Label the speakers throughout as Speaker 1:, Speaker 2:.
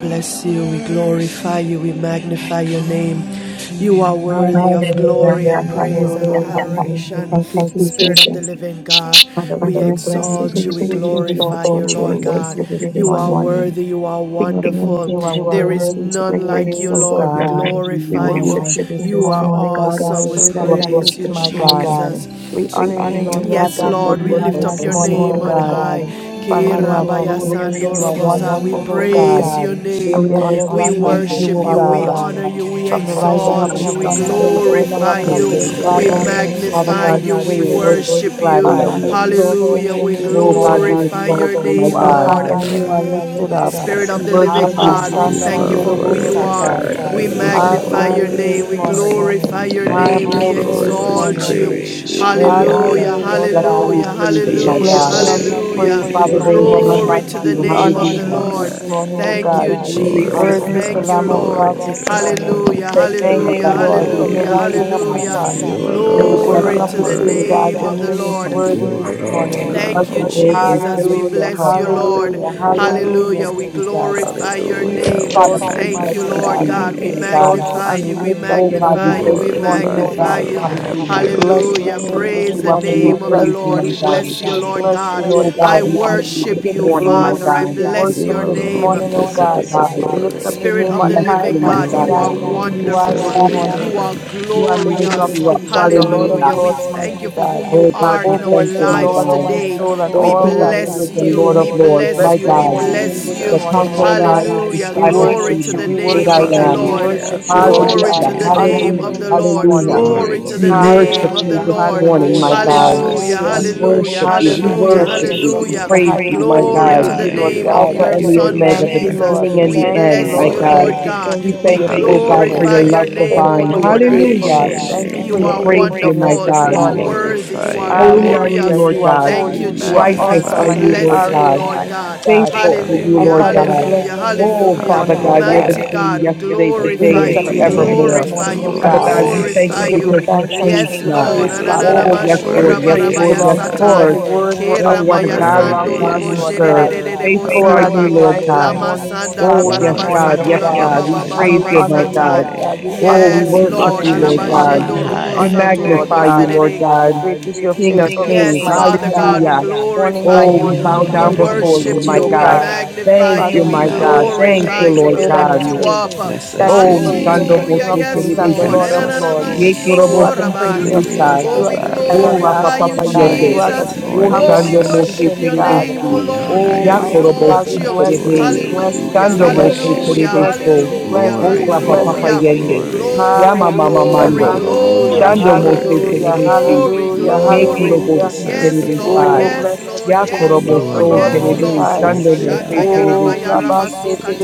Speaker 1: bless you, we glorify you, we magnify your name. You are worthy of
Speaker 2: Hallelujah,
Speaker 1: glory Hallelujah, and Hallelujah, praise and
Speaker 2: hallelujah,
Speaker 1: hallelujah,
Speaker 2: hallelujah.
Speaker 1: adoration.
Speaker 2: Thank
Speaker 1: hallelujah.
Speaker 2: you,
Speaker 1: Thank you, Spirit
Speaker 2: Jesus.
Speaker 1: of the Jesus. living God, we
Speaker 2: Father,
Speaker 1: Father,
Speaker 2: we
Speaker 1: we bless you,
Speaker 2: bless you, we
Speaker 1: exalt we you,
Speaker 2: praise
Speaker 1: we praise you,
Speaker 2: you,
Speaker 1: we
Speaker 2: we exalt
Speaker 1: glorify you,
Speaker 2: you, we
Speaker 1: exalt you, we Lord God.
Speaker 2: worship
Speaker 1: worship
Speaker 2: you
Speaker 1: you
Speaker 2: this
Speaker 1: this You are morning.
Speaker 2: morning.
Speaker 1: worthy, you are King of
Speaker 2: King
Speaker 3: the
Speaker 2: of
Speaker 3: name
Speaker 2: kings,
Speaker 1: wonderful.
Speaker 2: you
Speaker 1: kings,
Speaker 2: are
Speaker 1: you are
Speaker 3: Jesus.
Speaker 1: There is
Speaker 2: worthy
Speaker 1: worthy
Speaker 2: to
Speaker 1: to
Speaker 2: be
Speaker 1: be none like you,
Speaker 2: praised,
Speaker 1: praised,
Speaker 2: O
Speaker 1: O
Speaker 3: We
Speaker 1: Lord. O We
Speaker 2: God.
Speaker 1: God.
Speaker 3: worship you,
Speaker 2: We
Speaker 1: glorify
Speaker 3: my
Speaker 1: We you.
Speaker 3: God.
Speaker 2: worship you
Speaker 1: worship you
Speaker 2: this
Speaker 1: You this are
Speaker 2: morning,
Speaker 1: morning, O
Speaker 2: O
Speaker 1: God,
Speaker 2: God, in
Speaker 1: awesome. in
Speaker 3: We
Speaker 1: We
Speaker 3: lift
Speaker 2: spirit and
Speaker 1: spirit
Speaker 3: You are
Speaker 1: and
Speaker 2: in
Speaker 1: in
Speaker 2: truth,
Speaker 1: praise you,
Speaker 2: my
Speaker 1: truth, my
Speaker 2: God.
Speaker 1: God.
Speaker 2: We
Speaker 1: Jesus. We
Speaker 2: honor you,
Speaker 1: honor
Speaker 3: King of
Speaker 1: you,
Speaker 2: Lord
Speaker 1: Lord
Speaker 3: Kings
Speaker 2: God,
Speaker 1: Yes, God, for
Speaker 2: for
Speaker 3: and
Speaker 2: who
Speaker 3: Lord
Speaker 1: Lord, we
Speaker 2: you
Speaker 1: where you
Speaker 3: of
Speaker 2: are
Speaker 1: lift
Speaker 3: Lords,
Speaker 1: are up
Speaker 2: this
Speaker 1: your
Speaker 3: the
Speaker 1: this name
Speaker 3: great I
Speaker 2: morning, O
Speaker 1: morning, on O God.
Speaker 3: am.
Speaker 2: God.
Speaker 1: high.
Speaker 2: Father, you are glorious, you are wonderful,
Speaker 1: We oh
Speaker 2: O
Speaker 1: praise
Speaker 2: God.
Speaker 1: your
Speaker 2: And
Speaker 1: name.
Speaker 3: Glory,
Speaker 2: there
Speaker 3: honor,
Speaker 2: is
Speaker 1: We
Speaker 3: and
Speaker 2: none like
Speaker 3: praise.
Speaker 2: you,
Speaker 1: worship you.
Speaker 2: O
Speaker 3: Father
Speaker 1: We
Speaker 2: God.
Speaker 3: God,
Speaker 1: honor you. We
Speaker 2: From the
Speaker 1: exalt
Speaker 3: Lord
Speaker 2: rising of the
Speaker 3: God,
Speaker 1: you.
Speaker 3: this
Speaker 1: We
Speaker 3: is
Speaker 2: sun
Speaker 3: the day
Speaker 2: until the
Speaker 3: that
Speaker 2: going
Speaker 3: you
Speaker 2: down
Speaker 1: glorify
Speaker 2: of
Speaker 3: have
Speaker 2: the
Speaker 1: you.
Speaker 3: made.
Speaker 2: same, God,
Speaker 1: We
Speaker 2: your
Speaker 4: Hallelujah.
Speaker 2: name is
Speaker 1: magnify
Speaker 3: Father
Speaker 2: worthy to
Speaker 3: God,
Speaker 2: be
Speaker 1: you.
Speaker 3: we will
Speaker 1: We
Speaker 2: praised.
Speaker 3: rejoice
Speaker 1: worship
Speaker 3: and be glad
Speaker 1: you.
Speaker 3: in
Speaker 2: Father,
Speaker 3: it.
Speaker 2: we exalt your
Speaker 1: Hallelujah. We
Speaker 2: name this
Speaker 3: Oh God, we
Speaker 2: morning.
Speaker 1: glorify
Speaker 4: My
Speaker 1: your
Speaker 3: exalt you, my
Speaker 2: You
Speaker 1: name,
Speaker 2: are
Speaker 3: God.
Speaker 2: high
Speaker 1: Lord.
Speaker 2: and you
Speaker 4: God,
Speaker 2: are lifted up.
Speaker 5: Praise your
Speaker 4: yeah.
Speaker 1: Spirit of
Speaker 3: We
Speaker 5: name,
Speaker 1: the
Speaker 5: mighty
Speaker 3: worship
Speaker 1: living
Speaker 2: Abba,
Speaker 5: God.
Speaker 1: God,
Speaker 3: you.
Speaker 1: we
Speaker 4: You
Speaker 2: Shanda, de
Speaker 1: thank you
Speaker 4: are
Speaker 1: for who
Speaker 2: Robo,
Speaker 5: We
Speaker 1: you
Speaker 4: worthy,
Speaker 1: are.
Speaker 2: Satai.
Speaker 4: God.
Speaker 3: We
Speaker 5: glorify
Speaker 3: praise
Speaker 1: We
Speaker 4: You
Speaker 5: your
Speaker 4: are
Speaker 5: name.
Speaker 2: Have
Speaker 3: you.
Speaker 5: We
Speaker 2: your
Speaker 1: magnify your
Speaker 2: way
Speaker 4: worthy.
Speaker 2: this
Speaker 1: name. We
Speaker 5: glorify your
Speaker 2: morning.
Speaker 3: Hallelujah.
Speaker 5: name.
Speaker 4: We
Speaker 1: glorify your
Speaker 5: We
Speaker 2: Have
Speaker 5: honor
Speaker 4: thank
Speaker 1: name.
Speaker 4: you,
Speaker 5: your
Speaker 2: your
Speaker 1: We
Speaker 2: way
Speaker 5: name
Speaker 4: Lord.
Speaker 2: this
Speaker 4: We
Speaker 5: this
Speaker 1: exalt
Speaker 2: morning.
Speaker 1: you.
Speaker 5: morning.
Speaker 4: praise you.
Speaker 3: Oh,
Speaker 5: We
Speaker 4: We
Speaker 2: Have
Speaker 3: yes,
Speaker 4: honor.
Speaker 2: your
Speaker 4: you.
Speaker 5: lift
Speaker 3: God.
Speaker 1: Hallelujah,
Speaker 2: way,
Speaker 5: you
Speaker 3: We
Speaker 5: up
Speaker 2: Lord
Speaker 3: bless and
Speaker 2: God.
Speaker 5: today,
Speaker 3: we
Speaker 1: hallelujah,
Speaker 3: praise you,
Speaker 4: We
Speaker 2: We
Speaker 3: my
Speaker 1: hallelujah,
Speaker 2: bless
Speaker 3: God.
Speaker 2: you
Speaker 4: adore
Speaker 5: Jesus.
Speaker 2: and we
Speaker 4: you. We
Speaker 5: We
Speaker 2: praise
Speaker 4: give
Speaker 2: you
Speaker 1: hallelujah.
Speaker 3: Father,
Speaker 4: you
Speaker 2: this
Speaker 5: worship
Speaker 3: there is
Speaker 5: you.
Speaker 3: none
Speaker 4: glory.
Speaker 2: morning.
Speaker 1: Glory
Speaker 3: like
Speaker 1: to
Speaker 5: We
Speaker 1: the
Speaker 3: you.
Speaker 4: We
Speaker 2: We
Speaker 4: give
Speaker 1: name
Speaker 5: worship.
Speaker 2: honor
Speaker 1: of
Speaker 4: you
Speaker 2: your
Speaker 1: the
Speaker 3: Hallelujah.
Speaker 2: name
Speaker 1: Lord.
Speaker 2: this
Speaker 4: honor.
Speaker 2: morning, O
Speaker 3: We
Speaker 5: Praise
Speaker 1: Thank
Speaker 3: give
Speaker 2: God.
Speaker 5: the
Speaker 3: you
Speaker 1: you,
Speaker 5: Lord
Speaker 3: glory,
Speaker 4: Glory
Speaker 3: honor,
Speaker 5: God.
Speaker 1: Jesus.
Speaker 4: to
Speaker 2: Worthy
Speaker 3: and
Speaker 2: is the
Speaker 1: Thank
Speaker 4: God.
Speaker 5: Hallelujah.
Speaker 1: you,
Speaker 2: Lamb of
Speaker 1: Lord.
Speaker 2: God
Speaker 4: Glory to
Speaker 2: this
Speaker 4: God.
Speaker 2: morning.
Speaker 3: We
Speaker 1: Hallelujah,
Speaker 3: Thank you,
Speaker 2: Thank
Speaker 3: my
Speaker 1: hallelujah,
Speaker 2: you,
Speaker 3: God, for
Speaker 2: Lord,
Speaker 3: being
Speaker 2: from the
Speaker 1: hallelujah,
Speaker 3: a
Speaker 4: Hallelujah.
Speaker 3: good, good
Speaker 2: rising of the
Speaker 3: father.
Speaker 1: hallelujah.
Speaker 2: sun
Speaker 4: You
Speaker 2: till the
Speaker 3: Oh,
Speaker 4: alone
Speaker 2: going
Speaker 1: Glory
Speaker 2: down
Speaker 4: are
Speaker 3: blessed
Speaker 2: of
Speaker 1: to
Speaker 3: be
Speaker 2: the
Speaker 3: the
Speaker 1: the
Speaker 3: name
Speaker 2: same
Speaker 3: of
Speaker 4: worthy.
Speaker 2: God.
Speaker 1: name
Speaker 3: the
Speaker 2: Your
Speaker 1: of
Speaker 3: Lord
Speaker 1: the
Speaker 2: name
Speaker 3: God
Speaker 2: is
Speaker 1: Lord.
Speaker 3: Almighty,
Speaker 2: worthy
Speaker 4: You
Speaker 2: this
Speaker 4: alone
Speaker 3: who
Speaker 2: morning.
Speaker 4: are
Speaker 3: was
Speaker 1: Thank you,
Speaker 3: and is
Speaker 4: holy.
Speaker 3: and
Speaker 1: Jesus.
Speaker 3: still
Speaker 1: Jesus.
Speaker 3: is
Speaker 1: We
Speaker 3: to
Speaker 2: Hallelujah,
Speaker 1: bless you,
Speaker 3: come.
Speaker 1: Lord.
Speaker 2: hallelujah,
Speaker 4: Hallelujah.
Speaker 2: hallelujah,
Speaker 1: Hallelujah. We
Speaker 2: Jesus.
Speaker 1: glorify your
Speaker 2: We
Speaker 4: Hallelujah.
Speaker 1: name.
Speaker 4: We
Speaker 3: Father,
Speaker 2: exalt
Speaker 3: great
Speaker 2: you,
Speaker 3: is thy
Speaker 1: Thank you,
Speaker 2: mighty
Speaker 4: magnify
Speaker 1: Lord
Speaker 2: God.
Speaker 4: your
Speaker 3: faithfulness,
Speaker 2: We
Speaker 1: God. We
Speaker 3: my
Speaker 4: name.
Speaker 2: exalt
Speaker 3: God.
Speaker 5: We
Speaker 2: you
Speaker 1: magnify
Speaker 2: and we
Speaker 1: you. We
Speaker 2: lift up
Speaker 3: Oh,
Speaker 2: your
Speaker 4: We
Speaker 3: God, we
Speaker 1: magnify
Speaker 2: name
Speaker 1: you.
Speaker 3: thank
Speaker 2: this
Speaker 1: We
Speaker 3: you for your
Speaker 2: morning,
Speaker 4: glorify
Speaker 2: O
Speaker 1: magnify
Speaker 2: God.
Speaker 3: faithfulness.
Speaker 5: lift
Speaker 4: you.
Speaker 1: you.
Speaker 5: you
Speaker 4: Have
Speaker 5: up, oh
Speaker 3: Hallelujah.
Speaker 2: We
Speaker 4: your
Speaker 5: Father
Speaker 4: way,
Speaker 2: bless your
Speaker 1: Hallelujah.
Speaker 5: God.
Speaker 3: We
Speaker 2: name
Speaker 4: Lord
Speaker 3: lift
Speaker 2: this
Speaker 1: Praise
Speaker 3: you
Speaker 1: the
Speaker 3: up
Speaker 2: morning.
Speaker 3: and we
Speaker 2: We
Speaker 1: name of
Speaker 5: Hallelujah.
Speaker 1: the
Speaker 2: bless
Speaker 3: praise you,
Speaker 2: you.
Speaker 1: Lord.
Speaker 3: my
Speaker 2: We
Speaker 1: We
Speaker 2: bless
Speaker 3: God.
Speaker 1: bless
Speaker 2: you.
Speaker 1: you,
Speaker 2: We
Speaker 1: Lord
Speaker 4: Jesus,
Speaker 2: bless you,
Speaker 1: God.
Speaker 2: Lord
Speaker 3: Oh, God,
Speaker 1: I
Speaker 2: God.
Speaker 4: Jesus,
Speaker 3: we honor you
Speaker 2: We
Speaker 3: this
Speaker 5: Hallelujah.
Speaker 1: worship
Speaker 2: give
Speaker 1: you,
Speaker 2: you
Speaker 4: Jesus.
Speaker 3: morning, my
Speaker 2: glory. We
Speaker 1: Father.
Speaker 3: God.
Speaker 2: give
Speaker 1: I
Speaker 2: you
Speaker 1: bless
Speaker 2: worship
Speaker 4: You
Speaker 1: your
Speaker 2: this
Speaker 3: We
Speaker 1: name.
Speaker 3: praise
Speaker 4: alone
Speaker 2: morning, oh
Speaker 3: you,
Speaker 4: deserve
Speaker 3: oh
Speaker 2: God.
Speaker 4: the
Speaker 3: God.
Speaker 2: We lift up
Speaker 4: glory.
Speaker 2: your
Speaker 1: Spirit
Speaker 3: We
Speaker 2: name
Speaker 1: of the
Speaker 2: on
Speaker 3: bless
Speaker 2: high,
Speaker 1: living
Speaker 3: you, my
Speaker 4: You
Speaker 1: God,
Speaker 2: mighty
Speaker 3: God.
Speaker 1: you are
Speaker 2: God, for who
Speaker 4: alone
Speaker 2: you are
Speaker 3: We
Speaker 1: wonderful.
Speaker 2: this
Speaker 4: deserve
Speaker 3: worship
Speaker 4: the
Speaker 1: You
Speaker 3: you,
Speaker 2: morning.
Speaker 1: are
Speaker 3: my
Speaker 4: honor.
Speaker 2: You
Speaker 3: God.
Speaker 2: are the
Speaker 3: We lift
Speaker 2: King of
Speaker 1: glorious.
Speaker 3: you up.
Speaker 2: kings and the Lord of
Speaker 3: Hallelujah.
Speaker 1: Hallelujah. We
Speaker 2: lords,
Speaker 1: thank
Speaker 2: mighty
Speaker 1: you for
Speaker 2: God.
Speaker 1: who
Speaker 3: Oh,
Speaker 1: you
Speaker 3: God,
Speaker 1: are
Speaker 2: Oh,
Speaker 3: we
Speaker 1: in our
Speaker 3: thank
Speaker 2: bless
Speaker 3: you,
Speaker 2: the
Speaker 3: my
Speaker 1: lives
Speaker 2: Lord, oh
Speaker 3: God.
Speaker 2: my
Speaker 1: today.
Speaker 2: soul, and
Speaker 3: O
Speaker 1: We
Speaker 3: King
Speaker 2: all
Speaker 3: of
Speaker 2: that is
Speaker 3: Kings
Speaker 1: bless
Speaker 4: Hallelujah.
Speaker 3: and
Speaker 2: within
Speaker 1: you.
Speaker 3: Lord of
Speaker 1: We
Speaker 2: me.
Speaker 3: Lords,
Speaker 1: bless
Speaker 2: Bless
Speaker 3: my
Speaker 4: Let The
Speaker 1: you.
Speaker 2: your
Speaker 1: We
Speaker 3: God,
Speaker 2: holy name
Speaker 1: bless
Speaker 4: redeemed
Speaker 2: this
Speaker 1: you.
Speaker 3: the
Speaker 4: of the
Speaker 2: morning, O
Speaker 3: conquering
Speaker 4: Lord
Speaker 2: God.
Speaker 3: lion of
Speaker 4: say
Speaker 3: the
Speaker 1: Hallelujah.
Speaker 2: We
Speaker 3: tribe
Speaker 4: so.
Speaker 3: of
Speaker 1: Glory
Speaker 2: worship
Speaker 1: to
Speaker 3: Judah,
Speaker 2: you,
Speaker 1: the
Speaker 3: the
Speaker 2: we
Speaker 3: great
Speaker 1: name
Speaker 3: I
Speaker 2: worship
Speaker 1: of the
Speaker 2: you, we
Speaker 3: am.
Speaker 1: Lord.
Speaker 2: worship
Speaker 4: Hallelujah.
Speaker 2: you, Lord
Speaker 4: Glory
Speaker 1: Glory
Speaker 4: to
Speaker 2: God.
Speaker 3: Hallelujah,
Speaker 1: to
Speaker 2: We
Speaker 4: your
Speaker 1: the
Speaker 2: honor your
Speaker 1: name
Speaker 4: name.
Speaker 3: hallelujah,
Speaker 1: of
Speaker 2: name
Speaker 5: Hallelujah.
Speaker 1: the
Speaker 2: this
Speaker 1: Lord.
Speaker 3: hallelujah.
Speaker 5: We
Speaker 2: morning.
Speaker 5: lift
Speaker 1: Glory
Speaker 4: Glory
Speaker 5: up
Speaker 1: to
Speaker 4: to
Speaker 1: the
Speaker 3: We
Speaker 4: your
Speaker 3: worship
Speaker 1: name of
Speaker 4: name.
Speaker 1: the
Speaker 3: you
Speaker 2: Hallelujah,
Speaker 3: this
Speaker 1: Lord.
Speaker 3: morning,
Speaker 5: Jesus.
Speaker 3: my
Speaker 2: hallelujah,
Speaker 3: God.
Speaker 1: Hallelujah.
Speaker 4: Jesus,
Speaker 2: hallelujah,
Speaker 4: we
Speaker 3: We
Speaker 1: Hallelujah.
Speaker 3: worship
Speaker 4: worship
Speaker 3: you, we
Speaker 4: and
Speaker 1: Hallelujah.
Speaker 2: hallelujah.
Speaker 4: adore
Speaker 3: worship you,
Speaker 2: Jesus
Speaker 4: you.
Speaker 3: we
Speaker 2: is
Speaker 1: Hallelujah.
Speaker 2: the
Speaker 3: praise you,
Speaker 2: highest
Speaker 3: my
Speaker 2: praise
Speaker 4: We
Speaker 2: we
Speaker 1: Glory to
Speaker 3: God.
Speaker 2: give
Speaker 1: the
Speaker 2: you,
Speaker 4: honor
Speaker 2: Lord
Speaker 1: name of
Speaker 4: you.
Speaker 2: God.
Speaker 3: Alpha
Speaker 4: We
Speaker 1: your
Speaker 3: and
Speaker 4: give
Speaker 3: the
Speaker 1: Son
Speaker 4: you
Speaker 3: Omega,
Speaker 2: Thank
Speaker 3: the
Speaker 2: you,
Speaker 4: reverence.
Speaker 1: Jesus.
Speaker 2: Lord.
Speaker 3: beginning
Speaker 4: We
Speaker 3: and
Speaker 1: We
Speaker 3: the
Speaker 4: give
Speaker 2: Thank
Speaker 4: you
Speaker 2: you,
Speaker 3: end,
Speaker 1: bless
Speaker 3: my
Speaker 2: Lord.
Speaker 1: you, Lord
Speaker 3: God.
Speaker 2: Thank
Speaker 4: glory.
Speaker 2: you.
Speaker 1: God.
Speaker 2: Thank
Speaker 3: We
Speaker 2: you for
Speaker 1: We
Speaker 3: thank
Speaker 2: your
Speaker 3: you, O God, for
Speaker 2: faithfulness.
Speaker 1: glorify
Speaker 3: your
Speaker 4: Hallelujah.
Speaker 1: your
Speaker 3: love
Speaker 1: name,
Speaker 2: Thank you
Speaker 3: divine.
Speaker 2: for
Speaker 1: O
Speaker 4: We
Speaker 2: your
Speaker 1: Lord.
Speaker 4: praise
Speaker 3: Hallelujah.
Speaker 4: your
Speaker 2: faithfulness. Thank you
Speaker 4: name,
Speaker 2: for
Speaker 1: You
Speaker 3: We
Speaker 2: your
Speaker 1: are
Speaker 4: Lord.
Speaker 3: praise you, my
Speaker 1: wonderful.
Speaker 2: faithfulness this
Speaker 1: Lord.
Speaker 3: God.
Speaker 1: You
Speaker 4: We
Speaker 1: are
Speaker 2: morning.
Speaker 1: worthy. You
Speaker 4: glorify
Speaker 1: are
Speaker 4: your
Speaker 3: Holy are
Speaker 4: name.
Speaker 3: you,
Speaker 2: Hallelujah.
Speaker 3: Lord
Speaker 2: You are
Speaker 1: glorious.
Speaker 3: God.
Speaker 1: Thank
Speaker 4: We
Speaker 2: holy.
Speaker 1: you,
Speaker 2: You are
Speaker 3: Righteous
Speaker 1: Jesus.
Speaker 3: are
Speaker 1: We
Speaker 2: awesome
Speaker 4: magnify
Speaker 2: and
Speaker 3: you,
Speaker 4: your
Speaker 2: you
Speaker 3: Lord
Speaker 1: bless
Speaker 2: are
Speaker 3: God.
Speaker 2: a
Speaker 1: you,
Speaker 4: name.
Speaker 1: Lord
Speaker 2: mighty
Speaker 1: God.
Speaker 2: God.
Speaker 3: Faithful are you,
Speaker 1: Hallelujah.
Speaker 2: And
Speaker 3: Lord
Speaker 2: Father, we
Speaker 4: Hallelujah.
Speaker 3: God.
Speaker 2: bless
Speaker 1: Hallelujah.
Speaker 2: your name
Speaker 3: Oh,
Speaker 2: this
Speaker 3: Father
Speaker 2: morning, oh
Speaker 1: Hallelujah.
Speaker 3: God, you're the
Speaker 2: God.
Speaker 4: Hallelujah.
Speaker 1: Mighty
Speaker 3: same
Speaker 1: God, we
Speaker 3: yesterday,
Speaker 4: Let
Speaker 2: We
Speaker 4: the
Speaker 3: today,
Speaker 1: glorify
Speaker 2: lift
Speaker 3: and
Speaker 2: up
Speaker 1: you. We
Speaker 2: your name
Speaker 4: redeemed
Speaker 2: this
Speaker 3: forevermore.
Speaker 4: of
Speaker 1: glorify
Speaker 4: the
Speaker 2: morning,
Speaker 1: you.
Speaker 2: oh
Speaker 1: We
Speaker 3: Father
Speaker 4: Lord
Speaker 3: God,
Speaker 2: God.
Speaker 3: we
Speaker 4: say
Speaker 3: thank
Speaker 2: We
Speaker 1: glorify
Speaker 3: you
Speaker 2: give
Speaker 1: you.
Speaker 2: you
Speaker 4: so.
Speaker 3: because you
Speaker 2: thanks and we
Speaker 1: Yes,
Speaker 3: change
Speaker 2: give you
Speaker 3: not.
Speaker 1: Lord.
Speaker 2: praise, Father.
Speaker 3: Oh,
Speaker 4: Hallelujah.
Speaker 3: yes, Lord.
Speaker 2: Every
Speaker 3: Yes,
Speaker 4: Worthy
Speaker 2: praise
Speaker 4: is
Speaker 3: Lord.
Speaker 4: the
Speaker 3: Yes,
Speaker 2: belongs to you.
Speaker 4: Lamb.
Speaker 3: Lord.
Speaker 2: Every word wor-
Speaker 3: Oh,
Speaker 2: of
Speaker 3: what a
Speaker 2: worship
Speaker 3: God, what a
Speaker 2: belongs
Speaker 4: Worthy
Speaker 2: to
Speaker 3: God
Speaker 2: you,
Speaker 4: is
Speaker 3: we
Speaker 4: the
Speaker 2: Lord
Speaker 3: serve.
Speaker 4: Lamb.
Speaker 2: God.
Speaker 5: Love,
Speaker 3: Faithful
Speaker 2: You
Speaker 3: are
Speaker 2: are the
Speaker 3: you, Lord
Speaker 4: Hallelujah.
Speaker 2: bright and
Speaker 3: God.
Speaker 2: morning star
Speaker 3: Oh,
Speaker 4: You
Speaker 2: this
Speaker 3: yes,
Speaker 4: are
Speaker 2: morning,
Speaker 3: God.
Speaker 2: oh
Speaker 4: high
Speaker 3: Yes,
Speaker 2: God.
Speaker 4: and
Speaker 3: God. We
Speaker 4: lifted
Speaker 2: And
Speaker 4: up
Speaker 3: praise
Speaker 2: we
Speaker 3: you,
Speaker 4: this
Speaker 2: honor
Speaker 3: my
Speaker 2: you,
Speaker 3: God.
Speaker 2: Lord
Speaker 4: morning.
Speaker 2: God. We
Speaker 3: Oh,
Speaker 2: honor
Speaker 3: we
Speaker 2: you.
Speaker 1: Yes,
Speaker 4: We
Speaker 2: We
Speaker 3: worship
Speaker 2: honor
Speaker 1: Lord.
Speaker 4: lift
Speaker 3: you,
Speaker 2: you.
Speaker 4: your
Speaker 2: We
Speaker 3: Lord
Speaker 4: name
Speaker 2: honor
Speaker 3: God.
Speaker 4: on
Speaker 2: you. We
Speaker 3: We
Speaker 4: high.
Speaker 2: honor you, Lord
Speaker 3: magnify you,
Speaker 2: God.
Speaker 3: Lord God.
Speaker 2: Great is your
Speaker 3: King of
Speaker 1: Yes,
Speaker 2: faithfulness,
Speaker 3: kings.
Speaker 2: mighty
Speaker 1: Father
Speaker 2: God.
Speaker 1: God, we
Speaker 3: Hallelujah.
Speaker 2: Morning
Speaker 1: glorify
Speaker 2: by
Speaker 3: Oh,
Speaker 1: you.
Speaker 3: we
Speaker 4: We
Speaker 1: Oh,
Speaker 2: morning,
Speaker 1: we
Speaker 3: bow
Speaker 2: your
Speaker 4: honor
Speaker 3: down
Speaker 4: and
Speaker 2: mercies we
Speaker 3: before
Speaker 1: worship
Speaker 3: you,
Speaker 4: adore
Speaker 2: see,
Speaker 3: my
Speaker 1: you.
Speaker 2: O
Speaker 1: We
Speaker 4: you.
Speaker 3: God.
Speaker 2: God.
Speaker 1: magnify
Speaker 3: Thank
Speaker 1: you.
Speaker 3: you,
Speaker 2: Father,
Speaker 4: We
Speaker 1: We
Speaker 3: my
Speaker 2: we
Speaker 3: God.
Speaker 2: worship
Speaker 4: magnify
Speaker 3: Thank
Speaker 2: you
Speaker 1: glorify
Speaker 3: you,
Speaker 2: in
Speaker 1: you.
Speaker 4: you.
Speaker 3: Lord
Speaker 1: We
Speaker 2: spirit and
Speaker 3: God.
Speaker 1: lift
Speaker 2: in
Speaker 1: you
Speaker 2: truth.
Speaker 1: up. Oh,
Speaker 4: Blessed
Speaker 2: Thank you
Speaker 5: oh,
Speaker 3: Oh,
Speaker 2: for
Speaker 1: Hallelujah.
Speaker 2: being
Speaker 3: Shando
Speaker 2: the
Speaker 4: Redeemer,
Speaker 3: Bose
Speaker 2: King of
Speaker 1: Yes,
Speaker 2: kings and the
Speaker 1: Lord.
Speaker 3: Terebisi.
Speaker 2: Lord
Speaker 4: Prince
Speaker 1: Terebesi. Ye
Speaker 2: of
Speaker 4: of
Speaker 2: lords.
Speaker 1: Ananamashio
Speaker 4: Peace,
Speaker 2: You
Speaker 3: Yekorobo
Speaker 2: are
Speaker 1: Korobosi
Speaker 2: the
Speaker 3: Si
Speaker 2: Prince of
Speaker 4: Lily of
Speaker 2: peace.
Speaker 3: Terebisai.
Speaker 1: Oh,
Speaker 4: the
Speaker 2: You
Speaker 1: we
Speaker 2: are
Speaker 1: Oh,
Speaker 2: the
Speaker 3: Oh,
Speaker 4: Valley,
Speaker 3: Rapa
Speaker 1: glorify you,
Speaker 3: Papa
Speaker 2: everlasting God. You
Speaker 3: Yende.
Speaker 4: Bright
Speaker 2: are
Speaker 1: Jesus.
Speaker 2: the
Speaker 4: and
Speaker 3: Oh,
Speaker 1: Oh,
Speaker 4: Morning
Speaker 1: Oh, we
Speaker 2: covenant
Speaker 3: Shando
Speaker 4: Star.
Speaker 3: Mose
Speaker 1: worship
Speaker 2: keeping
Speaker 1: your
Speaker 2: God.
Speaker 1: name, oh
Speaker 3: Terebisi.
Speaker 4: We
Speaker 1: Lord. We
Speaker 4: honor
Speaker 1: Oh, exalt you.
Speaker 2: Almighty
Speaker 4: you.
Speaker 3: Yakorobo
Speaker 4: We
Speaker 2: God,
Speaker 1: Yakorobosi
Speaker 2: we
Speaker 3: Si
Speaker 2: bless
Speaker 4: adore
Speaker 2: you. We
Speaker 3: Terebe.
Speaker 4: you.
Speaker 2: bless
Speaker 4: We
Speaker 2: you.
Speaker 1: Hallelujah.
Speaker 2: We
Speaker 3: Shando
Speaker 2: bless
Speaker 4: praise
Speaker 3: Mose
Speaker 2: you. We
Speaker 4: you.
Speaker 1: Hallelujah.
Speaker 2: bless you.
Speaker 3: Terebiso.
Speaker 2: We bless you.
Speaker 3: Oh,
Speaker 1: Hallelujah.
Speaker 4: Glory,
Speaker 2: We
Speaker 1: Oh,
Speaker 3: Rapa
Speaker 2: bless
Speaker 3: Papa
Speaker 2: you.
Speaker 1: Hallelujah.
Speaker 4: glory,
Speaker 1: Glory,
Speaker 3: Yende.
Speaker 4: glory.
Speaker 3: Yama Mama
Speaker 2: Hallelujah,
Speaker 4: You
Speaker 1: glory,
Speaker 3: Mando.
Speaker 4: alone
Speaker 2: hallelujah,
Speaker 1: glory,
Speaker 4: are
Speaker 3: Shando Mose
Speaker 1: glory,
Speaker 4: worthy.
Speaker 2: hallelujah,
Speaker 3: Terebisi.
Speaker 1: glory,
Speaker 2: hallelujah,
Speaker 4: You
Speaker 1: glory.
Speaker 4: alone
Speaker 3: Yekorobo
Speaker 2: hallelujah.
Speaker 3: Si
Speaker 4: deserve the
Speaker 1: Yes, Lord,
Speaker 3: Terebisai.
Speaker 2: Oh,
Speaker 4: glory.
Speaker 1: yes,
Speaker 2: blessed
Speaker 1: Lord,
Speaker 2: be the
Speaker 5: hallelujah.
Speaker 1: yes,
Speaker 2: name
Speaker 3: Yakorobo
Speaker 4: You
Speaker 2: of the
Speaker 1: Lord,
Speaker 3: so
Speaker 2: Lord
Speaker 1: yes,
Speaker 2: Most
Speaker 4: alone
Speaker 3: terebe,
Speaker 1: Lord.
Speaker 2: High.
Speaker 4: deserve
Speaker 3: shando mo
Speaker 4: the
Speaker 3: se
Speaker 1: Shata
Speaker 4: honor.
Speaker 1: yaraba
Speaker 3: terebe
Speaker 2: Oh,
Speaker 3: si,
Speaker 1: yaraba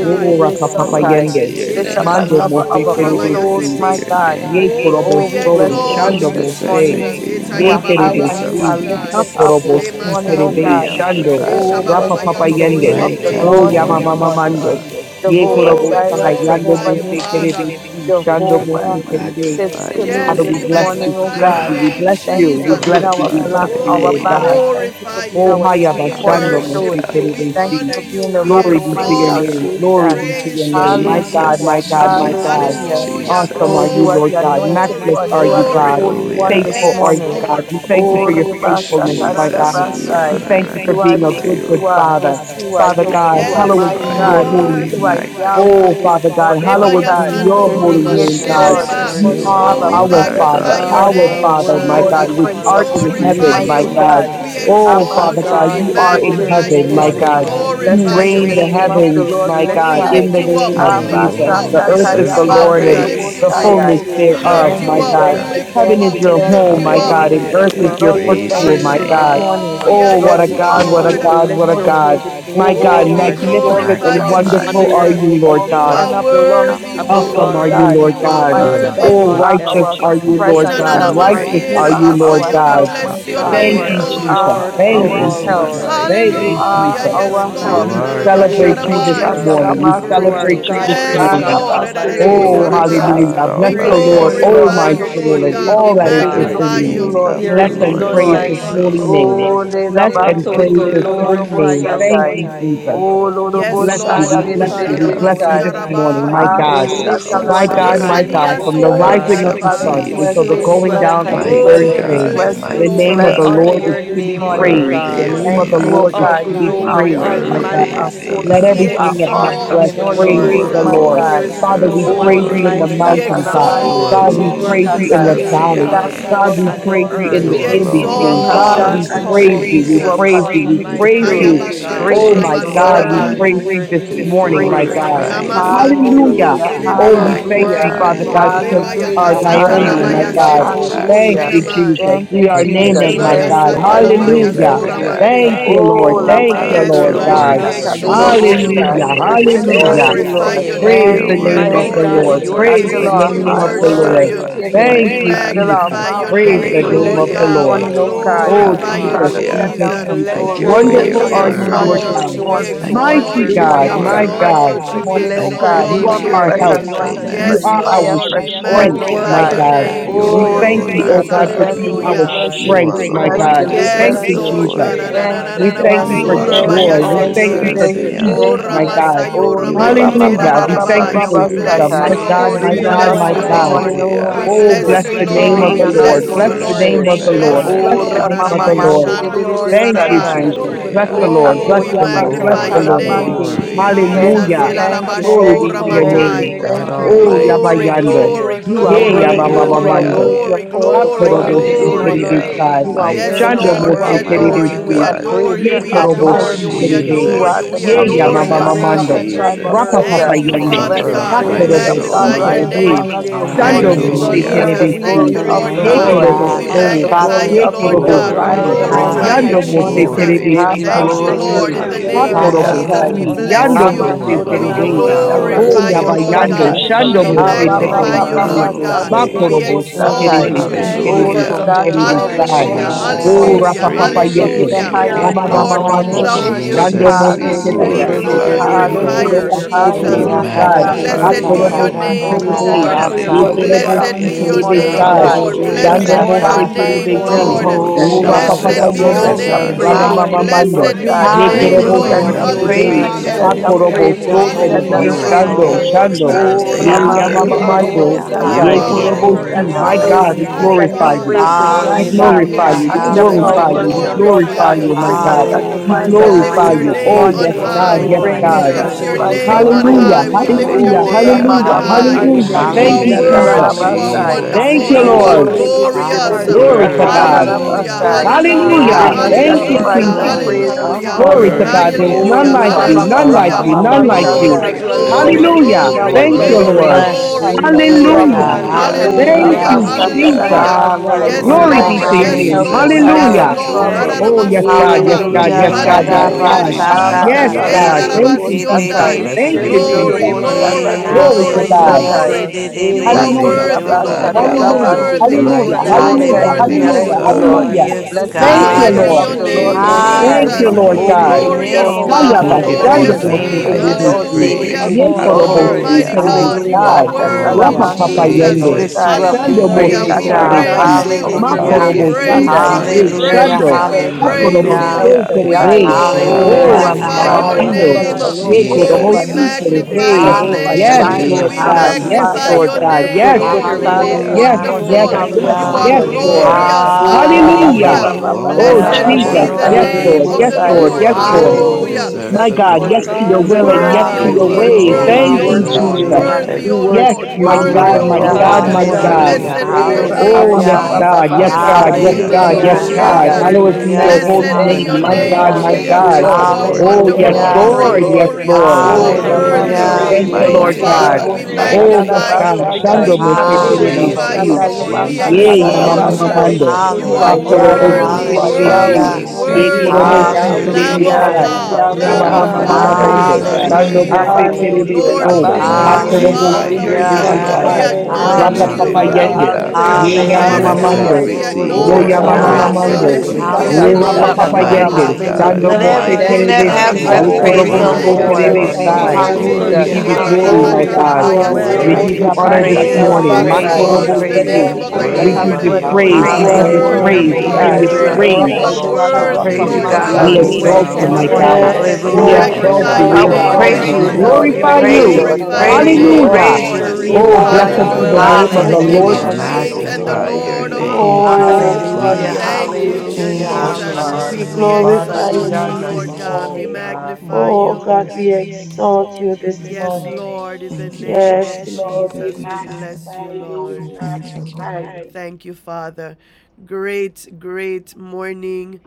Speaker 3: ora papa
Speaker 4: Glory to
Speaker 3: yende,
Speaker 4: your
Speaker 2: Bishop
Speaker 4: name.
Speaker 2: and
Speaker 3: mando
Speaker 2: lover
Speaker 3: mose se
Speaker 2: of our
Speaker 3: terebe
Speaker 4: Glory
Speaker 2: souls,
Speaker 4: to
Speaker 3: si,
Speaker 2: my
Speaker 4: your
Speaker 2: God.
Speaker 3: ye
Speaker 4: name.
Speaker 5: We
Speaker 1: Oh,
Speaker 3: korobo
Speaker 2: Oh,
Speaker 1: we
Speaker 2: we
Speaker 3: so,
Speaker 2: bless your
Speaker 1: exalt
Speaker 4: Oh,
Speaker 3: shando
Speaker 2: name
Speaker 1: you,
Speaker 2: this
Speaker 3: mo
Speaker 4: blessed
Speaker 1: Jesus.
Speaker 2: morning.
Speaker 1: Eta
Speaker 2: You
Speaker 3: ye
Speaker 2: are
Speaker 4: Redeemer,
Speaker 1: yaba
Speaker 2: high
Speaker 3: terebe
Speaker 4: Prince
Speaker 2: and you
Speaker 4: of
Speaker 2: are
Speaker 3: si,
Speaker 2: lifted
Speaker 4: Peace,
Speaker 2: up
Speaker 3: hakorobo
Speaker 2: this
Speaker 3: si
Speaker 2: morning, oh
Speaker 3: terebe,
Speaker 4: Lily
Speaker 2: God.
Speaker 4: of the
Speaker 3: shando,
Speaker 2: Oh,
Speaker 4: Valley,
Speaker 3: rapa
Speaker 2: blessed
Speaker 3: papa
Speaker 2: be the name
Speaker 3: yende,
Speaker 2: of
Speaker 4: Bright
Speaker 2: the
Speaker 4: and
Speaker 3: o
Speaker 2: Lord
Speaker 3: yama
Speaker 2: this
Speaker 4: Morning
Speaker 3: mama
Speaker 2: morning.
Speaker 3: mando,
Speaker 4: Star.
Speaker 3: ye
Speaker 1: Oh, we
Speaker 2: Jehovah
Speaker 3: korobo
Speaker 1: will
Speaker 2: Jireh,
Speaker 3: sai,
Speaker 5: lift
Speaker 3: yando
Speaker 1: glorify
Speaker 2: Jehovah
Speaker 3: mose
Speaker 1: you,
Speaker 3: se
Speaker 2: Nissi,
Speaker 1: Father.
Speaker 3: terebe si,
Speaker 5: you up.
Speaker 3: shando mo
Speaker 4: We
Speaker 2: Jehovah
Speaker 3: terebe,
Speaker 4: Magnify your
Speaker 1: Yes,
Speaker 2: Sitzkenu
Speaker 3: Father, we
Speaker 2: this
Speaker 1: we
Speaker 4: name.
Speaker 3: bless
Speaker 2: morning,
Speaker 3: you, we
Speaker 2: oh
Speaker 1: magnify
Speaker 3: bless
Speaker 1: your
Speaker 2: God.
Speaker 3: you, we
Speaker 1: name,
Speaker 3: bless you,
Speaker 2: Thank you
Speaker 3: we
Speaker 2: for
Speaker 1: Jesus.
Speaker 3: bless
Speaker 2: being
Speaker 3: you,
Speaker 2: our
Speaker 3: we
Speaker 4: Glorify
Speaker 3: bless
Speaker 2: bla-
Speaker 4: your
Speaker 3: you,
Speaker 1: Oh,
Speaker 2: our
Speaker 1: we
Speaker 3: Lord
Speaker 4: name.
Speaker 3: God.
Speaker 2: banner. Thank you for
Speaker 1: glorify
Speaker 2: being
Speaker 1: you.
Speaker 5: We
Speaker 3: Oh,
Speaker 2: our
Speaker 5: lift
Speaker 3: haya
Speaker 2: chief
Speaker 1: We
Speaker 3: bashando mose
Speaker 1: worship
Speaker 2: cornerstone.
Speaker 4: Hallelujah.
Speaker 1: you. We
Speaker 2: Thank you
Speaker 3: terebesi.
Speaker 1: honor
Speaker 2: for
Speaker 1: you.
Speaker 2: being the
Speaker 1: We
Speaker 2: rock
Speaker 3: Glory
Speaker 2: of
Speaker 3: be
Speaker 2: my
Speaker 3: to your
Speaker 1: exalt
Speaker 4: Hallelujah.
Speaker 1: you.
Speaker 3: name.
Speaker 1: We
Speaker 3: Glory
Speaker 2: salvation.
Speaker 3: be to your
Speaker 1: praise you.
Speaker 3: name. My God,
Speaker 4: Jesus,
Speaker 2: Hallelujah.
Speaker 3: my God, my God.
Speaker 4: Jesus,
Speaker 2: Hallelujah.
Speaker 1: Hallelujah.
Speaker 3: Awesome
Speaker 2: Oh,
Speaker 3: are
Speaker 4: Jesus.
Speaker 2: you
Speaker 3: you,
Speaker 2: are
Speaker 1: Glory,
Speaker 3: Lord
Speaker 2: the
Speaker 3: God.
Speaker 2: anointed
Speaker 1: glory,
Speaker 3: Matchless
Speaker 2: one.
Speaker 3: are
Speaker 2: You are
Speaker 3: you,
Speaker 2: the
Speaker 3: God.
Speaker 1: glory.
Speaker 2: holy one
Speaker 4: Hallelujah.
Speaker 2: this
Speaker 3: Faithful
Speaker 1: Yes,
Speaker 3: are you,
Speaker 5: you
Speaker 2: morning.
Speaker 5: up.
Speaker 3: God.
Speaker 1: Lord.
Speaker 3: We
Speaker 5: We
Speaker 3: thank
Speaker 1: Thank
Speaker 5: lift
Speaker 3: you
Speaker 1: Thank
Speaker 2: Oh,
Speaker 3: for
Speaker 1: you you
Speaker 3: your
Speaker 1: for
Speaker 4: Oh,
Speaker 1: for your
Speaker 2: Rebasa
Speaker 3: faithfulness,
Speaker 1: faithfulness.
Speaker 3: my
Speaker 4: Jesus,
Speaker 3: God.
Speaker 4: we
Speaker 2: Tararabasai.
Speaker 3: We thank
Speaker 4: honor
Speaker 3: you
Speaker 4: and
Speaker 1: Thank
Speaker 3: for
Speaker 2: You
Speaker 1: you
Speaker 2: are
Speaker 1: for
Speaker 3: being a
Speaker 4: adore
Speaker 1: being a
Speaker 3: good, good
Speaker 4: you.
Speaker 1: good good
Speaker 2: Yeshua,
Speaker 3: Father.
Speaker 1: father.
Speaker 2: Yeshua,
Speaker 3: Father
Speaker 4: We
Speaker 3: God,
Speaker 2: Yeshua,
Speaker 1: Yes,
Speaker 3: hallowed
Speaker 2: my
Speaker 4: glorify
Speaker 3: be your
Speaker 2: God.
Speaker 4: you.
Speaker 3: holy
Speaker 1: Lord.
Speaker 4: We
Speaker 2: You are
Speaker 3: name.
Speaker 4: magnify
Speaker 2: Yahweh
Speaker 3: Oh,
Speaker 4: you.
Speaker 1: Oh,
Speaker 2: this
Speaker 3: Father
Speaker 1: Father
Speaker 3: God,
Speaker 1: God,
Speaker 2: morning,
Speaker 1: Eba
Speaker 2: oh
Speaker 3: hallowed be
Speaker 2: God.
Speaker 6: We lift
Speaker 3: your
Speaker 6: your
Speaker 3: holy
Speaker 4: Oh,
Speaker 6: name on
Speaker 3: name,
Speaker 2: Yes,
Speaker 6: high
Speaker 3: God.
Speaker 6: this
Speaker 2: Lord. We
Speaker 4: Jesus,
Speaker 3: You
Speaker 2: call
Speaker 4: you
Speaker 2: you
Speaker 1: Oh,
Speaker 6: morning.
Speaker 3: are
Speaker 1: we
Speaker 2: Abba
Speaker 4: alone
Speaker 3: our
Speaker 4: are
Speaker 2: Father this
Speaker 3: Father,
Speaker 1: magnify
Speaker 4: God.
Speaker 1: your
Speaker 6: God, you
Speaker 3: our
Speaker 2: morning.
Speaker 6: are
Speaker 1: name,
Speaker 3: Father,
Speaker 2: We
Speaker 3: my
Speaker 2: call
Speaker 6: worthy
Speaker 2: you
Speaker 3: God,
Speaker 6: of
Speaker 3: which
Speaker 1: Jesus. We
Speaker 2: Prince
Speaker 6: all
Speaker 2: of
Speaker 3: art
Speaker 6: our
Speaker 3: in
Speaker 2: Peace,
Speaker 4: You
Speaker 1: glorify
Speaker 3: heaven,
Speaker 6: praise,
Speaker 1: you.
Speaker 3: my
Speaker 2: mighty
Speaker 3: God.
Speaker 2: God.
Speaker 4: alone
Speaker 1: We Oh,
Speaker 6: Jesus.
Speaker 4: deserve the
Speaker 3: Oh,
Speaker 2: Abba
Speaker 1: exalt you.
Speaker 3: Father
Speaker 1: We
Speaker 3: God,
Speaker 4: glory.
Speaker 6: God,
Speaker 3: you
Speaker 6: we
Speaker 3: are
Speaker 2: Shekete
Speaker 6: lift
Speaker 3: in
Speaker 6: your
Speaker 1: magnify you, Lord.
Speaker 3: heaven,
Speaker 6: name
Speaker 3: my
Speaker 4: You
Speaker 6: on
Speaker 1: We
Speaker 3: God.
Speaker 6: high this
Speaker 4: alone
Speaker 3: You
Speaker 2: Blessed
Speaker 1: glorify You you.
Speaker 2: be
Speaker 3: reign
Speaker 6: morning.
Speaker 2: the
Speaker 4: deserve
Speaker 6: We
Speaker 3: the
Speaker 1: reign
Speaker 2: name
Speaker 1: in
Speaker 4: the
Speaker 2: of the
Speaker 3: heavens,
Speaker 1: heaven,
Speaker 2: Lord
Speaker 4: honor.
Speaker 3: my
Speaker 2: Most
Speaker 6: bless
Speaker 1: We
Speaker 3: God,
Speaker 6: your
Speaker 2: High.
Speaker 3: in
Speaker 1: lift
Speaker 3: the
Speaker 1: you
Speaker 6: name,
Speaker 1: up. We
Speaker 3: name of
Speaker 4: You
Speaker 2: Abba
Speaker 1: lift
Speaker 3: Jesus.
Speaker 1: you up.
Speaker 3: The
Speaker 4: alone
Speaker 6: Jesus.
Speaker 1: We
Speaker 3: earth
Speaker 1: lift
Speaker 3: is
Speaker 2: Shakataya
Speaker 1: you
Speaker 3: the
Speaker 4: deserve the
Speaker 1: up.
Speaker 3: Lord
Speaker 1: We
Speaker 6: Father
Speaker 3: and
Speaker 2: Bandedo
Speaker 6: God, we
Speaker 1: lift you
Speaker 4: praise.
Speaker 3: the
Speaker 1: up.
Speaker 5: you
Speaker 3: fullness
Speaker 6: praise
Speaker 2: Boshandai.
Speaker 6: you, oh
Speaker 1: We lift
Speaker 3: thereof,
Speaker 6: God.
Speaker 2: Thank
Speaker 1: you
Speaker 3: my
Speaker 2: you,
Speaker 1: up.
Speaker 3: God.
Speaker 2: thank
Speaker 4: Hallelujah.
Speaker 2: you,
Speaker 1: my We God lift
Speaker 3: Heaven
Speaker 1: you
Speaker 2: thank
Speaker 3: is
Speaker 1: up.
Speaker 2: you,
Speaker 1: We
Speaker 3: your
Speaker 2: thank
Speaker 1: lift
Speaker 2: you,
Speaker 3: home,
Speaker 1: you
Speaker 3: my
Speaker 1: up.
Speaker 2: thank
Speaker 1: my
Speaker 3: God, and
Speaker 2: you.
Speaker 1: God, and
Speaker 4: Hallelujah.
Speaker 3: earth
Speaker 6: You
Speaker 3: is
Speaker 4: We
Speaker 1: earth
Speaker 6: are
Speaker 3: your
Speaker 2: Lord,
Speaker 1: is
Speaker 2: we
Speaker 1: your
Speaker 6: old
Speaker 1: footstool, my
Speaker 4: praise
Speaker 1: God.
Speaker 2: thank
Speaker 3: footstool,
Speaker 4: your
Speaker 2: you
Speaker 3: my
Speaker 6: praise,
Speaker 2: this
Speaker 4: name.
Speaker 6: Lord
Speaker 1: Hallelujah.
Speaker 3: God.
Speaker 2: morning.
Speaker 1: Oh,
Speaker 6: Jesus.
Speaker 3: Oh, what
Speaker 2: Lord,
Speaker 3: a
Speaker 1: Yes,
Speaker 2: we
Speaker 4: We
Speaker 1: what
Speaker 3: God,
Speaker 2: honor
Speaker 6: So
Speaker 3: what a
Speaker 6: we
Speaker 1: what
Speaker 2: you
Speaker 1: Lord. a
Speaker 2: this
Speaker 3: God,
Speaker 4: glorify
Speaker 3: what
Speaker 1: God,
Speaker 6: bless
Speaker 3: a
Speaker 4: you.
Speaker 6: your
Speaker 1: what a
Speaker 2: morning.
Speaker 3: God.
Speaker 6: holy
Speaker 1: God.
Speaker 6: name
Speaker 3: My
Speaker 6: this
Speaker 1: Oh,
Speaker 3: God,
Speaker 1: we
Speaker 2: Oh,
Speaker 6: morning.
Speaker 2: the
Speaker 4: We
Speaker 2: glory
Speaker 3: magnificent
Speaker 1: glorify
Speaker 3: and
Speaker 2: belongs
Speaker 6: We
Speaker 2: to
Speaker 4: magnify
Speaker 1: you,
Speaker 6: honor
Speaker 3: wonderful
Speaker 4: you.
Speaker 2: you.
Speaker 6: your
Speaker 3: are you,
Speaker 6: name
Speaker 1: Jesus. you,
Speaker 3: Lord
Speaker 6: this
Speaker 2: All the
Speaker 1: are
Speaker 3: God.
Speaker 2: honor
Speaker 6: morning.
Speaker 4: We
Speaker 1: worthy.
Speaker 2: belongs to
Speaker 1: You
Speaker 4: honor
Speaker 2: you,
Speaker 1: are
Speaker 6: Above
Speaker 2: Lord
Speaker 3: Awesome
Speaker 6: all
Speaker 4: you.
Speaker 3: are you,
Speaker 2: God.
Speaker 1: worthy. You
Speaker 6: names,
Speaker 3: Lord
Speaker 6: oh
Speaker 1: are
Speaker 3: God.
Speaker 4: You
Speaker 6: God,
Speaker 2: Mighty
Speaker 4: are
Speaker 2: God,
Speaker 1: worthy.
Speaker 6: above
Speaker 3: Oh,
Speaker 2: you
Speaker 6: all
Speaker 4: great
Speaker 1: Oh,
Speaker 2: are
Speaker 3: righteous
Speaker 6: else,
Speaker 2: our
Speaker 4: and
Speaker 1: righteous
Speaker 3: are
Speaker 4: great
Speaker 1: are
Speaker 3: you, Lord
Speaker 2: present
Speaker 4: to
Speaker 3: God.
Speaker 6: Lord,
Speaker 4: be
Speaker 2: help.
Speaker 6: you are the
Speaker 3: Righteous
Speaker 2: You
Speaker 3: are
Speaker 4: praised.
Speaker 6: King
Speaker 2: are
Speaker 3: you,
Speaker 6: of
Speaker 3: Lord
Speaker 1: Basaya,
Speaker 2: our
Speaker 1: we
Speaker 3: God.
Speaker 6: kings.
Speaker 2: help, my
Speaker 1: bless your
Speaker 2: God.
Speaker 6: You
Speaker 1: name,
Speaker 3: Thank
Speaker 6: are the
Speaker 3: you,
Speaker 4: Hallelujah.
Speaker 2: You
Speaker 1: Lord.
Speaker 3: Jesus.
Speaker 2: are
Speaker 6: Lord
Speaker 3: Thank
Speaker 4: There
Speaker 6: above
Speaker 2: our
Speaker 3: you,
Speaker 6: all
Speaker 4: is
Speaker 2: help.
Speaker 4: none
Speaker 3: Jesus.
Speaker 6: lords,
Speaker 4: like
Speaker 7: You're
Speaker 3: Thank
Speaker 2: You
Speaker 3: you,
Speaker 4: you.
Speaker 6: the
Speaker 2: are
Speaker 1: Hallelujah.
Speaker 3: Jesus.
Speaker 1: Yes,
Speaker 6: conquering
Speaker 2: our
Speaker 6: lion
Speaker 4: You
Speaker 1: Lord.
Speaker 2: help.
Speaker 6: of
Speaker 3: We
Speaker 6: the
Speaker 4: are
Speaker 7: worthy,
Speaker 4: the
Speaker 6: tribe
Speaker 7: Lord.
Speaker 3: celebrate
Speaker 4: King
Speaker 6: of
Speaker 3: you
Speaker 2: Ebo
Speaker 4: of
Speaker 7: You are
Speaker 3: this
Speaker 7: worthy, you
Speaker 6: Judah.
Speaker 4: kings
Speaker 3: morning.
Speaker 4: and
Speaker 7: are
Speaker 3: We
Speaker 4: the
Speaker 6: You
Speaker 7: worthy.
Speaker 4: Lord
Speaker 6: are
Speaker 3: celebrate
Speaker 4: of
Speaker 2: Shatalamasete.
Speaker 1: Ananamasharabai.
Speaker 3: you
Speaker 6: God
Speaker 3: this
Speaker 6: and you
Speaker 4: lords.
Speaker 6: are
Speaker 1: Yes,
Speaker 7: Praise,
Speaker 6: God
Speaker 3: morning.
Speaker 1: Lord.
Speaker 6: all by
Speaker 7: praise,
Speaker 5: up.
Speaker 4: You
Speaker 3: Oh,
Speaker 4: are
Speaker 6: yourself,
Speaker 2: Arabasketerebesai.
Speaker 4: God
Speaker 3: hallelujah.
Speaker 1: Ananamasharabai.
Speaker 4: all
Speaker 3: Bless
Speaker 1: We
Speaker 2: We
Speaker 7: praise,
Speaker 3: the
Speaker 4: by
Speaker 2: look to
Speaker 3: Lord,
Speaker 7: Lord.
Speaker 2: you,
Speaker 6: the
Speaker 7: Lift
Speaker 3: oh
Speaker 2: Lord.
Speaker 1: glorify
Speaker 7: up
Speaker 2: We
Speaker 3: my
Speaker 4: yourself.
Speaker 6: one
Speaker 7: your
Speaker 2: look
Speaker 1: you,
Speaker 2: to
Speaker 3: soul,
Speaker 1: Lord
Speaker 6: true
Speaker 2: you.
Speaker 7: name,
Speaker 3: and
Speaker 2: We
Speaker 1: God.
Speaker 2: look
Speaker 3: all
Speaker 1: We
Speaker 3: that
Speaker 2: to
Speaker 6: living
Speaker 3: is
Speaker 4: Let
Speaker 2: you.
Speaker 4: the
Speaker 2: We
Speaker 7: God.
Speaker 2: look
Speaker 6: God.
Speaker 1: magnify
Speaker 2: to
Speaker 3: within
Speaker 2: you,
Speaker 1: you.
Speaker 3: me.
Speaker 4: redeemed
Speaker 2: Lord.
Speaker 4: of
Speaker 2: We
Speaker 6: There
Speaker 3: Bless
Speaker 4: the
Speaker 2: look
Speaker 6: is
Speaker 2: to
Speaker 1: Bless
Speaker 3: and
Speaker 2: you,
Speaker 4: Lord
Speaker 6: none
Speaker 1: and
Speaker 3: praise
Speaker 2: Lord.
Speaker 4: say
Speaker 3: his
Speaker 1: praise
Speaker 6: like
Speaker 7: God,
Speaker 6: you,
Speaker 3: holy
Speaker 7: you
Speaker 1: his
Speaker 4: so.
Speaker 1: holy
Speaker 3: name.
Speaker 7: word,
Speaker 2: O
Speaker 6: Jesus.
Speaker 1: name.
Speaker 2: le
Speaker 3: Bless
Speaker 7: word,
Speaker 1: Bless
Speaker 3: and
Speaker 6: So we
Speaker 1: us
Speaker 3: praise
Speaker 2: rabasoto
Speaker 1: with
Speaker 3: his
Speaker 1: be the
Speaker 4: Hallelujah.
Speaker 1: your
Speaker 7: worthy.
Speaker 3: holy
Speaker 2: yororobo
Speaker 6: glorify
Speaker 7: Hallelujah.
Speaker 3: name.
Speaker 6: your
Speaker 3: Thank
Speaker 2: shatai.
Speaker 1: Thank
Speaker 6: holy
Speaker 3: you,
Speaker 1: you,
Speaker 3: Jesus.
Speaker 6: name.
Speaker 2: O
Speaker 1: Jesus.
Speaker 3: We
Speaker 6: We
Speaker 1: Yes,
Speaker 2: lorobo
Speaker 1: My
Speaker 3: bless
Speaker 1: Lord.
Speaker 3: you. We
Speaker 2: shanda
Speaker 1: God,
Speaker 2: le
Speaker 1: we
Speaker 3: bless
Speaker 2: le
Speaker 6: magnify
Speaker 3: you.
Speaker 2: le
Speaker 1: Hoshana
Speaker 3: We
Speaker 1: you,
Speaker 6: your
Speaker 1: we
Speaker 4: Hallelujah.
Speaker 3: bless
Speaker 1: bless you this
Speaker 6: holy
Speaker 3: you
Speaker 2: besai.
Speaker 3: this
Speaker 7: God,
Speaker 3: morning,
Speaker 6: name.
Speaker 1: Masiyarabai.
Speaker 3: my
Speaker 1: morning, my
Speaker 6: We
Speaker 3: God.
Speaker 1: God. My
Speaker 2: Ave
Speaker 5: We
Speaker 4: Wonderful
Speaker 1: God,
Speaker 5: lift
Speaker 6: lift you
Speaker 2: shatala
Speaker 3: My
Speaker 6: on
Speaker 5: you
Speaker 1: my
Speaker 3: God,
Speaker 2: mande le
Speaker 4: counselor,
Speaker 3: my
Speaker 6: high,
Speaker 7: God,
Speaker 3: God,
Speaker 1: Yesania God, from
Speaker 2: lorobo
Speaker 1: the
Speaker 3: from
Speaker 6: mighty
Speaker 3: the
Speaker 2: shai.
Speaker 7: take
Speaker 1: Sor rising
Speaker 7: care
Speaker 3: rising
Speaker 4: Prince
Speaker 7: of
Speaker 1: of
Speaker 3: of
Speaker 6: God.
Speaker 1: the
Speaker 3: the
Speaker 1: Yarabai.
Speaker 4: of
Speaker 2: Father, we
Speaker 3: sun
Speaker 6: We
Speaker 1: sun
Speaker 4: peace,
Speaker 3: until
Speaker 2: bless
Speaker 3: the
Speaker 2: you,
Speaker 1: until
Speaker 2: we
Speaker 6: place
Speaker 7: Hallelujah.
Speaker 1: the
Speaker 6: you
Speaker 3: going
Speaker 6: at the
Speaker 2: bless
Speaker 1: going
Speaker 3: down
Speaker 1: down
Speaker 2: you,
Speaker 3: of
Speaker 1: of the
Speaker 2: we
Speaker 3: the
Speaker 6: highest
Speaker 2: bless
Speaker 4: mighty
Speaker 1: Oh,
Speaker 3: very
Speaker 7: God,
Speaker 2: you,
Speaker 1: very we
Speaker 2: we
Speaker 1: same,
Speaker 3: same,
Speaker 6: place.
Speaker 4: God,
Speaker 1: bless
Speaker 7: word,
Speaker 2: bless
Speaker 1: same, you,
Speaker 2: you,
Speaker 1: the
Speaker 3: the
Speaker 2: we
Speaker 4: mighty
Speaker 3: name
Speaker 1: Lord.
Speaker 6: We
Speaker 3: of
Speaker 2: bless
Speaker 1: name
Speaker 3: the
Speaker 4: God.
Speaker 1: of
Speaker 2: your
Speaker 6: honor
Speaker 1: the
Speaker 3: Lord is
Speaker 6: your
Speaker 1: Lord
Speaker 2: name
Speaker 3: to
Speaker 1: is
Speaker 2: this
Speaker 1: to
Speaker 3: be
Speaker 6: name,
Speaker 7: Hallelujah.
Speaker 1: be
Speaker 6: O
Speaker 2: morning.
Speaker 3: praised.
Speaker 1: praised.
Speaker 4: Worthy
Speaker 3: The
Speaker 7: God,
Speaker 6: God.
Speaker 4: is
Speaker 3: name
Speaker 4: the
Speaker 3: of
Speaker 2: Thank
Speaker 3: the
Speaker 1: You are
Speaker 2: you,
Speaker 7: bless
Speaker 2: O
Speaker 3: Lord
Speaker 4: Lamb.
Speaker 1: the
Speaker 3: is
Speaker 7: your
Speaker 6: All
Speaker 1: Lord
Speaker 2: God.
Speaker 3: to
Speaker 7: name.
Speaker 1: who
Speaker 3: be
Speaker 1: is
Speaker 5: up.
Speaker 2: You are
Speaker 1: to
Speaker 6: glory,
Speaker 1: be
Speaker 7: Bless
Speaker 3: praised,
Speaker 1: praised,
Speaker 6: all
Speaker 7: your
Speaker 3: my
Speaker 2: worthy,
Speaker 7: name.
Speaker 2: you
Speaker 1: my
Speaker 4: Worthy
Speaker 3: God.
Speaker 2: are
Speaker 1: God.
Speaker 4: is
Speaker 1: We
Speaker 4: the
Speaker 6: majesty is
Speaker 2: holy,
Speaker 3: Let
Speaker 4: Lamb.
Speaker 1: Let
Speaker 2: you
Speaker 6: due
Speaker 2: are
Speaker 3: everything that
Speaker 1: everything
Speaker 6: unto
Speaker 3: have
Speaker 7: Hallelujah.
Speaker 6: your
Speaker 1: that
Speaker 2: awesome
Speaker 1: exalt
Speaker 3: breath
Speaker 6: name,
Speaker 2: in
Speaker 1: have
Speaker 2: all
Speaker 1: you,
Speaker 2: your
Speaker 3: praise
Speaker 1: breath
Speaker 4: You
Speaker 1: praise
Speaker 2: ways,
Speaker 3: you,
Speaker 7: Glory,
Speaker 6: Lord.
Speaker 3: the
Speaker 1: Jesus.
Speaker 2: my
Speaker 1: you, O
Speaker 3: Lord.
Speaker 4: alone
Speaker 1: Lord.
Speaker 6: There
Speaker 2: God.
Speaker 6: is
Speaker 1: Jesus.
Speaker 3: Father,
Speaker 6: no
Speaker 4: deserve
Speaker 3: we
Speaker 4: the
Speaker 7: glory,
Speaker 1: Father,
Speaker 6: one
Speaker 3: praise
Speaker 1: we
Speaker 2: Holy
Speaker 7: to your
Speaker 3: you
Speaker 1: praise you
Speaker 3: in
Speaker 1: in
Speaker 3: the
Speaker 4: glory.
Speaker 6: like
Speaker 1: the We mountain,
Speaker 6: you,
Speaker 2: Bosata
Speaker 1: God.
Speaker 3: mountaintop.
Speaker 7: name.
Speaker 4: You
Speaker 2: Lamande
Speaker 6: God.
Speaker 2: de
Speaker 1: exalt
Speaker 2: de
Speaker 1: you,
Speaker 3: God,
Speaker 5: Thank
Speaker 2: de
Speaker 3: we
Speaker 1: God,
Speaker 6: You
Speaker 1: we praise you
Speaker 6: are the
Speaker 4: alone
Speaker 3: praise
Speaker 1: in the
Speaker 3: you
Speaker 1: Jesus.
Speaker 3: in
Speaker 2: Bosatai.
Speaker 3: the
Speaker 4: deserve
Speaker 7: word,
Speaker 4: the
Speaker 2: To
Speaker 6: creator
Speaker 3: valley.
Speaker 2: God
Speaker 6: of
Speaker 1: valley.
Speaker 2: be
Speaker 4: honor.
Speaker 3: God,
Speaker 2: all
Speaker 6: heaven
Speaker 3: we
Speaker 2: the
Speaker 6: and
Speaker 1: God,
Speaker 3: praise
Speaker 1: we
Speaker 3: you
Speaker 2: glory.
Speaker 1: praise
Speaker 7: Thank
Speaker 1: you
Speaker 3: in
Speaker 6: earth.
Speaker 4: You
Speaker 1: We in
Speaker 3: the
Speaker 1: the in between.
Speaker 2: Great
Speaker 3: in
Speaker 6: You
Speaker 2: things
Speaker 6: are
Speaker 2: you
Speaker 3: between.
Speaker 4: alone
Speaker 2: have
Speaker 3: God,
Speaker 6: all
Speaker 2: done
Speaker 3: we
Speaker 1: exalt God,
Speaker 4: deserve the
Speaker 5: you.
Speaker 2: and
Speaker 1: you, we
Speaker 2: great
Speaker 3: praise you.
Speaker 2: things
Speaker 1: praise you. We Jesus. praise
Speaker 3: We
Speaker 2: you
Speaker 1: you.
Speaker 4: praise.
Speaker 6: powerful,
Speaker 2: will
Speaker 3: praise
Speaker 1: We
Speaker 3: you. We
Speaker 2: continue
Speaker 1: praise
Speaker 4: We
Speaker 2: to
Speaker 1: you.
Speaker 3: praise
Speaker 7: word,
Speaker 6: almighty,
Speaker 2: do.
Speaker 3: you.
Speaker 6: O
Speaker 4: praise your
Speaker 2: Great
Speaker 6: God.
Speaker 3: Oh,
Speaker 7: Worthy,
Speaker 1: Kayabasatura Oh
Speaker 2: is
Speaker 3: my
Speaker 4: name,
Speaker 1: my
Speaker 2: the
Speaker 1: God, we
Speaker 3: God,
Speaker 2: Lord
Speaker 4: Lord.
Speaker 3: we
Speaker 7: word,
Speaker 2: and
Speaker 6: Worthy
Speaker 3: praise
Speaker 1: Masarabai.
Speaker 6: is
Speaker 3: you
Speaker 6: your
Speaker 1: praise
Speaker 2: greatly
Speaker 3: this
Speaker 1: you
Speaker 2: to
Speaker 4: We
Speaker 2: be
Speaker 6: name
Speaker 1: this
Speaker 3: morning,
Speaker 6: this
Speaker 3: my
Speaker 1: morning,
Speaker 7: worthy,
Speaker 2: praised.
Speaker 1: my God.
Speaker 3: God.
Speaker 4: glorify
Speaker 6: morning,
Speaker 7: word,
Speaker 4: you.
Speaker 1: Lamasandorobo
Speaker 3: Hallelujah.
Speaker 6: Jesus.
Speaker 1: Hallelujah.
Speaker 2: Hallelujah,
Speaker 1: Oh,
Speaker 4: We
Speaker 6: You
Speaker 3: Oh,
Speaker 7: Oh,
Speaker 6: are
Speaker 3: we
Speaker 1: we
Speaker 3: thank
Speaker 1: Sedebe.
Speaker 2: hallelujah,
Speaker 3: you,
Speaker 1: thank
Speaker 4: magnify
Speaker 1: you,
Speaker 3: Father
Speaker 6: worthy
Speaker 7: holy.
Speaker 3: God,
Speaker 1: Father
Speaker 6: of
Speaker 1: God,
Speaker 4: you.
Speaker 3: because
Speaker 1: Leba because you are
Speaker 3: we are
Speaker 2: hallelujah,
Speaker 1: yakasata
Speaker 6: praise,
Speaker 4: Heaven
Speaker 1: already are,
Speaker 4: and
Speaker 3: Naomi,
Speaker 6: God.
Speaker 3: my
Speaker 1: rabaya Naomi,
Speaker 4: earth
Speaker 1: my
Speaker 2: hallelujah,
Speaker 7: Hallelujah.
Speaker 3: God.
Speaker 1: Seto
Speaker 4: shall
Speaker 1: God. setorobo
Speaker 4: pass
Speaker 3: Thank
Speaker 1: Thank
Speaker 2: hallelujah.
Speaker 1: you,
Speaker 3: you,
Speaker 4: away,
Speaker 1: shenaman.
Speaker 3: Jesus.
Speaker 2: Thank
Speaker 3: We
Speaker 2: you,
Speaker 1: Jesus.
Speaker 3: are
Speaker 1: You
Speaker 4: but
Speaker 1: are
Speaker 4: your
Speaker 6: So,
Speaker 1: Naaman,
Speaker 3: Naaman,
Speaker 2: Jesus.
Speaker 7: Hallelujah.
Speaker 3: my
Speaker 6: Lord,
Speaker 1: Maya
Speaker 6: we
Speaker 2: Thank
Speaker 4: word,
Speaker 1: my God.
Speaker 3: God.
Speaker 6: will
Speaker 2: you,
Speaker 4: Lord,
Speaker 2: thank
Speaker 6: always
Speaker 7: Praise,
Speaker 2: you,
Speaker 4: will
Speaker 1: satalabaya
Speaker 6: lift
Speaker 3: Hallelujah.
Speaker 6: you
Speaker 2: thank
Speaker 4: never
Speaker 1: sora
Speaker 6: up,
Speaker 2: you.
Speaker 7: praise,
Speaker 6: oh
Speaker 1: Hallelujah.
Speaker 4: die.
Speaker 7: Lord.
Speaker 3: Thank
Speaker 1: Sunday.
Speaker 3: you,
Speaker 6: God.
Speaker 1: Thank you,
Speaker 3: Lord.
Speaker 2: Oh,
Speaker 1: Lord.
Speaker 4: Oh
Speaker 3: Thank
Speaker 1: Thank
Speaker 6: God,
Speaker 3: you,
Speaker 6: from
Speaker 2: Lamande
Speaker 1: Yes,
Speaker 4: God,
Speaker 6: the
Speaker 2: de
Speaker 1: you, Lord,
Speaker 2: de
Speaker 3: Lord
Speaker 4: your
Speaker 1: Lord we
Speaker 3: God.
Speaker 6: rising
Speaker 4: word
Speaker 6: of the
Speaker 4: is
Speaker 1: God.
Speaker 2: Bosata
Speaker 1: exalt you.
Speaker 4: truth
Speaker 6: sun
Speaker 4: and
Speaker 1: Hallelujah.
Speaker 4: your
Speaker 2: Lilobosai.
Speaker 7: Hallelujah.
Speaker 3: Hallelujah.
Speaker 6: to the
Speaker 4: word
Speaker 1: We
Speaker 4: is
Speaker 1: Hallelujah.
Speaker 6: setting of
Speaker 2: Thank
Speaker 3: Hallelujah.
Speaker 6: the
Speaker 4: kind.
Speaker 2: you,
Speaker 1: glorify
Speaker 2: Lord.
Speaker 1: your hallelujah.
Speaker 6: same,
Speaker 1: name.
Speaker 3: Praise
Speaker 2: Thank
Speaker 4: Your
Speaker 3: the
Speaker 1: Praise
Speaker 2: you.
Speaker 1: We Praise the
Speaker 4: word
Speaker 3: name of
Speaker 4: is
Speaker 6: mighty
Speaker 1: adore
Speaker 2: Thank
Speaker 3: the
Speaker 4: a
Speaker 1: name of
Speaker 2: you.
Speaker 1: you. of the
Speaker 6: God,
Speaker 1: We
Speaker 3: Lord.
Speaker 4: light
Speaker 1: Lord.
Speaker 6: your
Speaker 2: God,
Speaker 1: praise
Speaker 3: Praise
Speaker 4: unto
Speaker 2: fill
Speaker 3: the
Speaker 1: Praise
Speaker 4: my
Speaker 1: you.
Speaker 6: name
Speaker 1: the We
Speaker 2: our
Speaker 1: name
Speaker 6: is
Speaker 1: of the
Speaker 3: name
Speaker 4: feet
Speaker 3: of
Speaker 4: and
Speaker 2: hearts
Speaker 3: the
Speaker 1: worship
Speaker 4: a
Speaker 2: with
Speaker 1: the
Speaker 4: lamp
Speaker 3: Lord.
Speaker 1: you.
Speaker 6: worthy
Speaker 1: Lord.
Speaker 6: to
Speaker 4: unto
Speaker 6: be
Speaker 1: We
Speaker 4: my
Speaker 2: thanksgiving.
Speaker 3: Thank
Speaker 1: Thank you,
Speaker 3: you,
Speaker 4: path.
Speaker 2: Fill our
Speaker 6: praised.
Speaker 3: Jesus.
Speaker 1: magnify Jesus.
Speaker 2: mouths
Speaker 1: your Praise
Speaker 2: with
Speaker 1: name,
Speaker 3: Praise
Speaker 6: We
Speaker 3: the
Speaker 1: Praise the
Speaker 3: name
Speaker 1: Lord name
Speaker 2: praise
Speaker 1: of
Speaker 3: of
Speaker 1: the
Speaker 6: bless
Speaker 2: this
Speaker 3: the
Speaker 6: your
Speaker 4: Hallelujah.
Speaker 1: God. the We
Speaker 3: Lord.
Speaker 1: Lord.
Speaker 6: name
Speaker 2: morning,
Speaker 7: Hallelujah.
Speaker 2: oh
Speaker 6: for who
Speaker 2: God.
Speaker 3: Oh,
Speaker 1: glorify
Speaker 6: you
Speaker 1: Praise you,
Speaker 3: Jesus,
Speaker 6: are.
Speaker 2: Father,
Speaker 7: Glory,
Speaker 4: Hallelujah.
Speaker 2: send
Speaker 3: Jesus,
Speaker 6: We
Speaker 2: down
Speaker 1: Jesus.
Speaker 2: your
Speaker 3: Jesus.
Speaker 4: Thank
Speaker 6: bless
Speaker 4: you
Speaker 2: glory.
Speaker 6: your
Speaker 7: Lord.
Speaker 4: for
Speaker 1: Oh, we Wonderful are
Speaker 6: name
Speaker 2: Send
Speaker 3: Wonderful
Speaker 4: your
Speaker 6: for
Speaker 7: Worthy
Speaker 2: down
Speaker 1: you,
Speaker 3: are
Speaker 6: your
Speaker 2: your
Speaker 3: you,
Speaker 4: word.
Speaker 2: power
Speaker 3: Lord
Speaker 6: wondrous
Speaker 2: this
Speaker 1: exalt you.
Speaker 3: God.
Speaker 1: Lord. We
Speaker 6: works
Speaker 2: morning.
Speaker 4: Thank you
Speaker 6: towards
Speaker 3: Mighty
Speaker 4: for
Speaker 6: your
Speaker 1: exalt you.
Speaker 2: Breathe
Speaker 1: Mighty
Speaker 4: your
Speaker 1: We
Speaker 2: on
Speaker 3: God,
Speaker 1: God,
Speaker 2: us
Speaker 1: my
Speaker 3: my
Speaker 6: children.
Speaker 4: word.
Speaker 2: afresh
Speaker 3: God.
Speaker 1: exalt
Speaker 2: this
Speaker 1: God. you.
Speaker 6: We
Speaker 1: We
Speaker 2: morning,
Speaker 1: Thank
Speaker 2: oh
Speaker 6: bless
Speaker 4: Thank
Speaker 6: your
Speaker 4: you
Speaker 2: God.
Speaker 7: Hallelujah.
Speaker 1: exalt you
Speaker 3: You
Speaker 4: for
Speaker 6: name
Speaker 3: are
Speaker 6: for
Speaker 4: your
Speaker 3: our
Speaker 6: your
Speaker 1: you.
Speaker 2: Fresh
Speaker 1: our
Speaker 3: help.
Speaker 1: help.
Speaker 2: anointing,
Speaker 3: You
Speaker 2: fresh
Speaker 1: Yes,
Speaker 4: faithfulness.
Speaker 6: everlasting
Speaker 1: You are
Speaker 3: are
Speaker 6: love.
Speaker 3: our
Speaker 2: fire,
Speaker 1: Lord, our
Speaker 2: fresh
Speaker 1: we strength,
Speaker 6: We
Speaker 2: oil,
Speaker 3: strength,
Speaker 4: Thank
Speaker 7: Oh,
Speaker 2: oh
Speaker 4: you,
Speaker 1: magnify
Speaker 3: my
Speaker 1: your
Speaker 2: God.
Speaker 1: my
Speaker 6: worship
Speaker 4: God,
Speaker 1: God.
Speaker 3: God.
Speaker 6: your
Speaker 4: that
Speaker 1: name, We thank
Speaker 4: you
Speaker 6: name
Speaker 1: Jesus.
Speaker 3: We
Speaker 6: for
Speaker 1: you,
Speaker 2: Oh,
Speaker 6: your
Speaker 7: blessed
Speaker 1: oh
Speaker 3: thank
Speaker 4: alone
Speaker 3: you,
Speaker 1: God,
Speaker 4: are
Speaker 3: oh
Speaker 2: Jesus,
Speaker 1: for
Speaker 2: we
Speaker 3: God,
Speaker 1: being
Speaker 3: for
Speaker 4: God.
Speaker 6: faithfulness,
Speaker 2: bless
Speaker 3: being
Speaker 2: you.
Speaker 6: oh
Speaker 1: Hallelujah.
Speaker 7: are
Speaker 2: We
Speaker 3: our
Speaker 1: our our strength,
Speaker 2: bless you.
Speaker 6: God.
Speaker 4: You
Speaker 3: strength,
Speaker 2: We
Speaker 1: my
Speaker 3: my
Speaker 1: God.
Speaker 6: You
Speaker 7: the
Speaker 2: bless
Speaker 6: are
Speaker 3: God.
Speaker 4: alone
Speaker 2: you. We
Speaker 6: faithful
Speaker 2: bless
Speaker 1: Yes,
Speaker 3: Thank
Speaker 4: deserve
Speaker 1: thank
Speaker 6: and
Speaker 3: you,
Speaker 4: the
Speaker 2: you.
Speaker 1: Lord you
Speaker 3: Jesus.
Speaker 1: God.
Speaker 6: true,
Speaker 7: praise.
Speaker 1: Jesus.
Speaker 4: glory.
Speaker 1: are God We
Speaker 2: Thank
Speaker 1: thank you
Speaker 2: you,
Speaker 3: We
Speaker 6: God,
Speaker 1: and
Speaker 3: thank
Speaker 2: thank
Speaker 3: you
Speaker 7: Hallelujah.
Speaker 2: you,
Speaker 4: You
Speaker 3: for
Speaker 1: Anananananabasora for your
Speaker 6: pure
Speaker 2: thank
Speaker 3: joy.
Speaker 6: in
Speaker 2: you,
Speaker 4: alone
Speaker 3: We
Speaker 6: all
Speaker 2: thank
Speaker 3: thank
Speaker 2: you,
Speaker 6: your
Speaker 3: you for
Speaker 4: deserve
Speaker 2: thank
Speaker 4: the
Speaker 2: you,
Speaker 6: ways,
Speaker 3: peace,
Speaker 6: O
Speaker 1: O the
Speaker 4: honor.
Speaker 2: thank
Speaker 1: helpers,
Speaker 3: my
Speaker 2: you.
Speaker 1: my glory
Speaker 6: God.
Speaker 3: God.
Speaker 1: Ramasayo
Speaker 2: Oh,
Speaker 4: You
Speaker 1: Ramayete
Speaker 2: reba ba
Speaker 7: One
Speaker 1: We
Speaker 2: ba
Speaker 3: Hallelujah.
Speaker 4: alone
Speaker 2: ba
Speaker 3: We
Speaker 2: ba
Speaker 7: word
Speaker 1: Rarabaya.
Speaker 2: ba
Speaker 3: thank you
Speaker 2: ba
Speaker 4: deserve
Speaker 3: for
Speaker 4: the
Speaker 1: We
Speaker 2: ba
Speaker 3: wisdom.
Speaker 1: bless you,
Speaker 3: My
Speaker 7: you
Speaker 2: satai.
Speaker 4: praise.
Speaker 7: are the
Speaker 6: There
Speaker 3: God,
Speaker 6: is
Speaker 1: Lord.
Speaker 3: my
Speaker 1: We
Speaker 2: Breathe
Speaker 7: praise,
Speaker 2: on
Speaker 6: no
Speaker 3: God,
Speaker 2: us
Speaker 6: one
Speaker 3: my
Speaker 1: bless
Speaker 7: Lord.
Speaker 2: this
Speaker 6: like
Speaker 3: God.
Speaker 6: you,
Speaker 1: God,
Speaker 2: morning,
Speaker 6: O
Speaker 1: you,
Speaker 2: O
Speaker 7: Oh,
Speaker 1: Lord.
Speaker 4: Hallelujah.
Speaker 1: We
Speaker 2: Holy
Speaker 6: God.
Speaker 1: Oh,
Speaker 6: We
Speaker 3: Oh,
Speaker 2: Spirit.
Speaker 1: bless
Speaker 3: bless
Speaker 1: you,
Speaker 6: stand in
Speaker 3: the name
Speaker 1: Lord.
Speaker 6: awe
Speaker 1: We
Speaker 3: of the
Speaker 2: Breathe
Speaker 6: of
Speaker 2: on
Speaker 4: Praise
Speaker 6: you
Speaker 2: us,
Speaker 1: bless Lord. you,
Speaker 3: Lord.
Speaker 4: and
Speaker 6: this
Speaker 3: Bless
Speaker 2: Holy
Speaker 3: the
Speaker 1: Lord.
Speaker 3: name
Speaker 6: morning,
Speaker 1: We
Speaker 4: worship
Speaker 2: Spirit.
Speaker 3: of
Speaker 6: O
Speaker 3: the
Speaker 7: your
Speaker 4: and
Speaker 1: bless you,
Speaker 3: Lord.
Speaker 7: name,
Speaker 1: Lord. Bless
Speaker 4: honor
Speaker 6: God.
Speaker 3: Bless
Speaker 2: Oh,
Speaker 7: Holy
Speaker 4: be
Speaker 3: the
Speaker 1: Lord.
Speaker 3: name
Speaker 4: unto
Speaker 3: of
Speaker 2: ramama
Speaker 7: Spirit.
Speaker 3: the
Speaker 1: Arabaya
Speaker 3: Lord.
Speaker 4: you.
Speaker 2: mande de
Speaker 7: Hallelujah.
Speaker 2: de de
Speaker 1: Shandoro
Speaker 6: Lord,
Speaker 2: de
Speaker 6: our
Speaker 1: Thank
Speaker 3: Thank you,
Speaker 6: minds
Speaker 1: Sarabai.
Speaker 2: satai.
Speaker 6: cannot
Speaker 3: Jesus.
Speaker 7: Glory,
Speaker 6: even
Speaker 3: Bless
Speaker 1: Oh,
Speaker 3: the
Speaker 4: Hallelujah.
Speaker 2: Ye
Speaker 7: glory,
Speaker 3: Lord.
Speaker 6: contain it
Speaker 3: Bless
Speaker 1: we
Speaker 7: glory.
Speaker 6: when
Speaker 3: the
Speaker 6: we
Speaker 7: to
Speaker 2: katoria ba
Speaker 6: think
Speaker 3: Lord.
Speaker 7: your name.
Speaker 1: magnify
Speaker 3: Bless
Speaker 6: about
Speaker 3: the
Speaker 1: your
Speaker 6: who
Speaker 4: Glory,
Speaker 2: satala
Speaker 3: Lord.
Speaker 6: you
Speaker 1: name, Jesus.
Speaker 2: mande.
Speaker 6: are,
Speaker 4: glory,
Speaker 1: Hallelujah.
Speaker 7: Hallelujah.
Speaker 2: Thank
Speaker 1: hallelujah
Speaker 2: you,
Speaker 6: when
Speaker 3: Hallelujah.
Speaker 1: Glory
Speaker 6: we
Speaker 4: glory.
Speaker 6: think
Speaker 2: thank you,
Speaker 6: about
Speaker 3: Glory
Speaker 6: how
Speaker 2: thank
Speaker 3: be
Speaker 2: you,
Speaker 3: to your
Speaker 7: Oh,
Speaker 2: thank
Speaker 6: powerful
Speaker 1: matai.
Speaker 2: you,
Speaker 4: Lord
Speaker 3: name.
Speaker 6: you
Speaker 1: name.
Speaker 7: bless
Speaker 4: God
Speaker 2: thank
Speaker 7: your
Speaker 2: you.
Speaker 1: Oh,
Speaker 6: are.
Speaker 3: Oh,
Speaker 1: Glory,
Speaker 6: But
Speaker 4: Almighty.
Speaker 6: God,
Speaker 3: Yabayando.
Speaker 8: Hallelujah,
Speaker 6: you
Speaker 1: glory,
Speaker 6: are
Speaker 8: God.
Speaker 2: You are
Speaker 7: Hallelujah.
Speaker 6: so
Speaker 3: Yea,
Speaker 1: glory,
Speaker 2: worthy. You
Speaker 1: glory,
Speaker 2: are
Speaker 6: good.
Speaker 3: Yamamamamando.
Speaker 4: Hallelujah.
Speaker 2: worthy of
Speaker 1: glory,
Speaker 6: You
Speaker 2: all
Speaker 6: are
Speaker 2: the
Speaker 7: On
Speaker 1: glory,
Speaker 6: so
Speaker 7: your
Speaker 2: glory
Speaker 3: Hakorobo
Speaker 7: name,
Speaker 2: this
Speaker 8: We
Speaker 3: si
Speaker 8: give
Speaker 6: good,
Speaker 8: you
Speaker 1: glory.
Speaker 2: morning.
Speaker 3: terebe
Speaker 6: Lord
Speaker 8: glory,
Speaker 4: Hallelujah.
Speaker 7: praise,
Speaker 8: Lord.
Speaker 3: sai.
Speaker 2: You are
Speaker 6: Jesus.
Speaker 7: praise,
Speaker 6: We
Speaker 1: Yes,
Speaker 6: are
Speaker 4: Mighty
Speaker 2: worthy.
Speaker 6: not
Speaker 3: Shando
Speaker 1: Lord,
Speaker 3: mo
Speaker 2: You
Speaker 4: God,
Speaker 1: we
Speaker 3: se
Speaker 2: are
Speaker 7: praise.
Speaker 6: worthy,
Speaker 1: adore
Speaker 3: terebe
Speaker 2: worthy.
Speaker 4: mighty
Speaker 1: you,
Speaker 6: God.
Speaker 2: You
Speaker 1: we
Speaker 3: si.
Speaker 2: are
Speaker 4: God.
Speaker 8: We
Speaker 7: Hallelujah.
Speaker 6: We
Speaker 2: great.
Speaker 1: adore
Speaker 6: do
Speaker 1: you,
Speaker 3: Ye
Speaker 8: worship
Speaker 6: not
Speaker 2: You
Speaker 1: we
Speaker 2: are
Speaker 8: you.
Speaker 3: korobo
Speaker 7: Hallelujah.
Speaker 1: adore
Speaker 6: deserve
Speaker 3: si
Speaker 1: you,
Speaker 6: you,
Speaker 2: mighty.
Speaker 1: we
Speaker 3: terebe.
Speaker 2: You
Speaker 1: adore
Speaker 8: Glorify
Speaker 2: are
Speaker 4: Jesus,
Speaker 8: your
Speaker 1: you,
Speaker 6: Jesus.
Speaker 2: the
Speaker 1: we
Speaker 3: Ye
Speaker 8: name.
Speaker 7: Word
Speaker 6: But
Speaker 1: adore
Speaker 6: your
Speaker 7: is the
Speaker 2: conquering
Speaker 3: yamama
Speaker 1: you.
Speaker 4: Jesus,
Speaker 2: lion
Speaker 7: Lamb.
Speaker 2: of
Speaker 6: grace
Speaker 2: the
Speaker 3: mamando.
Speaker 6: and your
Speaker 7: Word
Speaker 2: tribe of
Speaker 7: is
Speaker 4: Jesus.
Speaker 3: Rapa
Speaker 7: the Lamb.
Speaker 3: papa
Speaker 2: Judah.
Speaker 1: Thank
Speaker 6: mercy
Speaker 1: you,
Speaker 7: God, you
Speaker 8: We
Speaker 3: yende.
Speaker 1: Father
Speaker 6: is
Speaker 2: Let
Speaker 8: honor
Speaker 4: Lover
Speaker 2: the
Speaker 8: you,
Speaker 9: Hallelujah,
Speaker 4: of
Speaker 7: are
Speaker 1: God.
Speaker 4: my
Speaker 1: We
Speaker 2: praises
Speaker 8: Jesus.
Speaker 9: Father,
Speaker 6: extended
Speaker 2: of
Speaker 3: Hakorobo
Speaker 6: to
Speaker 3: si
Speaker 2: God
Speaker 6: us
Speaker 1: magnify
Speaker 4: soul.
Speaker 8: Hallelujah.
Speaker 1: your
Speaker 9: glory.
Speaker 2: rise
Speaker 7: God,
Speaker 6: every
Speaker 3: terebe.
Speaker 2: among us
Speaker 1: name.
Speaker 7: you are
Speaker 2: this
Speaker 6: day.
Speaker 3: Shando
Speaker 1: Thank
Speaker 2: morning.
Speaker 1: you,
Speaker 3: mo
Speaker 9: Hallelujah,
Speaker 7: The
Speaker 6: Lord,
Speaker 3: se
Speaker 6: who
Speaker 2: Let
Speaker 9: most
Speaker 4: Hallelujah.
Speaker 7: word
Speaker 6: are
Speaker 2: the
Speaker 3: terebe
Speaker 9: good
Speaker 1: Jesus.
Speaker 6: we
Speaker 1: Thank
Speaker 6: that
Speaker 3: si.
Speaker 2: glory
Speaker 6: you
Speaker 1: you,
Speaker 9: and
Speaker 6: would
Speaker 2: of
Speaker 7: praise.
Speaker 6: be
Speaker 2: the
Speaker 1: Lord
Speaker 7: The
Speaker 3: Ye
Speaker 9: mighty
Speaker 1: God.
Speaker 2: Lord,
Speaker 7: word
Speaker 6: mindful
Speaker 3: korobo
Speaker 9: God.
Speaker 1: We
Speaker 3: so.
Speaker 6: of
Speaker 2: let
Speaker 4: Hallelujah.
Speaker 2: the
Speaker 7: exalt.
Speaker 6: us?
Speaker 1: magnify
Speaker 2: glory
Speaker 9: Father,
Speaker 1: you,
Speaker 3: Ye
Speaker 2: of the
Speaker 1: Lord
Speaker 6: But
Speaker 3: korobo
Speaker 2: Lord
Speaker 6: oh
Speaker 1: God. We
Speaker 7: The
Speaker 4: Glory,
Speaker 2: rise
Speaker 9: glory.
Speaker 6: God,
Speaker 3: si.
Speaker 7: word
Speaker 6: you sit
Speaker 2: among
Speaker 7: that
Speaker 2: us
Speaker 1: glorify
Speaker 6: high
Speaker 3: Yando
Speaker 2: this
Speaker 1: you,
Speaker 4: glory,
Speaker 6: and
Speaker 3: mo
Speaker 6: you
Speaker 3: se
Speaker 9: Hallelujah,
Speaker 6: look
Speaker 2: morning.
Speaker 7: you
Speaker 9: we
Speaker 1: Jesus.
Speaker 4: glory.
Speaker 3: terebe
Speaker 9: give
Speaker 6: low,
Speaker 3: si
Speaker 9: you
Speaker 2: Abba,
Speaker 1: Thank you,
Speaker 3: terebe
Speaker 6: and
Speaker 2: shake
Speaker 6: you
Speaker 9: glory.
Speaker 6: are
Speaker 1: Lord.
Speaker 3: so.
Speaker 1: In
Speaker 7: Hallelujah.
Speaker 1: the name of
Speaker 7: Bless
Speaker 6: concerned
Speaker 3: Hakorobo
Speaker 4: Hallelujah.
Speaker 2: it,
Speaker 1: Jesus,
Speaker 6: about
Speaker 1: we
Speaker 3: si.
Speaker 9: Father,
Speaker 6: us
Speaker 1: bless
Speaker 6: because
Speaker 3: Yando
Speaker 7: us.
Speaker 6: of
Speaker 9: glory.
Speaker 3: mo
Speaker 1: you.
Speaker 6: your
Speaker 4: You
Speaker 3: se
Speaker 2: Amandoro
Speaker 1: We
Speaker 2: dodo
Speaker 4: alone
Speaker 3: terebe.
Speaker 7: Hallelujah.
Speaker 6: everlasting
Speaker 4: are
Speaker 2: boshata
Speaker 6: love.
Speaker 9: Oh,
Speaker 3: Oh
Speaker 1: glorify
Speaker 2: ledo
Speaker 9: so
Speaker 1: you,
Speaker 3: yaba
Speaker 4: worthy.
Speaker 6: So
Speaker 9: good
Speaker 1: Lord
Speaker 6: we
Speaker 9: it
Speaker 1: God.
Speaker 3: yando.
Speaker 6: thank
Speaker 9: is,
Speaker 2: bostatai.
Speaker 6: you
Speaker 1: God.
Speaker 6: for
Speaker 9: so
Speaker 7: God,
Speaker 3: Shando
Speaker 1: We
Speaker 9: good
Speaker 3: mo
Speaker 4: You
Speaker 6: loving
Speaker 9: it
Speaker 3: se
Speaker 7: glorify
Speaker 2: Abba
Speaker 6: us,
Speaker 9: is,
Speaker 7: your
Speaker 6: oh
Speaker 9: so
Speaker 1: magnify
Speaker 3: terebe
Speaker 2: baba
Speaker 4: alone
Speaker 1: you,
Speaker 7: name.
Speaker 3: so.
Speaker 4: are
Speaker 9: good
Speaker 2: baba
Speaker 6: God.
Speaker 9: it
Speaker 1: Lord
Speaker 9: is,
Speaker 1: God.
Speaker 2: stande
Speaker 9: so.
Speaker 4: holy.
Speaker 7: God,
Speaker 2: dodo
Speaker 1: We
Speaker 3: Makorobo
Speaker 9: Oh,
Speaker 7: exalt
Speaker 9: so
Speaker 7: your
Speaker 2: bostatai.
Speaker 1: exalt
Speaker 3: Terebe,
Speaker 1: you,
Speaker 9: good it is,
Speaker 6: Thank you
Speaker 7: Lord.
Speaker 9: oh,
Speaker 2: Oh,
Speaker 3: Terebe,
Speaker 6: for
Speaker 1: Jesus.
Speaker 2: to
Speaker 9: so
Speaker 4: Hallelujah.
Speaker 2: God
Speaker 6: loving
Speaker 9: good
Speaker 2: be
Speaker 6: us,
Speaker 7: God,
Speaker 3: Terebe
Speaker 2: all
Speaker 9: it
Speaker 7: your
Speaker 2: the
Speaker 9: is,
Speaker 6: mighty
Speaker 3: Sai.
Speaker 7: name
Speaker 1: Hallelujah,
Speaker 2: glory this
Speaker 6: God.
Speaker 4: Jesus,
Speaker 3: O
Speaker 4: we
Speaker 7: is
Speaker 9: oh,
Speaker 2: morning.
Speaker 1: hallelujah,
Speaker 3: Rapa
Speaker 9: so good it
Speaker 3: Papa
Speaker 6: Thank
Speaker 2: We
Speaker 7: great,
Speaker 6: you
Speaker 9: is.
Speaker 4: praise
Speaker 2: give
Speaker 6: for
Speaker 4: your
Speaker 2: you
Speaker 3: Yende,
Speaker 2: the
Speaker 1: hallelujah.
Speaker 7: great, great.
Speaker 4: name.
Speaker 9: Ah,
Speaker 2: highest
Speaker 6: caring
Speaker 3: Nama
Speaker 2: praise
Speaker 3: Mama
Speaker 1: Lord,
Speaker 2: this
Speaker 9: Father,
Speaker 1: we
Speaker 6: about
Speaker 3: Mando,
Speaker 9: it
Speaker 1: love
Speaker 2: morning.
Speaker 7: Ah,
Speaker 9: is,
Speaker 6: us.
Speaker 7: you
Speaker 1: you.
Speaker 7: are
Speaker 9: it is,
Speaker 7: from
Speaker 3: Dando
Speaker 4: Jesus,
Speaker 9: it
Speaker 4: we
Speaker 3: Mose
Speaker 9: is,
Speaker 7: everlasting
Speaker 9: it
Speaker 7: to
Speaker 3: Terebe
Speaker 1: We
Speaker 6: Thank
Speaker 2: Hallelujah.
Speaker 6: you
Speaker 9: is,
Speaker 6: for
Speaker 3: Si,
Speaker 9: it
Speaker 7: everlasting.
Speaker 4: glorify
Speaker 6: your
Speaker 9: is, it
Speaker 7: Lord,
Speaker 1: glorify
Speaker 4: you.
Speaker 9: is.
Speaker 1: you,
Speaker 6: care,
Speaker 2: Hallelujah.
Speaker 3: Yekorobo
Speaker 6: your
Speaker 3: So
Speaker 7: you
Speaker 1: Jesus.
Speaker 4: We
Speaker 3: Terebe
Speaker 9: Jehovah,
Speaker 7: hallelujah.
Speaker 2: Hallelujah.
Speaker 3: Sai,
Speaker 6: compassionate
Speaker 4: magnify
Speaker 1: Blessed
Speaker 7: God,
Speaker 2: Hallelujah.
Speaker 7: you
Speaker 1: be
Speaker 6: mercies.
Speaker 1: your
Speaker 3: Hakorobo
Speaker 4: you.
Speaker 7: are
Speaker 3: Si
Speaker 7: my
Speaker 1: name,
Speaker 2: Oh, we sing
Speaker 3: Terebe,
Speaker 6: Thank
Speaker 1: Lord.
Speaker 6: you for
Speaker 2: unto
Speaker 6: your
Speaker 2: you a new
Speaker 3: Yekorobo
Speaker 7: Lord.
Speaker 4: Hallelujah.
Speaker 1: Blessed
Speaker 2: song
Speaker 3: Si
Speaker 2: this
Speaker 1: be
Speaker 6: faithfulness,
Speaker 1: your
Speaker 6: O
Speaker 3: Terebe
Speaker 2: morning,
Speaker 1: name,
Speaker 2: oh
Speaker 3: Sai,
Speaker 6: God.
Speaker 2: God.
Speaker 1: Lord.
Speaker 2: We
Speaker 4: Hallelujah.
Speaker 7: Hallelujah.
Speaker 3: Shando
Speaker 1: Blessed
Speaker 2: shall
Speaker 1: be
Speaker 2: back
Speaker 1: your
Speaker 3: Mose
Speaker 6: Morning
Speaker 2: you
Speaker 6: by
Speaker 2: this
Speaker 3: Terebe
Speaker 1: name,
Speaker 3: Si,
Speaker 2: morning.
Speaker 1: Lord.
Speaker 6: morning,
Speaker 2: We
Speaker 4: Oh,
Speaker 3: O
Speaker 2: send up
Speaker 9: Jehovah,
Speaker 3: Rapa Papa
Speaker 4: Jesus,
Speaker 2: Judah.
Speaker 1: Blessed
Speaker 2: We
Speaker 1: be
Speaker 4: there
Speaker 1: your
Speaker 7: Hallelujah.
Speaker 3: Yende,
Speaker 2: send
Speaker 4: is
Speaker 2: up
Speaker 1: name,
Speaker 4: none
Speaker 3: Rama
Speaker 4: like
Speaker 2: praises
Speaker 1: Lord.
Speaker 2: to
Speaker 3: Mama
Speaker 9: hallelujah,
Speaker 4: you.
Speaker 2: you,
Speaker 3: Mando,
Speaker 2: Lord
Speaker 1: Blessed
Speaker 7: Thank
Speaker 1: be
Speaker 6: New
Speaker 2: God.
Speaker 1: your
Speaker 7: you,
Speaker 4: You
Speaker 1: name,
Speaker 2: We
Speaker 6: mercies
Speaker 3: Yekorobo
Speaker 6: we
Speaker 7: Lord.
Speaker 9: hallelujah.
Speaker 1: Lord.
Speaker 2: send
Speaker 3: Si
Speaker 9: We
Speaker 2: up
Speaker 6: see,
Speaker 4: alone
Speaker 6: O
Speaker 9: praise
Speaker 3: Terebe,
Speaker 2: praises.
Speaker 6: God.
Speaker 4: deserve
Speaker 9: you,
Speaker 2: We
Speaker 4: the
Speaker 7: Hallelujah.
Speaker 9: Lord.
Speaker 2: send
Speaker 1: Hallelujah.
Speaker 2: up
Speaker 6: Everything
Speaker 4: glory.
Speaker 6: that
Speaker 3: Hakorobo
Speaker 6: we
Speaker 2: praises.
Speaker 3: So
Speaker 2: We
Speaker 7: Glory,
Speaker 6: need,
Speaker 2: send up
Speaker 9: Jehovah,
Speaker 3: Terebe,
Speaker 4: You
Speaker 6: your
Speaker 7: glory,
Speaker 1: Hallelujah.
Speaker 6: hands
Speaker 3: Shando,
Speaker 2: praises.
Speaker 7: glory,
Speaker 6: have
Speaker 4: alone
Speaker 9: shalom,
Speaker 1: Glory
Speaker 3: Shando,
Speaker 1: to
Speaker 4: deserve
Speaker 1: the
Speaker 2: Oh,
Speaker 4: the
Speaker 6: provided.
Speaker 7: glory
Speaker 1: name of
Speaker 7: to
Speaker 3: Ye
Speaker 4: honor.
Speaker 7: your
Speaker 2: Ramandi
Speaker 6: You
Speaker 1: the
Speaker 3: Yamama
Speaker 2: de
Speaker 6: are
Speaker 7: name.
Speaker 1: Lord.
Speaker 2: de
Speaker 8: Glory,
Speaker 6: our
Speaker 3: Mando,
Speaker 9: hallelujah,
Speaker 1: Most high
Speaker 7: Jesus.
Speaker 6: good
Speaker 4: You
Speaker 3: Yea,
Speaker 2: Bestatai.
Speaker 8: hallelujah.
Speaker 1: God.
Speaker 7: Glory
Speaker 2: We
Speaker 7: to
Speaker 4: alone
Speaker 7: your
Speaker 6: shepherd,
Speaker 7: name,
Speaker 9: hallelujah,
Speaker 2: send
Speaker 3: Koroboshi,
Speaker 6: O
Speaker 2: up
Speaker 3: my
Speaker 4: deserve
Speaker 7: Holy
Speaker 4: the
Speaker 3: God,
Speaker 1: Most
Speaker 3: we
Speaker 2: praises.
Speaker 6: God.
Speaker 2: We
Speaker 9: hallelujah,
Speaker 1: high
Speaker 7: Spirit.
Speaker 2: send
Speaker 6: We
Speaker 3: glorify
Speaker 2: up
Speaker 4: praise.
Speaker 1: God.
Speaker 3: you.
Speaker 1: We
Speaker 6: lack
Speaker 2: praises.
Speaker 8: I
Speaker 7: Hallelujah.
Speaker 3: We
Speaker 2: My
Speaker 8: worship
Speaker 1: worship
Speaker 2: God,
Speaker 6: nothing.
Speaker 1: you,
Speaker 8: you,
Speaker 3: glorify
Speaker 9: hallelujah,
Speaker 8: Lord.
Speaker 3: you. We
Speaker 6: We
Speaker 4: Hallelujah.
Speaker 2: accept
Speaker 1: Jesus.
Speaker 2: our
Speaker 6: want
Speaker 3: glorify
Speaker 1: We
Speaker 7: So
Speaker 6: for
Speaker 3: you.
Speaker 4: Mighty
Speaker 3: We
Speaker 2: worship,
Speaker 9: hallelujah,
Speaker 4: God,
Speaker 2: Lord
Speaker 7: glorified,
Speaker 1: glorify
Speaker 3: glorify
Speaker 2: God.
Speaker 7: O
Speaker 6: nothing.
Speaker 2: We
Speaker 3: you,
Speaker 7: Lord.
Speaker 3: my
Speaker 4: mighty
Speaker 2: bring a
Speaker 3: God.
Speaker 1: you.
Speaker 4: God.
Speaker 6: Oh
Speaker 3: We
Speaker 8: Glorify
Speaker 6: God,
Speaker 2: sacrifice
Speaker 8: your
Speaker 1: We
Speaker 7: Oh,
Speaker 2: of
Speaker 6: because
Speaker 4: Let
Speaker 8: name.
Speaker 1: lift
Speaker 3: glorify
Speaker 4: the
Speaker 2: praise
Speaker 6: you
Speaker 9: hallelujah,
Speaker 1: your
Speaker 3: you.
Speaker 2: this
Speaker 6: have
Speaker 3: Oh,
Speaker 1: name
Speaker 6: been
Speaker 1: on
Speaker 3: yes,
Speaker 4: redeemed
Speaker 2: morning.
Speaker 6: our
Speaker 4: of
Speaker 8: My
Speaker 3: God.
Speaker 4: the
Speaker 2: We
Speaker 3: Yes,
Speaker 1: high. We
Speaker 4: Lord
Speaker 2: bring
Speaker 9: Glory,
Speaker 8: King,
Speaker 2: a
Speaker 3: God.
Speaker 8: you are
Speaker 4: say
Speaker 1: lift
Speaker 6: provider.
Speaker 1: your
Speaker 9: glory,
Speaker 8: worthy.
Speaker 2: sacrifice
Speaker 4: so.
Speaker 2: of
Speaker 6: You
Speaker 1: name on
Speaker 6: are our
Speaker 3: Hallelujah.
Speaker 1: high.
Speaker 2: praise.
Speaker 9: glory,
Speaker 1: We lift your
Speaker 9: glory.
Speaker 3: Hallelujah.
Speaker 6: source.
Speaker 2: Oh,
Speaker 8: I
Speaker 1: name
Speaker 8: lift
Speaker 4: Hallelujah.
Speaker 1: on
Speaker 8: you
Speaker 3: Hallelujah.
Speaker 8: up
Speaker 6: God,
Speaker 8: on
Speaker 6: we
Speaker 1: high.
Speaker 8: high
Speaker 2: Ramamamandi
Speaker 6: are
Speaker 8: and
Speaker 9: Hallelujah,
Speaker 2: de
Speaker 3: Hallelujah.
Speaker 2: de
Speaker 1: You
Speaker 8: worship you.
Speaker 3: Thank
Speaker 6: nothing
Speaker 1: are
Speaker 3: you,
Speaker 9: hallelujah,
Speaker 4: Jesus,
Speaker 3: Jesus.
Speaker 1: worthy.
Speaker 6: without
Speaker 1: You are
Speaker 9: hallelujah,
Speaker 6: you.
Speaker 2: Bestatai.
Speaker 4: Jesus,
Speaker 3: Thank
Speaker 6: We
Speaker 1: wonderful.
Speaker 3: you,
Speaker 6: are
Speaker 1: You
Speaker 10: Jesus,
Speaker 1: are
Speaker 9: hallelujah,
Speaker 2: Oh,
Speaker 3: Lord.
Speaker 6: nothing
Speaker 4: Jesus.
Speaker 2: Rebebebebe
Speaker 1: glorious.
Speaker 6: apart
Speaker 5: Thank
Speaker 10: hallelujah.
Speaker 9: hallelujah,
Speaker 6: from
Speaker 3: Glory
Speaker 8: Glorify you,
Speaker 7: God.
Speaker 3: to
Speaker 8: God.
Speaker 10: Thank
Speaker 4: Worthy
Speaker 6: you.
Speaker 10: you.
Speaker 3: God.
Speaker 4: to be
Speaker 1: Hallelujah.
Speaker 7: Our
Speaker 9: hallelujah,
Speaker 2: Bestatai.
Speaker 6: Oh
Speaker 4: praised.
Speaker 7: worthy,
Speaker 6: God,
Speaker 2: We
Speaker 6: be-
Speaker 1: Hallelujah.
Speaker 3: Hallelujah.
Speaker 2: bring a
Speaker 4: Worthy
Speaker 6: we
Speaker 4: is
Speaker 3: Thank
Speaker 6: or,
Speaker 4: the
Speaker 3: you,
Speaker 9: hallelujah,
Speaker 6: or the
Speaker 1: Hallelujah.
Speaker 2: sacrifice
Speaker 10: for
Speaker 2: of
Speaker 4: Lamb.
Speaker 3: Jesus.
Speaker 6: life we
Speaker 9: glory.
Speaker 2: praise
Speaker 6: have, it's
Speaker 2: this
Speaker 1: Hallelujah.
Speaker 6: because
Speaker 3: Glory
Speaker 2: morning.
Speaker 3: to
Speaker 6: of
Speaker 3: God.
Speaker 7: our
Speaker 4: Worthy
Speaker 6: you.
Speaker 3: There's
Speaker 7: worthy.
Speaker 4: is
Speaker 1: Hallelujah.
Speaker 2: Oh,
Speaker 3: none
Speaker 4: the
Speaker 6: The
Speaker 3: like
Speaker 9: Jehovah
Speaker 2: ba
Speaker 6: very
Speaker 3: you.
Speaker 2: ba
Speaker 4: Lamb.
Speaker 2: ba
Speaker 3: None
Speaker 2: ba
Speaker 6: breath
Speaker 3: like
Speaker 2: ba
Speaker 6: we
Speaker 3: you.
Speaker 1: Hallelujah.
Speaker 2: ba ba
Speaker 3: None
Speaker 9: Shalom.
Speaker 6: breathe
Speaker 3: like
Speaker 6: is
Speaker 8: You are
Speaker 3: you.
Speaker 2: Shandai.
Speaker 1: Glory,
Speaker 6: because
Speaker 4: Glory,
Speaker 8: great,
Speaker 7: Hallelujah.
Speaker 6: you
Speaker 8: God, and
Speaker 6: allow
Speaker 2: Thank
Speaker 1: glory,
Speaker 2: you
Speaker 8: greatly
Speaker 6: there
Speaker 2: for
Speaker 6: to
Speaker 8: to
Speaker 4: glory,
Speaker 8: be
Speaker 3: Hallelujah.
Speaker 6: be
Speaker 2: being
Speaker 1: glory,
Speaker 8: praised.
Speaker 2: our
Speaker 7: Bless
Speaker 6: breath
Speaker 3: Thank
Speaker 6: in
Speaker 9: We
Speaker 7: your
Speaker 3: you,
Speaker 6: our
Speaker 2: present
Speaker 4: glory.
Speaker 1: glory,
Speaker 7: name.
Speaker 2: help
Speaker 3: Lord.
Speaker 2: in
Speaker 9: bless
Speaker 6: lungs.
Speaker 1: glory,
Speaker 7: Your
Speaker 2: times
Speaker 9: you,
Speaker 2: of
Speaker 7: name
Speaker 9: dear
Speaker 1: glory.
Speaker 2: trouble.
Speaker 3: Hallelujah.
Speaker 9: God.
Speaker 6: God, we can
Speaker 4: Hallelujah,
Speaker 2: Oh,
Speaker 6: do
Speaker 8: All
Speaker 3: Thank
Speaker 8: glory
Speaker 1: Hallelujah.
Speaker 9: Hallelujah,
Speaker 3: you,
Speaker 6: nothing
Speaker 7: hallelujah.
Speaker 2: Rabasa
Speaker 8: belongs
Speaker 4: hallelujah.
Speaker 8: to
Speaker 6: outside
Speaker 3: Jesus.
Speaker 7: God,
Speaker 6: of
Speaker 8: you.
Speaker 6: you
Speaker 1: Hallelujah.
Speaker 6: or
Speaker 2: Kadalamasai,
Speaker 1: Yes,
Speaker 6: apart
Speaker 7: glorify
Speaker 3: Glory
Speaker 2: my
Speaker 4: Oh,
Speaker 7: your
Speaker 9: hallelujah,
Speaker 3: be
Speaker 6: from
Speaker 1: Lord.
Speaker 3: to your
Speaker 2: present
Speaker 1: Yes,
Speaker 6: you.
Speaker 3: name.
Speaker 2: help
Speaker 8: Hallelujah.
Speaker 9: hallelujah.
Speaker 2: in
Speaker 1: Lord.
Speaker 4: Jesus,
Speaker 9: You
Speaker 4: we
Speaker 1: Yes,
Speaker 2: times
Speaker 9: are
Speaker 6: So
Speaker 2: of
Speaker 3: Hallelujah.
Speaker 9: our
Speaker 6: we
Speaker 1: Lord.
Speaker 4: adore
Speaker 9: peace.
Speaker 2: trouble.
Speaker 6: thank
Speaker 3: Oh,
Speaker 4: you.
Speaker 3: yes,
Speaker 6: you,
Speaker 3: God.
Speaker 2: Eh,
Speaker 1: Araramasoraba.
Speaker 3: Yes, God.
Speaker 6: God.
Speaker 4: We
Speaker 2: Dodobo
Speaker 9: Hallelujah,
Speaker 3: Yes,
Speaker 4: honor
Speaker 3: God. Yes,
Speaker 9: yada
Speaker 2: Satai.
Speaker 4: you.
Speaker 1: Hallelujah,
Speaker 3: God.
Speaker 4: We
Speaker 9: basa ta
Speaker 2: Abba
Speaker 3: Yes,
Speaker 1: Jesus.
Speaker 9: ta
Speaker 4: magnify
Speaker 3: God.
Speaker 2: Shandali
Speaker 9: bese,
Speaker 3: Thank
Speaker 4: you.
Speaker 2: Dobo
Speaker 3: you,
Speaker 9: te
Speaker 6: We
Speaker 3: Jesus.
Speaker 1: Erararabasiodai.
Speaker 2: Satai.
Speaker 6: lift
Speaker 3: Thank
Speaker 6: your
Speaker 9: bese.
Speaker 4: Blessed
Speaker 2: Eh,
Speaker 3: you,
Speaker 1: Glory,
Speaker 3: Jesus.
Speaker 2: Dodobo
Speaker 6: name on
Speaker 4: Redeemer,
Speaker 9: Hey,
Speaker 1: glory,
Speaker 2: Satali Dodobo Satai. le,
Speaker 6: high,
Speaker 2: do, do,
Speaker 4: Prince
Speaker 3: Glory to
Speaker 4: of
Speaker 1: glory,
Speaker 2: bo,
Speaker 3: God.
Speaker 9: hallelujah,
Speaker 2: Satai.
Speaker 4: Peace,
Speaker 1: glory.
Speaker 9: de de
Speaker 6: Jesus.
Speaker 9: de
Speaker 2: Eh,
Speaker 1: You
Speaker 9: de
Speaker 1: are
Speaker 4: Lily
Speaker 9: say,
Speaker 3: Hallelujah.
Speaker 4: of
Speaker 2: Katoria
Speaker 4: the
Speaker 1: worthy,
Speaker 9: do do do
Speaker 2: Basa
Speaker 1: Lord.
Speaker 6: Father
Speaker 9: do
Speaker 1: You
Speaker 4: Valley,
Speaker 9: do,
Speaker 1: are
Speaker 6: God,
Speaker 3: Hallelujah.
Speaker 6: we
Speaker 9: so.
Speaker 2: Kalabandi.
Speaker 1: worthy,
Speaker 6: place you
Speaker 1: Lord.
Speaker 6: at
Speaker 3: Hallelujah.
Speaker 1: You
Speaker 4: Bright
Speaker 6: the
Speaker 2: Oh,
Speaker 1: are
Speaker 4: and
Speaker 6: highest
Speaker 3: Hallelujah.
Speaker 2: thank you,
Speaker 1: worthy,
Speaker 4: Morning
Speaker 9: Hallelujah,
Speaker 6: place,
Speaker 3: Hallelujah.
Speaker 2: thank
Speaker 6: O
Speaker 1: Lord.
Speaker 2: you,
Speaker 4: Star.
Speaker 2: Lord.
Speaker 3: Hallelujah.
Speaker 6: God.
Speaker 9: glorious
Speaker 2: Blessed
Speaker 4: We
Speaker 3: Thank
Speaker 2: be the
Speaker 6: Take
Speaker 1: Hallowed
Speaker 3: you,
Speaker 9: God.
Speaker 1: be
Speaker 6: your
Speaker 2: name of
Speaker 3: Lord.
Speaker 1: your
Speaker 4: worship
Speaker 2: the Lord
Speaker 6: place,
Speaker 4: you,
Speaker 1: name,
Speaker 6: O
Speaker 2: Most
Speaker 6: God,
Speaker 4: Lord.
Speaker 1: Jesus.
Speaker 2: High.
Speaker 3: Thank
Speaker 6: as
Speaker 3: you,
Speaker 4: We
Speaker 9: Hallelujah,
Speaker 3: Lord
Speaker 4: honor
Speaker 2: Oh, we
Speaker 6: King
Speaker 3: God.
Speaker 9: your
Speaker 4: you.
Speaker 9: name,
Speaker 6: of
Speaker 2: exalt
Speaker 1: Glorious
Speaker 9: oh
Speaker 2: you,
Speaker 6: our
Speaker 1: God,
Speaker 2: we
Speaker 3: Haya
Speaker 4: We
Speaker 9: God,
Speaker 4: give
Speaker 6: lives,
Speaker 9: bless
Speaker 3: bashando
Speaker 2: exalt
Speaker 1: glorious
Speaker 4: you
Speaker 9: your
Speaker 2: you,
Speaker 6: as
Speaker 4: the
Speaker 6: the
Speaker 2: we
Speaker 3: bote
Speaker 1: King.
Speaker 9: name,
Speaker 4: highest
Speaker 2: exalt
Speaker 6: Lord
Speaker 2: you,
Speaker 3: terebesi.
Speaker 9: Savior,
Speaker 1: Hallelujah.
Speaker 2: we
Speaker 9: in the
Speaker 6: of
Speaker 4: praise.
Speaker 3: Ye
Speaker 9: beauty
Speaker 6: our
Speaker 9: of
Speaker 2: exalt you.
Speaker 3: korobosi
Speaker 6: hearts.
Speaker 9: holiness.
Speaker 1: Almighty
Speaker 4: Hallelujah.
Speaker 2: Oh,
Speaker 1: God, you
Speaker 9: Hallelujah,
Speaker 2: Reba
Speaker 1: are
Speaker 3: terebesai.
Speaker 1: worthy,
Speaker 4: Oh,
Speaker 3: Rapa
Speaker 9: hallelujah.
Speaker 3: papa
Speaker 2: Satalamande
Speaker 1: Jesus.
Speaker 2: de
Speaker 9: We
Speaker 3: yende.
Speaker 9: lift
Speaker 4: Jesus,
Speaker 9: you
Speaker 2: Bosai.
Speaker 4: we
Speaker 9: up, we
Speaker 3: Shando
Speaker 4: give
Speaker 6: Lord,
Speaker 1: Hallelujah.
Speaker 2: Ye
Speaker 4: you
Speaker 6: no
Speaker 9: praise
Speaker 3: mose
Speaker 9: you,
Speaker 1: We
Speaker 6: foreign
Speaker 9: God.
Speaker 6: God
Speaker 4: glory.
Speaker 1: praise
Speaker 3: terebesi.
Speaker 6: can
Speaker 2: Katalabaste
Speaker 6: take
Speaker 2: de
Speaker 3: Ma
Speaker 6: your
Speaker 1: you.
Speaker 4: We
Speaker 1: We
Speaker 9: Hallelujah,
Speaker 6: place
Speaker 4: give
Speaker 6: this
Speaker 3: korobosi
Speaker 1: praise
Speaker 4: you
Speaker 2: Besandai.
Speaker 1: you. We
Speaker 6: morning,
Speaker 3: terebe.
Speaker 4: honor.
Speaker 6: O
Speaker 2: Thank
Speaker 1: praise
Speaker 9: hallelujah,
Speaker 1: you.
Speaker 2: you,
Speaker 3: Shando.
Speaker 1: We
Speaker 2: thank
Speaker 3: Ma
Speaker 2: you
Speaker 6: God.
Speaker 2: for
Speaker 1: praise
Speaker 2: being
Speaker 1: you.
Speaker 9: hallelujah,
Speaker 2: El
Speaker 3: korobosi
Speaker 4: Hallelujah.
Speaker 1: We
Speaker 2: Shaddai.
Speaker 3: terebe.
Speaker 6: oh
Speaker 10: all the
Speaker 2: Oh,
Speaker 6: God,
Speaker 9: hallelujah,
Speaker 3: Ola
Speaker 10: message
Speaker 6: let
Speaker 2: mighty
Speaker 1: glorify
Speaker 10: of God
Speaker 6: all
Speaker 3: mama
Speaker 2: God,
Speaker 4: Hallelujah.
Speaker 1: your
Speaker 6: the other
Speaker 10: in
Speaker 3: mando.
Speaker 2: Jehovah
Speaker 10: my
Speaker 1: name.
Speaker 9: hallelujah,
Speaker 6: gods
Speaker 10: life.
Speaker 3: Ye
Speaker 2: Shalom,
Speaker 6: fade
Speaker 1: Oh, we
Speaker 2: Jehovah
Speaker 6: away
Speaker 4: Jesus.
Speaker 3: korobosi
Speaker 2: Nisi,
Speaker 6: until
Speaker 10: Oh
Speaker 6: there's
Speaker 1: magnify
Speaker 3: terebe.
Speaker 10: God,
Speaker 1: your
Speaker 10: I
Speaker 6: only
Speaker 2: Jehovah
Speaker 1: name.
Speaker 3: Yes,
Speaker 10: thank
Speaker 6: you,
Speaker 10: you
Speaker 9: hallelujah,
Speaker 2: Jireh,
Speaker 3: Lord
Speaker 1: We
Speaker 10: for
Speaker 3: God.
Speaker 8: Hallelujah.
Speaker 2: Abba
Speaker 4: Jesus.
Speaker 6: Jesus.
Speaker 3: Yes,
Speaker 9: hallelujah,
Speaker 1: magnify
Speaker 2: Father,
Speaker 3: Lord
Speaker 1: your
Speaker 3: God.
Speaker 2: the
Speaker 10: the
Speaker 1: name,
Speaker 2: good,
Speaker 3: Yes,
Speaker 6: Take
Speaker 2: good
Speaker 1: Lord.
Speaker 6: your
Speaker 1: You are
Speaker 2: Father
Speaker 6: place on
Speaker 4: Hallelujah.
Speaker 2: this
Speaker 6: the
Speaker 3: yes,
Speaker 8: I
Speaker 9: Hallelujah,
Speaker 10: Oh
Speaker 8: love
Speaker 6: throne
Speaker 8: you,
Speaker 2: morning.
Speaker 3: yes,
Speaker 1: wonderful.
Speaker 10: God,
Speaker 6: room
Speaker 10: we
Speaker 8: Lord.
Speaker 2: Hallowed
Speaker 3: yes,
Speaker 6: of
Speaker 1: You
Speaker 9: hallelujah,
Speaker 2: be
Speaker 1: are
Speaker 3: yes,
Speaker 10: exalt
Speaker 6: our
Speaker 2: your
Speaker 10: you for
Speaker 2: name.
Speaker 3: Lord.
Speaker 10: this.
Speaker 1: glorious.
Speaker 4: Hallelujah.
Speaker 10: Thank
Speaker 6: hearts.
Speaker 2: Oh, Rabba,
Speaker 10: you,
Speaker 4: You
Speaker 3: Hallelujah.
Speaker 2: Baba,
Speaker 1: Hallelujah.
Speaker 2: Baba,
Speaker 3: Oh,
Speaker 4: alone
Speaker 9: hallelujah,
Speaker 2: Baba,
Speaker 4: are
Speaker 1: Blessed
Speaker 2: Baba,
Speaker 1: be
Speaker 3: Jesus.
Speaker 6: Mighty
Speaker 1: the
Speaker 3: Yes,
Speaker 10: God,
Speaker 4: worthy.
Speaker 6: God,
Speaker 10: we
Speaker 1: name
Speaker 3: Lord.
Speaker 6: we
Speaker 9: Elohim,
Speaker 1: of
Speaker 3: Yes,
Speaker 10: thank
Speaker 1: the
Speaker 2: Sata,
Speaker 4: You
Speaker 3: Lord.
Speaker 1: Lord.
Speaker 3: Yes,
Speaker 6: worship
Speaker 3: Lord.
Speaker 2: Oh,
Speaker 4: alone
Speaker 6: you.
Speaker 9: hallelujah,
Speaker 1: Hallelujah
Speaker 4: deserve
Speaker 3: My
Speaker 2: Jesus,
Speaker 4: the
Speaker 2: we
Speaker 3: God, yes
Speaker 2: worship
Speaker 3: to
Speaker 4: glory.
Speaker 3: your
Speaker 2: you,
Speaker 1: yes
Speaker 2: we
Speaker 6: Father
Speaker 3: will and
Speaker 1: Worthy,
Speaker 3: yes
Speaker 2: worship
Speaker 1: yes
Speaker 3: to
Speaker 2: you,
Speaker 1: O
Speaker 6: God,
Speaker 2: we
Speaker 4: You
Speaker 3: your
Speaker 6: we
Speaker 1: King,
Speaker 3: way.
Speaker 2: worship
Speaker 9: hallelujah,
Speaker 10: you.
Speaker 2: you,
Speaker 6: lift
Speaker 2: we
Speaker 4: alone
Speaker 1: worthy,
Speaker 3: Thank
Speaker 6: your
Speaker 1: O
Speaker 3: you,
Speaker 2: worship
Speaker 4: deserve
Speaker 1: Lord,
Speaker 6: name
Speaker 2: you,
Speaker 4: the
Speaker 3: Jesus.
Speaker 9: hallelujah,
Speaker 6: on
Speaker 1: worthy,
Speaker 2: we
Speaker 4: honor.
Speaker 1: O
Speaker 3: Yes,
Speaker 1: Lord,
Speaker 2: worship
Speaker 6: high.
Speaker 1: Yes,
Speaker 2: you,
Speaker 3: mighty
Speaker 2: we
Speaker 1: worthy,
Speaker 4: You
Speaker 3: God,
Speaker 10: Abba,
Speaker 1: O
Speaker 2: worship
Speaker 3: mighty
Speaker 9: hallelujah, hallelujah,
Speaker 2: you
Speaker 10: Father,
Speaker 1: Lord.
Speaker 2: this
Speaker 3: God,
Speaker 10: we
Speaker 6: Father
Speaker 4: alone
Speaker 3: mighty
Speaker 10: thank
Speaker 2: morning.
Speaker 6: God,
Speaker 7: name.
Speaker 4: deserve
Speaker 3: God.
Speaker 6: we
Speaker 4: the
Speaker 10: you.
Speaker 1: Blessed be
Speaker 2: Oh,
Speaker 1: your
Speaker 10: Lord,
Speaker 6: bless
Speaker 4: praise.
Speaker 2: Rabba
Speaker 1: name, Oh,
Speaker 6: your
Speaker 3: Oh,
Speaker 10: now,
Speaker 1: yes,
Speaker 3: yes,
Speaker 9: hallelujah,
Speaker 10: God.
Speaker 1: Jesus.
Speaker 3: God,
Speaker 6: name.
Speaker 1: yes,
Speaker 3: yes, God,
Speaker 1: Blessed be
Speaker 10: Oh,
Speaker 3: yes,
Speaker 1: your
Speaker 6: We
Speaker 1: yes,
Speaker 4: Hallelujah
Speaker 6: will
Speaker 3: God,
Speaker 4: to
Speaker 1: name,
Speaker 7: Your
Speaker 4: the
Speaker 10: God,
Speaker 3: yes,
Speaker 1: yes,
Speaker 10: we
Speaker 9: hallelujah,
Speaker 4: King
Speaker 7: word,
Speaker 3: God.
Speaker 1: Jesus.
Speaker 6: bless
Speaker 10: thank
Speaker 4: of
Speaker 7: your
Speaker 10: you
Speaker 6: your
Speaker 3: Hallowed
Speaker 10: this
Speaker 7: word.
Speaker 4: Kings.
Speaker 3: be your
Speaker 2: Thank
Speaker 9: hallelujah,
Speaker 1: Blessed
Speaker 6: name,
Speaker 2: you,
Speaker 3: holy
Speaker 10: morning.
Speaker 1: be
Speaker 2: thank
Speaker 6: God,
Speaker 3: name.
Speaker 2: you,
Speaker 1: your
Speaker 6: at
Speaker 1: name.
Speaker 3: My
Speaker 7: Hallelujah.
Speaker 2: thank
Speaker 3: God,
Speaker 2: you,
Speaker 6: all
Speaker 3: my
Speaker 10: Thank
Speaker 2: thank
Speaker 4: Hallelujah
Speaker 10: you
Speaker 1: Jesus.
Speaker 2: you,
Speaker 9: hallelujah,
Speaker 3: God.
Speaker 4: to
Speaker 10: for
Speaker 4: the
Speaker 6: times.
Speaker 2: Lord,
Speaker 1: You
Speaker 10: this
Speaker 1: are Oh,
Speaker 2: thank
Speaker 10: day
Speaker 4: Lord
Speaker 2: you,
Speaker 3: Oh,
Speaker 10: that
Speaker 4: of
Speaker 3: yes,
Speaker 10: you
Speaker 2: Lord,
Speaker 6: Your
Speaker 1: wonderful.
Speaker 10: have
Speaker 1: yes, You
Speaker 4: Lords.
Speaker 2: thank
Speaker 9: hallelujah,
Speaker 1: are
Speaker 2: you,
Speaker 3: Lord,
Speaker 1: Yes,
Speaker 10: made.
Speaker 3: yes,
Speaker 6: praise
Speaker 2: Lord.
Speaker 1: glorious. You
Speaker 3: Lord.
Speaker 10: And
Speaker 6: will
Speaker 10: we're
Speaker 2: Oh,
Speaker 1: are
Speaker 7: God,
Speaker 10: going to
Speaker 7: you are
Speaker 1: worthy.
Speaker 2: Ramandi,
Speaker 4: Hallelujah.
Speaker 9: hallelujah,
Speaker 7: great,
Speaker 10: rejoice
Speaker 6: continually
Speaker 3: Thank
Speaker 1: Oh,
Speaker 3: you,
Speaker 10: and be
Speaker 6: be
Speaker 3: Lord
Speaker 7: great,
Speaker 4: Mighty
Speaker 2: Sata,
Speaker 6: in
Speaker 10: glad
Speaker 1: Father,
Speaker 3: God.
Speaker 4: God,
Speaker 6: our
Speaker 2: Lebo
Speaker 1: we
Speaker 10: in
Speaker 1: Oh,
Speaker 7: great.
Speaker 2: Sata,
Speaker 3: Oh,
Speaker 6: mouth
Speaker 4: mighty
Speaker 1: magnify
Speaker 3: yes,
Speaker 11: Hallelujah,
Speaker 10: it.
Speaker 2: Lalaba
Speaker 4: God.
Speaker 1: you.
Speaker 3: God.
Speaker 10: Thank you,
Speaker 7: God,
Speaker 6: because
Speaker 3: Shando
Speaker 1: We
Speaker 6: you
Speaker 3: me
Speaker 11: Jesus.
Speaker 6: have
Speaker 3: se
Speaker 11: Yes,
Speaker 3: te
Speaker 10: Lord,
Speaker 9: ah,
Speaker 6: been
Speaker 7: magnify and
Speaker 2: Chedebo
Speaker 11: Lord.
Speaker 10: Abba,
Speaker 6: too
Speaker 1: glorify you,
Speaker 3: si.
Speaker 4: Jesus,
Speaker 6: good
Speaker 7: your
Speaker 2: Sata,
Speaker 6: to
Speaker 10: Father,
Speaker 1: Lord.
Speaker 2: Liba
Speaker 7: name.
Speaker 1: We
Speaker 6: us.
Speaker 2: Kata,
Speaker 7: Hallelujah.
Speaker 3: Ye
Speaker 4: Jesus,
Speaker 10: for a
Speaker 6: You
Speaker 1: exalt
Speaker 11: Hallelujah,
Speaker 10: fresh
Speaker 6: have
Speaker 1: you.
Speaker 4: Jesus.
Speaker 6: been
Speaker 3: yamamamamando.
Speaker 1: You
Speaker 6: good
Speaker 7: You
Speaker 2: You are
Speaker 7: are
Speaker 6: to
Speaker 11: Jesus.
Speaker 1: are
Speaker 10: grace.
Speaker 6: us,
Speaker 7: worthy.
Speaker 9: hallelujah,
Speaker 6: Lord
Speaker 2: Yahweh,
Speaker 3: Hakorobosi
Speaker 7: you
Speaker 4: Oh,
Speaker 11: Hallelujah.
Speaker 1: worthy,
Speaker 7: are
Speaker 2: you are
Speaker 10: But
Speaker 7: worthy.
Speaker 6: Jesus.
Speaker 3: terebesi.
Speaker 10: Father,
Speaker 2: Yahweh.
Speaker 9: hallelujah,
Speaker 1: worthy,
Speaker 10: we
Speaker 4: Jesus,
Speaker 6: You
Speaker 3: Ye
Speaker 4: we
Speaker 7: praise,
Speaker 10: thank
Speaker 2: You
Speaker 7: you
Speaker 10: you.
Speaker 7: are
Speaker 1: worthy.
Speaker 2: are
Speaker 11: Hallelujah,
Speaker 6: deserve
Speaker 4: praise
Speaker 3: korobosi
Speaker 10: for
Speaker 11: Abba
Speaker 7: worthy.
Speaker 4: your
Speaker 10: the
Speaker 7: you
Speaker 2: Yahweh,
Speaker 7: are
Speaker 1: Lamb
Speaker 11: Father.
Speaker 1: of
Speaker 6: praise.
Speaker 9: hallelujah.
Speaker 4: name.
Speaker 7: worthy. you
Speaker 3: terebesai.
Speaker 2: Yahweh,
Speaker 7: are
Speaker 1: God,
Speaker 7: word,
Speaker 2: Yahweh,
Speaker 6: Oh
Speaker 1: Lamb
Speaker 11: Hallelujah.
Speaker 1: of
Speaker 4: We
Speaker 7: God.
Speaker 10: Outside,
Speaker 2: Alpha
Speaker 6: God,
Speaker 10: we
Speaker 2: and
Speaker 1: God,
Speaker 10: thank
Speaker 6: praise
Speaker 3: Yamamamamamando.
Speaker 1: King
Speaker 11: Hallelujah.
Speaker 6: is
Speaker 10: you.
Speaker 4: glorify
Speaker 2: Omega.
Speaker 1: of
Speaker 6: due
Speaker 7: Hallelujah.
Speaker 4: your
Speaker 6: to
Speaker 3: Shando
Speaker 6: your
Speaker 9: Hallelujah.
Speaker 2: Abba
Speaker 3: mose
Speaker 10: Father,
Speaker 4: name.
Speaker 1: kings,
Speaker 10: we
Speaker 6: name.
Speaker 2: Sondo,
Speaker 11: Hallelujah
Speaker 10: thank
Speaker 1: Lord
Speaker 10: you
Speaker 1: of
Speaker 3: terebeso.
Speaker 10: for
Speaker 11: to
Speaker 4: We
Speaker 6: So
Speaker 2: Laba
Speaker 11: your
Speaker 7: Thank
Speaker 6: we
Speaker 11: name,
Speaker 2: Seke,
Speaker 1: lords.
Speaker 6: lift
Speaker 2: Tede,
Speaker 10: the
Speaker 4: magnify
Speaker 7: you,
Speaker 6: up
Speaker 2: Tede,
Speaker 3: Hakorobosi
Speaker 1: Father,
Speaker 11: Jesus.
Speaker 6: your
Speaker 4: your
Speaker 2: Tede,
Speaker 1: we, are
Speaker 6: name
Speaker 10: order
Speaker 1: not,
Speaker 4: name.
Speaker 2: Satai.
Speaker 9: Hallelujah.
Speaker 10: of
Speaker 1: we
Speaker 6: this
Speaker 7: Lord.
Speaker 3: terebesai.
Speaker 10: your village
Speaker 1: acknowledge
Speaker 3: Rapa
Speaker 11: Hallelujah,
Speaker 6: morning.
Speaker 1: you.
Speaker 10: movement
Speaker 3: papa
Speaker 11: Abba
Speaker 9: Hallelujah.
Speaker 10: that
Speaker 2: Hallelujah,
Speaker 6: And
Speaker 7: Hallelujah.
Speaker 10: we
Speaker 6: we
Speaker 11: Father.
Speaker 3: yende.
Speaker 4: Hallelujah.
Speaker 11: I
Speaker 10: can
Speaker 6: pray,
Speaker 10: come
Speaker 6: oh
Speaker 3: Ye
Speaker 2: hallelujah,
Speaker 7: Hallelujah.
Speaker 10: to
Speaker 11: worship
Speaker 6: God,
Speaker 11: you
Speaker 6: that
Speaker 1: Yes,
Speaker 6: as
Speaker 10: your
Speaker 6: the
Speaker 11: this
Speaker 9: Hallelujah.
Speaker 4: Blessed
Speaker 2: hallelujah.
Speaker 1: Lord,
Speaker 3: yamamamando.
Speaker 10: God.
Speaker 11: morning.
Speaker 1: we
Speaker 6: praises will
Speaker 3: O
Speaker 9: Glory
Speaker 10: For
Speaker 9: of
Speaker 2: Oh,
Speaker 1: acknowledge
Speaker 6: go
Speaker 4: Redeemer,
Speaker 10: the
Speaker 1: you.
Speaker 6: up,
Speaker 1: We
Speaker 10: Lord
Speaker 7: Yes,
Speaker 10: of
Speaker 9: God.
Speaker 2: Ramandi,
Speaker 11: Oh
Speaker 4: Prince
Speaker 7: Lord.
Speaker 10: faith,
Speaker 2: Lede,
Speaker 4: of
Speaker 11: God,
Speaker 3: yamamamamando.
Speaker 1: acknowledge
Speaker 10: the
Speaker 11: I
Speaker 1: you.
Speaker 6: blessings
Speaker 10: lift
Speaker 9: How
Speaker 1: We
Speaker 9: we
Speaker 6: will
Speaker 7: Yes,
Speaker 11: bow
Speaker 10: of
Speaker 4: Peace.
Speaker 2: Bosata,
Speaker 7: Lord.
Speaker 3: O
Speaker 10: your
Speaker 9: lift
Speaker 11: down
Speaker 6: flow
Speaker 9: you
Speaker 2: Lepa,
Speaker 3: rapa
Speaker 10: name,
Speaker 9: up,
Speaker 1: acknowledge
Speaker 6: this
Speaker 3: papa
Speaker 10: and
Speaker 11: before
Speaker 1: you,
Speaker 10: the
Speaker 9: God.
Speaker 11: you
Speaker 2: Katala,
Speaker 10: glory
Speaker 4: Mighty
Speaker 3: yende.
Speaker 6: morning.
Speaker 11: this
Speaker 1: Father.
Speaker 2: Mandi.
Speaker 9: Hallelujah.
Speaker 4: God,
Speaker 3: Shando
Speaker 11: morning.
Speaker 10: of
Speaker 9: Let
Speaker 10: your
Speaker 7: God,
Speaker 10: name.
Speaker 3: mose
Speaker 6: God, you
Speaker 9: everything
Speaker 2: Thank
Speaker 4: mighty
Speaker 1: Thank
Speaker 2: you,
Speaker 9: that
Speaker 7: glorify
Speaker 3: terebesi.
Speaker 10: And
Speaker 7: your
Speaker 10: to
Speaker 9: have
Speaker 4: God.
Speaker 7: name.
Speaker 1: you,
Speaker 6: inhabit
Speaker 2: Jesus.
Speaker 6: the
Speaker 9: breath
Speaker 3: Ye
Speaker 10: honor
Speaker 11: Oh
Speaker 2: Thank
Speaker 9: praise
Speaker 10: you,
Speaker 11: God,
Speaker 1: Jesus.
Speaker 6: praises
Speaker 2: you,
Speaker 9: the
Speaker 10: O
Speaker 11: you
Speaker 6: of
Speaker 3: koroboso
Speaker 11: are
Speaker 7: praise.
Speaker 1: Thank
Speaker 4: Worthy
Speaker 6: your
Speaker 10: God,
Speaker 4: to
Speaker 2: Jesus.
Speaker 9: Lord.
Speaker 10: for
Speaker 1: you,
Speaker 11: worthy.
Speaker 10: you
Speaker 2: Thank
Speaker 6: people.
Speaker 7: God,
Speaker 11: You
Speaker 10: are
Speaker 4: receive
Speaker 2: you,
Speaker 3: terebesai.
Speaker 7: your
Speaker 11: are
Speaker 7: name,
Speaker 10: King.
Speaker 6: So,
Speaker 3: We
Speaker 2: Jesus.
Speaker 4: glory
Speaker 11: worthy,
Speaker 1: Jesus.
Speaker 9: Hallelujah.
Speaker 3: give
Speaker 4: and
Speaker 3: you
Speaker 11: Lord.
Speaker 6: Jesus,
Speaker 7: praise
Speaker 10: You
Speaker 6: feel
Speaker 7: and
Speaker 3: glory,
Speaker 10: are
Speaker 4: honor
Speaker 6: free
Speaker 2: Oh,
Speaker 3: my
Speaker 10: the
Speaker 7: praise,
Speaker 9: Hallelujah.
Speaker 6: to
Speaker 10: most
Speaker 3: God.
Speaker 11: You are
Speaker 2: Lamando,
Speaker 10: righteous
Speaker 7: praise.
Speaker 6: dwell
Speaker 3: We
Speaker 9: Hallelujah.
Speaker 10: God,
Speaker 6: he-
Speaker 3: give
Speaker 11: worthy,
Speaker 4: worthy
Speaker 3: you
Speaker 2: Socoria
Speaker 4: to
Speaker 3: honor
Speaker 10: Father
Speaker 6: right
Speaker 3: this
Speaker 2: Basa,
Speaker 10: of
Speaker 11: Almighty
Speaker 9: Praise
Speaker 6: here
Speaker 9: and
Speaker 1: Oh,
Speaker 4: receive
Speaker 11: God.
Speaker 9: we
Speaker 10: God.
Speaker 1: we
Speaker 6: this
Speaker 3: morning.
Speaker 11: You
Speaker 7: Hallelujah.
Speaker 11: are
Speaker 9: praise
Speaker 2: Tadabasai.
Speaker 9: you. We
Speaker 6: morning.
Speaker 4: praise.
Speaker 1: exalt
Speaker 10: Father,
Speaker 7: Jesus.
Speaker 11: worthy.
Speaker 1: the
Speaker 10: we
Speaker 2: Let
Speaker 9: praise
Speaker 11: You
Speaker 9: you.
Speaker 3: Makorobosi.
Speaker 11: are
Speaker 1: name
Speaker 9: We
Speaker 10: lift
Speaker 1: of
Speaker 10: your
Speaker 1: the
Speaker 2: everything that
Speaker 3: We
Speaker 9: praise
Speaker 10: name
Speaker 2: have
Speaker 3: give
Speaker 1: Lord.
Speaker 9: you.
Speaker 11: worthy.
Speaker 3: you
Speaker 10: and
Speaker 4: Worthy,
Speaker 2: breath
Speaker 7: Hallelujah.
Speaker 4: O
Speaker 1: You
Speaker 3: praise.
Speaker 6: We
Speaker 10: hallow
Speaker 2: praise
Speaker 11: You
Speaker 3: We
Speaker 2: you
Speaker 1: are
Speaker 11: are
Speaker 3: give
Speaker 4: God,
Speaker 2: this
Speaker 3: you
Speaker 10: God.
Speaker 6: welcome
Speaker 9: Hallelujah.
Speaker 6: your
Speaker 1: worthy.
Speaker 2: morning,
Speaker 3: praise.
Speaker 9: We
Speaker 11: worthy,
Speaker 2: O
Speaker 1: You
Speaker 10: We
Speaker 3: We
Speaker 4: worthy
Speaker 7: God,
Speaker 1: are
Speaker 3: give
Speaker 4: is
Speaker 2: God.
Speaker 9: praise
Speaker 3: you
Speaker 4: the
Speaker 10: bless
Speaker 11: Almighty
Speaker 9: you.
Speaker 2: The
Speaker 10: your
Speaker 1: worthy.
Speaker 4: Lamb.
Speaker 11: God.
Speaker 3: praise.
Speaker 2: rock
Speaker 1: You
Speaker 11: I
Speaker 2: of
Speaker 10: name,
Speaker 1: are
Speaker 6: presence.
Speaker 7: worship,
Speaker 11: shall
Speaker 2: you
Speaker 10: O
Speaker 2: are the
Speaker 9: We
Speaker 11: back
Speaker 2: rock
Speaker 10: God.
Speaker 1: worthy,
Speaker 11: you
Speaker 4: You
Speaker 2: of
Speaker 9: praise you,
Speaker 11: this
Speaker 1: Lord
Speaker 2: my
Speaker 7: glorify,
Speaker 9: God,
Speaker 10: We
Speaker 9: on
Speaker 3: We
Speaker 9: the
Speaker 6: We
Speaker 1: God.
Speaker 11: morning.
Speaker 4: alone
Speaker 7: you.
Speaker 3: exalt
Speaker 9: singing
Speaker 2: salvation
Speaker 4: are
Speaker 2: this
Speaker 3: you,
Speaker 6: welcome
Speaker 10: glorify
Speaker 6: the
Speaker 3: my
Speaker 7: God,
Speaker 10: your
Speaker 9: instruments.
Speaker 3: God.
Speaker 2: morning.
Speaker 4: worthy.
Speaker 10: name,
Speaker 11: Yes,
Speaker 7: Holy
Speaker 6: manifest
Speaker 1: We
Speaker 3: We
Speaker 10: Abba
Speaker 9: Hallelujah.
Speaker 11: Lord,
Speaker 2: Oh,
Speaker 7: Spirit.
Speaker 11: we
Speaker 3: exalt
Speaker 4: You
Speaker 2: thank
Speaker 1: magnify
Speaker 6: expression
Speaker 10: Father,
Speaker 3: you.
Speaker 2: you,
Speaker 11: bow
Speaker 6: of
Speaker 1: your
Speaker 3: We
Speaker 9: Oh,
Speaker 6: your
Speaker 9: we
Speaker 2: Lord.
Speaker 10: for
Speaker 7: God,
Speaker 1: name,
Speaker 4: alone
Speaker 3: exalt
Speaker 7: you
Speaker 9: praise
Speaker 2: Thank
Speaker 7: are
Speaker 10: you
Speaker 3: you.
Speaker 4: are
Speaker 11: down
Speaker 9: you.
Speaker 2: you,
Speaker 10: are
Speaker 7: my
Speaker 3: We
Speaker 8: All
Speaker 9: and
Speaker 1: Jesus.
Speaker 2: Lord.
Speaker 11: in
Speaker 6: presence.
Speaker 1: We
Speaker 8: praise
Speaker 11: your
Speaker 9: We
Speaker 10: worthy
Speaker 3: glorify
Speaker 4: holy.
Speaker 7: God,
Speaker 8: is
Speaker 2: Thank
Speaker 7: you
Speaker 2: you,
Speaker 8: due
Speaker 7: are
Speaker 10: and
Speaker 9: praise
Speaker 3: you.
Speaker 9: you.
Speaker 8: to
Speaker 11: presence,
Speaker 2: Lord.
Speaker 10: worthy
Speaker 8: you,
Speaker 9: We
Speaker 1: glorify
Speaker 8: God.
Speaker 10: to
Speaker 4: You
Speaker 1: your
Speaker 2: Thank
Speaker 9: praise
Speaker 6: Oh,
Speaker 11: Almighty
Speaker 9: you.
Speaker 10: be
Speaker 2: you,
Speaker 9: We
Speaker 1: name,
Speaker 11: God.
Speaker 6: Holy
Speaker 2: Lord.
Speaker 3: Hallelujah.
Speaker 9: praise
Speaker 4: alone
Speaker 1: Lord.
Speaker 9: you.
Speaker 10: praised.
Speaker 7: praise.
Speaker 11: We
Speaker 6: Spirit,
Speaker 3: Oh,
Speaker 6: you
Speaker 4: deserve
Speaker 2: Oh,
Speaker 4: the
Speaker 11: bow
Speaker 6: are
Speaker 10: Father,
Speaker 3: blessed
Speaker 7: Hallelujah.
Speaker 12: you.
Speaker 2: mighty
Speaker 3: be
Speaker 11: down
Speaker 10: you
Speaker 3: the
Speaker 11: in
Speaker 10: are
Speaker 11: your
Speaker 4: glory.
Speaker 1: Hallelujah
Speaker 2: God.
Speaker 3: name
Speaker 6: welcomed
Speaker 1: to
Speaker 3: of
Speaker 10: God,
Speaker 1: the
Speaker 3: the
Speaker 10: and
Speaker 12: Thank
Speaker 7: There's
Speaker 12: you,
Speaker 1: King
Speaker 10: you
Speaker 4: We
Speaker 11: presence,
Speaker 3: Lord.
Speaker 1: of
Speaker 10: are
Speaker 9: Hallelujah.
Speaker 7: no like
Speaker 6: here.
Speaker 1: Kings
Speaker 12: Jesus.
Speaker 11: Almighty
Speaker 10: hallowed,
Speaker 1: and the
Speaker 12: Thank
Speaker 11: God.
Speaker 4: magnify
Speaker 12: you,
Speaker 4: your
Speaker 1: Lord
Speaker 12: Lord. We
Speaker 1: of
Speaker 7: knowledge
Speaker 5: you.
Speaker 4: name.
Speaker 12: thank you.
Speaker 1: Lords.
Speaker 7: of
Speaker 11: Oh,
Speaker 12: Thank you.
Speaker 11: God,
Speaker 4: We,
Speaker 9: Hallelujah.
Speaker 11: we
Speaker 6: God,
Speaker 12: Thank you.
Speaker 6: we
Speaker 11: honor
Speaker 1: Thank
Speaker 11: you
Speaker 1: you,
Speaker 6: lift
Speaker 11: this
Speaker 6: your
Speaker 9: Hallelujah.
Speaker 12: Thank you,
Speaker 11: morning.
Speaker 7: God,
Speaker 10: O
Speaker 6: name on
Speaker 9: Hallelujah.
Speaker 1: Jesus.
Speaker 12: Jesus.
Speaker 10: God.
Speaker 7: words
Speaker 11: We
Speaker 12: And
Speaker 1: We
Speaker 12: Lord, I'm
Speaker 6: high.
Speaker 10: Father,
Speaker 11: glorify
Speaker 7: of
Speaker 11: your
Speaker 10: we
Speaker 1: exalt
Speaker 12: restored. We
Speaker 1: you,
Speaker 11: name
Speaker 7: God
Speaker 10: honor
Speaker 7: is
Speaker 1: Lord
Speaker 10: you,
Speaker 11: this
Speaker 12: thank you.
Speaker 1: God.
Speaker 10: O
Speaker 1: We
Speaker 11: morning.
Speaker 10: God.
Speaker 1: magnify
Speaker 12: Thank you.
Speaker 1: you.
Speaker 11: Oh,
Speaker 12: We
Speaker 1: Oh
Speaker 11: God,
Speaker 12: Bless
Speaker 1: God,
Speaker 11: we
Speaker 12: your
Speaker 1: we
Speaker 12: name.
Speaker 11: exalt
Speaker 1: exalt
Speaker 11: you
Speaker 1: you.
Speaker 12: You
Speaker 11: this
Speaker 12: are
Speaker 1: Yes,
Speaker 11: morning.
Speaker 12: good.
Speaker 1: Lord, in the
Speaker 12: Thank you,
Speaker 1: name
Speaker 11: Yes,
Speaker 1: of
Speaker 12: Jesus. You're a
Speaker 11: Lord, we
Speaker 12: good,
Speaker 1: Jesus,
Speaker 12: good
Speaker 1: we
Speaker 12: Father.
Speaker 1: bless
Speaker 11: magnify
Speaker 1: you,
Speaker 11: you,
Speaker 12: We
Speaker 11: we
Speaker 1: Lord.
Speaker 12: thank you,
Speaker 11: magnify
Speaker 12: Lord.
Speaker 11: you.
Speaker 1: Right. Thank you, Father. Great, great morning,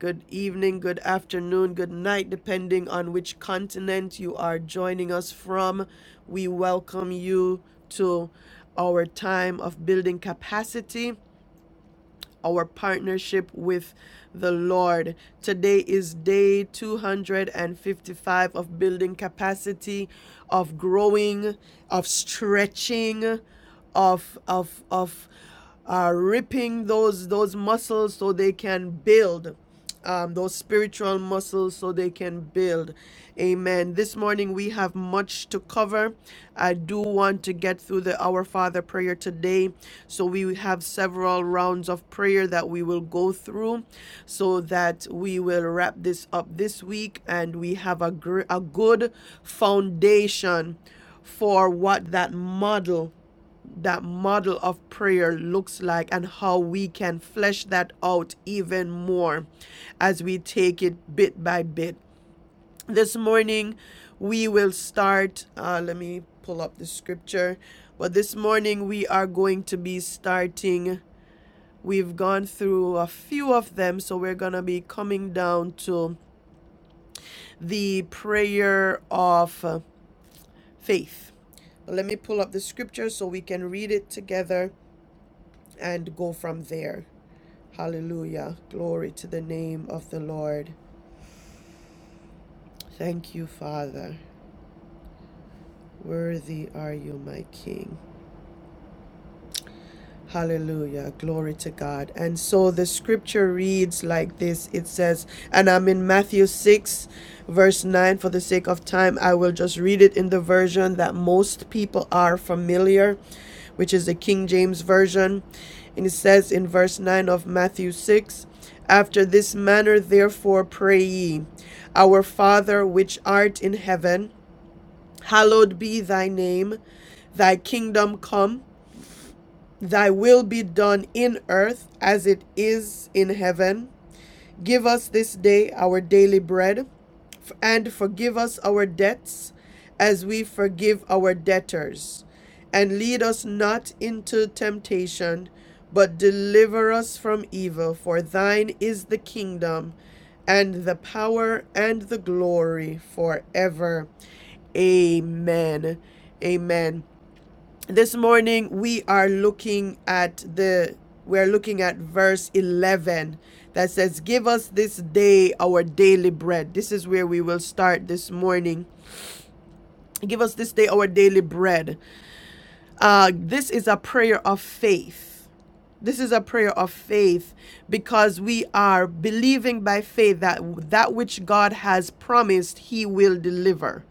Speaker 1: good evening, good afternoon, good night, depending on which continent you are joining us from. We welcome you to our time of building capacity our partnership with the Lord. Today is day 255 of building capacity, of growing, of stretching, of of of uh, ripping those those muscles so they can build um, those spiritual muscles so they can build. Amen. This morning we have much to cover. I do want to get through the Our Father prayer today. So we have several rounds of prayer that we will go through so that we will wrap this up this week and we have a, gr- a good foundation for what that model that model of prayer looks like and how we can flesh that out even more as we take it bit by bit. This morning, we will start. Uh, let me pull up the scripture. But this morning, we are going to be starting. We've gone through a few of them, so we're going to be coming down to the prayer of uh, faith. Let me pull up the scripture so we can read it together and go from there. Hallelujah. Glory to the name of the Lord. Thank you, Father. Worthy are you, my King. Hallelujah. Glory to God. And so the scripture reads like this it says, and I'm in Matthew 6, verse 9. For the sake of time, I will just read it in the version that most people are familiar, which is the King James Version. And it says in verse 9 of Matthew 6, after this manner, therefore, pray ye, Our Father which art in heaven, hallowed be thy name, thy kingdom come. Thy will be done in earth as it is in heaven. Give us this day our daily bread, and forgive us our debts as we forgive our debtors. And lead us not into temptation, but deliver us from evil. For thine is the kingdom, and the power, and the glory forever. Amen. Amen. This morning we are looking at the we are looking at verse 11 that says give us this day our daily bread. This is where we will start this morning. Give us this day our daily bread. Uh, this is a prayer of faith. This is a prayer of faith because we are believing by faith that that which God has promised, He will deliver.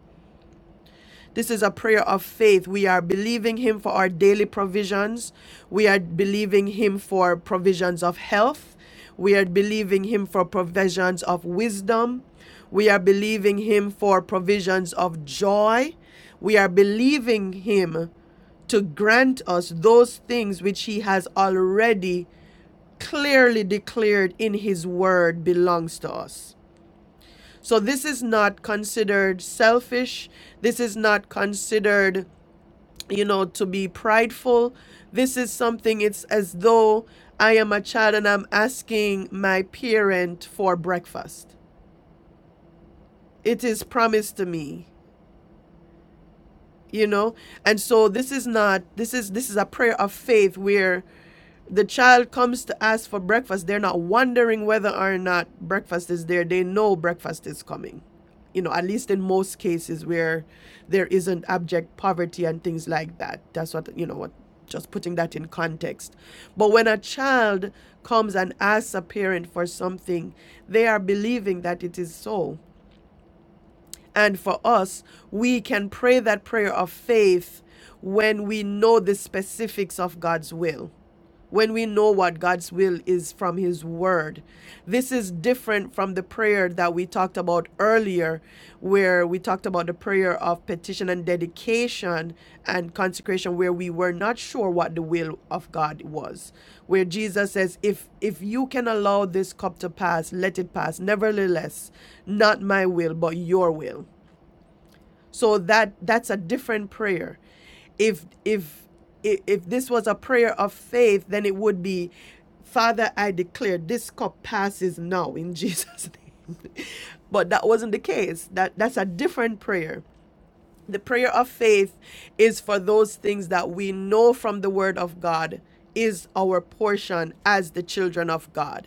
Speaker 1: This is a prayer of faith. We are believing Him for our daily provisions. We are believing Him for provisions of health. We are believing Him for provisions of wisdom. We are believing Him for provisions of joy. We are believing Him to grant us those things which He has already clearly declared in His Word belongs to us. So this is not considered selfish. This is not considered you know, to be prideful. This is something, it's as though I am a child and I'm asking my parent for breakfast. It is promised to me, you know? And so this is not, this is, this is a prayer of faith where the child comes to ask for breakfast, they're not wondering whether or not breakfast is there. They know breakfast is coming. You know, at least in most cases where there isn't abject poverty and things like that. That's what, you know, what just putting that in context. But when a child comes and asks a parent for something, they are believing that it is so. And for us, we can pray that prayer of faith when we know the specifics of God's will when we know what God's will is from His Word. This is different from the prayer that we talked about earlier, where we talked about the prayer of petition and dedication and consecration, where we were not sure what the will of God was. Where Jesus says, If if you can allow this cup to pass, let it pass. Nevertheless, not my will, but your will. So that that's a different prayer. If if if this was a prayer of faith, then it would be, Father, I declare this cup passes now in Jesus' name. but that wasn't the case. That that's a different prayer. The prayer of faith is for those things that we know from the word of God is our portion as the children of God.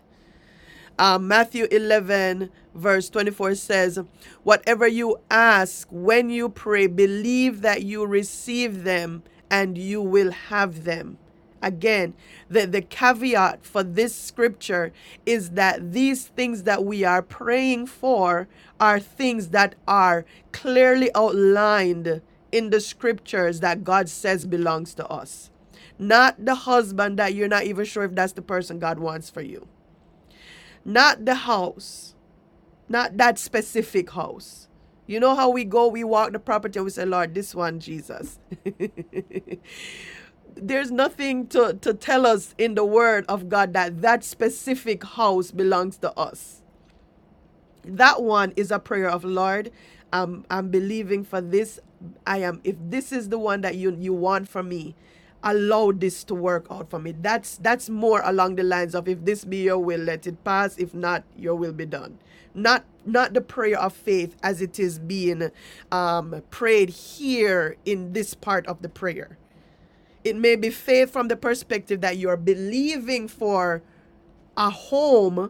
Speaker 1: Uh, Matthew 11, verse 24 says, Whatever you ask when you pray, believe that you receive them and you will have them. Again, the, the caveat for this scripture is that these things that we are praying for are things that are clearly outlined in the scriptures that God says belongs to us. Not the husband that you're not even sure if that's the person God wants for you not the house, not that specific house. You know how we go, we walk the property, and we say, Lord, this one, Jesus. There's nothing to, to tell us in the word of God that that specific house belongs to us that one is a prayer of lord um i'm believing for this i am if this is the one that you you want from me allow this to work out for me that's that's more along the lines of if this be your will let it pass if not your will be done not not the prayer of faith as it is being um, prayed here in this part of the prayer it may be faith from the perspective that you're believing for a home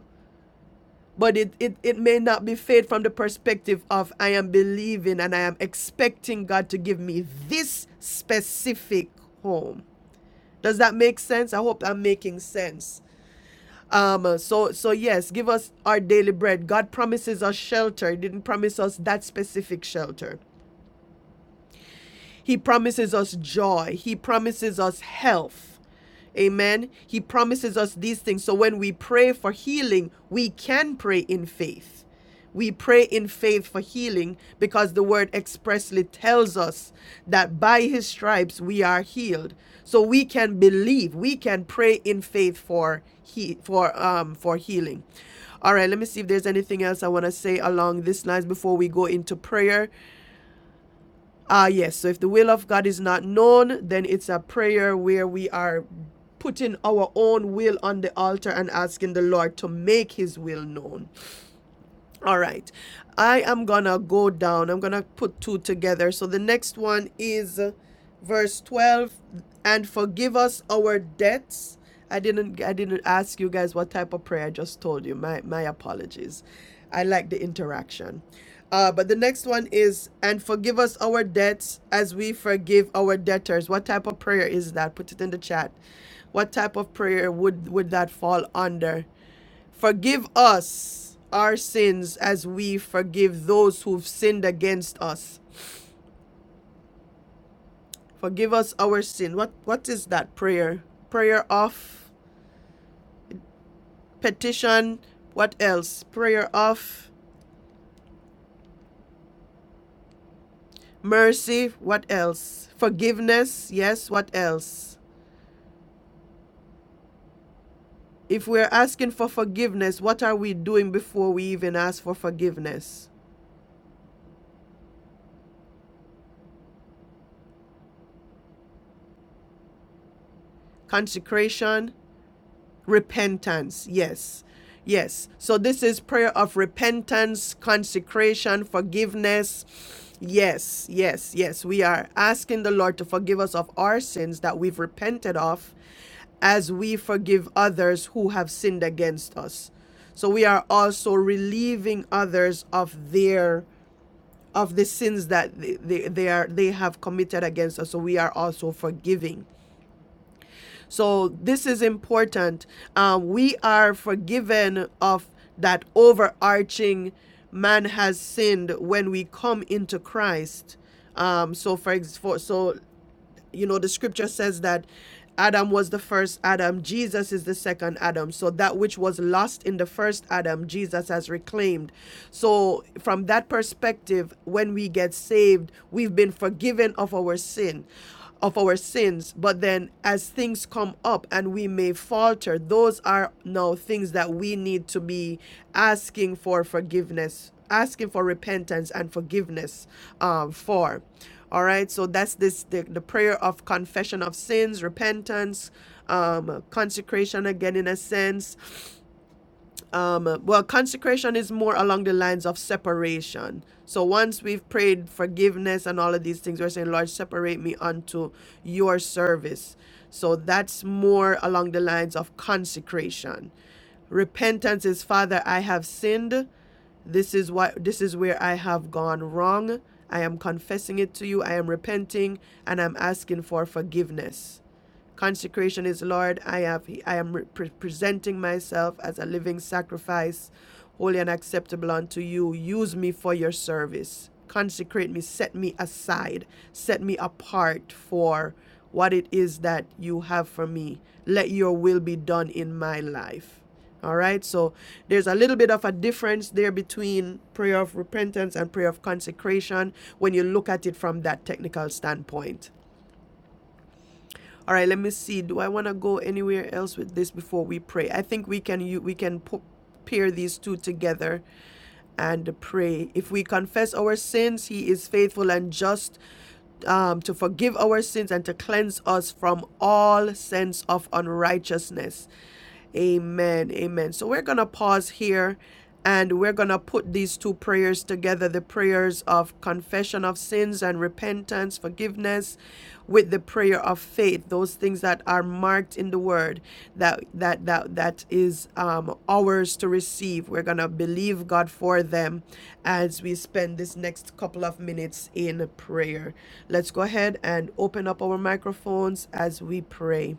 Speaker 1: but it, it, it may not be faith from the perspective of I am believing and I am expecting God to give me this specific home. Does that make sense? I hope I'm making sense. Um, so so yes, give us our daily bread. God promises us shelter. He didn't promise us that specific shelter. He promises us joy. He promises us health. Amen. He promises us these things. So when we pray for healing, we can pray in faith. We pray in faith for healing because the word expressly tells us that by his stripes we are healed. So we can believe, we can pray in faith for he, for um for healing. All right, let me see if there's anything else I want to say along this lines before we go into prayer. Ah, yes. So if the will of God is not known, then it's a prayer where we are putting our own will on the altar and asking the Lord to make his will known. All right. I am going to go down. I'm going to put two together. So the next one is uh, verse 12 and forgive us our debts. I didn't I didn't ask you guys what type of prayer I just told you. My my apologies. I like the interaction. Uh, but the next one is and forgive us our debts as we forgive our debtors. What type of prayer is that? Put it in the chat. What type of prayer would would that fall under? Forgive us our sins as we forgive those who've sinned against us. Forgive us our sin. What what is that prayer? Prayer of petition, what else? Prayer of mercy, what else? Forgiveness, yes, what else? If we're asking for forgiveness, what are we doing before we even ask for forgiveness? Consecration, repentance. Yes. Yes. So this is prayer of repentance, consecration, forgiveness. Yes, yes, yes. We are asking the Lord to forgive us of our sins that we've repented of as we forgive others who have sinned against us. So we are also relieving others of their of the sins that they, they, they are they have committed against us. So we are also forgiving. So this is important. Uh, we are forgiven of that overarching man has sinned when we come into Christ. Um, so for, for so you know the scripture says that adam was the first adam jesus is the second adam so that which was lost in the first adam jesus has reclaimed so from that perspective when we get saved we've been forgiven of our sin of our sins but then as things come up and we may falter those are now things that we need to be asking for forgiveness asking for repentance and forgiveness um, for all right, so that's this the, the prayer of confession of sins, repentance, um, consecration again in a sense. Um, well, consecration is more along the lines of separation. So once we've prayed forgiveness and all of these things, we're saying, Lord, separate me unto your service. So that's more along the lines of consecration. Repentance is, Father, I have sinned this is what this is where I have gone wrong. I am confessing it to you. I am repenting and I'm asking for forgiveness. Consecration is, Lord, I have I am re- presenting myself as a living sacrifice, holy and acceptable unto you. Use me for your service. Consecrate me, set me aside, set me apart for what it is that you have for me. Let your will be done in my life. All right, so there's a little bit of a difference there between prayer of repentance and prayer of consecration when you look at it from that technical standpoint. All right, let me see. Do I want to go anywhere else with this before we pray? I think we can you we can pair these two together and pray. If we confess our sins, He is faithful and just um, to forgive our sins and to cleanse us from all sense of unrighteousness. Amen. Amen. So we're going to pause here and we're going to put these two prayers together the prayers of confession of sins and repentance, forgiveness with the prayer of faith, those things that are marked in the word that that that that is um, ours to receive. We're going to believe God for them as we spend this next couple of minutes in prayer. Let's go ahead and open up our microphones as we pray.